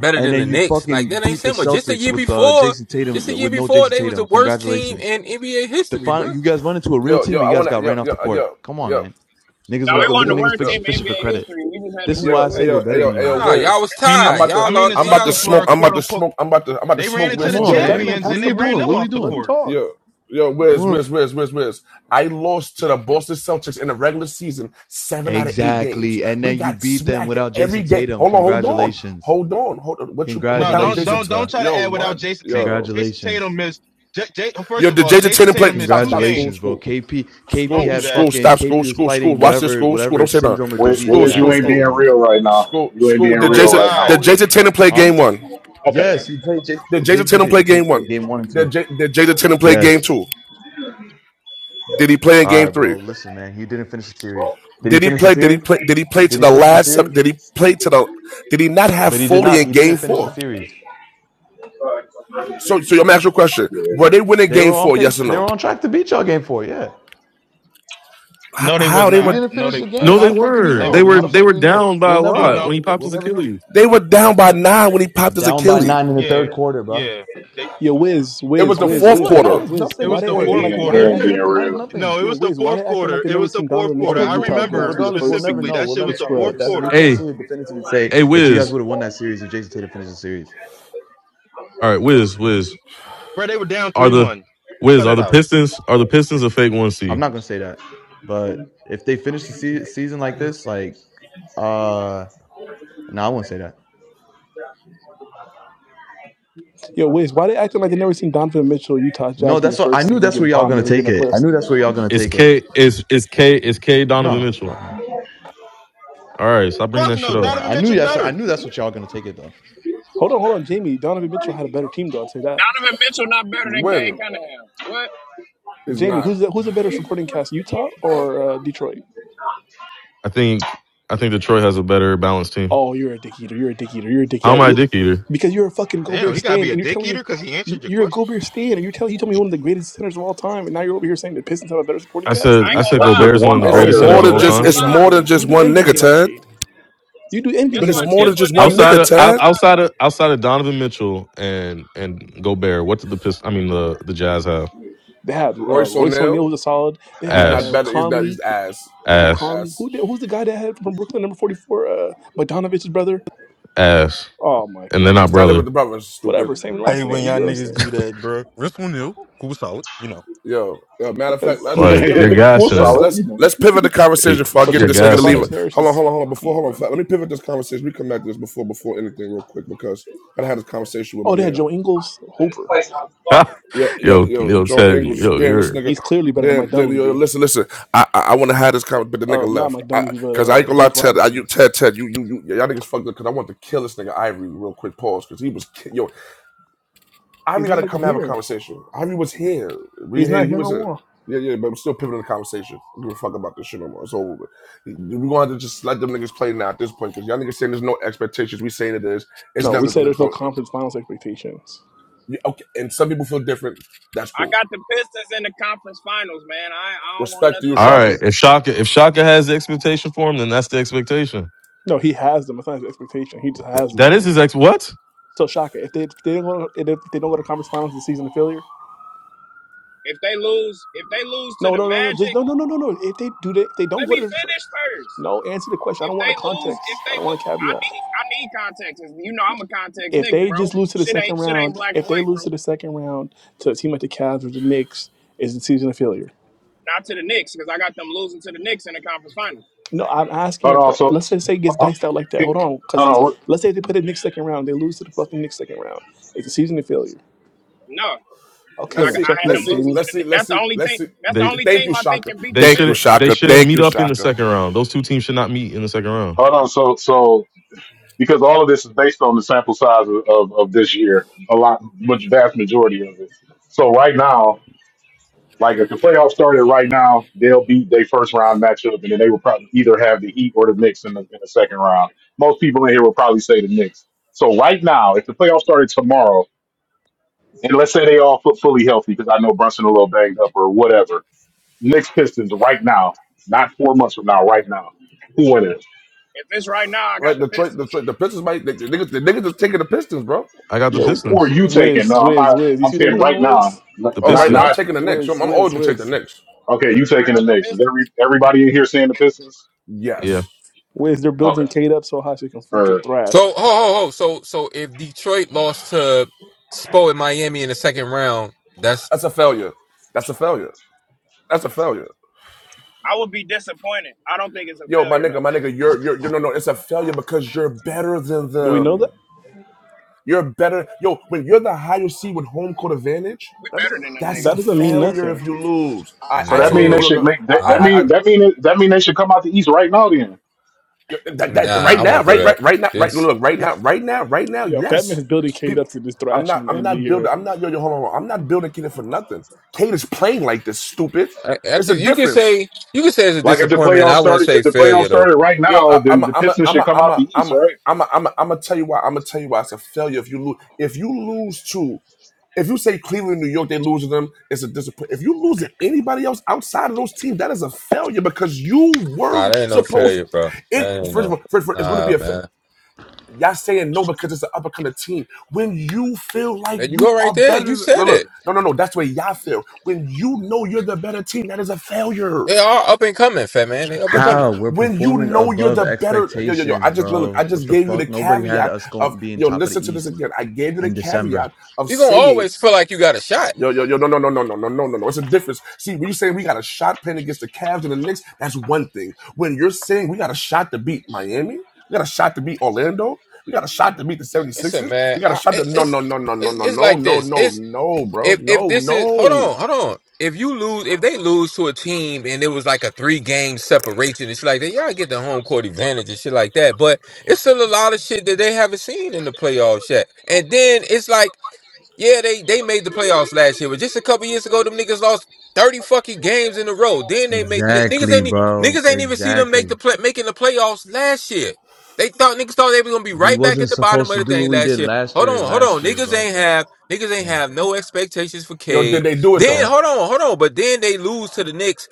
[SPEAKER 13] better
[SPEAKER 8] and
[SPEAKER 13] than the
[SPEAKER 8] then you
[SPEAKER 13] Knicks, like
[SPEAKER 8] fucking
[SPEAKER 13] that ain't
[SPEAKER 8] beat the
[SPEAKER 13] similar. Just a
[SPEAKER 8] Celtics
[SPEAKER 13] year
[SPEAKER 8] with uh
[SPEAKER 13] before,
[SPEAKER 8] Jason
[SPEAKER 13] just a
[SPEAKER 8] Tatum
[SPEAKER 13] year
[SPEAKER 8] with no
[SPEAKER 13] before,
[SPEAKER 8] Jason
[SPEAKER 13] they was the
[SPEAKER 8] Tatum.
[SPEAKER 13] worst team
[SPEAKER 8] Congratulations.
[SPEAKER 13] in NBA
[SPEAKER 8] The
[SPEAKER 13] history,
[SPEAKER 8] final,
[SPEAKER 13] bro.
[SPEAKER 8] you guys run into a real
[SPEAKER 1] Yo
[SPEAKER 8] team
[SPEAKER 1] yo
[SPEAKER 8] and
[SPEAKER 1] I
[SPEAKER 8] you guys
[SPEAKER 1] wanna
[SPEAKER 8] got
[SPEAKER 1] yo
[SPEAKER 8] ran off
[SPEAKER 1] yo
[SPEAKER 8] the
[SPEAKER 1] yo
[SPEAKER 8] court. Come on,
[SPEAKER 1] yo
[SPEAKER 8] man. Niggas
[SPEAKER 3] no,
[SPEAKER 8] will
[SPEAKER 3] we
[SPEAKER 1] yo
[SPEAKER 3] won
[SPEAKER 8] look at
[SPEAKER 3] the
[SPEAKER 1] yo
[SPEAKER 8] niggas
[SPEAKER 3] worst
[SPEAKER 1] yo
[SPEAKER 3] team in
[SPEAKER 8] fishing for
[SPEAKER 3] NBA
[SPEAKER 8] credit.
[SPEAKER 3] history. We just had the
[SPEAKER 8] This is
[SPEAKER 3] worst
[SPEAKER 8] why
[SPEAKER 1] yo
[SPEAKER 8] I
[SPEAKER 1] hey,
[SPEAKER 8] say
[SPEAKER 3] losing
[SPEAKER 8] we're
[SPEAKER 1] yo hey,
[SPEAKER 8] better than
[SPEAKER 1] yo
[SPEAKER 3] streak.
[SPEAKER 1] hey,
[SPEAKER 8] y'all
[SPEAKER 1] yo
[SPEAKER 13] Ah,
[SPEAKER 8] niggas.
[SPEAKER 13] y'all
[SPEAKER 1] Wiz.
[SPEAKER 13] was
[SPEAKER 7] I mean the-
[SPEAKER 1] I'm
[SPEAKER 13] tied.
[SPEAKER 1] about
[SPEAKER 7] I
[SPEAKER 13] Y'all
[SPEAKER 1] to
[SPEAKER 7] mean the
[SPEAKER 13] lost.
[SPEAKER 1] I'm
[SPEAKER 13] Man,
[SPEAKER 1] about to
[SPEAKER 13] y'all.
[SPEAKER 7] Celtics
[SPEAKER 1] smoke.
[SPEAKER 7] were
[SPEAKER 1] I'm
[SPEAKER 7] quote
[SPEAKER 1] about to
[SPEAKER 7] unquote
[SPEAKER 1] smoke. I'm about to I'm about to
[SPEAKER 7] they ran
[SPEAKER 1] smoke
[SPEAKER 7] into
[SPEAKER 8] Come
[SPEAKER 1] Wiz
[SPEAKER 7] the
[SPEAKER 1] whole
[SPEAKER 6] Yo,
[SPEAKER 8] on,
[SPEAKER 6] Fat
[SPEAKER 1] statement.
[SPEAKER 8] man.
[SPEAKER 6] Man,
[SPEAKER 7] champions
[SPEAKER 8] What
[SPEAKER 6] pass
[SPEAKER 8] are
[SPEAKER 7] and
[SPEAKER 6] the
[SPEAKER 7] they
[SPEAKER 8] we
[SPEAKER 7] ran
[SPEAKER 6] mic,
[SPEAKER 8] doing?
[SPEAKER 7] them
[SPEAKER 8] What are
[SPEAKER 6] bro.
[SPEAKER 8] we
[SPEAKER 7] off the
[SPEAKER 6] Let
[SPEAKER 8] doing?
[SPEAKER 6] him
[SPEAKER 7] court.
[SPEAKER 6] talk.
[SPEAKER 1] Yo, yo, Wiz, Wiz,
[SPEAKER 8] Woof.
[SPEAKER 1] Wiz, Wiz, Wiz. I lost to the Boston Celtics in the regular season, seven out of eight games.
[SPEAKER 8] Exactly. And
[SPEAKER 1] We
[SPEAKER 8] then you
[SPEAKER 1] got
[SPEAKER 8] beat them
[SPEAKER 1] smacked
[SPEAKER 8] without Jason
[SPEAKER 1] every game.
[SPEAKER 8] Tatum.
[SPEAKER 1] Hold on, hold on,
[SPEAKER 8] Congratulations.
[SPEAKER 1] hold on, hold on. What you
[SPEAKER 7] No,
[SPEAKER 1] without
[SPEAKER 7] don't
[SPEAKER 1] Jason?
[SPEAKER 8] Congratulations,
[SPEAKER 7] don't
[SPEAKER 1] T-
[SPEAKER 7] don't
[SPEAKER 8] bro.
[SPEAKER 7] try to
[SPEAKER 1] yo,
[SPEAKER 7] add without
[SPEAKER 1] what?
[SPEAKER 7] Jason Tatum.
[SPEAKER 1] Yo,
[SPEAKER 7] Jason Tatum
[SPEAKER 8] Congratulations.
[SPEAKER 7] missed J, J, first
[SPEAKER 1] yo,
[SPEAKER 7] of
[SPEAKER 1] did
[SPEAKER 7] all,
[SPEAKER 1] Jason
[SPEAKER 7] Jason
[SPEAKER 1] Tatum play?
[SPEAKER 7] Tatum missed
[SPEAKER 1] Stop,
[SPEAKER 7] two
[SPEAKER 1] stop,
[SPEAKER 7] games.
[SPEAKER 1] school,
[SPEAKER 8] Congratulations, bro.
[SPEAKER 1] school,
[SPEAKER 8] KP KP
[SPEAKER 7] Don't
[SPEAKER 1] school,
[SPEAKER 7] do
[SPEAKER 8] had
[SPEAKER 7] that.
[SPEAKER 1] school,
[SPEAKER 8] fucking
[SPEAKER 1] stop, school,
[SPEAKER 8] KP was
[SPEAKER 1] school, school.
[SPEAKER 8] fighting
[SPEAKER 1] Watch this,
[SPEAKER 8] whatever
[SPEAKER 1] school, school.
[SPEAKER 8] whatever
[SPEAKER 1] Don't say nothing.
[SPEAKER 8] syndrome or
[SPEAKER 11] Wiz,
[SPEAKER 8] disease he
[SPEAKER 1] School,
[SPEAKER 11] Wiz,
[SPEAKER 8] had
[SPEAKER 1] school,
[SPEAKER 11] you
[SPEAKER 8] at
[SPEAKER 11] ain't
[SPEAKER 8] that
[SPEAKER 1] school,
[SPEAKER 11] being
[SPEAKER 8] time.
[SPEAKER 11] real right now.
[SPEAKER 1] school,
[SPEAKER 11] You ain't
[SPEAKER 1] school.
[SPEAKER 11] being
[SPEAKER 1] Did
[SPEAKER 7] Oh
[SPEAKER 11] real
[SPEAKER 1] Jason?
[SPEAKER 11] right
[SPEAKER 7] God.
[SPEAKER 11] now,
[SPEAKER 1] Did
[SPEAKER 11] Wiz.
[SPEAKER 1] Jason Tatum play
[SPEAKER 8] Huh?
[SPEAKER 1] game one?
[SPEAKER 11] Okay.
[SPEAKER 8] Yes, he played Jason,
[SPEAKER 1] Did Jason
[SPEAKER 8] Jason
[SPEAKER 1] Tatum play
[SPEAKER 8] Tatum
[SPEAKER 1] game
[SPEAKER 8] played
[SPEAKER 1] one?
[SPEAKER 8] game one and
[SPEAKER 1] Did,
[SPEAKER 8] two.
[SPEAKER 1] J- did Jason Tatum play game
[SPEAKER 8] Yes.
[SPEAKER 1] two? Did he play in
[SPEAKER 8] All right,
[SPEAKER 1] game
[SPEAKER 8] bro.
[SPEAKER 1] three?
[SPEAKER 8] Listen, man. He didn't finish the series. Did he
[SPEAKER 1] Did he
[SPEAKER 8] finish the
[SPEAKER 1] play? Did he
[SPEAKER 8] series?
[SPEAKER 1] play? Did he play
[SPEAKER 8] Did
[SPEAKER 1] to
[SPEAKER 8] he
[SPEAKER 1] the
[SPEAKER 8] finish the
[SPEAKER 1] last?
[SPEAKER 8] series?
[SPEAKER 1] Did he play to the? Did he not have
[SPEAKER 8] But he did
[SPEAKER 1] Foley
[SPEAKER 8] not.
[SPEAKER 1] in
[SPEAKER 8] He
[SPEAKER 1] Game
[SPEAKER 8] didn't finish the
[SPEAKER 1] Four?
[SPEAKER 8] series.
[SPEAKER 1] So, so I'm asking you a question:
[SPEAKER 11] Yeah,
[SPEAKER 1] Were they winning
[SPEAKER 8] They were
[SPEAKER 1] Game
[SPEAKER 8] on
[SPEAKER 1] Four?
[SPEAKER 8] pace.
[SPEAKER 1] Yes or
[SPEAKER 8] They
[SPEAKER 1] no?
[SPEAKER 8] were on track to beat y'all game four. Yeah.
[SPEAKER 1] H-
[SPEAKER 7] No, they was
[SPEAKER 1] how they
[SPEAKER 8] He
[SPEAKER 7] not.
[SPEAKER 1] were?
[SPEAKER 8] didn't
[SPEAKER 7] No,
[SPEAKER 8] finish
[SPEAKER 7] they
[SPEAKER 8] the
[SPEAKER 7] was not.
[SPEAKER 8] game.
[SPEAKER 4] No, they
[SPEAKER 8] How the fuck do we
[SPEAKER 4] were.
[SPEAKER 7] They
[SPEAKER 4] not
[SPEAKER 7] were
[SPEAKER 4] They
[SPEAKER 8] know? How
[SPEAKER 4] were.
[SPEAKER 8] the
[SPEAKER 4] They
[SPEAKER 8] fuck
[SPEAKER 7] losing.
[SPEAKER 8] do
[SPEAKER 4] were
[SPEAKER 8] we know?
[SPEAKER 4] down by
[SPEAKER 8] We'll
[SPEAKER 4] a
[SPEAKER 8] never
[SPEAKER 7] No, no.
[SPEAKER 4] lot when
[SPEAKER 8] know.
[SPEAKER 4] he popped
[SPEAKER 8] We'll
[SPEAKER 4] his
[SPEAKER 8] never know.
[SPEAKER 4] Achilles.
[SPEAKER 1] They were down by nine when he popped his
[SPEAKER 8] Down by
[SPEAKER 1] Achilles.
[SPEAKER 8] nine in the
[SPEAKER 7] Yeah,
[SPEAKER 8] third quarter, bro.
[SPEAKER 7] yeah. They,
[SPEAKER 6] Yo, Wiz,
[SPEAKER 1] It was
[SPEAKER 6] Wiz,
[SPEAKER 1] the
[SPEAKER 8] Okay,
[SPEAKER 6] Wiz,
[SPEAKER 8] so
[SPEAKER 1] fourth
[SPEAKER 6] Wiz.
[SPEAKER 8] what?
[SPEAKER 6] What do you
[SPEAKER 8] Nine
[SPEAKER 1] quarter.
[SPEAKER 6] got,
[SPEAKER 8] is
[SPEAKER 6] Wiz?
[SPEAKER 7] it
[SPEAKER 8] nothing in
[SPEAKER 6] Why
[SPEAKER 8] the
[SPEAKER 7] was
[SPEAKER 6] they
[SPEAKER 7] the
[SPEAKER 11] yeah,
[SPEAKER 8] fourth.
[SPEAKER 6] acting
[SPEAKER 11] he
[SPEAKER 7] fourth
[SPEAKER 6] like?
[SPEAKER 11] ain't,
[SPEAKER 8] In
[SPEAKER 11] he
[SPEAKER 6] Why
[SPEAKER 8] the
[SPEAKER 6] they
[SPEAKER 7] quarter.
[SPEAKER 11] ain't
[SPEAKER 8] NBA,
[SPEAKER 11] being
[SPEAKER 6] acting?
[SPEAKER 8] nothing. Nine is
[SPEAKER 11] real.
[SPEAKER 8] nothing.
[SPEAKER 7] no, it
[SPEAKER 6] Yo,
[SPEAKER 7] was the
[SPEAKER 6] Wiz, why they
[SPEAKER 7] fourth
[SPEAKER 6] acting like
[SPEAKER 7] quarter.
[SPEAKER 6] they
[SPEAKER 7] It
[SPEAKER 6] never
[SPEAKER 7] was the
[SPEAKER 6] seen Donovan
[SPEAKER 7] fourth
[SPEAKER 6] Mitchell
[SPEAKER 7] quarter.
[SPEAKER 6] in
[SPEAKER 8] Okay,
[SPEAKER 6] the
[SPEAKER 7] I
[SPEAKER 8] cool,
[SPEAKER 6] Utah
[SPEAKER 8] cool, cool.
[SPEAKER 6] Jazz
[SPEAKER 7] remember
[SPEAKER 6] be the
[SPEAKER 8] Regardless, we'll
[SPEAKER 6] first
[SPEAKER 8] never
[SPEAKER 7] specifically
[SPEAKER 6] seed
[SPEAKER 8] know.
[SPEAKER 7] that
[SPEAKER 8] We'll
[SPEAKER 7] shit was
[SPEAKER 8] never
[SPEAKER 6] with
[SPEAKER 7] the
[SPEAKER 8] know.
[SPEAKER 7] fourth
[SPEAKER 8] But that's
[SPEAKER 6] scrubs?
[SPEAKER 8] we
[SPEAKER 7] quarter.
[SPEAKER 8] can't sit
[SPEAKER 4] Hey,
[SPEAKER 8] here definitively say
[SPEAKER 4] hey,
[SPEAKER 8] that you guys
[SPEAKER 4] Wiz.
[SPEAKER 8] would have won that series if Jason Tatum finished the series.
[SPEAKER 4] All right, Wiz, Wiz.
[SPEAKER 7] Bro, they were down
[SPEAKER 4] Are
[SPEAKER 7] three
[SPEAKER 4] the
[SPEAKER 7] one.
[SPEAKER 4] Wiz?
[SPEAKER 7] Cut
[SPEAKER 4] Are
[SPEAKER 7] it
[SPEAKER 4] the
[SPEAKER 7] out.
[SPEAKER 4] Pistons? Are the Pistons a fake one
[SPEAKER 8] I'm
[SPEAKER 4] C?
[SPEAKER 8] not gonna say that, but if they finish the se- season like this, like, uh, no, I won't say that.
[SPEAKER 6] Yo, Wiz, why they acting like they never seen Donovan Mitchell Utah
[SPEAKER 8] No,
[SPEAKER 6] Jazz be the
[SPEAKER 8] that's what I
[SPEAKER 6] first
[SPEAKER 8] knew.
[SPEAKER 6] seed and
[SPEAKER 8] That's where
[SPEAKER 6] get
[SPEAKER 8] y'all
[SPEAKER 6] bombed
[SPEAKER 8] gonna
[SPEAKER 6] every year in
[SPEAKER 8] take
[SPEAKER 6] the
[SPEAKER 8] it. I
[SPEAKER 6] playoffs?
[SPEAKER 8] knew that's where y'all gonna
[SPEAKER 4] It's
[SPEAKER 8] take it.
[SPEAKER 4] K. Is is K. Is K. Donovan
[SPEAKER 8] No,
[SPEAKER 4] Mitchell.
[SPEAKER 8] fuck no.
[SPEAKER 4] All right, so I bring
[SPEAKER 7] Fuck
[SPEAKER 4] that
[SPEAKER 7] no,
[SPEAKER 4] shit up.
[SPEAKER 8] Yeah,
[SPEAKER 7] Donovan
[SPEAKER 8] I knew
[SPEAKER 7] Mitchell
[SPEAKER 8] that's I
[SPEAKER 7] better.
[SPEAKER 8] knew that's what y'all gonna take it though.
[SPEAKER 6] Hold on, hold on, Jamie. Donovan Mitchell had a better team, though. I'd say that.
[SPEAKER 3] Donovan Mitchell not better than Kay
[SPEAKER 1] When
[SPEAKER 3] Cunningham. What?
[SPEAKER 1] is
[SPEAKER 6] Jamie,
[SPEAKER 1] not
[SPEAKER 6] who's the, who's a better supporting cast, Utah or uh, Detroit?
[SPEAKER 4] I think I think Detroit has a better balanced team.
[SPEAKER 6] oh, you're a dick eater, you're a dick eater, you're a dick
[SPEAKER 4] How
[SPEAKER 6] eater.
[SPEAKER 4] am I a
[SPEAKER 6] Li-
[SPEAKER 4] dick eater?
[SPEAKER 6] Because you're a fucking Go Bear
[SPEAKER 7] Damn, he gotta
[SPEAKER 6] stand,
[SPEAKER 7] be a
[SPEAKER 6] and you're
[SPEAKER 7] dick
[SPEAKER 6] telling
[SPEAKER 7] eater
[SPEAKER 6] me
[SPEAKER 7] because he
[SPEAKER 6] you-
[SPEAKER 7] answered your
[SPEAKER 6] you're a
[SPEAKER 7] question.
[SPEAKER 6] Go Bear stand, and you're telling you told me one of the greatest centers of all time, and now you're over here saying the Pistons have a better supporting
[SPEAKER 4] I
[SPEAKER 3] I
[SPEAKER 6] cast.
[SPEAKER 4] said
[SPEAKER 3] ain't
[SPEAKER 4] I
[SPEAKER 1] you?
[SPEAKER 3] gonna
[SPEAKER 4] said
[SPEAKER 11] That's
[SPEAKER 3] lie.
[SPEAKER 11] just
[SPEAKER 4] Gobert is one of
[SPEAKER 11] one
[SPEAKER 4] the
[SPEAKER 1] It's
[SPEAKER 6] Oh
[SPEAKER 4] greatest
[SPEAKER 11] player
[SPEAKER 6] man,
[SPEAKER 4] centers
[SPEAKER 1] more
[SPEAKER 6] you
[SPEAKER 11] though.
[SPEAKER 4] of
[SPEAKER 1] than
[SPEAKER 6] do
[SPEAKER 3] I
[SPEAKER 4] all
[SPEAKER 3] ain't
[SPEAKER 1] just.
[SPEAKER 6] anything to
[SPEAKER 4] time.
[SPEAKER 3] gonna
[SPEAKER 6] hate
[SPEAKER 1] It's
[SPEAKER 6] on
[SPEAKER 3] lie.
[SPEAKER 1] more than
[SPEAKER 6] Cade.
[SPEAKER 1] just
[SPEAKER 6] You do
[SPEAKER 1] one
[SPEAKER 6] anything to
[SPEAKER 1] nigga,
[SPEAKER 6] hate on
[SPEAKER 1] Ted.
[SPEAKER 6] Cade. You do anything to
[SPEAKER 3] This
[SPEAKER 1] But
[SPEAKER 6] hate
[SPEAKER 1] it's
[SPEAKER 6] on
[SPEAKER 3] what
[SPEAKER 1] more
[SPEAKER 3] this
[SPEAKER 1] than
[SPEAKER 6] Cade.
[SPEAKER 3] what
[SPEAKER 1] just one
[SPEAKER 3] niggas
[SPEAKER 4] Outside
[SPEAKER 1] nigga,
[SPEAKER 3] gotta
[SPEAKER 4] of out-
[SPEAKER 1] Ted.
[SPEAKER 3] realize
[SPEAKER 4] outside of
[SPEAKER 3] though.
[SPEAKER 4] outside of Donovan Mitchell and and Gobert, what did the Pist- I mean the the Jazz have?
[SPEAKER 6] They had uh,
[SPEAKER 1] Royce
[SPEAKER 6] Royce
[SPEAKER 1] O'Neal.
[SPEAKER 6] O'Neal was a solid. They
[SPEAKER 1] He's
[SPEAKER 6] had
[SPEAKER 1] not
[SPEAKER 4] Ass,
[SPEAKER 6] uh,
[SPEAKER 1] better. He's not. He's
[SPEAKER 6] Conley.
[SPEAKER 1] ass.
[SPEAKER 6] They
[SPEAKER 1] He's
[SPEAKER 6] had
[SPEAKER 4] ass,
[SPEAKER 6] Conley.
[SPEAKER 1] Ass.
[SPEAKER 6] Who did, who's the guy that had from Brooklyn, number forty four? Uh, Bogdanovich's brother.
[SPEAKER 4] ass,
[SPEAKER 6] Oh my
[SPEAKER 4] and they're not
[SPEAKER 1] It's
[SPEAKER 6] god.
[SPEAKER 1] not even
[SPEAKER 4] brother.
[SPEAKER 1] the brother's stupid.
[SPEAKER 6] Whatever, same
[SPEAKER 7] Hey,
[SPEAKER 6] last
[SPEAKER 7] when
[SPEAKER 6] name. You
[SPEAKER 7] y'all
[SPEAKER 6] know what I'm
[SPEAKER 7] niggas
[SPEAKER 6] saying?
[SPEAKER 7] do that, bro. This one new, cool, solid, you know.
[SPEAKER 1] Yo, yo, matter of fact,
[SPEAKER 6] Because
[SPEAKER 1] let's let's
[SPEAKER 4] Like
[SPEAKER 1] pivot
[SPEAKER 4] you're
[SPEAKER 1] the
[SPEAKER 11] We're
[SPEAKER 4] gassing
[SPEAKER 1] let's
[SPEAKER 11] solid.
[SPEAKER 1] let's
[SPEAKER 11] You know.
[SPEAKER 1] let's pivot the conversation
[SPEAKER 4] it.
[SPEAKER 1] before I
[SPEAKER 6] so,
[SPEAKER 1] get
[SPEAKER 4] You're
[SPEAKER 6] T-
[SPEAKER 1] this
[SPEAKER 6] so
[SPEAKER 1] nigga to leave.
[SPEAKER 6] Tobias
[SPEAKER 4] gassing
[SPEAKER 6] Harris
[SPEAKER 1] Hold on,
[SPEAKER 6] is.
[SPEAKER 1] hold on, hold on.
[SPEAKER 6] Come
[SPEAKER 1] Before hold
[SPEAKER 6] on,
[SPEAKER 1] on,
[SPEAKER 6] man.
[SPEAKER 1] let me pivot this conversation. We come back to this before before anything real quick because I done had this conversation with my
[SPEAKER 6] Oh, they had
[SPEAKER 1] man.
[SPEAKER 6] Joe Ingles, Hooper.
[SPEAKER 4] it.
[SPEAKER 1] Yo, yo,
[SPEAKER 4] yo,
[SPEAKER 1] yo,
[SPEAKER 4] yo,
[SPEAKER 1] Joe
[SPEAKER 4] Ted,
[SPEAKER 1] Ingles.
[SPEAKER 4] yo,
[SPEAKER 1] Damn, this
[SPEAKER 4] you're
[SPEAKER 1] nigga.
[SPEAKER 6] He's clearly better than Mike
[SPEAKER 1] Damn, damn, yo,
[SPEAKER 6] Dunleavy,
[SPEAKER 1] listen, listen. I I, I want to have this conversation, but the
[SPEAKER 6] or
[SPEAKER 1] nigga
[SPEAKER 6] well, not
[SPEAKER 1] left.
[SPEAKER 6] Mike
[SPEAKER 1] I
[SPEAKER 6] Dunleavy, but
[SPEAKER 1] because I
[SPEAKER 6] uh,
[SPEAKER 1] ain't gonna lie,
[SPEAKER 6] Dunk
[SPEAKER 1] Ted. I,
[SPEAKER 6] Robinson.
[SPEAKER 1] you, Ted, Ted, you, you, you, y'all niggas fucked up because I want to kill this nigga Ivory real quick. Pause because he was ki- yo. Ivy
[SPEAKER 6] He's
[SPEAKER 1] got to
[SPEAKER 6] not even
[SPEAKER 1] come have a
[SPEAKER 6] here.
[SPEAKER 1] conversation. Ivy was here. We
[SPEAKER 6] He's not
[SPEAKER 1] hated. He
[SPEAKER 6] here
[SPEAKER 1] was
[SPEAKER 6] no
[SPEAKER 1] here.
[SPEAKER 6] more.
[SPEAKER 1] Yeah, yeah, but I'm still pivoting the conversation. I don't give a fuck about this shit no more. It's over. with. We're going to have to just let them niggas play now at this point because y'all niggas saying there's no expectations. We saying it is. It's
[SPEAKER 6] No, we
[SPEAKER 1] never going
[SPEAKER 6] said
[SPEAKER 1] to
[SPEAKER 6] there's no
[SPEAKER 1] go.
[SPEAKER 6] conference finals expectations.
[SPEAKER 1] Yeah, Okay, and some people feel different. That's
[SPEAKER 3] I
[SPEAKER 1] cool.
[SPEAKER 3] got the Pistons in the conference finals, man. I I don't want
[SPEAKER 1] Respect to you,
[SPEAKER 3] nothing
[SPEAKER 4] all
[SPEAKER 1] Shaka.
[SPEAKER 4] right.
[SPEAKER 3] less.
[SPEAKER 4] If Shaka if Shaka has the expectation for him, then that's the expectation.
[SPEAKER 6] No, he has them. It's not his expectation. He just
[SPEAKER 4] Th-
[SPEAKER 6] has them
[SPEAKER 4] That is
[SPEAKER 6] there.
[SPEAKER 4] his ex. What
[SPEAKER 6] So Shaka, if they if they don't go to, if they don't go to conference finals this season, a failure.
[SPEAKER 3] If they lose, if they lose to
[SPEAKER 6] No,
[SPEAKER 3] the
[SPEAKER 6] no, no, no, just
[SPEAKER 3] Magic,
[SPEAKER 6] no, no, no, no, no. If they do, they if they don't
[SPEAKER 3] let
[SPEAKER 6] go
[SPEAKER 3] me
[SPEAKER 6] to. The,
[SPEAKER 3] finish first.
[SPEAKER 6] no, answer the question. I
[SPEAKER 3] If
[SPEAKER 6] don't want
[SPEAKER 3] they
[SPEAKER 6] a
[SPEAKER 3] lose, if
[SPEAKER 6] context.
[SPEAKER 3] they
[SPEAKER 6] I don't want
[SPEAKER 3] lose,
[SPEAKER 6] a
[SPEAKER 3] I
[SPEAKER 6] caveat.
[SPEAKER 3] need I need context. You know I'm a context
[SPEAKER 6] If
[SPEAKER 3] nigga,
[SPEAKER 6] they just
[SPEAKER 3] bro.
[SPEAKER 6] lose to the
[SPEAKER 3] Shit
[SPEAKER 6] second
[SPEAKER 3] ain't shit ain't
[SPEAKER 6] round,
[SPEAKER 3] black
[SPEAKER 6] if
[SPEAKER 3] and
[SPEAKER 6] they
[SPEAKER 3] white, bro.
[SPEAKER 6] lose to the second round to a team like the Cavs or the Knicks, is the season a failure?
[SPEAKER 3] Not to the Knicks, because I got them losing to the Knicks in the conference finals.
[SPEAKER 6] No, I'm asking
[SPEAKER 11] Hold
[SPEAKER 6] a
[SPEAKER 11] on,
[SPEAKER 6] question.
[SPEAKER 11] so
[SPEAKER 6] Let's say say it gets
[SPEAKER 11] uh, uh,
[SPEAKER 6] diced out like that. Hold on, cousins.
[SPEAKER 11] hold on,
[SPEAKER 6] Let's say they put it next second round. They lose to the fucking Knicks second round. It's a season of failure.
[SPEAKER 3] No, because
[SPEAKER 6] Okay
[SPEAKER 3] I,
[SPEAKER 1] Let's
[SPEAKER 6] then,
[SPEAKER 1] see.
[SPEAKER 3] I had them
[SPEAKER 1] Let's
[SPEAKER 6] checkmate,
[SPEAKER 1] see.
[SPEAKER 3] losing to
[SPEAKER 6] Jamie.
[SPEAKER 1] Let's
[SPEAKER 3] the
[SPEAKER 1] see.
[SPEAKER 3] Knicks.
[SPEAKER 1] Let's
[SPEAKER 3] That's the
[SPEAKER 1] see.
[SPEAKER 3] only
[SPEAKER 1] Let's
[SPEAKER 3] team.
[SPEAKER 1] see.
[SPEAKER 3] That's the
[SPEAKER 4] they
[SPEAKER 3] only
[SPEAKER 1] Thank
[SPEAKER 3] team
[SPEAKER 1] you,
[SPEAKER 3] I think
[SPEAKER 1] Shaka.
[SPEAKER 3] can beat the
[SPEAKER 4] they
[SPEAKER 1] Thank you,
[SPEAKER 4] shouldn't
[SPEAKER 3] Pistons.
[SPEAKER 4] they
[SPEAKER 1] Shaka.
[SPEAKER 4] shouldn't
[SPEAKER 1] Thank
[SPEAKER 4] meet
[SPEAKER 1] you,
[SPEAKER 4] up in the
[SPEAKER 1] Shaka.
[SPEAKER 4] second round. Those two teams should not meet in the second round.
[SPEAKER 11] hold on, so so because all of this is based on the sample size of, of, of this year, a lot, much vast majority of it. So right now. Like if the playoffs started right now, they'll beat their first round matchup, and then they will probably either have the Heat or the Knicks in the, in the second round. Most people in here will probably say the Knicks. So right now, if the playoffs started tomorrow, and let's say they all fu- fully healthy, because I know Brunson a little banged up or whatever, Knicks Pistons right now, not four months from now, right now, who won it is,
[SPEAKER 3] If it's right now, I got
[SPEAKER 1] Right,
[SPEAKER 3] the
[SPEAKER 1] Detroit,
[SPEAKER 3] Pistons.
[SPEAKER 1] Detroit, the Pistons might, the, the, niggas, the niggas is taking the Pistons, bro.
[SPEAKER 4] I got the
[SPEAKER 6] Yo,
[SPEAKER 11] or
[SPEAKER 4] Pistons.
[SPEAKER 11] you taking?
[SPEAKER 6] Wiz,
[SPEAKER 11] No, I'm
[SPEAKER 6] Wiz,
[SPEAKER 11] not.
[SPEAKER 6] Wiz. You
[SPEAKER 11] I'm
[SPEAKER 6] see what they're
[SPEAKER 11] saying right
[SPEAKER 6] doing,
[SPEAKER 11] now,
[SPEAKER 6] Wiz?
[SPEAKER 11] not
[SPEAKER 4] The
[SPEAKER 1] Oh,
[SPEAKER 11] not.
[SPEAKER 1] right now I'm
[SPEAKER 4] Pistons.
[SPEAKER 11] not
[SPEAKER 1] taking the Knicks.
[SPEAKER 6] Wiz,
[SPEAKER 1] I'm, I'm always
[SPEAKER 6] Wiz,
[SPEAKER 1] gonna take the
[SPEAKER 6] Wiz.
[SPEAKER 1] Knicks.
[SPEAKER 11] okay, you
[SPEAKER 3] I
[SPEAKER 11] taking the
[SPEAKER 3] got the
[SPEAKER 11] Knicks? Is every
[SPEAKER 3] Pistons.
[SPEAKER 11] everybody in here saying the Pistons?
[SPEAKER 4] Yeah,
[SPEAKER 1] Yes.
[SPEAKER 6] Wiz, they're
[SPEAKER 11] Okay.
[SPEAKER 6] building Kate up so high she can get
[SPEAKER 13] So, ho,
[SPEAKER 6] thrashed.
[SPEAKER 13] ho, ho. So, so if Detroit lost to Spo in Miami in the second round, that's
[SPEAKER 1] That's a failure. That's a failure. That's a failure.
[SPEAKER 3] I would be disappointed. I don't think it's a
[SPEAKER 1] Yo, my
[SPEAKER 3] failure
[SPEAKER 1] nigga,
[SPEAKER 3] though.
[SPEAKER 1] my nigga, you're you're, you're no no, it's a failure because you're better than
[SPEAKER 6] Do we know that?
[SPEAKER 1] them. You're better. Yo, when you're the higher seed with home court advantage,
[SPEAKER 3] We
[SPEAKER 6] That
[SPEAKER 3] better
[SPEAKER 6] doesn't,
[SPEAKER 3] than them
[SPEAKER 1] that's
[SPEAKER 6] that
[SPEAKER 1] a
[SPEAKER 3] niggas for
[SPEAKER 6] doesn't
[SPEAKER 3] sure.
[SPEAKER 6] mean
[SPEAKER 1] failure
[SPEAKER 6] nothing.
[SPEAKER 1] if you lose. I
[SPEAKER 11] So
[SPEAKER 1] I
[SPEAKER 13] yeah,
[SPEAKER 11] that
[SPEAKER 1] so
[SPEAKER 11] mean
[SPEAKER 13] that
[SPEAKER 1] look,
[SPEAKER 11] they
[SPEAKER 13] ain't.
[SPEAKER 1] look,
[SPEAKER 11] should
[SPEAKER 1] look,
[SPEAKER 11] make
[SPEAKER 1] I
[SPEAKER 11] that,
[SPEAKER 13] I
[SPEAKER 11] that
[SPEAKER 13] don't.
[SPEAKER 1] I, I
[SPEAKER 11] mean that mean that mean they should come out the East right now then.
[SPEAKER 1] that, that
[SPEAKER 13] Nah,
[SPEAKER 1] right
[SPEAKER 13] I
[SPEAKER 1] now,
[SPEAKER 13] won't go
[SPEAKER 1] right,
[SPEAKER 13] that.
[SPEAKER 1] right, right now, right,
[SPEAKER 13] This,
[SPEAKER 1] look, right now, right now, right now,
[SPEAKER 6] Yo, that
[SPEAKER 1] yes.
[SPEAKER 6] man's building Kate
[SPEAKER 1] People
[SPEAKER 6] up to this
[SPEAKER 1] I'm
[SPEAKER 6] thrashing
[SPEAKER 1] not
[SPEAKER 6] at the
[SPEAKER 1] I'm
[SPEAKER 6] end of the
[SPEAKER 1] not
[SPEAKER 6] year.
[SPEAKER 1] building I'm not yo yo hold on, hold on. I'm not building Kaden for nothing. Kate is playing like this, stupid.
[SPEAKER 13] I, I
[SPEAKER 1] It's a
[SPEAKER 13] think you can
[SPEAKER 1] difference.
[SPEAKER 13] say you can say it's a
[SPEAKER 11] Like if the
[SPEAKER 13] disappointment.
[SPEAKER 11] playoffs
[SPEAKER 13] I wouldn't
[SPEAKER 11] started if
[SPEAKER 13] say
[SPEAKER 11] the playoffs
[SPEAKER 13] failure though.
[SPEAKER 11] started right
[SPEAKER 1] Yo,
[SPEAKER 11] now,
[SPEAKER 1] I,
[SPEAKER 11] then
[SPEAKER 1] I'm a,
[SPEAKER 11] the
[SPEAKER 1] I'm a,
[SPEAKER 11] Pistons
[SPEAKER 1] I'm
[SPEAKER 11] should
[SPEAKER 1] a,
[SPEAKER 11] come
[SPEAKER 1] I'm
[SPEAKER 11] out
[SPEAKER 1] a,
[SPEAKER 11] the East,
[SPEAKER 1] I'm a,
[SPEAKER 11] right?
[SPEAKER 1] I'm a, I'm a, I'm gonna tell you why. I'm gonna tell you why it's a failure if you lose. If you lose to, if you say Cleveland, New York, they lose to them, it's a disappointment. If you lose to anybody else outside of those teams, that is a failure because you
[SPEAKER 13] Nah,
[SPEAKER 1] were
[SPEAKER 13] that ain't no
[SPEAKER 1] supposed.
[SPEAKER 13] failure, bro.
[SPEAKER 1] It
[SPEAKER 13] That ain't
[SPEAKER 1] first of
[SPEAKER 13] no.
[SPEAKER 1] all, first, first it's going to
[SPEAKER 13] Nah,
[SPEAKER 1] be a failure.
[SPEAKER 13] man.
[SPEAKER 1] Y'all saying no because it's an up and coming team. When you feel like
[SPEAKER 13] There you
[SPEAKER 1] you
[SPEAKER 13] go, right
[SPEAKER 1] are
[SPEAKER 13] there.
[SPEAKER 1] better,
[SPEAKER 13] You
[SPEAKER 1] than-
[SPEAKER 13] said
[SPEAKER 1] look, look,
[SPEAKER 13] it.
[SPEAKER 1] no, no, no, that's where y'all feel. When you know you're the better team, that is a failure.
[SPEAKER 13] They are up and coming, fat man. They up and
[SPEAKER 1] But you,
[SPEAKER 13] coming.
[SPEAKER 8] How we're
[SPEAKER 1] when you
[SPEAKER 8] performing
[SPEAKER 1] know you're
[SPEAKER 8] above
[SPEAKER 1] the better, yo, yo, yo, I
[SPEAKER 8] expectations,
[SPEAKER 1] just look,
[SPEAKER 8] bro.
[SPEAKER 1] I
[SPEAKER 8] What
[SPEAKER 1] just
[SPEAKER 8] the
[SPEAKER 1] gave you the
[SPEAKER 8] fuck? Nobody had
[SPEAKER 1] caveat
[SPEAKER 8] us
[SPEAKER 1] of
[SPEAKER 8] going being
[SPEAKER 1] yo.
[SPEAKER 8] top of
[SPEAKER 1] Listen
[SPEAKER 8] the
[SPEAKER 1] to this
[SPEAKER 8] East
[SPEAKER 1] again. I gave you the
[SPEAKER 8] in December.
[SPEAKER 1] caveat of
[SPEAKER 13] You gonna
[SPEAKER 1] saying
[SPEAKER 13] always feel like you got a shot.
[SPEAKER 1] yo, yo, yo, no, no, no, no, no, no, no, no, no. It's a difference. See, when you say we got a shot playing against the Cavs and the Knicks, that's one thing. When you're saying we got a shot to beat Miami, we got a shot to beat Orlando, we got a shot to beat the
[SPEAKER 13] Listen,
[SPEAKER 1] 76ers,
[SPEAKER 13] man.
[SPEAKER 1] we got a
[SPEAKER 13] I,
[SPEAKER 1] shot
[SPEAKER 13] it,
[SPEAKER 1] to no,
[SPEAKER 13] it's
[SPEAKER 1] no, no, no, no,
[SPEAKER 13] it's
[SPEAKER 1] no,
[SPEAKER 13] it's
[SPEAKER 1] no,
[SPEAKER 13] like
[SPEAKER 1] no,
[SPEAKER 13] this.
[SPEAKER 1] no,
[SPEAKER 13] It's
[SPEAKER 1] no, bro,
[SPEAKER 13] If if
[SPEAKER 1] no,
[SPEAKER 13] this is hold on,
[SPEAKER 1] no.
[SPEAKER 13] hold on. If you lose, if they lose to a team and it was like a three game separation, it's like that. Y'all get the home court advantage and shit like that. But it's still a lot of shit that they haven't seen in the playoffs yet. And then it's like, yeah, they they made the playoffs last year, but just a couple years ago, them niggas lost thirty fucking games in a row. Then they made n- niggas
[SPEAKER 8] Exactly,
[SPEAKER 13] ain't e-
[SPEAKER 8] bro.
[SPEAKER 13] niggas ain't even see them make
[SPEAKER 8] Exactly.
[SPEAKER 13] the play, making the playoffs last year. They thought niggas thought they were gonna be
[SPEAKER 8] We
[SPEAKER 13] right back
[SPEAKER 8] wasn't
[SPEAKER 13] at the bottom
[SPEAKER 8] supposed
[SPEAKER 13] of
[SPEAKER 8] to
[SPEAKER 13] the
[SPEAKER 8] do what
[SPEAKER 13] thing
[SPEAKER 8] we
[SPEAKER 13] last
[SPEAKER 8] did
[SPEAKER 13] year.
[SPEAKER 8] last
[SPEAKER 13] Hold
[SPEAKER 8] year.
[SPEAKER 13] on, hold
[SPEAKER 8] Last
[SPEAKER 13] on,
[SPEAKER 8] year,
[SPEAKER 13] niggas
[SPEAKER 8] bro.
[SPEAKER 13] ain't have. Niggas ain't
[SPEAKER 8] Yeah.
[SPEAKER 13] have no expectations for
[SPEAKER 1] Yo,
[SPEAKER 13] Cade.
[SPEAKER 1] did they do it
[SPEAKER 13] Then
[SPEAKER 1] though?
[SPEAKER 8] Yep.
[SPEAKER 13] hold on, hold on. But then they lose to the Knicks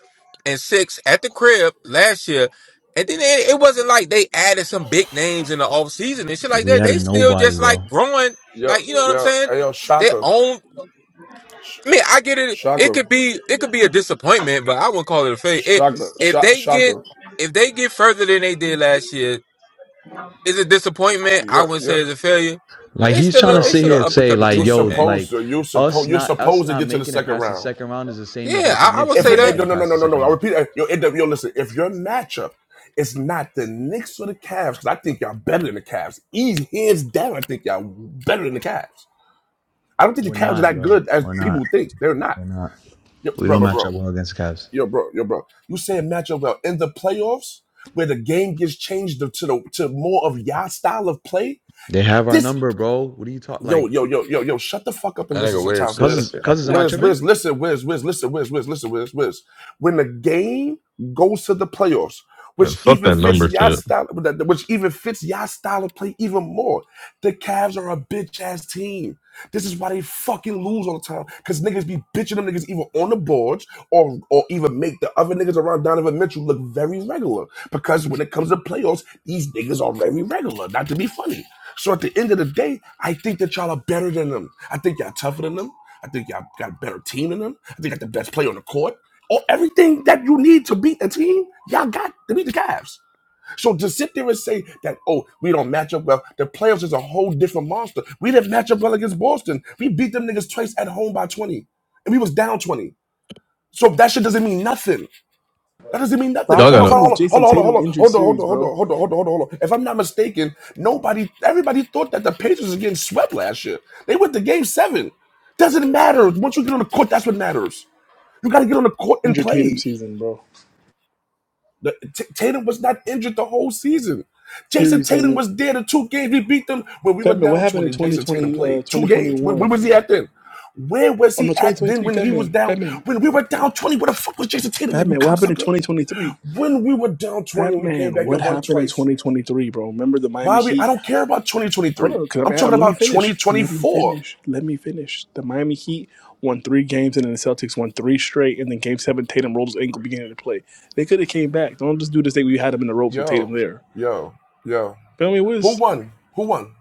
[SPEAKER 13] and six at the crib last year. And then it, it wasn't like they added some big names in the offseason and shit like
[SPEAKER 8] We
[SPEAKER 13] that.
[SPEAKER 8] had
[SPEAKER 13] They
[SPEAKER 8] a
[SPEAKER 13] still
[SPEAKER 8] nobody,
[SPEAKER 13] just like
[SPEAKER 8] bro.
[SPEAKER 13] growing,
[SPEAKER 1] Yo,
[SPEAKER 13] like you know what I'm
[SPEAKER 1] yo,
[SPEAKER 13] saying?
[SPEAKER 1] hey, yo,
[SPEAKER 13] They
[SPEAKER 1] Shaka,
[SPEAKER 13] own
[SPEAKER 1] Sh-
[SPEAKER 13] I mean, I get it. It
[SPEAKER 1] Shaka.
[SPEAKER 13] could be it could be a disappointment, but I wouldn't call it a fake. If
[SPEAKER 1] Shaka,
[SPEAKER 13] if
[SPEAKER 1] Shaka,
[SPEAKER 13] they get
[SPEAKER 1] Shaka,
[SPEAKER 13] if they get further than they did last year, it's a disappointment. I
[SPEAKER 1] yo,
[SPEAKER 13] wouldn't
[SPEAKER 1] yo,
[SPEAKER 13] say it's a failure. But
[SPEAKER 8] Like
[SPEAKER 13] they
[SPEAKER 8] he's
[SPEAKER 13] still
[SPEAKER 8] trying
[SPEAKER 13] a,
[SPEAKER 8] to
[SPEAKER 13] they
[SPEAKER 1] yo,
[SPEAKER 8] sit
[SPEAKER 13] still an
[SPEAKER 8] here and
[SPEAKER 1] yo,
[SPEAKER 13] up and
[SPEAKER 8] say
[SPEAKER 13] coming
[SPEAKER 1] you
[SPEAKER 8] like,
[SPEAKER 13] team,
[SPEAKER 8] yo,
[SPEAKER 13] man.
[SPEAKER 1] supposed
[SPEAKER 8] like
[SPEAKER 1] to, you
[SPEAKER 8] us
[SPEAKER 1] supposed, you're
[SPEAKER 8] not us
[SPEAKER 1] supposed to
[SPEAKER 8] not
[SPEAKER 1] get to the
[SPEAKER 8] making it
[SPEAKER 1] second
[SPEAKER 8] past the
[SPEAKER 1] round.
[SPEAKER 8] second round is the same as
[SPEAKER 13] Yeah,
[SPEAKER 8] like the
[SPEAKER 13] I, I
[SPEAKER 8] Knicks
[SPEAKER 13] would
[SPEAKER 1] If
[SPEAKER 13] say
[SPEAKER 1] you,
[SPEAKER 8] not
[SPEAKER 1] eh,
[SPEAKER 13] that.
[SPEAKER 8] making
[SPEAKER 1] no,
[SPEAKER 8] it
[SPEAKER 1] no, no,
[SPEAKER 8] past
[SPEAKER 1] no,
[SPEAKER 8] the
[SPEAKER 1] no,
[SPEAKER 8] second
[SPEAKER 1] no, I
[SPEAKER 8] round.
[SPEAKER 1] repeat, that. yo, it, yo, listen, if your matchup is not the Knicks or the Cavs, because I think y'all better than the Cavs, easy, hands down, I think y'all better than the Cavs. I don't think
[SPEAKER 8] We're
[SPEAKER 1] the Cavs are
[SPEAKER 8] not,
[SPEAKER 1] that
[SPEAKER 8] bro.
[SPEAKER 1] good as
[SPEAKER 8] We're not.
[SPEAKER 1] people think. They're not.
[SPEAKER 8] We're not.
[SPEAKER 1] Yo,
[SPEAKER 8] We
[SPEAKER 1] bro,
[SPEAKER 8] don't
[SPEAKER 1] bro,
[SPEAKER 8] match
[SPEAKER 1] bro,
[SPEAKER 8] up well against the Cavs.
[SPEAKER 1] yo, bro, yo, bro. You saying matchup well in the playoffs where the game gets changed to the to more of y'all style of play?
[SPEAKER 8] They have our
[SPEAKER 1] This.
[SPEAKER 8] number, bro. What are you talking?
[SPEAKER 1] yo,
[SPEAKER 8] Like,
[SPEAKER 1] yo, yo, yo, yo, shut the fuck up and
[SPEAKER 13] That
[SPEAKER 1] listen
[SPEAKER 13] nigga weird
[SPEAKER 1] sometimes,
[SPEAKER 13] shit.
[SPEAKER 1] Wiz.
[SPEAKER 8] cousins, cousins, am I
[SPEAKER 1] Wiz,
[SPEAKER 8] tripping?
[SPEAKER 1] Wiz, listen, Wiz, Wiz, listen, Wiz, Wiz, listen, Wiz, Wiz. When the game goes to the playoffs,
[SPEAKER 4] man,
[SPEAKER 1] which
[SPEAKER 4] fuck
[SPEAKER 1] even
[SPEAKER 4] that
[SPEAKER 1] fits
[SPEAKER 4] number
[SPEAKER 1] y'all
[SPEAKER 4] shit.
[SPEAKER 1] style, which even fits y'all style of play even more. The Cavs are a bitch ass team. This is why they fucking lose all the time. Cause niggas be bitching them niggas either on the boards or or even make the other niggas around Donovan Mitchell look very regular. Because when it comes to playoffs, these niggas are very regular. Not to be funny. So at the end of the day, I think that y'all are better than them. I think y'all tougher than them. I think y'all got a better team than them. I think y'all got the best player on the court. Or everything that you need to beat the team, y'all got to beat the Cavs. So to sit there and say that, oh, we don't match up well, the playoffs is a whole different monster. We didn't match up well against Boston. We beat them niggas twice at home by 20. And we was down 20. So that shit doesn't mean nothing. That doesn't mean nothing.
[SPEAKER 6] Stop
[SPEAKER 4] Y'all
[SPEAKER 1] Hold on,
[SPEAKER 4] gotta,
[SPEAKER 6] using
[SPEAKER 1] hold
[SPEAKER 6] this
[SPEAKER 1] on, hold
[SPEAKER 6] Jason
[SPEAKER 1] on, hold
[SPEAKER 6] Tatum
[SPEAKER 1] on,
[SPEAKER 6] injured
[SPEAKER 1] hold on, hold on, hold
[SPEAKER 6] series,
[SPEAKER 1] on, hold
[SPEAKER 6] bro.
[SPEAKER 1] on, hold on, hold on, hold on, If I'm not mistaken, nobody, everybody thought that the Pacers was getting swept last year. They went to game seven. Doesn't matter. Once you get on the court, that's what matters. You got to get on the court and
[SPEAKER 6] Injured Tatum
[SPEAKER 1] play.
[SPEAKER 6] season, bro.
[SPEAKER 1] The- T- Tatum was not injured the whole season. Jason
[SPEAKER 6] Series I
[SPEAKER 1] Tatum
[SPEAKER 6] mean.
[SPEAKER 1] was there the two games we beat them when we were
[SPEAKER 6] Fatman, what
[SPEAKER 1] down
[SPEAKER 6] happened in
[SPEAKER 1] 20. Jason Tatum
[SPEAKER 6] 2020,
[SPEAKER 1] played
[SPEAKER 6] uh,
[SPEAKER 1] two games. Where, where
[SPEAKER 6] 2021?
[SPEAKER 1] was he at then? Where was
[SPEAKER 6] Oh,
[SPEAKER 1] he
[SPEAKER 6] no,
[SPEAKER 1] at then
[SPEAKER 6] 2023,
[SPEAKER 1] when he was
[SPEAKER 6] Fatman,
[SPEAKER 1] down?
[SPEAKER 6] Fatman,
[SPEAKER 1] When we were down 20, where the fuck was Jason Tatum at, you
[SPEAKER 6] Fatman, what happened in
[SPEAKER 1] cocksucker?
[SPEAKER 6] 2023?
[SPEAKER 1] When we were down 20 and we came
[SPEAKER 6] Fatman,
[SPEAKER 1] back
[SPEAKER 6] what
[SPEAKER 1] and won
[SPEAKER 6] happened in
[SPEAKER 1] twice.
[SPEAKER 6] 2023, bro? Remember the
[SPEAKER 1] Why
[SPEAKER 6] Miami
[SPEAKER 1] are we I
[SPEAKER 6] Heat?
[SPEAKER 1] don't care about
[SPEAKER 6] Hold
[SPEAKER 1] 2023.
[SPEAKER 6] on, cause I'm,
[SPEAKER 1] I'm
[SPEAKER 6] I'm-
[SPEAKER 1] talking
[SPEAKER 6] let me
[SPEAKER 1] about
[SPEAKER 6] finish. Let me
[SPEAKER 1] 2024.
[SPEAKER 6] finish. Let me finish. The Miami Heat won three games, and then the Celtics won three straight, and then Game 7, Tatum rolled his ankle beginning to play. They could have came back. Don't just do this thing where you had him in the ropes with
[SPEAKER 1] Yo,
[SPEAKER 6] Tatum there.
[SPEAKER 1] yo, yo.
[SPEAKER 6] But I
[SPEAKER 1] Who
[SPEAKER 6] was
[SPEAKER 1] won? Who won?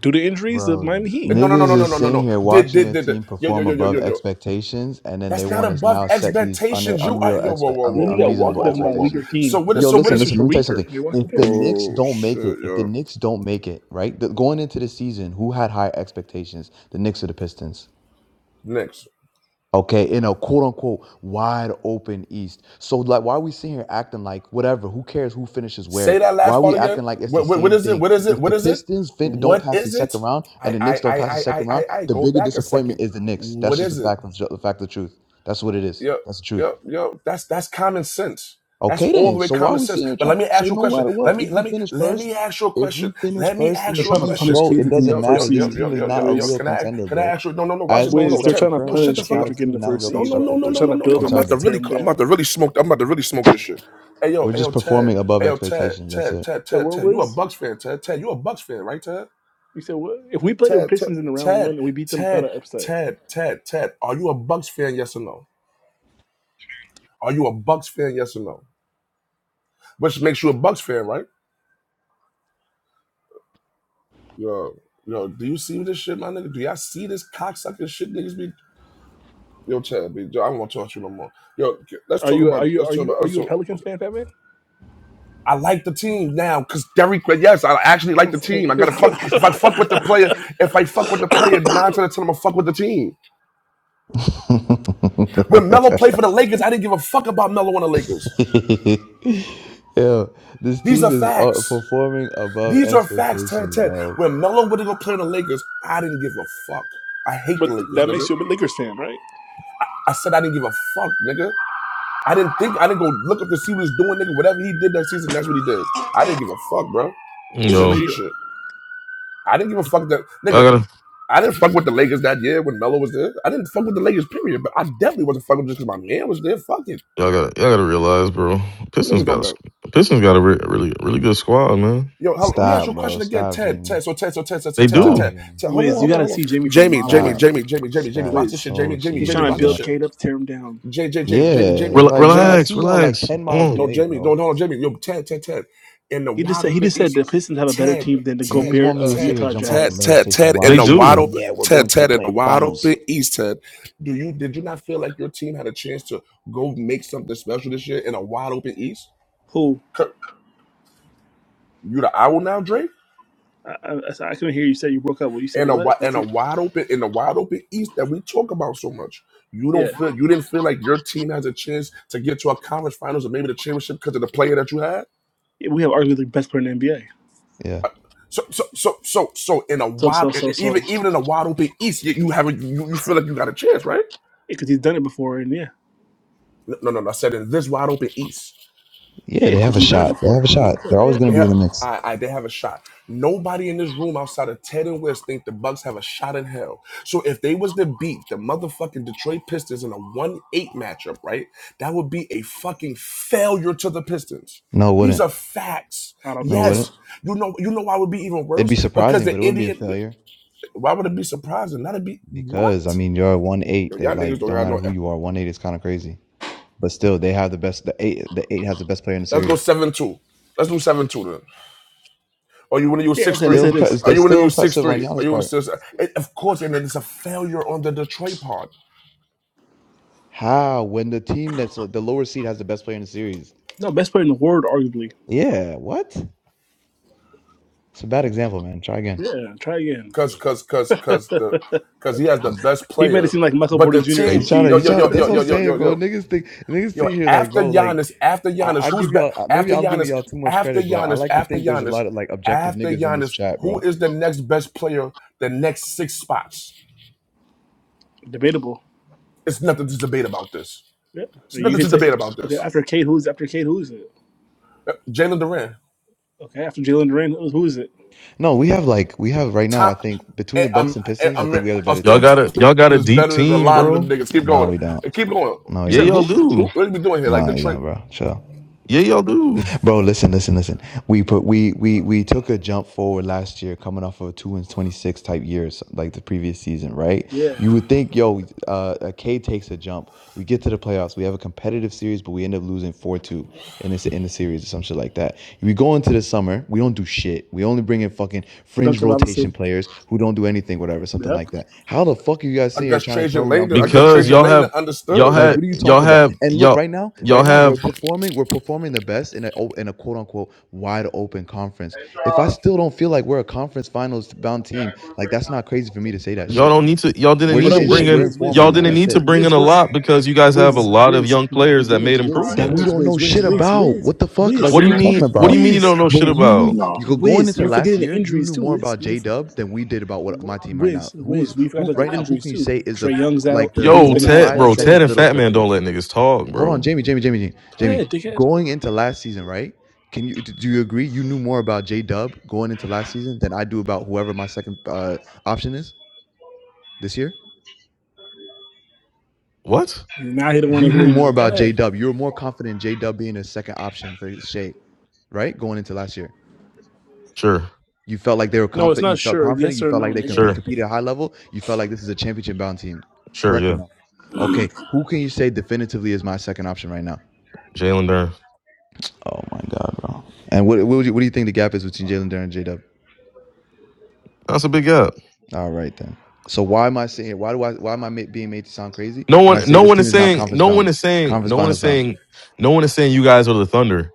[SPEAKER 6] due to injuries, the
[SPEAKER 8] Bro,
[SPEAKER 6] Miami Heat.
[SPEAKER 1] No, no, no,
[SPEAKER 8] niggas
[SPEAKER 1] no, no,
[SPEAKER 8] is
[SPEAKER 1] no, no,
[SPEAKER 8] sitting
[SPEAKER 1] no.
[SPEAKER 8] here
[SPEAKER 1] Did
[SPEAKER 8] watching
[SPEAKER 1] did
[SPEAKER 8] a
[SPEAKER 1] did, did.
[SPEAKER 8] team
[SPEAKER 1] Yo, yo,
[SPEAKER 8] perform
[SPEAKER 1] yo, yo,
[SPEAKER 8] above
[SPEAKER 1] yo, yo.
[SPEAKER 8] expectations, and then they
[SPEAKER 1] That's not
[SPEAKER 8] want us
[SPEAKER 1] above
[SPEAKER 8] now set these un-
[SPEAKER 1] expectations. You are
[SPEAKER 8] unreal
[SPEAKER 1] yo, whoa,
[SPEAKER 8] expect
[SPEAKER 1] whoa,
[SPEAKER 6] And
[SPEAKER 8] un-
[SPEAKER 6] then
[SPEAKER 1] whoa,
[SPEAKER 6] you
[SPEAKER 1] whoa,
[SPEAKER 6] got
[SPEAKER 1] whoa,
[SPEAKER 8] unreasonable
[SPEAKER 6] walked
[SPEAKER 1] whoa,
[SPEAKER 6] down
[SPEAKER 1] whoa,
[SPEAKER 6] by a
[SPEAKER 1] whoa.
[SPEAKER 6] weaker
[SPEAKER 8] expectations.
[SPEAKER 1] So
[SPEAKER 6] team.
[SPEAKER 1] what is
[SPEAKER 8] Yo,
[SPEAKER 1] so
[SPEAKER 6] The
[SPEAKER 1] what
[SPEAKER 8] listen,
[SPEAKER 1] is
[SPEAKER 6] Pacers
[SPEAKER 8] listen. Let
[SPEAKER 6] were
[SPEAKER 8] me tell you
[SPEAKER 6] weaker.
[SPEAKER 8] something.
[SPEAKER 6] They walked
[SPEAKER 8] If
[SPEAKER 6] you
[SPEAKER 8] the
[SPEAKER 6] down.
[SPEAKER 8] Knicks
[SPEAKER 1] oh
[SPEAKER 8] don't make
[SPEAKER 1] shit,
[SPEAKER 8] it, if the
[SPEAKER 1] yo.
[SPEAKER 8] Knicks don't make it, right, the, going into the season, who had high expectations? The Knicks or the Pistons?
[SPEAKER 1] Next.
[SPEAKER 8] Okay, in a quote unquote wide open East. So like why are we sitting here acting like whatever, who cares who finishes
[SPEAKER 1] Say
[SPEAKER 8] where?
[SPEAKER 1] that
[SPEAKER 8] Why are
[SPEAKER 1] last part
[SPEAKER 8] we
[SPEAKER 1] again.
[SPEAKER 8] acting like it's the
[SPEAKER 1] What what, what
[SPEAKER 8] same
[SPEAKER 1] is it?
[SPEAKER 8] thing?
[SPEAKER 1] What is it?
[SPEAKER 8] If the
[SPEAKER 1] What is it?
[SPEAKER 8] Pistons fin- don't
[SPEAKER 1] What
[SPEAKER 8] pass the
[SPEAKER 1] is it?
[SPEAKER 8] second round and
[SPEAKER 1] I
[SPEAKER 8] the
[SPEAKER 1] I I
[SPEAKER 8] Knicks don't pass the
[SPEAKER 1] I I
[SPEAKER 8] second round,
[SPEAKER 1] I I-
[SPEAKER 8] the
[SPEAKER 1] go
[SPEAKER 8] bigger
[SPEAKER 1] back a
[SPEAKER 8] disappointment
[SPEAKER 1] second.
[SPEAKER 8] is the Knicks. That's
[SPEAKER 1] What
[SPEAKER 8] just the
[SPEAKER 1] is it?
[SPEAKER 8] fact of the fact of the truth. That's what it is.
[SPEAKER 1] Yep,
[SPEAKER 8] That's the truth.
[SPEAKER 1] yep, yep. That's that's common sense. That's
[SPEAKER 8] Okay
[SPEAKER 1] all
[SPEAKER 8] then.
[SPEAKER 1] the way
[SPEAKER 8] So why are
[SPEAKER 1] common
[SPEAKER 8] we
[SPEAKER 1] sense.
[SPEAKER 8] sitting here
[SPEAKER 1] But
[SPEAKER 8] trying?
[SPEAKER 1] let me
[SPEAKER 8] So
[SPEAKER 1] ask you a
[SPEAKER 8] no
[SPEAKER 1] question.
[SPEAKER 8] matter what,
[SPEAKER 1] Let me
[SPEAKER 8] if we
[SPEAKER 1] let me
[SPEAKER 8] finish
[SPEAKER 1] let
[SPEAKER 8] first,
[SPEAKER 1] me ask you a
[SPEAKER 8] if we
[SPEAKER 1] question.
[SPEAKER 8] finish
[SPEAKER 1] Let me
[SPEAKER 8] first in
[SPEAKER 6] They're
[SPEAKER 1] ask
[SPEAKER 8] the
[SPEAKER 1] you a
[SPEAKER 6] trying to
[SPEAKER 8] East,
[SPEAKER 1] question.
[SPEAKER 6] punish
[SPEAKER 8] bro,
[SPEAKER 6] Cade
[SPEAKER 8] it
[SPEAKER 6] for getting
[SPEAKER 8] doesn't
[SPEAKER 6] the
[SPEAKER 1] Yo,
[SPEAKER 6] first
[SPEAKER 1] yo,
[SPEAKER 8] matter. This
[SPEAKER 1] yo,
[SPEAKER 8] team
[SPEAKER 1] yo,
[SPEAKER 8] is
[SPEAKER 1] yo,
[SPEAKER 6] seed.
[SPEAKER 8] not
[SPEAKER 1] yo,
[SPEAKER 8] a
[SPEAKER 1] yo.
[SPEAKER 6] Wiz,
[SPEAKER 8] real
[SPEAKER 1] Can I
[SPEAKER 8] contender,
[SPEAKER 1] can I
[SPEAKER 8] bro.
[SPEAKER 1] ask you? No, no, no. Watch
[SPEAKER 8] As
[SPEAKER 1] it. No,
[SPEAKER 6] Wiz,
[SPEAKER 1] no.
[SPEAKER 6] they're
[SPEAKER 1] Tip.
[SPEAKER 8] constructed
[SPEAKER 6] trying to
[SPEAKER 1] No,
[SPEAKER 8] currently,
[SPEAKER 1] shut
[SPEAKER 6] punish
[SPEAKER 1] the
[SPEAKER 8] this
[SPEAKER 1] fuck
[SPEAKER 8] not
[SPEAKER 6] Cade
[SPEAKER 1] up.
[SPEAKER 8] a
[SPEAKER 6] for getting the
[SPEAKER 8] team, not a
[SPEAKER 6] first
[SPEAKER 8] real
[SPEAKER 1] No,
[SPEAKER 6] seed,
[SPEAKER 1] no, no,
[SPEAKER 6] bro.
[SPEAKER 8] constructive
[SPEAKER 1] no,
[SPEAKER 6] They're
[SPEAKER 8] team
[SPEAKER 1] no,
[SPEAKER 6] trying
[SPEAKER 1] no,
[SPEAKER 6] to
[SPEAKER 1] no, no.
[SPEAKER 6] build
[SPEAKER 1] I'm
[SPEAKER 6] him up
[SPEAKER 1] about
[SPEAKER 6] to
[SPEAKER 1] to
[SPEAKER 8] contender.
[SPEAKER 6] tear
[SPEAKER 1] really
[SPEAKER 6] him
[SPEAKER 1] I'm about
[SPEAKER 6] down.
[SPEAKER 1] to really smoke. I'm about to really smoke this shit. Hey yo,
[SPEAKER 8] We're
[SPEAKER 1] hey
[SPEAKER 8] just
[SPEAKER 1] yo, Ted.
[SPEAKER 8] performing above
[SPEAKER 1] Hey yo, Ted,
[SPEAKER 8] expectations. That's
[SPEAKER 1] Ted,
[SPEAKER 8] it.
[SPEAKER 1] Ted,
[SPEAKER 6] Yeah,
[SPEAKER 1] Ted,
[SPEAKER 6] what
[SPEAKER 1] Ted. You a
[SPEAKER 6] Wiz?
[SPEAKER 1] Bucks fan, Ted. Ted, you a Bucks fan, right, Ted?
[SPEAKER 6] You said what? If we played the
[SPEAKER 1] Ted, Ted,
[SPEAKER 6] Pistons in the round one
[SPEAKER 1] Ted,
[SPEAKER 6] and we beat them, it's not
[SPEAKER 1] Ted,
[SPEAKER 6] an upset.
[SPEAKER 1] Ted, Ted, Ted. Are you a Bucks fan, yes or no? Are you a Bucks fan? Yes or no? Which makes you a Bucks fan, right? Yo, yo, do you see this shit, my nigga? Do y'all see this cocksucking shit niggas be? Yo, Chad, be, yo, I don't want to talk to you no more. Yo, let's
[SPEAKER 6] Are
[SPEAKER 1] talk
[SPEAKER 6] you are
[SPEAKER 1] about,
[SPEAKER 6] you
[SPEAKER 1] let's
[SPEAKER 6] are
[SPEAKER 1] talk
[SPEAKER 6] you
[SPEAKER 1] about,
[SPEAKER 6] are
[SPEAKER 1] let's
[SPEAKER 6] you a
[SPEAKER 1] talk,
[SPEAKER 6] Pelicans fan, Batman?
[SPEAKER 1] I like the team now because Derrick. Yes, I actually like the team. I gotta fuck if I fuck with the player. If I fuck with the player, nine out of ten, I'm gonna fuck with the team. When Melo played for the Lakers, I didn't give a fuck about Melo on the Lakers.
[SPEAKER 8] yeah, this
[SPEAKER 1] These
[SPEAKER 8] team
[SPEAKER 1] are
[SPEAKER 8] is uh,
[SPEAKER 1] facts.
[SPEAKER 8] performing above
[SPEAKER 1] These are facts 10
[SPEAKER 8] expectations,
[SPEAKER 1] 10.
[SPEAKER 8] bro.
[SPEAKER 1] When Melo went to go play in the Lakers, I didn't give a fuck. I hate
[SPEAKER 6] but
[SPEAKER 1] the Lakers,
[SPEAKER 6] that
[SPEAKER 1] nigga.
[SPEAKER 6] makes you a Lakers fan, right?
[SPEAKER 1] I said I didn't give a fuck, nigga. I didn't think, I didn't go look up to see what he was doing, nigga. Whatever he did that season, that's what he did. I didn't give a fuck, bro.
[SPEAKER 4] you
[SPEAKER 1] This
[SPEAKER 6] So
[SPEAKER 1] is
[SPEAKER 6] that
[SPEAKER 4] know,
[SPEAKER 6] made
[SPEAKER 1] G
[SPEAKER 6] you.
[SPEAKER 1] shit. I didn't give a fuck that,
[SPEAKER 4] y'all
[SPEAKER 1] nigga.
[SPEAKER 4] gotta,
[SPEAKER 1] I didn't fuck with the Lakers that year when Melo was there. I didn't fuck with the Lakers, period. But I definitely wasn't fucking with just because my man was there. Fuck it.
[SPEAKER 4] y'all gotta, y'all gotta realize, bro. Pistons
[SPEAKER 1] Niggas
[SPEAKER 4] got a,
[SPEAKER 1] don't go.
[SPEAKER 4] squ- Pistons got a re- really, really good squad, man.
[SPEAKER 1] Yo, how, let me ask
[SPEAKER 8] Stop,
[SPEAKER 1] you a
[SPEAKER 8] bro.
[SPEAKER 1] question again,
[SPEAKER 8] Stop,
[SPEAKER 1] Ted. Ted,
[SPEAKER 8] Jimmy.
[SPEAKER 1] so Ted, so Ted, so Ted, so
[SPEAKER 4] They
[SPEAKER 1] Ted, so
[SPEAKER 4] do.
[SPEAKER 8] Stop,
[SPEAKER 1] Ted,
[SPEAKER 8] Jimmy.
[SPEAKER 1] Ted. Hold on,
[SPEAKER 6] Wiz, you
[SPEAKER 1] hold on,
[SPEAKER 6] gotta
[SPEAKER 1] hold on.
[SPEAKER 6] see Jamie from a
[SPEAKER 1] Jamie,
[SPEAKER 6] mile
[SPEAKER 1] Jamie,
[SPEAKER 8] Stop.
[SPEAKER 6] away.
[SPEAKER 1] Jamie, Jamie,
[SPEAKER 8] This
[SPEAKER 1] Jamie, Jamie,
[SPEAKER 8] guy is
[SPEAKER 1] watch this
[SPEAKER 6] Wiz,
[SPEAKER 1] shit.
[SPEAKER 8] so
[SPEAKER 1] Jamie, Jamie,
[SPEAKER 6] he's
[SPEAKER 1] Jamie,
[SPEAKER 6] trying to
[SPEAKER 8] cheesy,
[SPEAKER 1] watch this
[SPEAKER 8] bro.
[SPEAKER 6] build
[SPEAKER 1] shit.
[SPEAKER 6] Cade up, to tear him down.
[SPEAKER 1] J, J, J, Jamie,
[SPEAKER 8] Yeah,
[SPEAKER 1] Jamie,
[SPEAKER 4] Rel-
[SPEAKER 8] like bro, I
[SPEAKER 1] Jamie.
[SPEAKER 4] relax,
[SPEAKER 8] see y'all like
[SPEAKER 4] relax.
[SPEAKER 8] ten
[SPEAKER 4] Hold
[SPEAKER 8] miles
[SPEAKER 4] on.
[SPEAKER 1] No,
[SPEAKER 8] away,
[SPEAKER 1] Jamie, no,
[SPEAKER 8] bro.
[SPEAKER 1] no, no, Jamie. Yo, Ted, Ted, Ted. In the
[SPEAKER 6] He just
[SPEAKER 1] wide
[SPEAKER 6] said he
[SPEAKER 1] open
[SPEAKER 6] just said
[SPEAKER 1] East,
[SPEAKER 6] the Pistons have a better
[SPEAKER 1] Ted,
[SPEAKER 6] team than the
[SPEAKER 1] Ted,
[SPEAKER 8] Niggas
[SPEAKER 6] Gobert
[SPEAKER 8] want me
[SPEAKER 6] uh,
[SPEAKER 8] to sit
[SPEAKER 1] Ted,
[SPEAKER 8] here,
[SPEAKER 6] Utah
[SPEAKER 8] jump off the
[SPEAKER 1] Ted,
[SPEAKER 6] Jazz.
[SPEAKER 8] ledge,
[SPEAKER 1] Ted,
[SPEAKER 8] say some
[SPEAKER 1] Ted. In
[SPEAKER 4] They
[SPEAKER 8] wild
[SPEAKER 1] the
[SPEAKER 8] shit.
[SPEAKER 1] wide
[SPEAKER 8] Oh
[SPEAKER 4] do.
[SPEAKER 1] open,
[SPEAKER 8] yeah, we're going
[SPEAKER 1] Ted,
[SPEAKER 8] to the
[SPEAKER 1] Ted. In
[SPEAKER 8] play
[SPEAKER 1] the wide open
[SPEAKER 8] finals.
[SPEAKER 1] East, Ted. Do you did you not feel like your team had a chance to go make something special this year in a wide open East?
[SPEAKER 6] Who?
[SPEAKER 1] Cur- You the owl now, Drake?
[SPEAKER 6] I, I, I couldn't hear you say you broke up. Well, you said
[SPEAKER 1] and a
[SPEAKER 6] what?
[SPEAKER 1] wi-
[SPEAKER 6] But
[SPEAKER 1] and
[SPEAKER 6] see,
[SPEAKER 1] a wide open in the wide open East that we talk about so much. You don't
[SPEAKER 6] yeah,
[SPEAKER 1] feel you didn't feel like your team has a chance to get to a conference finals or maybe the championship because of the player that you had.
[SPEAKER 6] Yeah, we have arguably the best player in the NBA.
[SPEAKER 8] Yeah,
[SPEAKER 1] So so so so so in a
[SPEAKER 6] So,
[SPEAKER 1] wide
[SPEAKER 6] so,
[SPEAKER 1] and
[SPEAKER 6] so, so.
[SPEAKER 1] even even in a wide open East, you, you haven't you, you feel like you got a chance, right?
[SPEAKER 6] Because he's done it before, and yeah.
[SPEAKER 1] No no no. no, I said in this wide open East.
[SPEAKER 8] yeah,
[SPEAKER 6] Yeah,
[SPEAKER 8] they
[SPEAKER 6] because
[SPEAKER 8] have a
[SPEAKER 6] he's done it
[SPEAKER 8] shot. They have
[SPEAKER 6] before.
[SPEAKER 8] a
[SPEAKER 6] You know What's
[SPEAKER 8] shot.
[SPEAKER 6] up?
[SPEAKER 8] They're always
[SPEAKER 6] Yeah.
[SPEAKER 8] gonna
[SPEAKER 1] They
[SPEAKER 8] be in
[SPEAKER 1] have
[SPEAKER 8] the mix.
[SPEAKER 1] I, I they have a shot. Nobody in this room outside of Ted and West think the Bucks have a shot in hell. So if they was to beat the motherfucking Detroit Pistons in a one eight matchup, right? That would be a fucking failure to the Pistons.
[SPEAKER 8] No, it
[SPEAKER 1] These
[SPEAKER 8] wouldn't.
[SPEAKER 1] are facts.
[SPEAKER 6] I don't
[SPEAKER 8] No, it
[SPEAKER 6] think so.
[SPEAKER 8] wouldn't.
[SPEAKER 1] Yes, you know you know why it would be even
[SPEAKER 8] It'd be
[SPEAKER 1] worse because
[SPEAKER 8] surprising, but
[SPEAKER 1] the
[SPEAKER 8] it wouldn't be a
[SPEAKER 1] Indian.
[SPEAKER 8] failure
[SPEAKER 1] Why would it be surprising? That'd be
[SPEAKER 8] because I
[SPEAKER 1] what?
[SPEAKER 8] mean you're one eight.
[SPEAKER 1] Yo,
[SPEAKER 8] That
[SPEAKER 1] y'all niggas
[SPEAKER 8] like
[SPEAKER 1] don't
[SPEAKER 8] don't
[SPEAKER 1] got
[SPEAKER 8] matter
[SPEAKER 1] no.
[SPEAKER 8] who you are, one eight is kind of crazy. But still, they have the best. The eight, the eight has the best player in the
[SPEAKER 1] Let's go
[SPEAKER 8] series.
[SPEAKER 1] seven two. Let's do seven two then. Are you want to use
[SPEAKER 6] Yeah,
[SPEAKER 1] six
[SPEAKER 6] okay, let's
[SPEAKER 1] three?
[SPEAKER 8] Still,
[SPEAKER 6] say this.
[SPEAKER 8] impre-
[SPEAKER 1] Are you
[SPEAKER 8] that's
[SPEAKER 1] want to
[SPEAKER 8] still
[SPEAKER 1] use six
[SPEAKER 8] impressive on
[SPEAKER 1] three? Are
[SPEAKER 8] Giannis'
[SPEAKER 1] you want
[SPEAKER 8] part.
[SPEAKER 1] to use? and Of course, and then it's a failure on the Detroit part,
[SPEAKER 8] How when the team that's the lower seed has the best player in the series?
[SPEAKER 6] No, best player in the world, arguably.
[SPEAKER 8] Yeah, what? It's a bad example, man. Try again.
[SPEAKER 6] Yeah, try again.
[SPEAKER 1] cause cause cause cause the cause he has the best
[SPEAKER 6] He made it
[SPEAKER 1] player,
[SPEAKER 6] seem like Michael
[SPEAKER 1] but
[SPEAKER 6] Porter
[SPEAKER 1] the
[SPEAKER 6] Jr.
[SPEAKER 8] You
[SPEAKER 4] They,
[SPEAKER 1] team
[SPEAKER 6] eighth
[SPEAKER 8] try to,
[SPEAKER 1] yo
[SPEAKER 8] you
[SPEAKER 1] yo
[SPEAKER 8] try to.
[SPEAKER 1] yo
[SPEAKER 8] That's
[SPEAKER 1] yo
[SPEAKER 8] what I'm
[SPEAKER 1] yo yo yo
[SPEAKER 8] saying, bro.
[SPEAKER 1] yo
[SPEAKER 8] Niggas think, niggas
[SPEAKER 1] yo
[SPEAKER 8] sit here like,
[SPEAKER 1] after
[SPEAKER 8] bro, like,
[SPEAKER 1] Giannis after
[SPEAKER 8] I,
[SPEAKER 1] Giannis
[SPEAKER 8] I
[SPEAKER 1] who's
[SPEAKER 8] give
[SPEAKER 1] back
[SPEAKER 8] y'all, maybe
[SPEAKER 1] after
[SPEAKER 8] I'm giving
[SPEAKER 1] Giannis
[SPEAKER 8] y'all too much
[SPEAKER 1] after
[SPEAKER 8] credit, bro. I
[SPEAKER 1] Giannis
[SPEAKER 8] like to
[SPEAKER 1] after
[SPEAKER 8] think there's a
[SPEAKER 1] Giannis
[SPEAKER 8] lot of like objective
[SPEAKER 1] after
[SPEAKER 8] niggas in this
[SPEAKER 1] Giannis
[SPEAKER 8] chat,
[SPEAKER 1] who
[SPEAKER 8] bro.
[SPEAKER 1] is the next best player the next six spots?
[SPEAKER 6] Debatable.
[SPEAKER 1] It's nothing to debate about this.
[SPEAKER 6] Yeah.
[SPEAKER 1] It's
[SPEAKER 6] You
[SPEAKER 1] nothing
[SPEAKER 6] can
[SPEAKER 1] to
[SPEAKER 6] say,
[SPEAKER 1] debate about
[SPEAKER 6] okay,
[SPEAKER 1] this.
[SPEAKER 6] after Kate, who's after Kate, who is it?
[SPEAKER 1] Uh, Jalen Duran.
[SPEAKER 6] Okay, after Jalen Duran, who who is it?
[SPEAKER 8] No, we have like we have right now.
[SPEAKER 1] Tom,
[SPEAKER 8] I think between
[SPEAKER 1] eh,
[SPEAKER 8] the Bucks
[SPEAKER 1] I'm,
[SPEAKER 8] and
[SPEAKER 1] eh,
[SPEAKER 8] Pistons, I
[SPEAKER 1] I'm,
[SPEAKER 8] think we have a
[SPEAKER 1] I
[SPEAKER 8] better
[SPEAKER 4] y'all
[SPEAKER 1] saw
[SPEAKER 8] team.
[SPEAKER 4] got a,
[SPEAKER 1] Thompson
[SPEAKER 4] y'all got a
[SPEAKER 1] is
[SPEAKER 4] deep
[SPEAKER 1] better than a
[SPEAKER 4] team,
[SPEAKER 1] lot of them
[SPEAKER 4] bro.
[SPEAKER 1] niggas. Keep
[SPEAKER 8] No,
[SPEAKER 1] going.
[SPEAKER 8] we don't.
[SPEAKER 1] Eh, Keep going.
[SPEAKER 8] No,
[SPEAKER 6] You
[SPEAKER 8] we
[SPEAKER 4] Yeah,
[SPEAKER 6] said
[SPEAKER 8] don't.
[SPEAKER 4] y'all
[SPEAKER 6] who? Who?
[SPEAKER 4] do.
[SPEAKER 1] What are we doing here? Like
[SPEAKER 8] No,
[SPEAKER 1] the
[SPEAKER 8] you
[SPEAKER 1] trade.
[SPEAKER 8] don't, bro. Chill.
[SPEAKER 4] Yeah, y'all do.
[SPEAKER 8] Bro, listen, listen, listen. We put we we we took a jump forward last year, coming off of a two and twenty six type years like the previous season, right?
[SPEAKER 6] Yeah.
[SPEAKER 8] You would think, yo, uh, a K takes a jump. We get to the playoffs. We have a competitive series, but we end up losing four two in this in the series or some shit like that. We go into the summer, we don't do shit. We only bring in fucking fringe
[SPEAKER 6] Duncan
[SPEAKER 8] rotation
[SPEAKER 6] Robinson.
[SPEAKER 8] players who don't do anything, whatever, something
[SPEAKER 6] Yep.
[SPEAKER 8] like that. How the fuck are you guys
[SPEAKER 1] I
[SPEAKER 8] sitting here
[SPEAKER 1] guess
[SPEAKER 8] trying to tell
[SPEAKER 1] Trajan
[SPEAKER 8] me I'm
[SPEAKER 1] Langdon. I
[SPEAKER 8] crazy for
[SPEAKER 1] guess
[SPEAKER 4] Because
[SPEAKER 8] saying
[SPEAKER 1] Trajan
[SPEAKER 4] y'all
[SPEAKER 1] Langdon
[SPEAKER 4] have, y'all
[SPEAKER 1] understood.
[SPEAKER 8] like,
[SPEAKER 4] had,
[SPEAKER 1] Like,
[SPEAKER 8] what are you
[SPEAKER 4] y'all
[SPEAKER 8] talking about?
[SPEAKER 4] have,
[SPEAKER 8] And look,
[SPEAKER 4] y'all,
[SPEAKER 8] right now,
[SPEAKER 4] y'all
[SPEAKER 8] right now,
[SPEAKER 4] have,
[SPEAKER 8] we're performing, we're performing the best in a oh, in a quote unquote wide open conference. If I still don't feel like we're a conference finals bound team, like that's not crazy for me to say that
[SPEAKER 4] y'all
[SPEAKER 8] shit.
[SPEAKER 4] don't need to, y'all didn't
[SPEAKER 8] We're
[SPEAKER 6] Hold
[SPEAKER 4] need
[SPEAKER 8] just
[SPEAKER 4] to
[SPEAKER 6] on,
[SPEAKER 8] in
[SPEAKER 4] bring
[SPEAKER 8] shit.
[SPEAKER 6] whiz,
[SPEAKER 8] We're
[SPEAKER 4] in,
[SPEAKER 8] in
[SPEAKER 6] whiz,
[SPEAKER 8] form
[SPEAKER 6] whiz,
[SPEAKER 8] right
[SPEAKER 4] y'all
[SPEAKER 6] whiz,
[SPEAKER 8] now.
[SPEAKER 4] didn't
[SPEAKER 6] whiz,
[SPEAKER 8] That's
[SPEAKER 4] need to
[SPEAKER 8] it.
[SPEAKER 6] whiz,
[SPEAKER 4] bring in
[SPEAKER 6] whiz,
[SPEAKER 4] a
[SPEAKER 6] whiz.
[SPEAKER 4] lot because you guys have a
[SPEAKER 6] Whiz,
[SPEAKER 4] lot of
[SPEAKER 6] whiz,
[SPEAKER 4] young players that
[SPEAKER 6] whiz,
[SPEAKER 4] made
[SPEAKER 8] That we
[SPEAKER 4] improvements.
[SPEAKER 6] whiz, whiz,
[SPEAKER 8] don't know
[SPEAKER 6] whiz, whiz, whiz,
[SPEAKER 8] shit
[SPEAKER 6] whiz,
[SPEAKER 8] about. What the fuck? Like,
[SPEAKER 4] What
[SPEAKER 6] whiz,
[SPEAKER 8] what are
[SPEAKER 4] do you
[SPEAKER 8] we talking
[SPEAKER 4] mean? What do you
[SPEAKER 8] about?
[SPEAKER 4] mean you
[SPEAKER 6] whiz,
[SPEAKER 4] don't know
[SPEAKER 8] But
[SPEAKER 4] shit
[SPEAKER 8] you
[SPEAKER 4] about?
[SPEAKER 8] knew
[SPEAKER 11] No.
[SPEAKER 8] you go going
[SPEAKER 6] whiz.
[SPEAKER 8] into
[SPEAKER 6] You're
[SPEAKER 8] last
[SPEAKER 6] forgetting the
[SPEAKER 8] year, you
[SPEAKER 6] injuries
[SPEAKER 8] knew
[SPEAKER 6] too,
[SPEAKER 8] more
[SPEAKER 6] whiz.
[SPEAKER 8] about
[SPEAKER 6] You
[SPEAKER 8] J
[SPEAKER 6] for-
[SPEAKER 8] Dub than we did about what my team right now.
[SPEAKER 6] whiz,
[SPEAKER 8] Who's
[SPEAKER 6] whiz. We forgot
[SPEAKER 8] who
[SPEAKER 6] about the
[SPEAKER 8] right now? Who
[SPEAKER 6] injuries
[SPEAKER 8] can you
[SPEAKER 6] too.
[SPEAKER 8] say is
[SPEAKER 6] Trey
[SPEAKER 8] the
[SPEAKER 6] Young's out,
[SPEAKER 8] like the
[SPEAKER 6] Embiid's
[SPEAKER 4] Yo,
[SPEAKER 6] been
[SPEAKER 8] bona
[SPEAKER 6] out,
[SPEAKER 4] Ted,
[SPEAKER 8] fide
[SPEAKER 6] Paul
[SPEAKER 4] bro,
[SPEAKER 6] George's
[SPEAKER 8] second
[SPEAKER 4] Ted and
[SPEAKER 6] out.
[SPEAKER 8] fiddle
[SPEAKER 4] Fat
[SPEAKER 8] for
[SPEAKER 4] Man
[SPEAKER 8] Cade?
[SPEAKER 4] don't let niggas talk,
[SPEAKER 8] Hold on,
[SPEAKER 4] bro.
[SPEAKER 8] Jamie, Jamie, Jamie, Jamie,
[SPEAKER 6] Go
[SPEAKER 8] Jamie.
[SPEAKER 6] ahead, dickhead.
[SPEAKER 8] Going into last season, right? Can you do you agree you knew more about J Dub going into last season than I do about whoever my second uh, option is this year?
[SPEAKER 4] What?
[SPEAKER 6] Now he don't want
[SPEAKER 8] You
[SPEAKER 6] to hear
[SPEAKER 8] knew more
[SPEAKER 6] you. Go
[SPEAKER 8] about J
[SPEAKER 6] ahead.
[SPEAKER 8] Dub. You were more confident in J Dub being a second option for Shea, right? Going into last year.
[SPEAKER 4] Sure,
[SPEAKER 8] You felt like they were
[SPEAKER 6] No, it's
[SPEAKER 8] confident.
[SPEAKER 6] not
[SPEAKER 8] You felt
[SPEAKER 6] sure.
[SPEAKER 8] confident.
[SPEAKER 6] Yes
[SPEAKER 8] You
[SPEAKER 6] or
[SPEAKER 8] felt
[SPEAKER 6] no,
[SPEAKER 8] like they
[SPEAKER 6] nigga.
[SPEAKER 8] comp-
[SPEAKER 4] sure,
[SPEAKER 8] competed at a high level. You felt like this is a championship bound team.
[SPEAKER 4] sure,
[SPEAKER 8] Correct or
[SPEAKER 4] yeah.
[SPEAKER 8] no? Okay. Who can you say definitively is my second option right now?
[SPEAKER 4] Jalen Durn.
[SPEAKER 8] Oh my God, bro. And what what, would you, what do you think the gap is between Jalen Duran and J Dub?
[SPEAKER 4] That's a big gap.
[SPEAKER 8] All right then. So why am I saying Why do I? Why am I ma- being made to sound crazy
[SPEAKER 4] No
[SPEAKER 8] when
[SPEAKER 4] one,
[SPEAKER 8] I say
[SPEAKER 4] no
[SPEAKER 8] this
[SPEAKER 4] one
[SPEAKER 8] team
[SPEAKER 4] is
[SPEAKER 8] is not
[SPEAKER 4] saying,
[SPEAKER 8] conference
[SPEAKER 4] no one
[SPEAKER 8] bound,
[SPEAKER 4] is saying,
[SPEAKER 8] conference
[SPEAKER 4] no one is
[SPEAKER 8] finals bound?
[SPEAKER 4] saying, no one is saying you guys are the Thunder.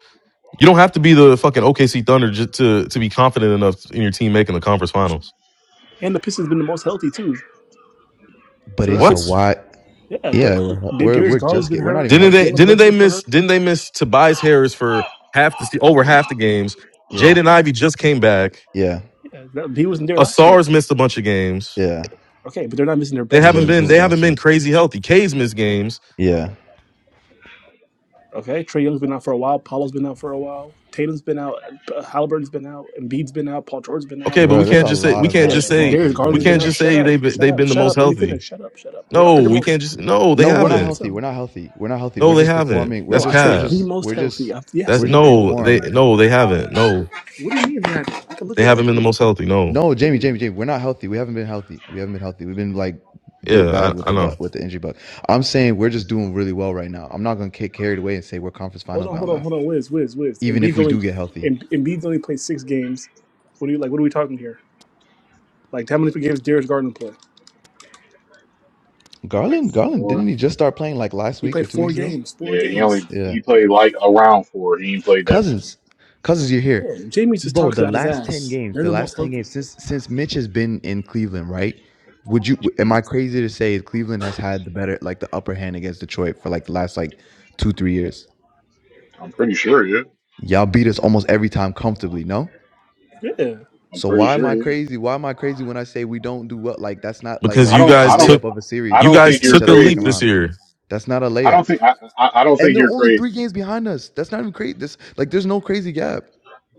[SPEAKER 4] You don't have to be the fucking OKC Thunder just to to be confident enough in your team making the conference finals.
[SPEAKER 6] And the Pistons been the most healthy too.
[SPEAKER 8] But
[SPEAKER 6] So that's
[SPEAKER 8] it's a
[SPEAKER 4] What?
[SPEAKER 6] good.
[SPEAKER 8] why.
[SPEAKER 6] Yeah, D-
[SPEAKER 8] Yeah, we're
[SPEAKER 6] D-
[SPEAKER 8] we're
[SPEAKER 6] Darius
[SPEAKER 8] we're
[SPEAKER 6] Garland's
[SPEAKER 8] just
[SPEAKER 6] been
[SPEAKER 8] get. We're not
[SPEAKER 6] hurt.
[SPEAKER 8] even
[SPEAKER 4] Didn't
[SPEAKER 8] healthy.
[SPEAKER 4] they?
[SPEAKER 6] Jalen
[SPEAKER 4] Didn't they
[SPEAKER 6] Brunson's been
[SPEAKER 4] miss?
[SPEAKER 6] hurt.
[SPEAKER 4] Didn't they miss Tobias Harris for half the se- over half the games?
[SPEAKER 8] Yeah,
[SPEAKER 4] Jaden Ivey just came back.
[SPEAKER 8] yeah,
[SPEAKER 6] Yeah, that, he wasn't there last
[SPEAKER 4] Asar's
[SPEAKER 6] year.
[SPEAKER 4] missed a bunch of games.
[SPEAKER 8] yeah.
[SPEAKER 6] Okay, but they're not missing their
[SPEAKER 4] They
[SPEAKER 8] He
[SPEAKER 6] best
[SPEAKER 8] was in
[SPEAKER 4] haven't
[SPEAKER 8] a
[SPEAKER 4] been
[SPEAKER 6] players.
[SPEAKER 8] boot
[SPEAKER 4] they haven't
[SPEAKER 8] last
[SPEAKER 4] been
[SPEAKER 8] week.
[SPEAKER 4] crazy healthy. K's missed games.
[SPEAKER 8] Yeah,
[SPEAKER 6] Okay, Trey Young's been out for a while. paolo has been out for a while. Tatum's been out. uh, Halliburton's been out. Embiid's been out. Paul George's been
[SPEAKER 4] Okay,
[SPEAKER 6] out.
[SPEAKER 4] but
[SPEAKER 8] bro.
[SPEAKER 4] we
[SPEAKER 8] There's
[SPEAKER 4] can't
[SPEAKER 8] a
[SPEAKER 4] just say
[SPEAKER 8] lot
[SPEAKER 4] we
[SPEAKER 8] of
[SPEAKER 4] can't
[SPEAKER 6] Yeah,
[SPEAKER 4] just
[SPEAKER 8] basketball
[SPEAKER 4] say
[SPEAKER 8] to
[SPEAKER 6] Darius
[SPEAKER 8] be
[SPEAKER 4] we
[SPEAKER 6] Garland's
[SPEAKER 8] played,
[SPEAKER 6] been
[SPEAKER 4] can't
[SPEAKER 6] out.
[SPEAKER 8] bro.
[SPEAKER 4] just
[SPEAKER 6] Shut
[SPEAKER 4] say
[SPEAKER 6] up!
[SPEAKER 4] they've been-
[SPEAKER 6] Shut
[SPEAKER 4] they've
[SPEAKER 6] up!
[SPEAKER 4] been the
[SPEAKER 6] Shut
[SPEAKER 4] most
[SPEAKER 6] up! Let me
[SPEAKER 4] healthy.
[SPEAKER 6] finish. Shut up! Shut up! They are
[SPEAKER 4] No,
[SPEAKER 6] the
[SPEAKER 4] we
[SPEAKER 6] most.
[SPEAKER 4] can't just no, they
[SPEAKER 8] No,
[SPEAKER 6] They
[SPEAKER 8] we're
[SPEAKER 6] are
[SPEAKER 8] not
[SPEAKER 4] haven't.
[SPEAKER 8] healthy. We're
[SPEAKER 6] themselves.
[SPEAKER 8] not healthy. We're not healthy. We're
[SPEAKER 4] No, they
[SPEAKER 8] just
[SPEAKER 4] haven't.
[SPEAKER 8] performing. We're
[SPEAKER 6] No,
[SPEAKER 4] That's
[SPEAKER 6] I
[SPEAKER 8] just
[SPEAKER 6] said
[SPEAKER 8] we're
[SPEAKER 4] Cab.
[SPEAKER 6] the
[SPEAKER 8] just
[SPEAKER 6] most
[SPEAKER 8] we're
[SPEAKER 6] healthy.
[SPEAKER 8] just
[SPEAKER 6] I, yes,
[SPEAKER 4] That's
[SPEAKER 6] they
[SPEAKER 8] we're
[SPEAKER 6] have.
[SPEAKER 8] just
[SPEAKER 4] no, they
[SPEAKER 8] informed.
[SPEAKER 4] no, they haven't. No,
[SPEAKER 6] What do you mean? That? I can look
[SPEAKER 4] they
[SPEAKER 6] it up.
[SPEAKER 4] haven't been the most healthy. No.
[SPEAKER 8] No, Jamie, Jamie, Jamie, we're not healthy. We haven't been healthy. We haven't been healthy. We've been like bit
[SPEAKER 4] Yeah,
[SPEAKER 8] bad with
[SPEAKER 4] I, I
[SPEAKER 8] the butt
[SPEAKER 4] know.
[SPEAKER 8] with the injury bug. I'm saying we're just doing really well right now. I'm not gonna get carried away and say we're conference
[SPEAKER 6] Hold
[SPEAKER 8] final
[SPEAKER 6] on, hold
[SPEAKER 8] bound
[SPEAKER 6] on,
[SPEAKER 8] though.
[SPEAKER 6] hold on. Wiz, Wiz, Wiz.
[SPEAKER 8] Even if
[SPEAKER 6] Embiid's
[SPEAKER 8] we
[SPEAKER 6] only,
[SPEAKER 8] do get healthy.
[SPEAKER 6] Em- Embiid's only played six games. What do you like? What are we talking here? Like how many games Darius Garland play?
[SPEAKER 11] Like
[SPEAKER 8] Garland, Garland,
[SPEAKER 11] four.
[SPEAKER 8] didn't he just start playing like last
[SPEAKER 6] He
[SPEAKER 8] week or
[SPEAKER 6] played
[SPEAKER 8] two
[SPEAKER 6] four
[SPEAKER 8] weeks ago?
[SPEAKER 6] games. Four
[SPEAKER 11] Yeah, he
[SPEAKER 6] games.
[SPEAKER 11] only
[SPEAKER 8] Yeah.
[SPEAKER 11] he played like around four. He ain't played that many.
[SPEAKER 8] Cousins. Cousins, you're here.
[SPEAKER 6] Yeah, Jamie just
[SPEAKER 8] Bro,
[SPEAKER 6] talks
[SPEAKER 8] the
[SPEAKER 6] about his
[SPEAKER 8] last 10
[SPEAKER 6] ass.
[SPEAKER 8] games,
[SPEAKER 6] They're
[SPEAKER 8] the
[SPEAKER 6] the most
[SPEAKER 8] last 10
[SPEAKER 6] healthy.
[SPEAKER 8] games since since Mitch has been in Cleveland, right? Would you am I
[SPEAKER 11] He-
[SPEAKER 8] crazy to say Cleveland has had the better like the upper hand against Detroit for like the last like two, three years?
[SPEAKER 11] I'm pretty sure, yeah.
[SPEAKER 8] Y'all beat us almost every time comfortably, no?
[SPEAKER 6] Yeah.
[SPEAKER 11] I'm
[SPEAKER 8] So
[SPEAKER 11] pretty
[SPEAKER 8] why am
[SPEAKER 11] sure,
[SPEAKER 8] I
[SPEAKER 11] yeah.
[SPEAKER 8] crazy? Why am I crazy when I say we don't do well? Like that's not like
[SPEAKER 4] Because
[SPEAKER 11] I
[SPEAKER 8] a,
[SPEAKER 4] you
[SPEAKER 11] don't
[SPEAKER 8] a
[SPEAKER 11] I
[SPEAKER 4] guys
[SPEAKER 11] don't
[SPEAKER 4] took
[SPEAKER 8] layup of a
[SPEAKER 11] I
[SPEAKER 4] you
[SPEAKER 8] series
[SPEAKER 11] don't
[SPEAKER 8] if we
[SPEAKER 4] guys
[SPEAKER 11] think
[SPEAKER 8] see
[SPEAKER 11] you're
[SPEAKER 8] each
[SPEAKER 4] took
[SPEAKER 8] other
[SPEAKER 4] a
[SPEAKER 8] in the second
[SPEAKER 4] leap
[SPEAKER 11] crazy.
[SPEAKER 4] this
[SPEAKER 8] round.
[SPEAKER 4] year.
[SPEAKER 8] That's not a
[SPEAKER 11] I
[SPEAKER 8] layup.
[SPEAKER 11] don't think I I, I don't
[SPEAKER 8] And
[SPEAKER 11] think
[SPEAKER 8] they're
[SPEAKER 11] you're
[SPEAKER 8] only three
[SPEAKER 11] crazy.
[SPEAKER 8] games behind us. That's not even crazy. This like there's no crazy gap.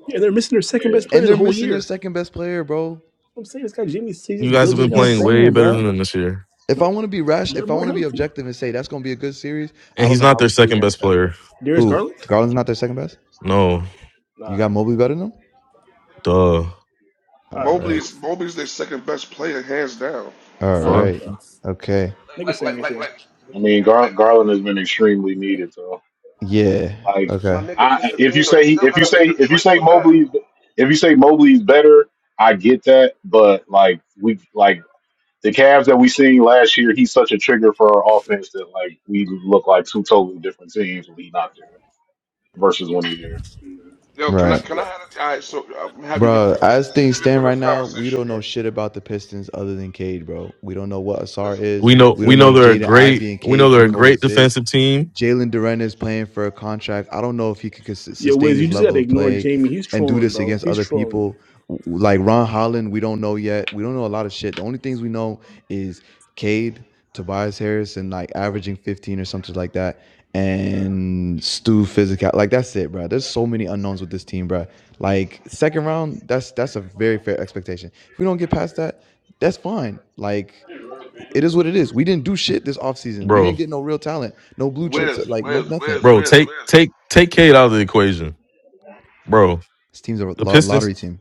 [SPEAKER 6] Yeah, they're missing their second
[SPEAKER 11] Yeah.
[SPEAKER 6] best
[SPEAKER 8] And
[SPEAKER 6] player the
[SPEAKER 8] they're
[SPEAKER 6] whole
[SPEAKER 8] missing their
[SPEAKER 6] year.
[SPEAKER 8] second best player, bro.
[SPEAKER 6] I'm saying this guy Jimmy he's
[SPEAKER 4] You
[SPEAKER 6] just
[SPEAKER 4] guys have
[SPEAKER 8] What
[SPEAKER 6] building.
[SPEAKER 8] are
[SPEAKER 4] been
[SPEAKER 8] y'all
[SPEAKER 4] playing
[SPEAKER 6] He's
[SPEAKER 4] way
[SPEAKER 8] saying,
[SPEAKER 4] better
[SPEAKER 8] bro?
[SPEAKER 4] than them this year.
[SPEAKER 8] If I
[SPEAKER 6] nope.
[SPEAKER 8] want to be rash,
[SPEAKER 6] They're
[SPEAKER 8] if I
[SPEAKER 6] more
[SPEAKER 8] want to be
[SPEAKER 6] healthy.
[SPEAKER 8] objective and say that's gonna be a good series, I
[SPEAKER 4] And
[SPEAKER 8] don't
[SPEAKER 4] he's
[SPEAKER 8] know
[SPEAKER 4] not
[SPEAKER 8] how
[SPEAKER 4] their
[SPEAKER 8] we do
[SPEAKER 4] second
[SPEAKER 8] against
[SPEAKER 4] best
[SPEAKER 8] them.
[SPEAKER 4] player.
[SPEAKER 6] Darius
[SPEAKER 8] Who?
[SPEAKER 6] Garland.
[SPEAKER 8] Garland's not their second best?
[SPEAKER 4] No.
[SPEAKER 6] All
[SPEAKER 8] You got
[SPEAKER 6] right,
[SPEAKER 8] Mobley better than them?
[SPEAKER 4] Duh.
[SPEAKER 6] all
[SPEAKER 8] All
[SPEAKER 6] right, bro.
[SPEAKER 8] right. All
[SPEAKER 6] All
[SPEAKER 4] Fuck.
[SPEAKER 6] right,
[SPEAKER 8] right.
[SPEAKER 6] bro.
[SPEAKER 8] Okay.
[SPEAKER 6] Nigga, say anything.
[SPEAKER 11] I mean Gar- Garland has been extremely needed
[SPEAKER 8] Yeah.
[SPEAKER 11] Like,
[SPEAKER 8] Okay.
[SPEAKER 11] I if you say if you say if you say Mobley if you say Mobley's better, I get that. But like we like the Cavs that we seen last year, he's such a trigger for our offense that like we look like two totally different teams when he not there versus when he's there.
[SPEAKER 8] Right. Bro, as things stand right now, we don't know shit about the Pistons other than Cade, bro. We don't know what Asar is.
[SPEAKER 4] We know
[SPEAKER 8] We
[SPEAKER 4] we
[SPEAKER 8] don't
[SPEAKER 4] know
[SPEAKER 8] know if
[SPEAKER 4] they're a
[SPEAKER 8] Jaden
[SPEAKER 4] great
[SPEAKER 8] Ivy and
[SPEAKER 4] we know
[SPEAKER 8] Cade
[SPEAKER 4] they're
[SPEAKER 8] can
[SPEAKER 4] a great
[SPEAKER 8] coexist.
[SPEAKER 4] defensive team.
[SPEAKER 8] Jalen Duren is playing for a contract. I don't know if he could
[SPEAKER 6] Yo,
[SPEAKER 8] sustain
[SPEAKER 6] Wiz, you
[SPEAKER 8] this
[SPEAKER 6] just gotta
[SPEAKER 8] level of
[SPEAKER 6] ignore
[SPEAKER 8] play
[SPEAKER 6] Jamie. He's
[SPEAKER 8] and do
[SPEAKER 6] trolling,
[SPEAKER 8] this
[SPEAKER 6] bro.
[SPEAKER 8] against
[SPEAKER 6] He's
[SPEAKER 8] other
[SPEAKER 6] trolling.
[SPEAKER 8] people. Like Ron Holland, we don't know yet. We don't know a lot of shit. The only things we know is Cade, Tobias Harris, and like averaging 15 or something like that. And Stu physical, like that's it, bro. There's so many unknowns with this team, bro. Like second round, that's that's a very fair expectation. If we don't get past that, that's fine. Like it is what it is. We didn't do shit this offseason. We
[SPEAKER 4] bro,
[SPEAKER 8] didn't get no real talent, no blue chips, like no nothing.
[SPEAKER 4] bro, take take take Cade out of the equation, bro.
[SPEAKER 8] This team's a
[SPEAKER 4] The
[SPEAKER 8] lo-
[SPEAKER 4] Pistons,
[SPEAKER 8] lottery team.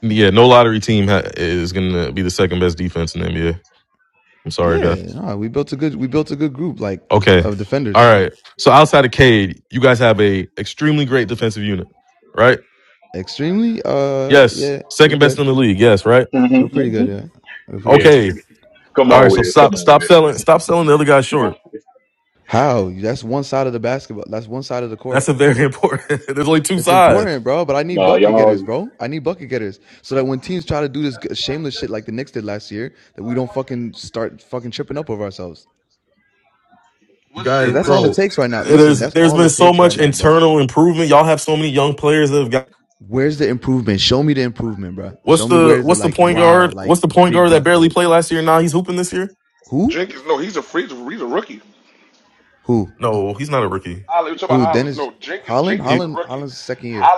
[SPEAKER 4] yeah, no lottery team ha- is gonna be the second best defense in the NBA. I'm sorry, guy.
[SPEAKER 8] Yeah, nah, we built a good we built a good group like
[SPEAKER 4] Okay,
[SPEAKER 8] of
[SPEAKER 4] all
[SPEAKER 8] defenders.
[SPEAKER 4] right. So outside of Cade, you guys have a extremely great defensive unit, right?
[SPEAKER 8] Extremely, uh,
[SPEAKER 4] Yes,
[SPEAKER 8] yeah, we're
[SPEAKER 4] second best
[SPEAKER 8] good.
[SPEAKER 4] in the league. Yes, right.
[SPEAKER 8] We're pretty good. Yeah, we're pretty
[SPEAKER 11] yeah,
[SPEAKER 8] good.
[SPEAKER 4] Okay,
[SPEAKER 11] come
[SPEAKER 4] all
[SPEAKER 11] on,
[SPEAKER 4] right. So
[SPEAKER 11] Wiz. Come
[SPEAKER 4] stop
[SPEAKER 11] on,
[SPEAKER 4] stop selling
[SPEAKER 11] Wiz.
[SPEAKER 4] stop selling the other guy short.
[SPEAKER 8] How? That's one side of the basketball. That's one side of the
[SPEAKER 4] That's
[SPEAKER 8] court.
[SPEAKER 4] a very important. There's only two
[SPEAKER 8] It's
[SPEAKER 4] sides,
[SPEAKER 8] important, bro. But I need
[SPEAKER 11] No,
[SPEAKER 8] bucket
[SPEAKER 11] y'all.
[SPEAKER 8] getters, bro. I need bucket getters so that when teams try to do this shameless shit like the Knicks did last year, that we don't fucking start fucking tripping up over ourselves.
[SPEAKER 4] you
[SPEAKER 8] Because
[SPEAKER 4] guys,
[SPEAKER 8] that's all it
[SPEAKER 4] bro.
[SPEAKER 8] takes right now. Listen,
[SPEAKER 4] There's
[SPEAKER 8] that's
[SPEAKER 4] there's
[SPEAKER 8] all
[SPEAKER 4] been
[SPEAKER 8] it
[SPEAKER 4] so
[SPEAKER 8] takes right
[SPEAKER 4] much
[SPEAKER 8] now, bro.
[SPEAKER 4] internal improvement. Y'all have so many young players that have got.
[SPEAKER 8] Where's the improvement? Show me the improvement, bro.
[SPEAKER 4] What's
[SPEAKER 8] Show me
[SPEAKER 4] the
[SPEAKER 8] where's the
[SPEAKER 4] what's the
[SPEAKER 8] like
[SPEAKER 4] point
[SPEAKER 8] wow,
[SPEAKER 4] guard? What's
[SPEAKER 8] like
[SPEAKER 4] the point
[SPEAKER 8] big
[SPEAKER 4] guard that
[SPEAKER 8] jump
[SPEAKER 4] barely
[SPEAKER 8] forwards.
[SPEAKER 4] played last year? Now he's hooping this year.
[SPEAKER 8] Who? Who?
[SPEAKER 4] No, he's not a rookie.
[SPEAKER 8] Who? Dennis Holland?
[SPEAKER 4] He-
[SPEAKER 8] Holland Holland's second year.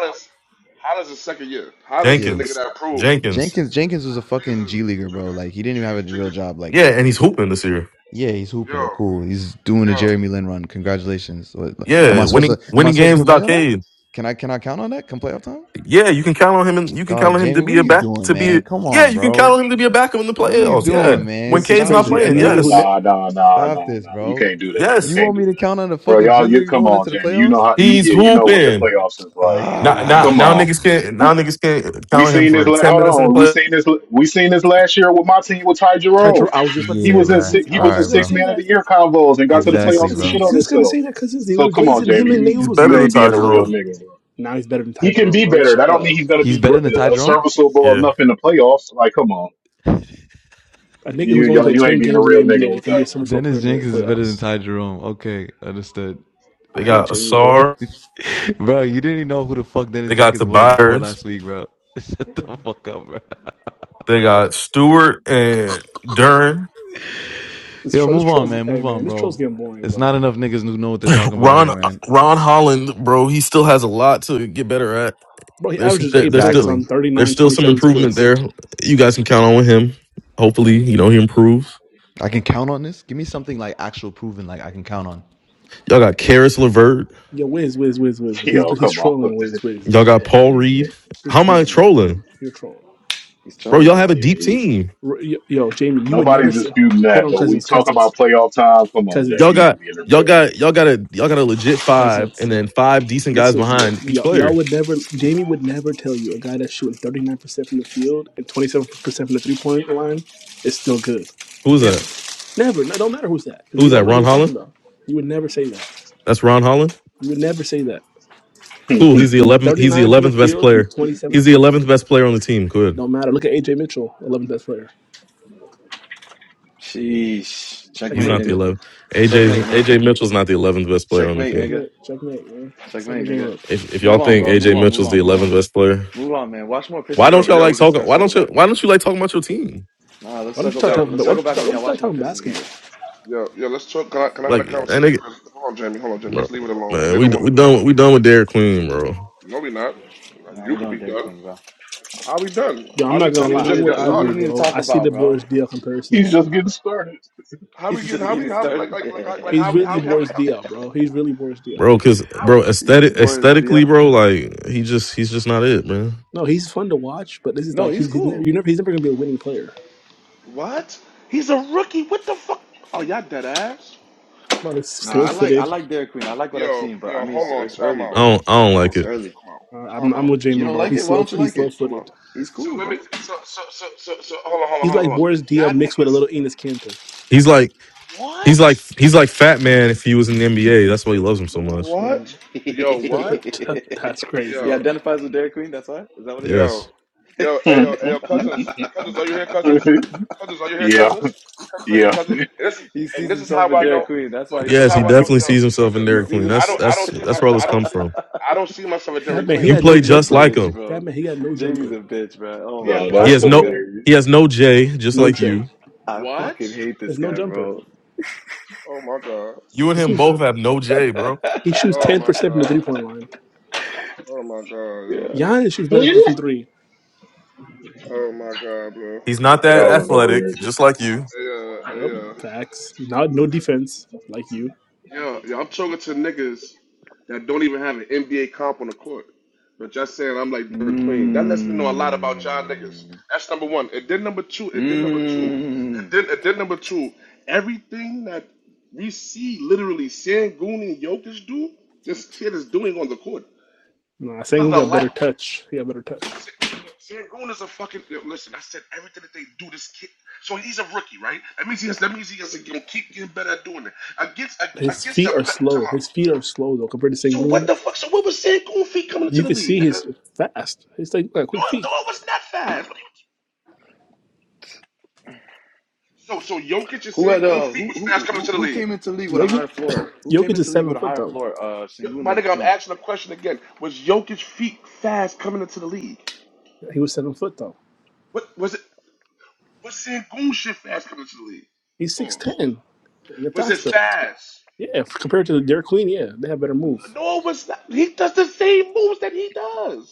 [SPEAKER 8] Yeah.
[SPEAKER 4] Jenkins, Jenkins.
[SPEAKER 8] Jenkins Jenkins was a fucking G leaguer, bro. Like he didn't even have a real job. Like,
[SPEAKER 4] Yeah, and he's hooping this year.
[SPEAKER 8] yeah, he's hooping. Cool. He's doing a Jeremy Lin run. Congratulations. What- like, Am I
[SPEAKER 4] Yeah,
[SPEAKER 8] supposed
[SPEAKER 4] winning
[SPEAKER 8] to am I
[SPEAKER 4] winning
[SPEAKER 8] supposed to
[SPEAKER 4] games
[SPEAKER 8] put money
[SPEAKER 4] without
[SPEAKER 8] on that?
[SPEAKER 4] Cade.
[SPEAKER 8] Can I can I count on that? Come playoff time?
[SPEAKER 4] Yeah, you can count on him, and you can count
[SPEAKER 8] Dog,
[SPEAKER 4] on him to
[SPEAKER 8] Jamie, what
[SPEAKER 4] be
[SPEAKER 8] are
[SPEAKER 4] a
[SPEAKER 8] you
[SPEAKER 4] back
[SPEAKER 8] doing,
[SPEAKER 4] to
[SPEAKER 8] man?
[SPEAKER 4] be.
[SPEAKER 8] Come
[SPEAKER 4] Yeah,
[SPEAKER 8] on,
[SPEAKER 4] you can count
[SPEAKER 8] bro.
[SPEAKER 4] on him to be a backup in the
[SPEAKER 8] What are you
[SPEAKER 4] playoffs.
[SPEAKER 8] doing,
[SPEAKER 4] Yeah, when
[SPEAKER 8] man?
[SPEAKER 6] This is
[SPEAKER 4] Cade's
[SPEAKER 8] Stop
[SPEAKER 4] not
[SPEAKER 6] crazy. A
[SPEAKER 8] this,
[SPEAKER 4] playing.
[SPEAKER 6] nigga
[SPEAKER 8] bruh.
[SPEAKER 6] who
[SPEAKER 4] Yes,
[SPEAKER 11] Nah,
[SPEAKER 6] ne-
[SPEAKER 11] nah, nah,
[SPEAKER 8] Stop
[SPEAKER 11] nah,
[SPEAKER 8] this,
[SPEAKER 11] nah. You
[SPEAKER 8] bro.
[SPEAKER 11] can't do that. You
[SPEAKER 8] You
[SPEAKER 4] yes,
[SPEAKER 11] can't
[SPEAKER 8] want
[SPEAKER 11] do
[SPEAKER 8] me
[SPEAKER 11] that,
[SPEAKER 8] to count on the
[SPEAKER 11] bro.
[SPEAKER 8] fucking G
[SPEAKER 11] Y'all, you
[SPEAKER 8] League
[SPEAKER 11] come
[SPEAKER 8] going
[SPEAKER 11] on,
[SPEAKER 8] into the
[SPEAKER 11] Jamie. You know
[SPEAKER 8] playoffs?
[SPEAKER 11] how you
[SPEAKER 4] he's
[SPEAKER 11] yeah. You know what the
[SPEAKER 4] hooping.
[SPEAKER 11] playoffs is like.
[SPEAKER 4] Now, now,
[SPEAKER 8] Ah.
[SPEAKER 11] Come
[SPEAKER 4] now
[SPEAKER 11] on,
[SPEAKER 4] niggas can't.
[SPEAKER 11] we
[SPEAKER 4] Now niggas can't
[SPEAKER 11] we
[SPEAKER 4] count on him
[SPEAKER 11] seen this.
[SPEAKER 4] for
[SPEAKER 11] La-
[SPEAKER 4] ten
[SPEAKER 11] hold
[SPEAKER 4] minutes in the
[SPEAKER 11] on, we
[SPEAKER 4] play.
[SPEAKER 11] seen this. We seen this last year with my team with Ty Jerome.
[SPEAKER 6] Tydro. I was just about to
[SPEAKER 11] He
[SPEAKER 6] say
[SPEAKER 8] Yeah,
[SPEAKER 11] was
[SPEAKER 6] that,
[SPEAKER 11] in
[SPEAKER 8] bruh.
[SPEAKER 6] cousins.
[SPEAKER 11] six, he
[SPEAKER 6] I
[SPEAKER 8] All
[SPEAKER 11] was
[SPEAKER 6] was
[SPEAKER 11] in
[SPEAKER 8] right,
[SPEAKER 6] just gonna
[SPEAKER 11] six
[SPEAKER 8] bro.
[SPEAKER 6] say
[SPEAKER 11] man of the
[SPEAKER 6] that.
[SPEAKER 11] year convos and
[SPEAKER 6] I
[SPEAKER 11] got to the
[SPEAKER 6] was just
[SPEAKER 8] Exactly,
[SPEAKER 11] playoffs
[SPEAKER 6] gonna
[SPEAKER 11] and
[SPEAKER 6] say,
[SPEAKER 11] shit
[SPEAKER 8] bro.
[SPEAKER 11] on
[SPEAKER 6] just gonna
[SPEAKER 11] himself.
[SPEAKER 6] say that, cousins. They
[SPEAKER 11] So
[SPEAKER 6] were
[SPEAKER 11] come on,
[SPEAKER 6] glazing
[SPEAKER 11] Jamie.
[SPEAKER 6] him and
[SPEAKER 11] You
[SPEAKER 4] He's
[SPEAKER 6] Nailed was
[SPEAKER 4] better
[SPEAKER 11] you
[SPEAKER 4] than
[SPEAKER 11] ain't
[SPEAKER 6] glazing Ty
[SPEAKER 11] being
[SPEAKER 4] Ty
[SPEAKER 11] a real
[SPEAKER 4] Jerome.
[SPEAKER 6] Jerome.
[SPEAKER 11] nigga, bro.
[SPEAKER 6] Now he's better than Ty
[SPEAKER 11] He can
[SPEAKER 6] Jerome,
[SPEAKER 11] be
[SPEAKER 6] bro.
[SPEAKER 11] better. That
[SPEAKER 6] Shut
[SPEAKER 11] don't
[SPEAKER 6] up.
[SPEAKER 11] mean he's gonna
[SPEAKER 8] He's
[SPEAKER 11] be gr-
[SPEAKER 8] better than Ty
[SPEAKER 11] uh,
[SPEAKER 8] Jerome?
[SPEAKER 11] serviceable
[SPEAKER 4] Yeah,
[SPEAKER 11] enough in the playoffs. Like, come on,
[SPEAKER 6] A nigga
[SPEAKER 11] you
[SPEAKER 6] who's only
[SPEAKER 11] y'all,
[SPEAKER 6] played
[SPEAKER 11] you ain't
[SPEAKER 6] ten
[SPEAKER 11] being a
[SPEAKER 6] games in the
[SPEAKER 11] real nigga
[SPEAKER 6] NBA
[SPEAKER 11] with
[SPEAKER 6] can be a
[SPEAKER 11] that one.
[SPEAKER 6] summer floor player
[SPEAKER 8] Dennis
[SPEAKER 6] in the
[SPEAKER 8] Jenkins is better than
[SPEAKER 6] playoffs.
[SPEAKER 8] Ty Jerome. Okay, understood.
[SPEAKER 4] they
[SPEAKER 6] I hate
[SPEAKER 4] got
[SPEAKER 6] Jamie, bro.
[SPEAKER 4] Asar.
[SPEAKER 8] Bro, you didn't even know who the fuck Dennis
[SPEAKER 4] They got
[SPEAKER 8] Jenkins was before
[SPEAKER 4] Tobias.
[SPEAKER 8] last week, bro. Shut the fuck up, bro.
[SPEAKER 4] They got Stewart and Duran.
[SPEAKER 6] This
[SPEAKER 8] Yo,
[SPEAKER 6] troll, this
[SPEAKER 8] move on,
[SPEAKER 6] troll's,
[SPEAKER 8] man.
[SPEAKER 6] hey
[SPEAKER 8] Move
[SPEAKER 6] man,
[SPEAKER 8] on,
[SPEAKER 6] this
[SPEAKER 8] bro.
[SPEAKER 6] troll's getting boring,
[SPEAKER 8] It's
[SPEAKER 6] bro.
[SPEAKER 8] not enough niggas who know what they're talking about
[SPEAKER 4] Ron
[SPEAKER 8] here, man.
[SPEAKER 4] Ron Holland, bro, he still has a lot to get better at.
[SPEAKER 6] Bro, he
[SPEAKER 4] There's
[SPEAKER 6] averages
[SPEAKER 4] there-
[SPEAKER 6] eight
[SPEAKER 4] there's still
[SPEAKER 6] points
[SPEAKER 8] Exactly.
[SPEAKER 6] on
[SPEAKER 4] there's
[SPEAKER 6] 39
[SPEAKER 4] still some
[SPEAKER 6] 27
[SPEAKER 4] improvement
[SPEAKER 6] splits.
[SPEAKER 4] there. You guys can count on with him. Hopefully, you know he improves.
[SPEAKER 8] I can count on this. Give me something like actual proven, like I can count on.
[SPEAKER 4] Y'all got Karis Levert.
[SPEAKER 6] Yo, whiz, whiz, whiz, whiz, whiz.
[SPEAKER 11] Yo,
[SPEAKER 6] He's he's
[SPEAKER 11] come on.
[SPEAKER 6] trolling, whiz, whiz. He's
[SPEAKER 4] Y'all
[SPEAKER 6] just
[SPEAKER 4] got
[SPEAKER 6] trolling.
[SPEAKER 4] Paul
[SPEAKER 11] Yeah, yeah,
[SPEAKER 4] Reed.
[SPEAKER 6] He's
[SPEAKER 4] How am I
[SPEAKER 6] trolling, bro.
[SPEAKER 4] trolling,
[SPEAKER 6] You're trolling.
[SPEAKER 8] He's
[SPEAKER 4] bro? Y'all
[SPEAKER 8] trolling,
[SPEAKER 4] have
[SPEAKER 8] bro.
[SPEAKER 4] a deep
[SPEAKER 11] yeah.
[SPEAKER 4] team.
[SPEAKER 6] R- Yo, yo, Jamie, you would never
[SPEAKER 11] Nobody's
[SPEAKER 6] say. oh,
[SPEAKER 11] disputing
[SPEAKER 6] Hold
[SPEAKER 11] that,
[SPEAKER 6] on,
[SPEAKER 11] but we
[SPEAKER 6] cousins,
[SPEAKER 11] talk
[SPEAKER 6] cousins,
[SPEAKER 11] about playoff time. Come on, Jamie,
[SPEAKER 6] cousins,
[SPEAKER 4] Y'all
[SPEAKER 11] you're
[SPEAKER 4] got
[SPEAKER 11] not being a
[SPEAKER 4] y'all
[SPEAKER 11] real
[SPEAKER 4] got y'all
[SPEAKER 11] nigga.
[SPEAKER 4] got a y'all got a legit five,
[SPEAKER 6] cousins.
[SPEAKER 4] and then five decent guys
[SPEAKER 6] Listen, yo,
[SPEAKER 4] behind each
[SPEAKER 6] yo, y'all
[SPEAKER 4] player.
[SPEAKER 6] would never. Jamie would never tell you a guy that's shooting 39% from the field and 27% from the three point line is still good.
[SPEAKER 4] Who's that?
[SPEAKER 6] Never, never. No, don't matter who's that because you
[SPEAKER 4] Who's that?
[SPEAKER 6] don't know who
[SPEAKER 4] Ron
[SPEAKER 6] you're
[SPEAKER 4] Holland.
[SPEAKER 6] talking about. You would never say that.
[SPEAKER 4] That's Ron Holland.
[SPEAKER 6] You would never say that.
[SPEAKER 4] Cool. He's the eleventh. He's the
[SPEAKER 6] 39 from the
[SPEAKER 4] eleventh best
[SPEAKER 6] field,
[SPEAKER 4] player.
[SPEAKER 6] 27
[SPEAKER 4] He's
[SPEAKER 6] from
[SPEAKER 4] the
[SPEAKER 6] the
[SPEAKER 4] eleventh best player on the team. Good.
[SPEAKER 6] Don't matter. Look at AJ Mitchell, 11th best player.
[SPEAKER 8] Sheesh.
[SPEAKER 4] He's
[SPEAKER 8] Checkmate,
[SPEAKER 6] Checkmate.
[SPEAKER 4] not the
[SPEAKER 8] nigga.
[SPEAKER 4] eleventh.
[SPEAKER 8] Checkmate,
[SPEAKER 4] AJ
[SPEAKER 8] nigga.
[SPEAKER 4] AJ Mitchell's not the eleventh best player on the
[SPEAKER 8] Checkmate,
[SPEAKER 4] team.
[SPEAKER 8] nigga.
[SPEAKER 6] Checkmate. Checkmate, man. Set
[SPEAKER 8] Checkmate,
[SPEAKER 6] your game
[SPEAKER 8] nigga.
[SPEAKER 6] up.
[SPEAKER 4] If if y'all
[SPEAKER 8] Move on,
[SPEAKER 4] think
[SPEAKER 8] bro. Move
[SPEAKER 4] AJ
[SPEAKER 8] on. Move
[SPEAKER 4] Mitchell's the
[SPEAKER 8] on. Move on.
[SPEAKER 4] eleventh best player,
[SPEAKER 8] Move on, man. Watch more
[SPEAKER 4] why
[SPEAKER 8] Pistons
[SPEAKER 4] don't
[SPEAKER 8] games,
[SPEAKER 4] y'all
[SPEAKER 8] and we
[SPEAKER 4] like
[SPEAKER 8] can
[SPEAKER 4] talk?
[SPEAKER 8] start
[SPEAKER 4] Why
[SPEAKER 8] circle
[SPEAKER 4] don't you?
[SPEAKER 8] back.
[SPEAKER 4] Why don't you like talking about your team?
[SPEAKER 8] Nah, let's
[SPEAKER 6] Why don't you
[SPEAKER 8] circle
[SPEAKER 6] start
[SPEAKER 8] back.
[SPEAKER 6] talking?
[SPEAKER 8] Let's
[SPEAKER 6] But why don't
[SPEAKER 8] circle
[SPEAKER 6] you
[SPEAKER 8] back
[SPEAKER 6] start?
[SPEAKER 8] when
[SPEAKER 6] Why don't you
[SPEAKER 8] y'all
[SPEAKER 6] start
[SPEAKER 8] watch more
[SPEAKER 6] talking
[SPEAKER 8] Pistons
[SPEAKER 6] basketball?
[SPEAKER 8] games.
[SPEAKER 4] Like and nigga, bro, man, we we done we done with Derek Queen, bro,
[SPEAKER 8] Nah, we're doing Derrick Queen, bro.
[SPEAKER 6] Yo, I'm not gonna
[SPEAKER 8] Fuck,
[SPEAKER 6] lie.
[SPEAKER 8] we need
[SPEAKER 6] I'm
[SPEAKER 8] to.
[SPEAKER 6] with
[SPEAKER 8] What we
[SPEAKER 6] Ivory,
[SPEAKER 8] need to
[SPEAKER 6] bro.
[SPEAKER 8] talk
[SPEAKER 6] I see
[SPEAKER 8] about,
[SPEAKER 6] the
[SPEAKER 8] bro?
[SPEAKER 6] Boris DL
[SPEAKER 11] He's
[SPEAKER 6] comparisons.
[SPEAKER 11] just getting started.
[SPEAKER 8] He's just getting started.
[SPEAKER 6] He's really Boris DL, bro. He's really Boris DL,
[SPEAKER 4] bro,
[SPEAKER 6] bro.
[SPEAKER 4] because bro,
[SPEAKER 8] he's
[SPEAKER 4] aesthetic
[SPEAKER 8] bored as
[SPEAKER 4] aesthetically,
[SPEAKER 8] Dio.
[SPEAKER 4] bro, like he just he's just not it, man.
[SPEAKER 6] No, he's fun to watch, but this is
[SPEAKER 8] No,
[SPEAKER 6] like he,
[SPEAKER 8] he's
[SPEAKER 6] he's never, you
[SPEAKER 8] cool.
[SPEAKER 6] never he's never gonna be a winning player. Bro, he's
[SPEAKER 8] No,
[SPEAKER 6] slow
[SPEAKER 8] I like I
[SPEAKER 6] footed.
[SPEAKER 8] like Derrick Queen. I like what I've seen, but I mean, it's, it's early,
[SPEAKER 4] I
[SPEAKER 8] bro.
[SPEAKER 4] don't I don't like
[SPEAKER 8] It's
[SPEAKER 4] it.
[SPEAKER 8] early.
[SPEAKER 6] Uh, I'm I'm with
[SPEAKER 8] You
[SPEAKER 6] Jamie,
[SPEAKER 8] don't
[SPEAKER 6] bro.
[SPEAKER 8] like
[SPEAKER 6] He's
[SPEAKER 8] it? Why
[SPEAKER 6] slow
[SPEAKER 8] don't you
[SPEAKER 6] he's
[SPEAKER 8] like
[SPEAKER 6] slow
[SPEAKER 8] it?
[SPEAKER 6] footed.
[SPEAKER 8] He's cool, bro.
[SPEAKER 6] He's like Boris DL mixed with a little Enos Cantor.
[SPEAKER 4] He's like he's like he's like Fat Man if he was in the NBA. That's why he loves him so much.
[SPEAKER 6] Mm.
[SPEAKER 8] he
[SPEAKER 6] That's crazy.
[SPEAKER 8] identifies with Dairy Queen. That's why. Is that what it
[SPEAKER 6] Yeah.
[SPEAKER 4] Yes.
[SPEAKER 11] yeah, yeah.
[SPEAKER 8] is? he sees himself in Dairy Queen. That's why he's so
[SPEAKER 4] Yes, he
[SPEAKER 8] high on him.
[SPEAKER 4] definitely sees himself in
[SPEAKER 8] He
[SPEAKER 4] Dairy
[SPEAKER 8] sees
[SPEAKER 4] Queen.
[SPEAKER 8] himself.
[SPEAKER 4] That's that's that's where all this comes from.
[SPEAKER 6] That man, he
[SPEAKER 8] Yo,
[SPEAKER 4] You
[SPEAKER 6] had no
[SPEAKER 4] play
[SPEAKER 8] Jamie's a
[SPEAKER 4] just
[SPEAKER 6] jumper.
[SPEAKER 4] like
[SPEAKER 8] bitch,
[SPEAKER 4] him.
[SPEAKER 6] That
[SPEAKER 8] bro.
[SPEAKER 6] man, he had no
[SPEAKER 8] Jamie's a
[SPEAKER 6] jumper.
[SPEAKER 8] bitch, bro. Oh my
[SPEAKER 11] No,
[SPEAKER 8] god,
[SPEAKER 4] He
[SPEAKER 8] I
[SPEAKER 11] that's
[SPEAKER 8] hate
[SPEAKER 4] has
[SPEAKER 8] this
[SPEAKER 4] no
[SPEAKER 8] guy.
[SPEAKER 11] hilarious.
[SPEAKER 4] he has no J, just
[SPEAKER 6] No
[SPEAKER 4] like
[SPEAKER 6] J.
[SPEAKER 4] you.
[SPEAKER 8] I fucking hate this
[SPEAKER 6] There's no
[SPEAKER 8] guy,
[SPEAKER 6] jumper.
[SPEAKER 8] bro.
[SPEAKER 4] You and
[SPEAKER 6] He
[SPEAKER 4] him
[SPEAKER 6] shoots
[SPEAKER 4] both have no J, bro.
[SPEAKER 6] he shoots ten percent from the three point line.
[SPEAKER 8] Yeah.
[SPEAKER 6] Giannis shoots better from
[SPEAKER 11] Y'all
[SPEAKER 6] three.
[SPEAKER 4] He's not that
[SPEAKER 11] are
[SPEAKER 4] athletic,
[SPEAKER 11] hilarious.
[SPEAKER 4] just like you.
[SPEAKER 6] Yep. Facts. Not no defense, like you.
[SPEAKER 8] Mmm. Mmm.
[SPEAKER 6] Nah, Sengun got better touch. He got better touch. His feet are slow. His feet are slow though compared to Sengun. You can see he's fast. He's like got quick feet.
[SPEAKER 8] Who had uh who who who who came into league with a
[SPEAKER 6] Jokic
[SPEAKER 8] higher floor? Who came
[SPEAKER 6] Jokic is
[SPEAKER 8] into league with
[SPEAKER 6] seven
[SPEAKER 8] a
[SPEAKER 6] foot
[SPEAKER 8] higher
[SPEAKER 6] though.
[SPEAKER 8] floor? Uh, Sengun or Queen?
[SPEAKER 6] Yeah, He was seven foot though. He's six ten. They're faster. Yeah, compared to Derek Queen, yeah, they have better move.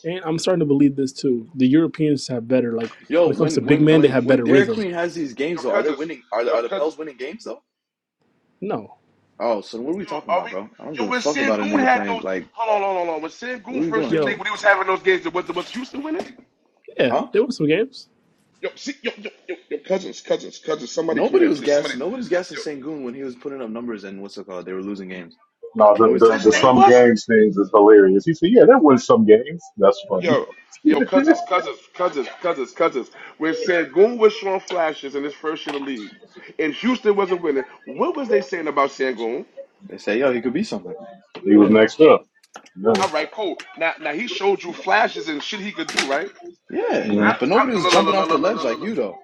[SPEAKER 6] And I'm starting to believe this too. The Europeans have better, like
[SPEAKER 8] Yo,
[SPEAKER 6] when it comes to
[SPEAKER 8] when
[SPEAKER 6] big
[SPEAKER 8] when
[SPEAKER 6] men, they
[SPEAKER 8] when
[SPEAKER 6] have
[SPEAKER 8] when
[SPEAKER 6] better
[SPEAKER 8] Derek
[SPEAKER 6] rhythm.
[SPEAKER 8] Queen has these games though, are they winning? Are the, are the Pels winning games though?
[SPEAKER 6] No,
[SPEAKER 8] Oh, so what are we talking about, bro? I don't give a fuck about a nigga playing. Like, what are we doing?
[SPEAKER 6] yo, yeah,
[SPEAKER 8] Huh?
[SPEAKER 6] there were some games.
[SPEAKER 8] Nobody was gassing. Nobody's gassing Sengun when he was putting up numbers and what's it called? They were losing games.
[SPEAKER 11] No, the,
[SPEAKER 8] Nobody's
[SPEAKER 11] the
[SPEAKER 8] talking
[SPEAKER 11] the
[SPEAKER 8] about it.
[SPEAKER 11] some games things is hilarious. He said, "Yeah, that was some games. That's funny." he
[SPEAKER 8] They say, yo, he could be something.
[SPEAKER 11] was
[SPEAKER 6] Yeah,
[SPEAKER 11] next up. No,
[SPEAKER 8] Yeah,
[SPEAKER 11] Mhm.
[SPEAKER 8] but nobody was jumping off the ledge like you though.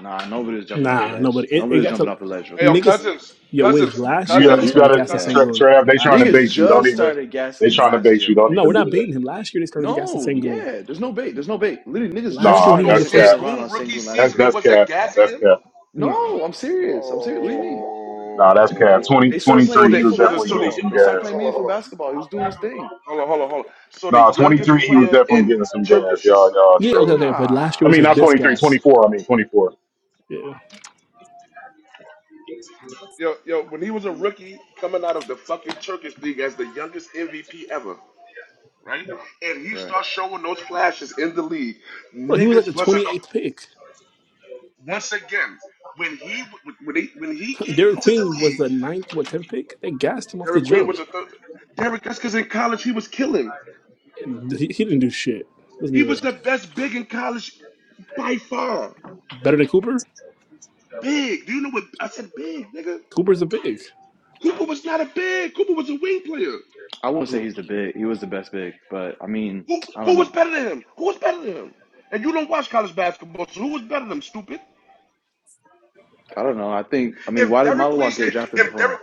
[SPEAKER 8] Nah, nobody was jumping off the
[SPEAKER 6] nah, no,
[SPEAKER 8] ledge.
[SPEAKER 6] but it,
[SPEAKER 8] Nobody
[SPEAKER 6] it
[SPEAKER 8] was
[SPEAKER 6] got
[SPEAKER 8] jumping
[SPEAKER 6] to
[SPEAKER 8] off the ledge rookie year.
[SPEAKER 6] niggas. Yo, Wiz, last
[SPEAKER 11] you
[SPEAKER 6] year
[SPEAKER 11] got
[SPEAKER 6] niggas
[SPEAKER 11] you got
[SPEAKER 6] started
[SPEAKER 11] to
[SPEAKER 6] gassing
[SPEAKER 8] Yeah.
[SPEAKER 6] Sengun.
[SPEAKER 11] Trav. They trying to
[SPEAKER 6] Last year,
[SPEAKER 8] Niggas
[SPEAKER 11] bait you. Don't
[SPEAKER 8] just
[SPEAKER 11] even.
[SPEAKER 8] started
[SPEAKER 11] They
[SPEAKER 8] gassing him
[SPEAKER 11] trying to
[SPEAKER 8] last
[SPEAKER 11] bait
[SPEAKER 8] year,
[SPEAKER 11] you. Don't
[SPEAKER 8] bro.
[SPEAKER 6] no,
[SPEAKER 11] even
[SPEAKER 6] we're
[SPEAKER 11] do
[SPEAKER 6] not
[SPEAKER 11] that.
[SPEAKER 6] beating him. Last year they started gassing
[SPEAKER 8] No,
[SPEAKER 6] Sengun.
[SPEAKER 8] yeah, there's no bait. There's no bait. Literally, niggas
[SPEAKER 6] Last
[SPEAKER 8] just
[SPEAKER 6] year
[SPEAKER 11] Nah,
[SPEAKER 6] when he
[SPEAKER 8] started
[SPEAKER 6] was
[SPEAKER 11] that's
[SPEAKER 6] the
[SPEAKER 8] getting coming
[SPEAKER 6] first,
[SPEAKER 11] cat.
[SPEAKER 8] around on Sengun last
[SPEAKER 11] That's
[SPEAKER 8] year.
[SPEAKER 11] that's cap. That's cap.
[SPEAKER 6] nah,
[SPEAKER 8] No, I'm serious. I'm serious. What do you mean?
[SPEAKER 11] Nah, that's cap. 20
[SPEAKER 8] They started
[SPEAKER 11] twenty
[SPEAKER 8] playing
[SPEAKER 11] three. he was
[SPEAKER 8] meaningful
[SPEAKER 11] definitely getting
[SPEAKER 8] basketball.
[SPEAKER 11] some
[SPEAKER 8] They started
[SPEAKER 11] gas.
[SPEAKER 8] playing meaningful basketball. He was doing his thing.
[SPEAKER 11] Nah, 23, he was definitely getting some gas. Y'all, y'all
[SPEAKER 6] yeah, okay,
[SPEAKER 11] trolling.
[SPEAKER 6] okay, but last year
[SPEAKER 11] I
[SPEAKER 6] was
[SPEAKER 11] mean,
[SPEAKER 8] Nah,
[SPEAKER 6] his
[SPEAKER 11] not
[SPEAKER 6] best
[SPEAKER 11] 23,
[SPEAKER 6] gas.
[SPEAKER 11] 24. I mean, 24.
[SPEAKER 6] Yeah,
[SPEAKER 8] right.
[SPEAKER 6] bro, he was like the 28th pick. Derek Queen was the ninth, what 10th pick? They gassed him off the jump. And he, he didn't do shit. Let's be real. Better than Cooper? Cooper's a big. He's
[SPEAKER 8] I won't say he's the big. He was the best big, but I mean, I don't know. I don't know. I think. I mean, why did Malawak get drafted before him?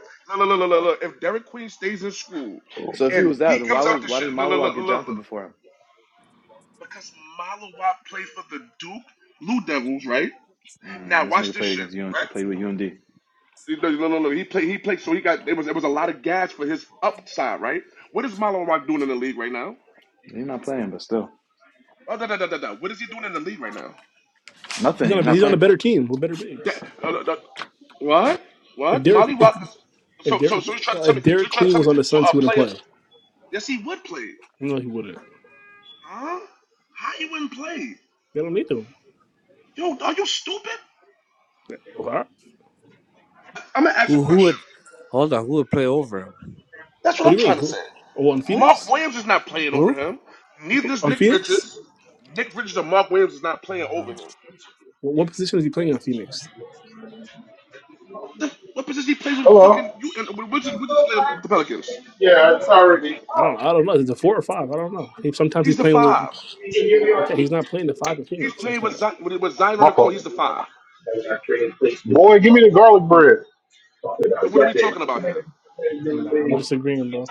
[SPEAKER 8] So if he was that, then why was why did Malawak get drafted before him? Mm, and this nigga played against U, played with UMD. He's not playing, but still. Nothing.
[SPEAKER 6] on a
[SPEAKER 8] He's not
[SPEAKER 6] he's on a
[SPEAKER 8] playing.
[SPEAKER 6] better team with better bigs. If Derek if, if Derek uh, if Derek Queen was on the Suns, he wouldn't play.
[SPEAKER 1] what play?
[SPEAKER 6] No, he wouldn't. They don't need him. What
[SPEAKER 14] Who who would hold on? Who would play over him?
[SPEAKER 6] do you mean? Oh, on Phoenix?
[SPEAKER 14] Who?
[SPEAKER 6] On Phoenix?
[SPEAKER 14] I don't know.
[SPEAKER 6] What, position is he playing on Phoenix?
[SPEAKER 11] Hello. Yeah, it's already.
[SPEAKER 6] I don't. I don't know. Is it a four or five? I don't know. He sometimes he's playing with. Okay, he's not playing the five in Phoenix like that.
[SPEAKER 11] My fault. Boy, give me the garlic bread.
[SPEAKER 6] Nah, I'm disagreeing, bro.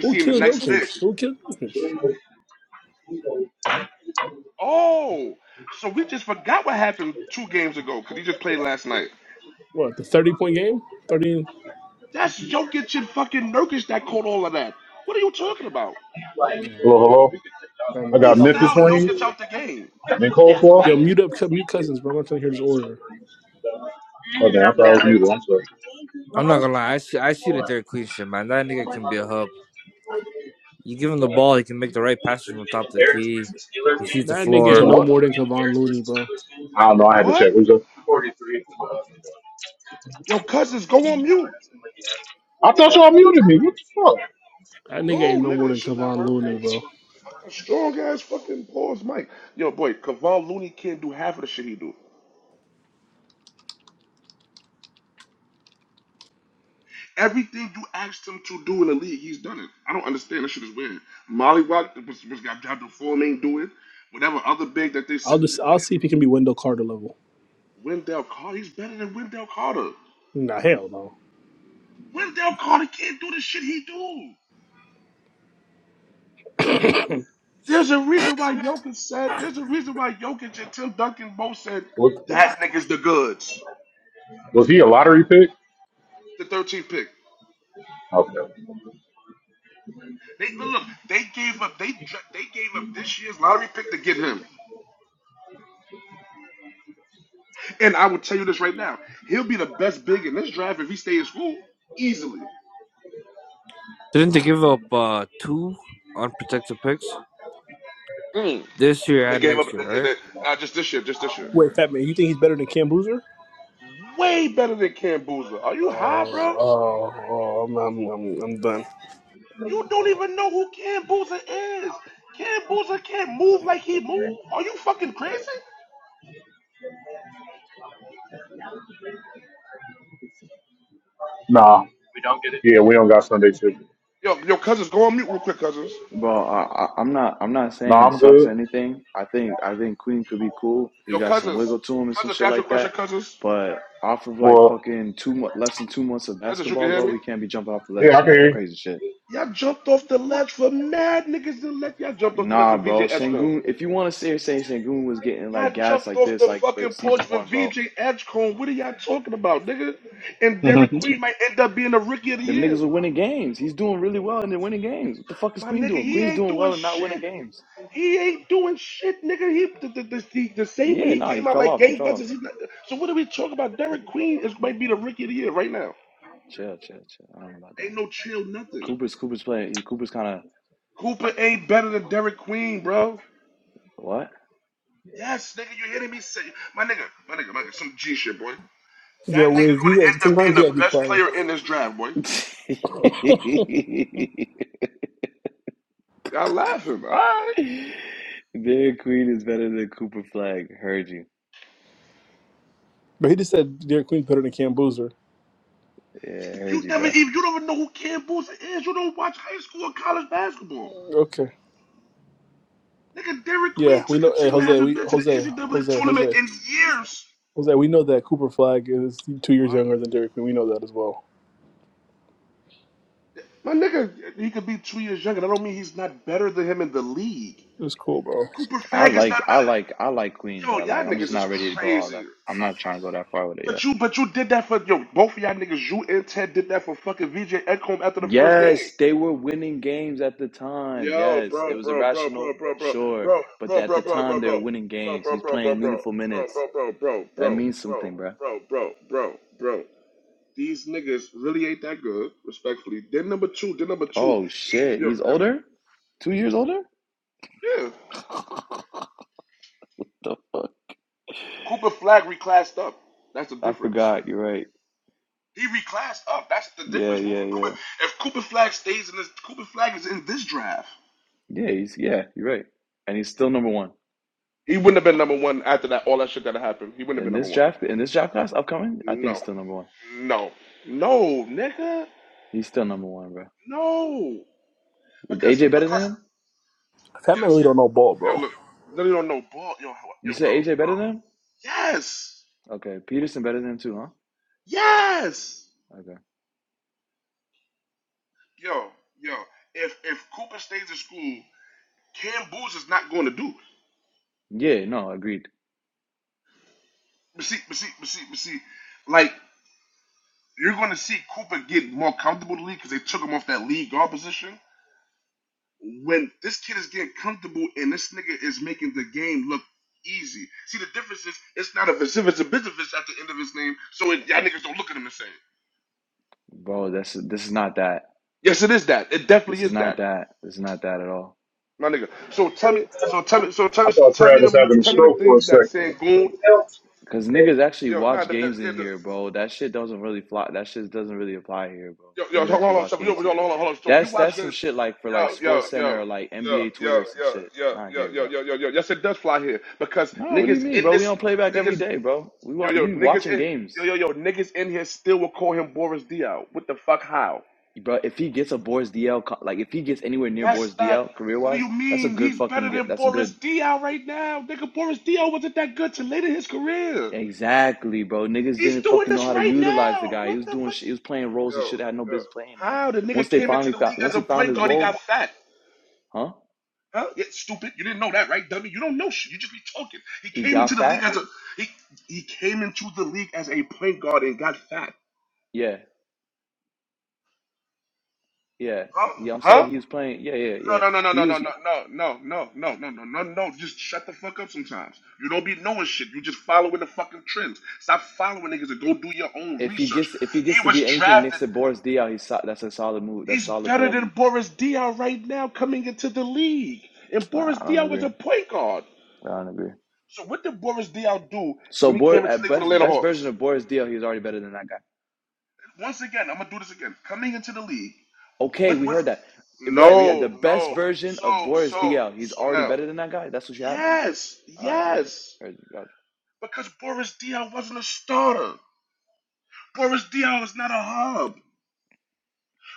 [SPEAKER 6] Who killed Jokic? Who killed Jokic? What the thirty point game? Thirty. Nah,
[SPEAKER 11] Hello, hello.
[SPEAKER 6] I
[SPEAKER 11] I
[SPEAKER 6] mean,
[SPEAKER 11] got
[SPEAKER 6] it's not.
[SPEAKER 11] Memphis wings and
[SPEAKER 6] Yo,
[SPEAKER 11] coleslaw.
[SPEAKER 6] mute up, mute cousins, bro. I'm not trying to hear this order.
[SPEAKER 11] Okay, I thought it was muted. I'm sorry.
[SPEAKER 14] I'm not gonna lie. I see. I see the Derek Queen shit, man. That nigga can be a hub. You give him the ball, he can make the right passes from the top of the key. He sees the
[SPEAKER 6] That
[SPEAKER 11] You
[SPEAKER 6] nigga
[SPEAKER 11] said
[SPEAKER 6] ain't
[SPEAKER 14] floor.
[SPEAKER 6] no
[SPEAKER 11] what?
[SPEAKER 6] more than Kevon Looney, bro.
[SPEAKER 11] I don't know. I had to check. What you say? I thought y'all muted me. What the fuck?
[SPEAKER 6] That nigga ain't no more than Kevon Looney, bro. I'll just, I'll see if he can be Wendell Carter level. Nah, hell no.
[SPEAKER 11] Was, was he a lottery pick? Okay.
[SPEAKER 14] Didn't they give up uh, two unprotected picks this year and next year? Right?
[SPEAKER 6] Wait, Fat Man, you think he's better than Cam Boozer? Oh, oh, oh, I'm, I'm, I'm, I'm done.
[SPEAKER 11] Nah. We don't get it. Yeah, we don't got Sunday ticket.
[SPEAKER 8] Bro, I, I, I'm not. I'm not saying
[SPEAKER 11] Nah,
[SPEAKER 8] he
[SPEAKER 11] I'm
[SPEAKER 8] sucks
[SPEAKER 11] good.
[SPEAKER 8] or anything. I think. I think Queen could be cool. He got some wiggle to him and some shit like that. But off of like
[SPEAKER 11] Well,
[SPEAKER 8] fucking two mo- less than two months of basketball, bro, we can't be jumping off the ledge
[SPEAKER 11] yeah, I can
[SPEAKER 8] saying some
[SPEAKER 11] hear
[SPEAKER 8] crazy shit. Nah, bro. Sangoon. If you want to sit here saying Sangoon was getting like gas like this, like for season one, bro,
[SPEAKER 11] you.
[SPEAKER 8] them niggas are winning games. He's doing really well and they're winning games. What the fuck is Queen doing? Queen's doing well and not winning games. Well, yeah, nah, he fell off. He fell off. Chill, chill, chill. I don't know about that. Cooper's Cooper's playing. Cooper's kind of what?
[SPEAKER 6] Yeah, Wiz, you got, sometimes you gotta be quiet.
[SPEAKER 8] Dairy Queen is better than Cooper Flag. Heard you.
[SPEAKER 6] but he just said Derek Queen's better than Cam Boozer.
[SPEAKER 8] Yeah, heard you, bro.
[SPEAKER 6] Okay. Yeah, we know. Hey, Jose, we Jose, Jose, Jose, Jose. We know that Cooper Flag is two years younger than Derek Queen. We know that as well. It was cool, bro.
[SPEAKER 8] I like, I like, I like Queen, but like, I'm just not ready to go all that. I'm not trying to go that far with it yet. Yes, they were winning games at the time. Yes, it was irrational, sure, but at the time they were winning games. He's playing meaningful minutes. That means something, bro. Oh shit, he's older. Two years older. The fuck? I forgot. You're right. Yeah, yeah, yeah. Yeah, he's yeah, you're right. And he's still number one. In this draft in this draft class upcoming, I think he's still number one. He's still number one, bro. Is AJ better than him?
[SPEAKER 6] That man really don't know ball, bro.
[SPEAKER 8] You said AJ better than him? Okay. Peterson better than him too, huh? Okay. Yeah, no, agreed. Bro, this this is not that. This is not that. This is not that at all.
[SPEAKER 11] I thought Travis having a stroke for a second.
[SPEAKER 8] Cause niggas actually watch games in here, bro. That shit doesn't really fly. That shit doesn't really apply here, bro. Niggas actually watch games here. That's that's some shit like for like Sports Center or like NBA Twitter or some shit. Not here, bro. No, what do you mean, bro? We don't play back every day, bro. We wa- we watching games, bro. If he gets a Boris DL, co- like if he gets anywhere near Boris DL career wise, that's a good fucking. Get, that's good. Exactly, bro. Niggas didn't fucking know how to utilize the guy. He was doing shit. He was playing roles he should have had no business playing. And once they finally found, once he found his role, Huh? He got fat? Yeah, yeah. Yeah, I'm saying he was playing. Yeah, yeah, yeah. He was. If he gets, if he gets to be anything next to Boris Diaw, he's so, that's a solid move. That's a solid play. Nah, I don't agree. I don't agree. So Boris, at best, best version of Boris Diaw, he's already better than that guy. Okay, we heard that. Right, the best version of Boris Diaw, he's already better than that guy. That's what you have. All right, heard you. Heard you. Gotcha.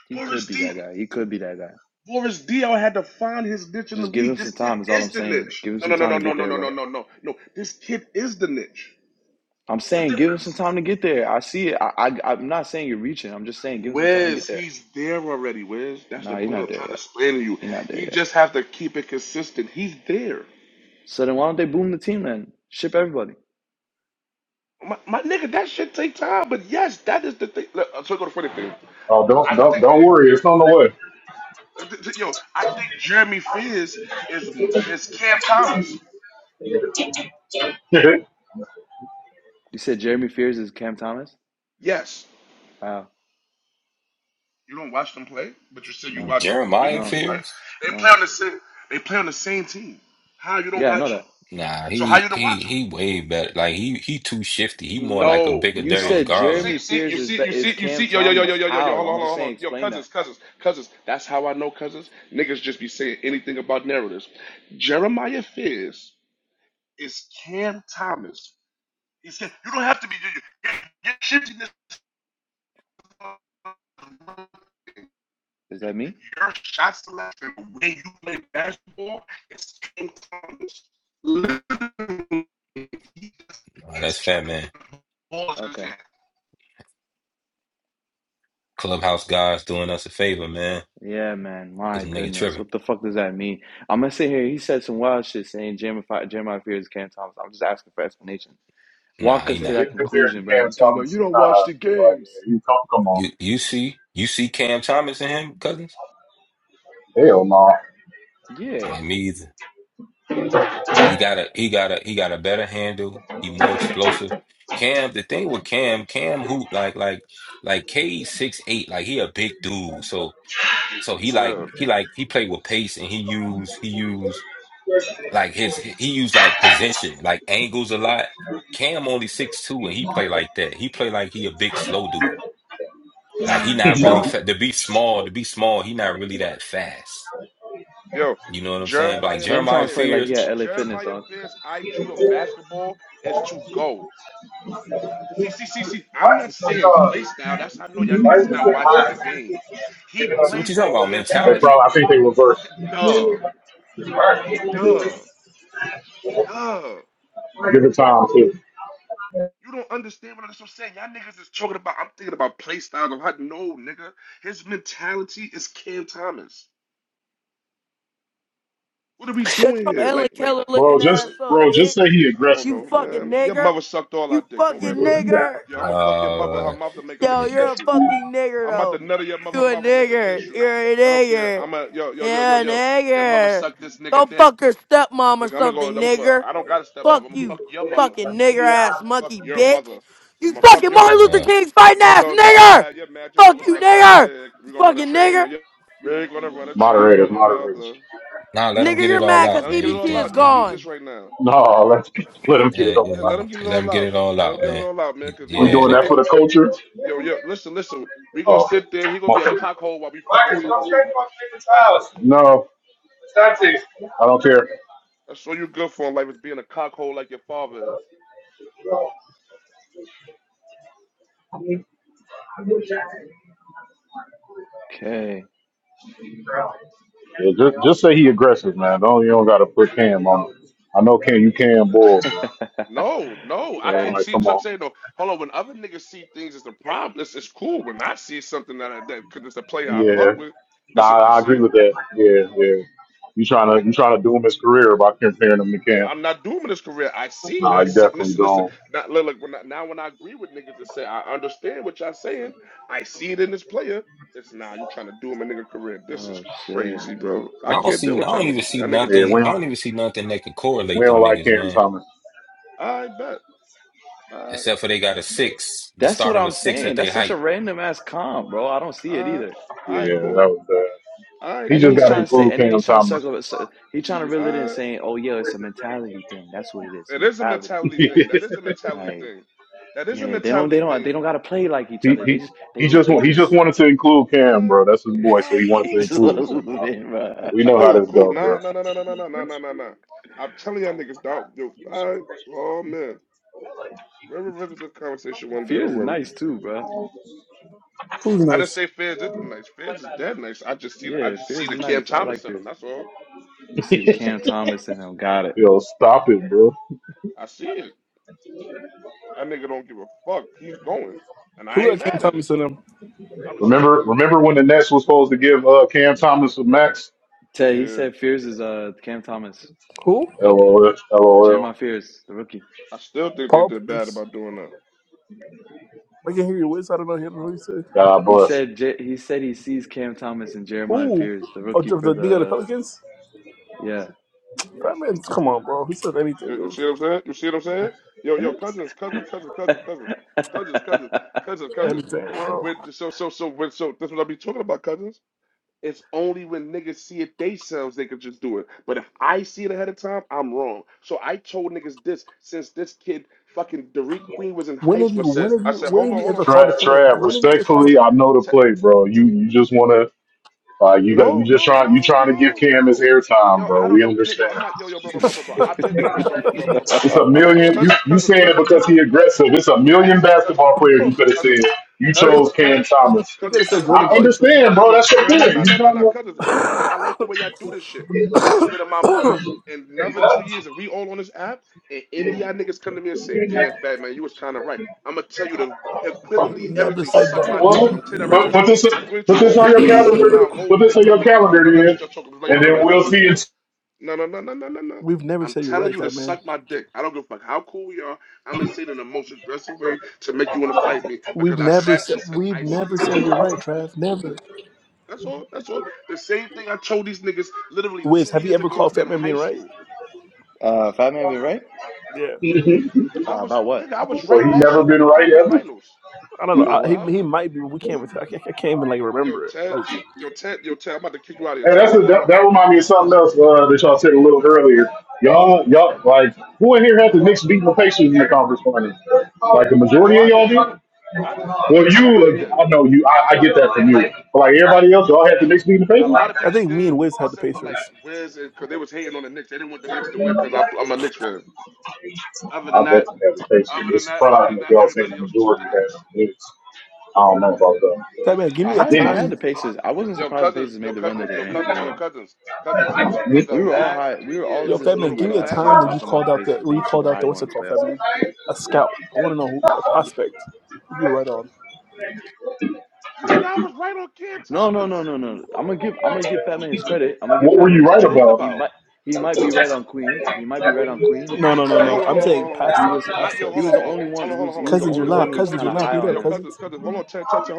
[SPEAKER 8] He could be that guy. He could be that guy. Just give him some time. Is all I'm saying. Give him some time to get there, bro. I'm saying give him some time to get there. I see it. I, I I'm not saying you're reaching. I'm just saying give him some time to get there. Nah, you're not there yet. You're not there yet. So then why don't they boom the team then? Ship everybody.
[SPEAKER 11] Oh, don't don't don't worry, it's on the way.
[SPEAKER 8] You said Jeremy Fears is Cam Thomas? How? No, no, no. Yeah, I know that.
[SPEAKER 13] Nah,
[SPEAKER 8] You said
[SPEAKER 13] man.
[SPEAKER 8] Jeremy Fears is be- is Cam Thomas. How? I'm just saying. Explain that. Is that me?
[SPEAKER 13] Nah, that's fat, man.
[SPEAKER 8] Okay.
[SPEAKER 13] Clubhouse guys doing us a favor, man.
[SPEAKER 8] Yeah, man. My
[SPEAKER 13] Cause the nigga
[SPEAKER 8] goodness.
[SPEAKER 13] tripping.
[SPEAKER 8] What the fuck does that mean? I'm gonna sit here. He said some wild shit saying Jeremy, Jeremiah Fears is Cam Thomas. I'm just asking for explanation.
[SPEAKER 13] Nah,
[SPEAKER 8] Walk
[SPEAKER 13] he
[SPEAKER 8] us
[SPEAKER 11] Yeah,
[SPEAKER 8] to
[SPEAKER 13] not.
[SPEAKER 8] that
[SPEAKER 11] Getting compared to
[SPEAKER 8] conclusion, bro.
[SPEAKER 11] Cam
[SPEAKER 8] You talking about
[SPEAKER 11] Thomas
[SPEAKER 8] you
[SPEAKER 11] is
[SPEAKER 8] don't
[SPEAKER 11] kind of
[SPEAKER 8] watch the
[SPEAKER 11] like, yeah,
[SPEAKER 8] games?
[SPEAKER 11] you come, come on.
[SPEAKER 13] You you see you see Cam Thomas and him cousins?
[SPEAKER 11] Hell no.
[SPEAKER 8] Yeah.
[SPEAKER 13] And me either. He got a he got a he got a better handle. He more explosive. Cam, the thing with Cam, Cam hoop like like like K six eight. Like he a big dude. So so he like he like he played with pace and he used he used. Like his he used like position, like angles a lot. Cam only six two and he play like that. He play like he a big slow dude. Like he
[SPEAKER 8] Mm.
[SPEAKER 13] not really fa- to be small, to be small, he not really that fast. You know what I'm saying? Like
[SPEAKER 8] Cam
[SPEAKER 13] Jeremiah
[SPEAKER 8] Thomas played like he
[SPEAKER 13] Fears.
[SPEAKER 8] had LA Fitness, dog.
[SPEAKER 13] So what you talking about?
[SPEAKER 11] They
[SPEAKER 13] Mentality?
[SPEAKER 11] probably, I think they reverse. Give it time too.
[SPEAKER 15] Shut your Ellen Keller
[SPEAKER 11] Bro,
[SPEAKER 15] looking
[SPEAKER 11] just
[SPEAKER 15] ass up,
[SPEAKER 11] bro, just say
[SPEAKER 15] bitch.
[SPEAKER 11] he aggressive.
[SPEAKER 15] You fucking nigger. You fucking nigger.
[SPEAKER 13] Uh,
[SPEAKER 15] Yo,
[SPEAKER 13] yeah,
[SPEAKER 15] you're a fucking nigger though. You a nigger. You're a nigger. Yeah, nigger. Go fuck your stepmom or something, nigger. Fuck you, fucking nigger ass monkey, bitch. You fucking Martin Luther
[SPEAKER 13] uh
[SPEAKER 15] King's fighting ass nigger. Fuck you, nigger. Fucking nigger.
[SPEAKER 11] Moderators, moderators.
[SPEAKER 13] nah, let him
[SPEAKER 15] Nigger,
[SPEAKER 13] get it
[SPEAKER 15] you're
[SPEAKER 13] all
[SPEAKER 15] mad
[SPEAKER 13] out,
[SPEAKER 15] because
[SPEAKER 13] man. He
[SPEAKER 15] EBT is
[SPEAKER 13] think he-
[SPEAKER 15] gone.
[SPEAKER 11] No, let let him get
[SPEAKER 13] yeah,
[SPEAKER 11] it over.
[SPEAKER 13] yeah,
[SPEAKER 11] with.
[SPEAKER 13] let him let him get it all out, man. He-
[SPEAKER 11] We
[SPEAKER 13] Yeah,
[SPEAKER 11] doing
[SPEAKER 13] they
[SPEAKER 11] that
[SPEAKER 13] be
[SPEAKER 11] for the culture? Oh, okay. No, I don't care.
[SPEAKER 8] Okay.
[SPEAKER 11] Yeah, just, just say he aggressive, man. Don't you don't gotta put Cam on it. I know Cam, you can bull, but
[SPEAKER 8] Hey.
[SPEAKER 11] like, come on. Yeah, nah, I agree with that. Yeah, yeah. You trying to you trying to doom his career by comparing him to Cam? Nah, you definitely don't.
[SPEAKER 8] Oh shit.
[SPEAKER 13] I don't see I don't even see
[SPEAKER 11] Yeah,
[SPEAKER 13] nothing
[SPEAKER 11] we
[SPEAKER 13] I
[SPEAKER 11] don't
[SPEAKER 13] don't even see nothing that can
[SPEAKER 11] we
[SPEAKER 13] correlate
[SPEAKER 11] don't
[SPEAKER 13] them
[SPEAKER 11] like
[SPEAKER 13] niggas,
[SPEAKER 11] Cam
[SPEAKER 13] man.
[SPEAKER 11] Thomas.
[SPEAKER 13] except for they got a six, the
[SPEAKER 8] That's what
[SPEAKER 13] start of a
[SPEAKER 8] I'm
[SPEAKER 13] six
[SPEAKER 8] saying.
[SPEAKER 13] at
[SPEAKER 8] That's
[SPEAKER 13] their
[SPEAKER 8] such a
[SPEAKER 13] height.
[SPEAKER 8] random ass comp, bro. I don't see it either.
[SPEAKER 11] Yeah, that was bad. He
[SPEAKER 8] And then
[SPEAKER 11] just
[SPEAKER 8] he's
[SPEAKER 11] gotta
[SPEAKER 8] trying to say,
[SPEAKER 11] include
[SPEAKER 8] and then
[SPEAKER 11] Cam
[SPEAKER 8] he's trying to
[SPEAKER 11] Thomas.
[SPEAKER 8] circle it. So he's trying to reel it in, saying, "Oh yeah, it's a mentality thing. That's what it is. Mentality.
[SPEAKER 11] he
[SPEAKER 8] Like, yeah, they don't, they don't, they don't gotta play like each other. They
[SPEAKER 11] he
[SPEAKER 8] just, they
[SPEAKER 11] he
[SPEAKER 8] just,
[SPEAKER 11] just wa-
[SPEAKER 8] they
[SPEAKER 11] he just
[SPEAKER 8] just,
[SPEAKER 11] wanted to include Cam, bro. That's his boy, so he wanted to
[SPEAKER 8] he's just a
[SPEAKER 11] include him
[SPEAKER 8] little
[SPEAKER 11] somehow.
[SPEAKER 8] bit, bro.
[SPEAKER 11] We know how this go, bro.
[SPEAKER 8] Fears is nice too, bro.
[SPEAKER 6] Who's nice?
[SPEAKER 8] Yeah, Fears is nice. I like Fears. You see the Cam Thomas and him got it.
[SPEAKER 11] Yo, stop it, bro.
[SPEAKER 6] Who got Cam Thomas in him?
[SPEAKER 11] Remember, remember when the Nets was supposed to give uh, Cam Thomas a max?
[SPEAKER 8] Tay, he said Fears is uh Cam Thomas,
[SPEAKER 6] Who?
[SPEAKER 11] LOL, LOL.
[SPEAKER 8] Jeremiah Fears, the rookie.
[SPEAKER 6] Paul Pierce. I can not hear you, Wiz. I don't know. I don't know what he said.
[SPEAKER 11] God
[SPEAKER 8] He
[SPEAKER 11] bless.
[SPEAKER 8] said J. he said he sees Cam Thomas and Jeremiah
[SPEAKER 6] Who?
[SPEAKER 8] Fears, the
[SPEAKER 6] Oh,
[SPEAKER 8] rookie
[SPEAKER 6] the
[SPEAKER 8] for
[SPEAKER 6] the nigga on the
[SPEAKER 8] the
[SPEAKER 6] Pelicans.
[SPEAKER 8] yeah.
[SPEAKER 6] That man, come on, bro. He said anything, dude.
[SPEAKER 8] uh,
[SPEAKER 6] Anything, bro. When have you? When have you? When have you ever called a
[SPEAKER 11] Trav,
[SPEAKER 6] player?
[SPEAKER 11] Trav,
[SPEAKER 6] When have you ever called
[SPEAKER 11] respectfully, I know the play, bro. You you just wanna, uh, you got you just trying you trying to give Cam his airtime, bro. We understand. It's a million. You you saying it because he aggressive. It's a million basketball players
[SPEAKER 6] a?
[SPEAKER 11] you could have said. You chose Cam Thomas.
[SPEAKER 6] He could have said Jordan
[SPEAKER 11] I
[SPEAKER 6] Clarkson.
[SPEAKER 11] understand, bro. That's your thing. You trying to
[SPEAKER 6] we've never said that. We.
[SPEAKER 11] Well, put, put this put this on your calendar. Put this on your calendar, then, and then we'll see. It.
[SPEAKER 6] We've never said you're right, Fat Man. We've never said. We've never said you're right, Trav. Never. Wiz, have you ever called Fat Man being right?
[SPEAKER 8] Fat Man be right
[SPEAKER 6] Yeah,
[SPEAKER 8] uh, about what?
[SPEAKER 11] Well, he never been right ever.
[SPEAKER 6] I don't know.
[SPEAKER 8] About
[SPEAKER 6] I, he
[SPEAKER 8] what?
[SPEAKER 6] he might be, but we can't. I can't, I can't even like remember it. Like
[SPEAKER 11] And that's a, that, that remind me of something else uh, that y'all said a little earlier. Y'all, y'all, like who in here had the Knicks beating the Pacers in the conference final? Like the majority of y'all did. Well, you, like, I know you. I, I get that from you. But like everybody else, y'all had the Knicks beating the Pacers.
[SPEAKER 6] I think me and Wiz had the Pacers. Fat Man, give
[SPEAKER 8] I
[SPEAKER 6] me a
[SPEAKER 8] had I
[SPEAKER 11] And
[SPEAKER 8] had
[SPEAKER 6] time.
[SPEAKER 8] the Pacers. I wasn't surprised the Pacers made the run that they ran made. We were all high. We were all
[SPEAKER 6] Yo,
[SPEAKER 8] in this
[SPEAKER 6] Fat Man,
[SPEAKER 8] room
[SPEAKER 6] give
[SPEAKER 8] like
[SPEAKER 6] me a
[SPEAKER 8] last year
[SPEAKER 6] time where you
[SPEAKER 8] talking about
[SPEAKER 6] called
[SPEAKER 8] the
[SPEAKER 6] out the
[SPEAKER 8] Pacers
[SPEAKER 6] where you
[SPEAKER 8] being
[SPEAKER 6] called
[SPEAKER 8] super
[SPEAKER 6] out
[SPEAKER 8] high
[SPEAKER 6] the what's
[SPEAKER 8] going
[SPEAKER 6] it
[SPEAKER 8] into
[SPEAKER 6] called, Fat
[SPEAKER 8] playoffs.
[SPEAKER 6] Man? A scout. I want to know who, a prospect. You're right on.
[SPEAKER 8] No, no, no, no, no. I'm gonna give. I'm gonna give Fatman his credit. I'm gonna give
[SPEAKER 11] what were
[SPEAKER 8] Fatman
[SPEAKER 11] you
[SPEAKER 8] his
[SPEAKER 11] right
[SPEAKER 8] credit.
[SPEAKER 11] about?
[SPEAKER 8] He might. He might be right on Queen. He might be right on Queen.
[SPEAKER 6] No, no, no, no.
[SPEAKER 8] Like
[SPEAKER 6] I'm saying past
[SPEAKER 8] he
[SPEAKER 6] tense,
[SPEAKER 8] was.
[SPEAKER 6] past
[SPEAKER 8] He
[SPEAKER 6] tense.
[SPEAKER 8] was the only one who's. He was the
[SPEAKER 6] Cousins, you're
[SPEAKER 8] only one
[SPEAKER 6] loud.
[SPEAKER 8] who was
[SPEAKER 6] Cousins,
[SPEAKER 8] kind
[SPEAKER 6] you're
[SPEAKER 8] of
[SPEAKER 6] loud.
[SPEAKER 8] high
[SPEAKER 6] Mute
[SPEAKER 8] on
[SPEAKER 6] up,
[SPEAKER 8] him.
[SPEAKER 6] cousins.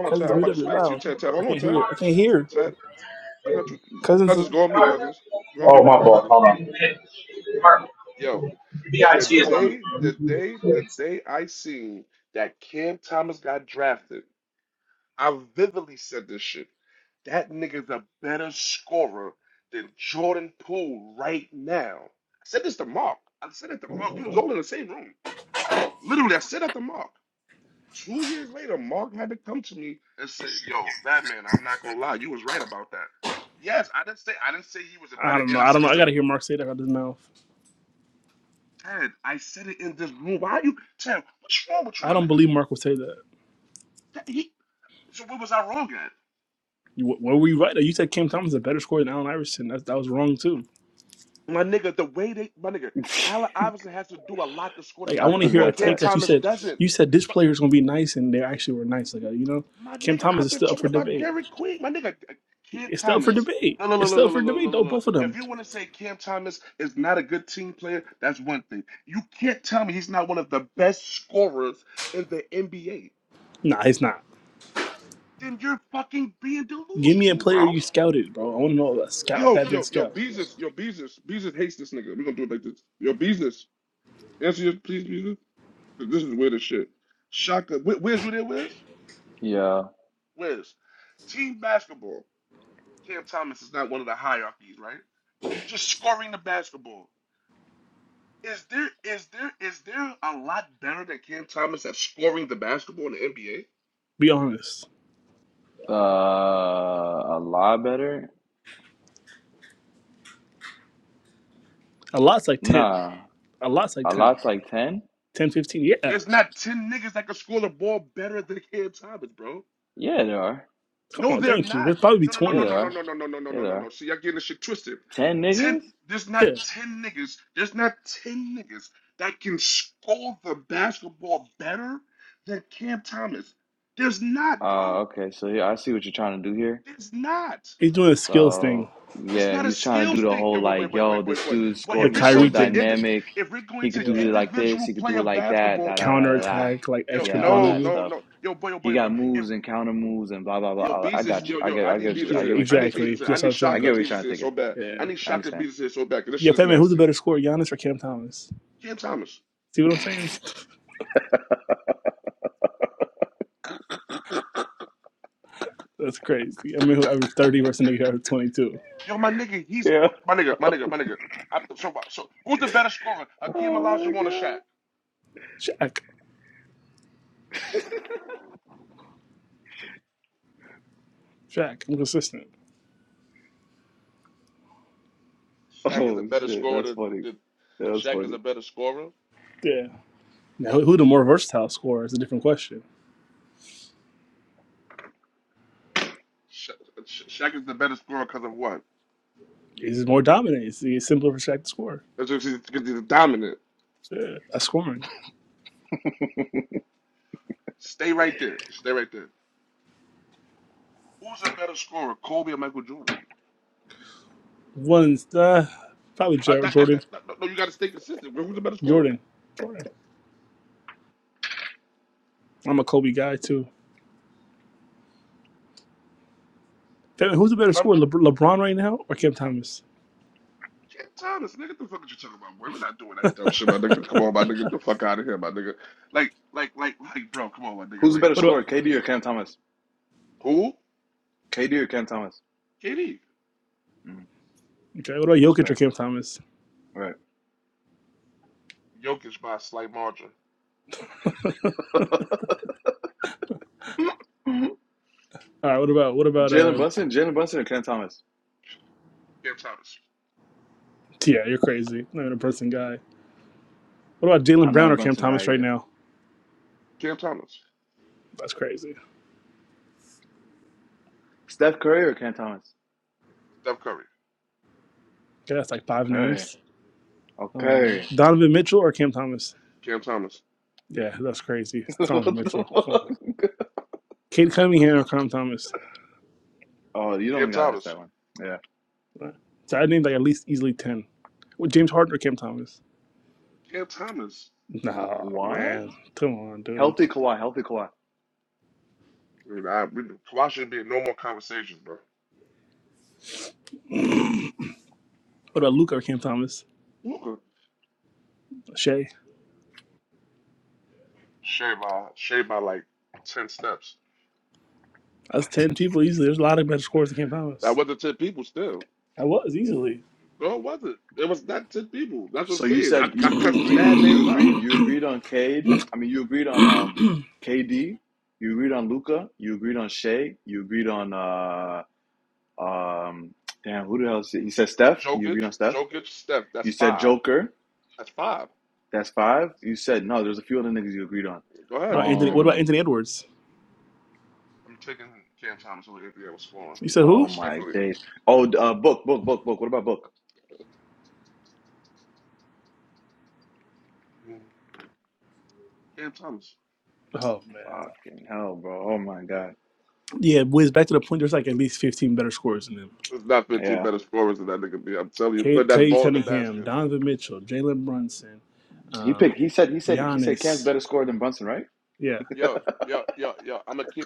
[SPEAKER 6] Cousins, mute up. You're loud. I can't hear it. I can't hear. Cousins, is-
[SPEAKER 11] Oh, my fault. Hold on.
[SPEAKER 6] I don't know. I don't know. I gotta hear Mark say that out of his mouth. I don't believe Mark would say that. You- Were we right? Like, You said Cam Thomas is a better scorer than Allen Iverson. That, that was wrong too. Like I
[SPEAKER 8] I
[SPEAKER 6] want to hear a
[SPEAKER 8] forgot
[SPEAKER 6] take
[SPEAKER 8] that.
[SPEAKER 6] that you said. You said this player is gonna be nice, and they actually were nice. Like uh, you know, Cam Thomas is still up for debate. It's still up for debate. It's still up for debate though. Both of them. Nah, it's not. Give me a player you scouted, bro. I want to know a scout, bad man scout.
[SPEAKER 8] Yeah.
[SPEAKER 6] Be honest.
[SPEAKER 8] Uh, a lot better?
[SPEAKER 6] A lot's like ten.
[SPEAKER 8] Nah.
[SPEAKER 6] A lot's like
[SPEAKER 8] A
[SPEAKER 6] 10.
[SPEAKER 8] lot's like 10?
[SPEAKER 6] 10, fifteen. Yeah.
[SPEAKER 8] Yeah, there are.
[SPEAKER 6] Come on, thank you. There's probably be
[SPEAKER 8] Yeah,
[SPEAKER 6] twenty.
[SPEAKER 8] there are. Yeah, there are. 10 niggas?
[SPEAKER 6] Yeah.
[SPEAKER 8] Uh, okay, so yeah, I see what you're trying to do here.
[SPEAKER 6] He's doing a skills thing,
[SPEAKER 8] So yeah, he's trying to do the whole like, yo, this dude
[SPEAKER 6] the
[SPEAKER 8] score. He's so
[SPEAKER 6] Kyrie thing.
[SPEAKER 8] dynamic. He could do it
[SPEAKER 6] Yeah.
[SPEAKER 8] like this. He could do it like that. Da da da
[SPEAKER 6] Counter
[SPEAKER 8] da da.
[SPEAKER 6] attack, like extra
[SPEAKER 8] Yeah, all that
[SPEAKER 6] blade.
[SPEAKER 8] stuff. He got moves and counter moves and blah blah blah. all I got you. I get. I get. What you,
[SPEAKER 6] Yeah,
[SPEAKER 8] I get where you're trying to take it.
[SPEAKER 6] exactly. That's what I'm
[SPEAKER 8] I get
[SPEAKER 6] saying.
[SPEAKER 8] where you're trying to take it.
[SPEAKER 6] Yeah.
[SPEAKER 8] I understand.
[SPEAKER 6] Yeah, Fat Man, who's a better scorer, Giannis or Cam Thomas? See what I'm saying? That's crazy. I mean, whoever 30 versus a nigga whoever 22.
[SPEAKER 8] Yeah. Oh my god.
[SPEAKER 6] Shaq. Shaq. I'm consistent.
[SPEAKER 8] Oh shit. That's funny. That's funny.
[SPEAKER 6] Yeah. Now, who who the more versatile scorer is a different question. Is it more dominant? Is it simpler for Shaq to score? Yeah, that's scoring. One's uh, probably Jer- Jordan. Jordan. Jordan. I'm a Kobe guy, too. Fat Man, who's a better scorer, Lebr- LeBron right now or Cam Thomas?
[SPEAKER 8] Who's the better
[SPEAKER 6] What about,
[SPEAKER 8] scorer, KD or Cam Thomas? KD or Cam Thomas? Mm,
[SPEAKER 6] okay, what about Jokic or
[SPEAKER 8] respect.
[SPEAKER 6] Cam Thomas?
[SPEAKER 8] All Right.
[SPEAKER 6] All right, what about, what about
[SPEAKER 8] Jalen
[SPEAKER 6] uh,
[SPEAKER 8] Brunson, Jalen Brunson or Cam Thomas?
[SPEAKER 6] Yeah, you're crazy. Not even a person guy. What about Jalen
[SPEAKER 8] I'm not
[SPEAKER 6] Brown
[SPEAKER 8] a
[SPEAKER 6] or Cam
[SPEAKER 8] Brunson
[SPEAKER 6] Thomas
[SPEAKER 8] guy
[SPEAKER 6] right
[SPEAKER 8] either.
[SPEAKER 6] now? That's crazy.
[SPEAKER 8] Steph Curry or Cam Thomas?
[SPEAKER 6] Okay, that's like five
[SPEAKER 8] Okay.
[SPEAKER 6] names. Um,
[SPEAKER 8] Okay.
[SPEAKER 6] Donovan Mitchell or Cam Thomas? Yeah, that's crazy. It's
[SPEAKER 8] what
[SPEAKER 6] Donovan
[SPEAKER 8] the
[SPEAKER 6] Mitchell. Come on.
[SPEAKER 8] fuck?
[SPEAKER 6] Cade Cunningham or Cam Thomas?
[SPEAKER 8] Oh, you don't gotta ask that one. Yeah.
[SPEAKER 6] So I named like at least easily 10. With James Harden or Cam Thomas? No,
[SPEAKER 8] What?
[SPEAKER 6] man. Come on, dude.
[SPEAKER 8] Healthy Kawhi, healthy Kawhi.
[SPEAKER 6] What about Luke or Cam Thomas? Shea. That's 10 people easily. There's a lot of better scores than Cam Thomas. I was easily.
[SPEAKER 8] So you said you you agreed, you agreed, you agreed on Cade. I mean, you agreed on um KD. You agreed on Luca. You agreed on Shea. You agreed on uh um damn who the hell? Is it? He said Steph. You agreed on Steph. You said Joker. That's five. You said no. There's a few other niggas you agreed on.
[SPEAKER 6] What about Anthony? What about
[SPEAKER 8] Um.
[SPEAKER 6] Anthony Edwards? You said
[SPEAKER 8] Oh
[SPEAKER 6] who?
[SPEAKER 8] my days. Oh, uh, book, book, book, book. What about book?
[SPEAKER 6] Oh man.
[SPEAKER 8] Fucking hell, bro. Oh my god.
[SPEAKER 6] Yeah, boys, back to the point, there's like at least 15 better scorers than them.
[SPEAKER 8] Yeah.
[SPEAKER 6] Kate, Clay Cunningham, Donovan Mitchell, Jalen Brunson,
[SPEAKER 8] He
[SPEAKER 6] um,
[SPEAKER 8] picked. He said. He said. He said. Cam's
[SPEAKER 6] Giannis.
[SPEAKER 8] better score than Brunson, right?
[SPEAKER 6] Yeah,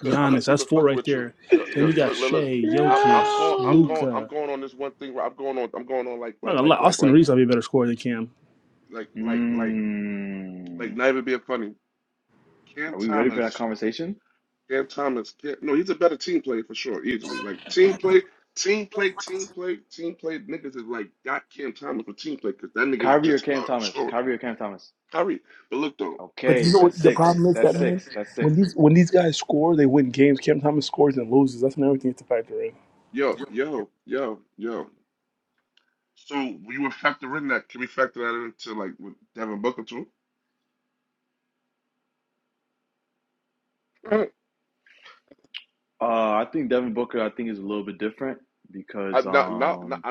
[SPEAKER 6] Giannis. That's four right there. Then we got Shea, Jokic,
[SPEAKER 8] Yeah.
[SPEAKER 6] Luca. Not gonna lie, Austin Reeves might be a better scorer than Cam.
[SPEAKER 8] Mm. Are we ready for that conversation? Kyrie or Cam Thomas? Kyrie or Cam Thomas?
[SPEAKER 6] But you
[SPEAKER 8] Okay,
[SPEAKER 6] know what
[SPEAKER 8] that's
[SPEAKER 6] the
[SPEAKER 8] six.
[SPEAKER 6] problem is that
[SPEAKER 8] That's
[SPEAKER 6] man?
[SPEAKER 8] six. That's
[SPEAKER 6] When
[SPEAKER 8] six.
[SPEAKER 6] these when these guys score, they win games. Cam Thomas scores and loses. That's another thing to factor in.
[SPEAKER 8] Uh, I think Devin Booker. I think is a little bit different because um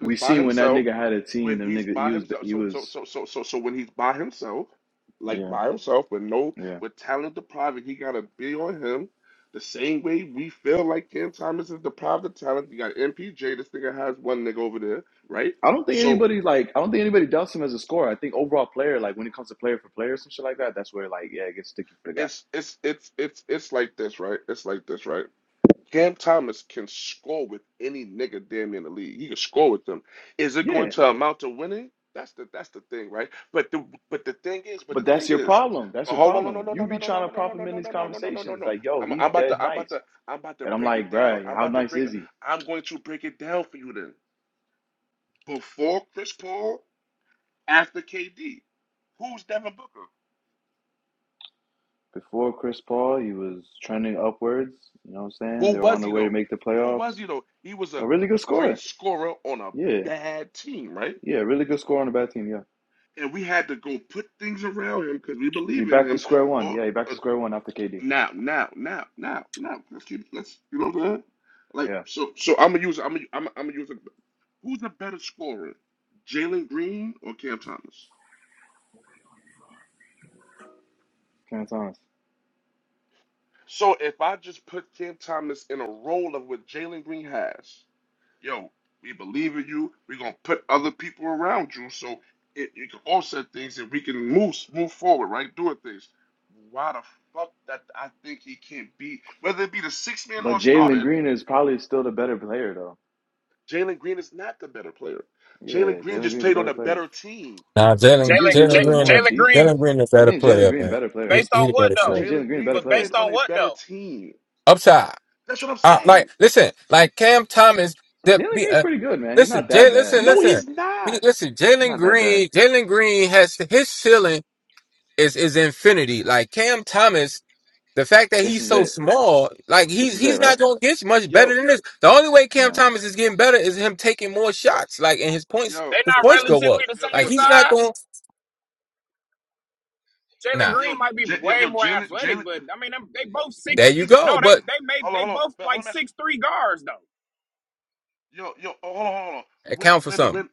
[SPEAKER 8] We seen when that nigga had a team, them nigga he was he was Yeah, yeah. I don't think anybody like I don't think anybody doubts him as a scorer. I think overall player, like when it comes to player for player, some shit like that, that's where like yeah, it gets sticky for the guy. Yeah, but that's your problem. That's your problem. You be trying to prop him in these conversations, like yo, he's dead nice, and I'm like, bruh, how nice is he? Before Chris Paul, he was trending upwards. You know what I'm saying? They were on the way to make the playoffs. A really good scorer. Yeah, yeah, really good scorer on a bad team. Yeah. He back to square one. Yeah, he back to square one after KD. Yeah, Cam Thomas. But Jalen Green is probably still the better player though. Yeah, Jalen Green's a better player.
[SPEAKER 13] Nah,
[SPEAKER 8] He
[SPEAKER 13] Jalen
[SPEAKER 8] gives you
[SPEAKER 3] Jalen
[SPEAKER 8] a
[SPEAKER 13] Jalen
[SPEAKER 8] little bit
[SPEAKER 3] J-
[SPEAKER 13] Green,
[SPEAKER 8] more on
[SPEAKER 3] Jalen Green,
[SPEAKER 8] defense.
[SPEAKER 13] Jalen Green is a
[SPEAKER 8] I
[SPEAKER 13] better
[SPEAKER 8] think Jalen
[SPEAKER 13] player,
[SPEAKER 8] Green
[SPEAKER 13] man.
[SPEAKER 8] better player.
[SPEAKER 13] He,
[SPEAKER 3] based
[SPEAKER 13] he
[SPEAKER 3] on
[SPEAKER 13] the
[SPEAKER 3] what
[SPEAKER 13] better
[SPEAKER 8] I
[SPEAKER 3] though?
[SPEAKER 13] player.
[SPEAKER 8] think Jalen Green better
[SPEAKER 3] But
[SPEAKER 8] player.
[SPEAKER 3] based on what though?
[SPEAKER 13] Upside, uh, like listen, like Cam Thomas, that
[SPEAKER 8] Jalen
[SPEAKER 13] be
[SPEAKER 8] Green's
[SPEAKER 13] uh,
[SPEAKER 8] pretty good, man. He's
[SPEAKER 13] listen,
[SPEAKER 8] not that
[SPEAKER 13] Jay,
[SPEAKER 8] bad.
[SPEAKER 13] listen,
[SPEAKER 8] Like
[SPEAKER 13] listen, Be- listen. Jalen
[SPEAKER 8] not that bad.
[SPEAKER 13] Green, Jalen Green has his ceiling is is infinity. Like Cam Thomas. The fact that
[SPEAKER 8] This
[SPEAKER 13] he's
[SPEAKER 8] is
[SPEAKER 13] so
[SPEAKER 8] it.
[SPEAKER 13] small, like
[SPEAKER 8] This
[SPEAKER 13] he's
[SPEAKER 8] is it,
[SPEAKER 13] he's
[SPEAKER 8] right?
[SPEAKER 13] not gonna get much better than this. The only way Cam
[SPEAKER 8] Yeah.
[SPEAKER 13] Thomas is getting better is him taking more shots, like and his points
[SPEAKER 3] They
[SPEAKER 13] his
[SPEAKER 3] not
[SPEAKER 13] points go up.
[SPEAKER 3] relatively the
[SPEAKER 13] Like
[SPEAKER 3] same
[SPEAKER 13] he's not
[SPEAKER 3] size.
[SPEAKER 13] going.
[SPEAKER 3] Jalen
[SPEAKER 13] Nah,
[SPEAKER 3] Green might be way more athletic, but I mean, them, they both six.
[SPEAKER 13] there you go.
[SPEAKER 3] No, they
[SPEAKER 13] But
[SPEAKER 3] they made they both like six three guards though.
[SPEAKER 13] account for something.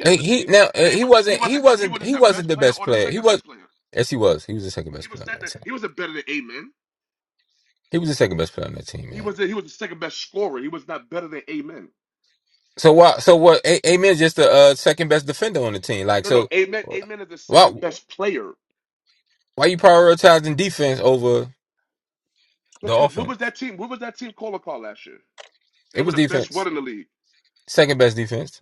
[SPEAKER 13] And he now and he wasn't he wasn't he wasn't the best player. He was yes he was he was the second best player on that team. He was the second best player on that team, man. So why so what? A- Amen. Just the uh, second best defender on the team. Like so, why why you prioritizing defense over the offense? It was defense. Second best defense.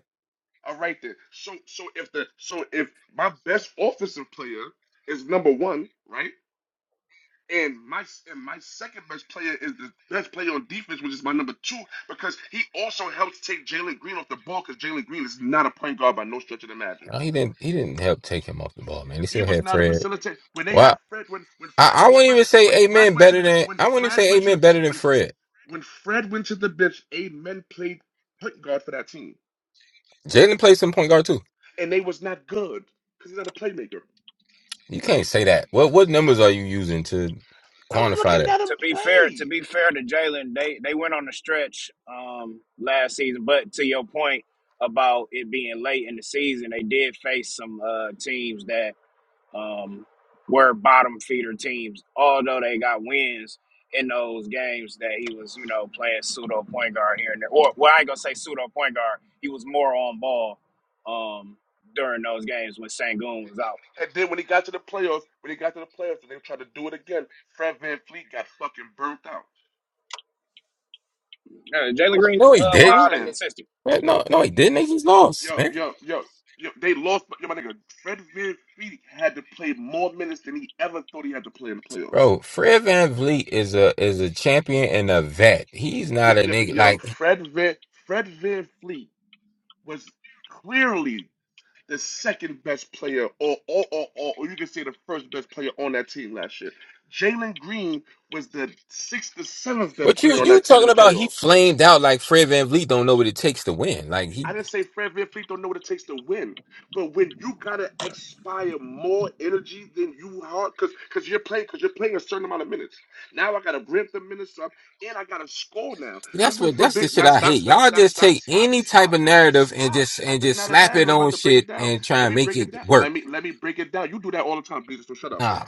[SPEAKER 13] Uh, He didn't. He didn't help take him off the ball, man. He still had Fred. Wow. I, I wouldn't even say Amen better than. I wouldn't even say Amen better than Fred. Jalen plays some point guard too. You can't say that. What what numbers are you using to quantify that?
[SPEAKER 3] to be fair, to be fair to Jalen, they they went on a stretch um, last season. But to your point about it being late in the season, they did face some uh, teams that um, were bottom feeder teams. Although they got wins in those games that he was, you know, playing pseudo point guard here and there. Or well, I ain't gonna say pseudo point guard. He was more on ball um, during those games when Sangoon was out. Uh, Jalen Green,
[SPEAKER 13] No,
[SPEAKER 3] uh,
[SPEAKER 13] he didn't.
[SPEAKER 3] wild and consistent.
[SPEAKER 13] Man, No, no, he didn't. They just lost, man. Bro, Fred Van Vliet is a is a champion and a vet. He's not a nigga like. But you you talking about he flamed out like Fred Van Vliet don't know what it takes to win. Like he that's what that's the shit I hate. Y'all just take any type of narrative and just and just slap it on shit and try and make it work. Nah.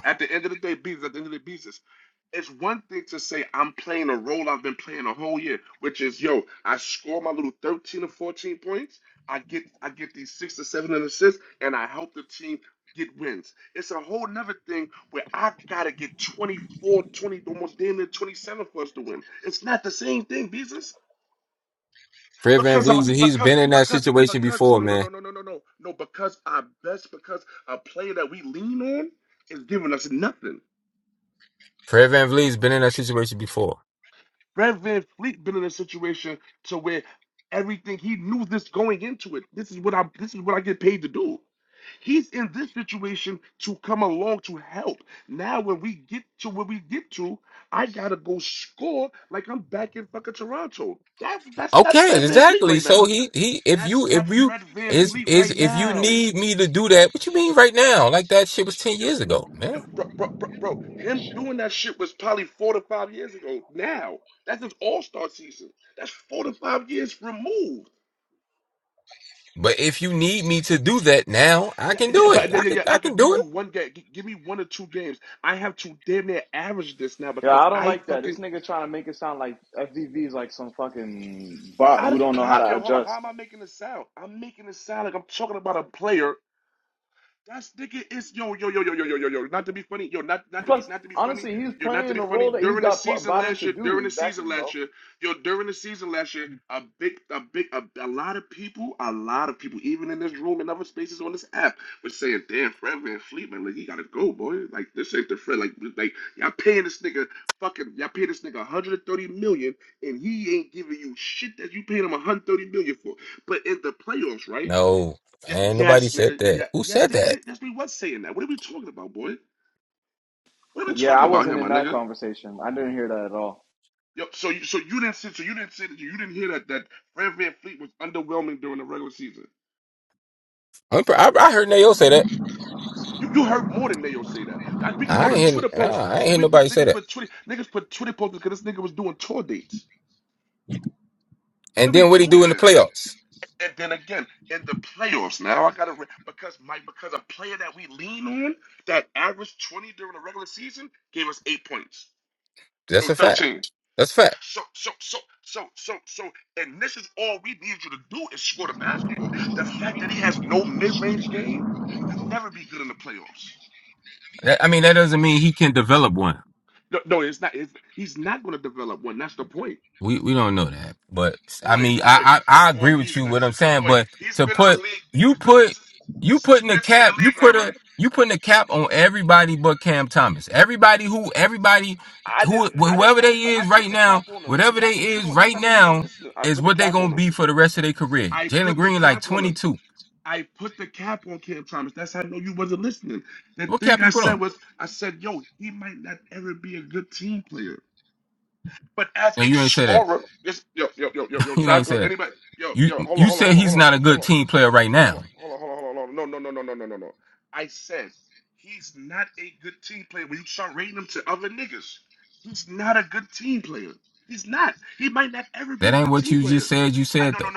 [SPEAKER 13] Fred Van Vliet, he's been in that situation before, man. Fred Van Vliet's been in that situation before. Okay, exactly. So he he if you if you is is if you need me to do that, what you mean right now? Like that shit was ten years ago, man. But if you need me to do that now, I can do it. I can I can do it.
[SPEAKER 8] Yeah, I don't like that. This nigga trying to make it sound like FVV is like some fucking bot who don't know how to adjust. Plus, honestly, he's playing the role that he got bought in to do. Exactly, bro.
[SPEAKER 13] No, man, nobody said that. Who said that?
[SPEAKER 8] Yeah, I wasn't in that conversation. I didn't hear that at all.
[SPEAKER 13] I'm, pr- I, I heard Nayo say that. I ain't hear, nah, I ain't hear nobody say that. And then what he do in the playoffs? That's a fact. That's a fact. That, I mean, that doesn't mean he can develop one. We we don't know that, but I mean, I, I I agree with you what I'm saying, but to put you put you putting a cap, you put a you putting a cap on everybody but Cam Thomas. Everybody who everybody who whoever they is right now, whatever they is right now is what they gonna be for the rest of their career. Jalen Green like 22. What cap you put on? No, you ain't say that. you ain't say that. You you said he's not a good team player right now. That ain't what you just said. You said though.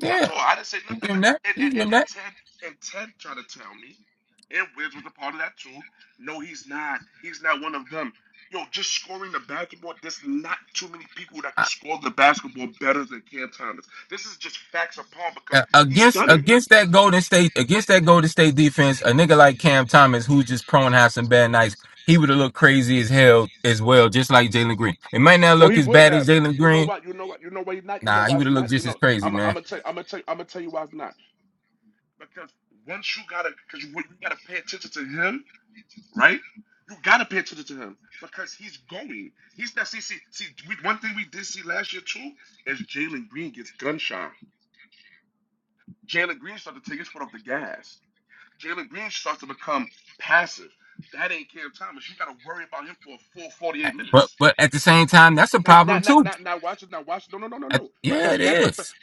[SPEAKER 13] Yeah, you give him that. You give him that. Uh, against against that Golden State against that Golden State defense, a nigga like Cam Thomas, who's just prone to have some bad nights, he would have looked crazy as hell as well, just like Jalen Green. It might not look as bad as Jalen Green. Nah, he would have looked just as crazy, man. But but at the same time, that's a problem too. Uh, yeah, it is.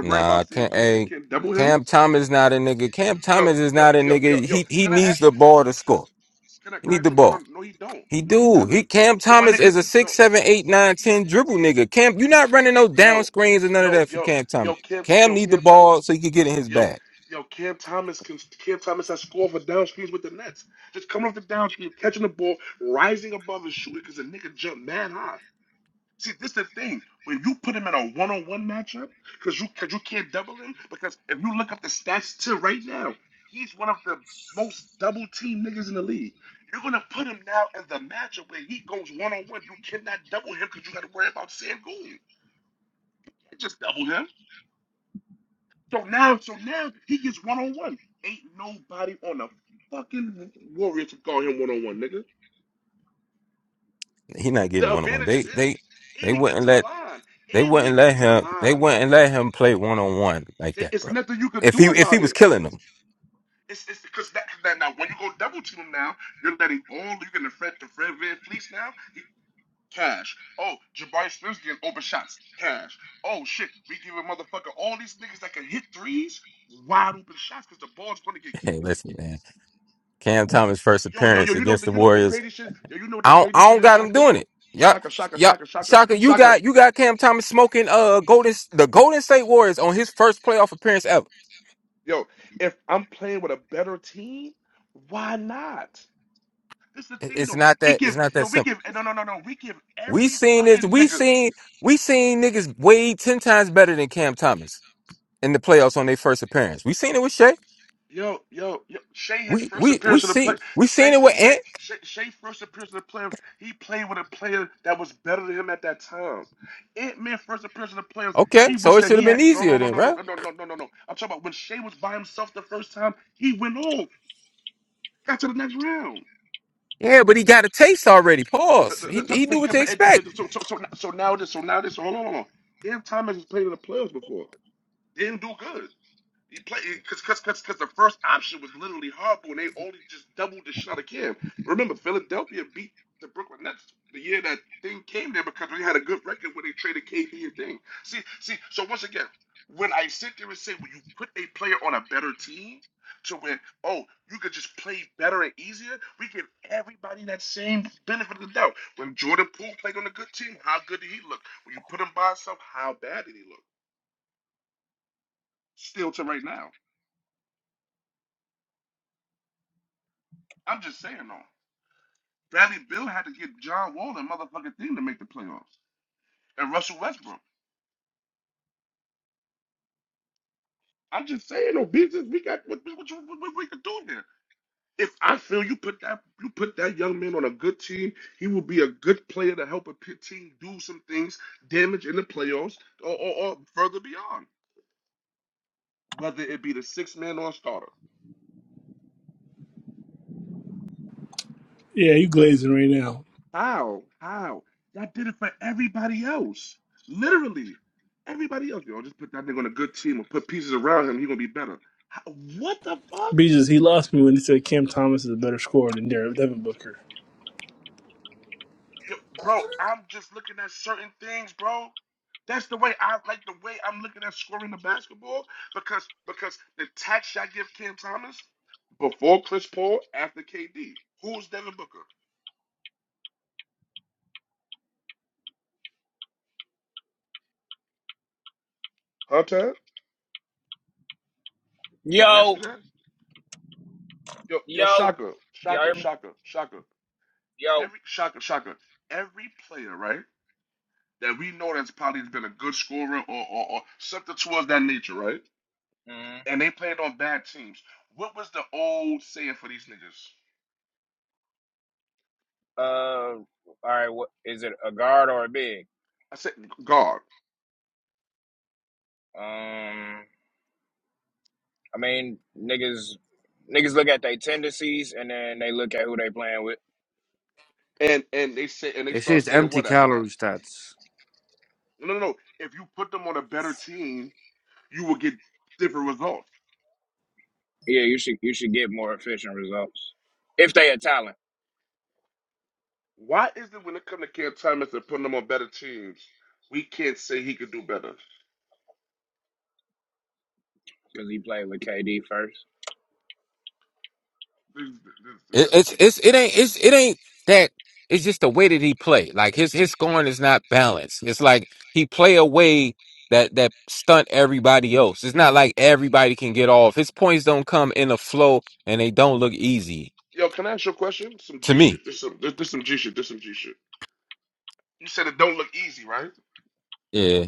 [SPEAKER 13] Nah, can not hey, Cam Thomas not a nigga. Cam Thomas is not a nigga. He he needs the ball to score. He need the ball. He do. He Cam Thomas is a six, seven, eight, nine, ten dribble nigga. Cam, you not running no down screens and none of that for Cam Thomas. Cam need the ball so he can get in his bag. He not getting one on one. They they they wouldn't let they wouldn't let him they wouldn't let him play one on one like that, bro. If he if he was killing them. Hey, listen, man. Cam Thomas first appearance against the Warriors. I don't I don't got him doing it. Y'all y'all Shaka, you got you got Cam Thomas smoking uh Golden the Golden State Warriors on his first playoff appearance ever. It- It's not that. It's not that simple. We seen this. We seen. We seen niggas way ten times better than Cam Thomas in the playoffs on their first appearance. We seen it with Shea. We we we see. We seen it with Ant. Okay, so it should have been easier then, right? Yeah, but he got a taste already. Pause. He he knew what to expect.
[SPEAKER 6] Yeah, you glazing right now. Beaches, he lost me when he said Cam Thomas is a better scorer than Derek Devin Booker.
[SPEAKER 3] Yo, yo, can y'all hear me? Yo. Mm, uh, all right. What is it? A guard or a big? Um, I mean, niggas, niggas look at their tendencies and then they look at who they playing with.
[SPEAKER 14] They say it's empty calorie stats.
[SPEAKER 3] Yeah, you should you should get more efficient results if they a talent because he played with KD first.
[SPEAKER 13] It, it's it's it ain't it's it ain't that. It's just the way that he play. Like his his scoring is not balanced. It's like he play a way that that stunt everybody else. It's not like everybody can get off. His points don't come in a flow, and they don't look easy to me. Yeah.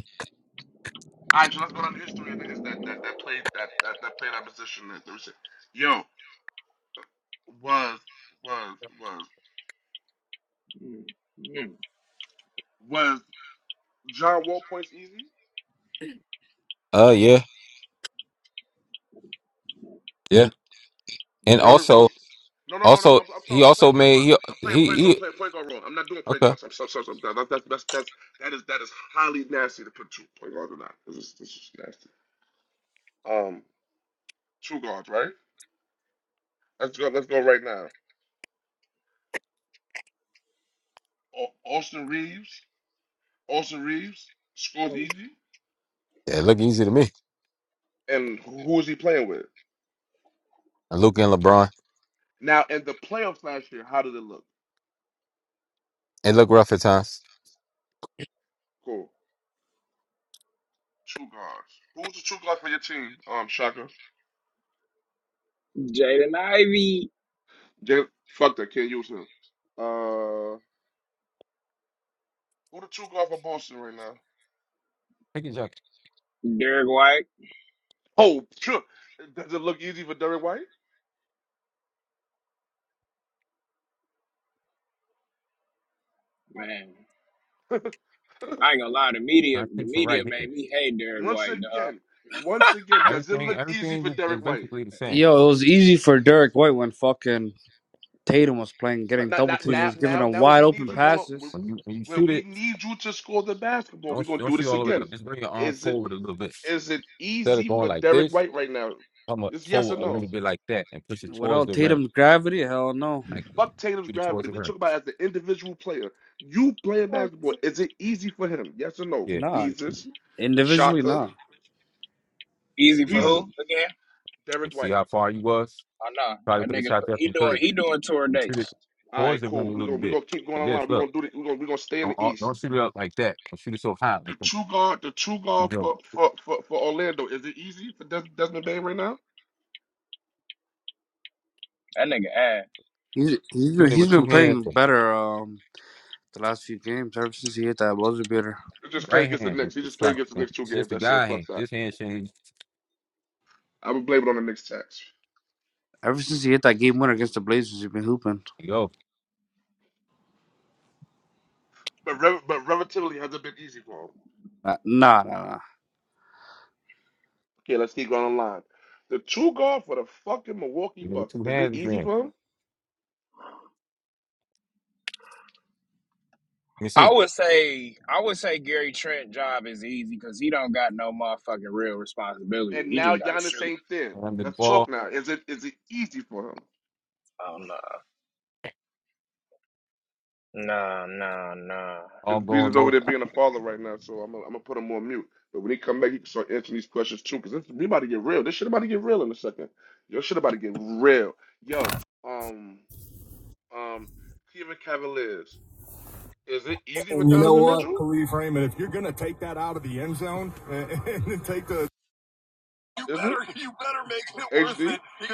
[SPEAKER 3] Mm, mm.
[SPEAKER 13] Uh. Yeah. Yeah. And also, also he also made he he, he okay. Yeah, it look easy to me. And Luke and LeBron, it look rough at times.
[SPEAKER 3] Jaden Ivey,
[SPEAKER 13] Pick it up.
[SPEAKER 3] Derek White, man. I ain't gonna lie, the media,
[SPEAKER 13] I
[SPEAKER 3] the
[SPEAKER 13] think from
[SPEAKER 3] media
[SPEAKER 13] right here.
[SPEAKER 3] made me hate Derek White, dog.
[SPEAKER 13] Everything, everything is is basically the same.
[SPEAKER 14] Yo, it was easy for Derek White when fucking Tatum was playing, getting double teamed. He's giving him wide open
[SPEAKER 13] But
[SPEAKER 14] passes.
[SPEAKER 13] when you when you shoot it, don't don't shoot all the way up. Just bring your arm forward a little bit. Instead of going like this, come up forward a little bit like that and push it towards
[SPEAKER 14] Without
[SPEAKER 13] the rim.
[SPEAKER 14] Tatum's gravity, hell no.
[SPEAKER 13] Like shoot it towards the rim. Right. Yeah,
[SPEAKER 14] Nah, individually, nah.
[SPEAKER 3] Easy
[SPEAKER 13] there you
[SPEAKER 3] for who
[SPEAKER 13] go.
[SPEAKER 3] again?
[SPEAKER 13] And see how far you was.
[SPEAKER 3] Oh no,
[SPEAKER 13] Try to
[SPEAKER 3] that
[SPEAKER 13] put a
[SPEAKER 3] nigga,
[SPEAKER 13] shot there
[SPEAKER 3] he
[SPEAKER 13] from
[SPEAKER 3] doing
[SPEAKER 13] three.
[SPEAKER 3] he doing tour
[SPEAKER 13] And shoot it
[SPEAKER 3] dates.
[SPEAKER 13] towards the rim a little bit. Like this. Look, don't all- don't shoot it up like that. Don't shoot it so high. Like you go
[SPEAKER 3] That nigga ass.
[SPEAKER 14] He's he's been
[SPEAKER 13] shooting it
[SPEAKER 14] he's
[SPEAKER 13] with
[SPEAKER 14] been
[SPEAKER 13] two hands.
[SPEAKER 14] playing
[SPEAKER 13] or
[SPEAKER 14] better um the last few games ever since he hit that buzzer beater.
[SPEAKER 13] Right hand with the shot. It's just a guy hand. This hand shouldn't.
[SPEAKER 14] Ever since he hit that game winner against the Blazers, he's been hooping.
[SPEAKER 13] There You go.
[SPEAKER 14] Uh, nah, nah, nah.
[SPEAKER 13] You know, with two hands again. Let me see.
[SPEAKER 3] I would say I would say Gary Trent job is easy because he don't got no motherfucking real responsibility. He just got to shoot.
[SPEAKER 13] And the ball
[SPEAKER 3] Oh no, no, no, no.
[SPEAKER 13] all going low.
[SPEAKER 3] And you know what, Khalif Raymond, if you're gonna take that out of the end zone and, and take the you better you better make it worth it because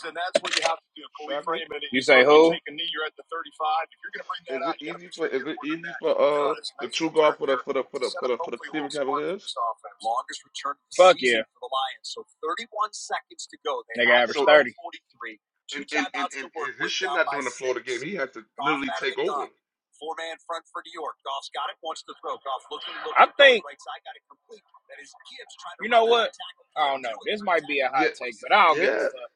[SPEAKER 3] then that's what you have to do. Khalif Raymond, You uh, say who? take a knee, you're at the 35. If you're gonna bring that out, you got to make sure you get more than that. He does. yeah, nigga I think Right you know what? I don't know. This Right might be a hot take, but I don't give a fuck.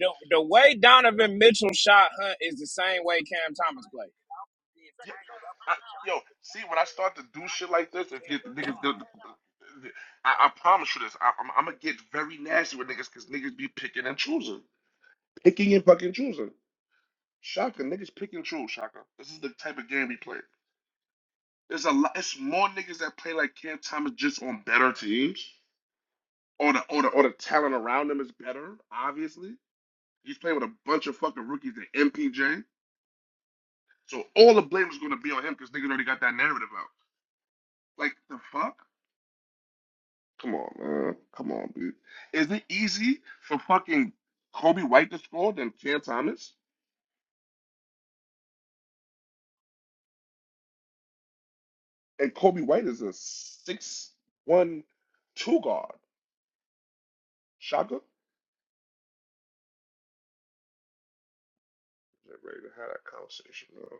[SPEAKER 3] The, the way Donovan Mitchell shot Hunt is the same way Cam Thomas played.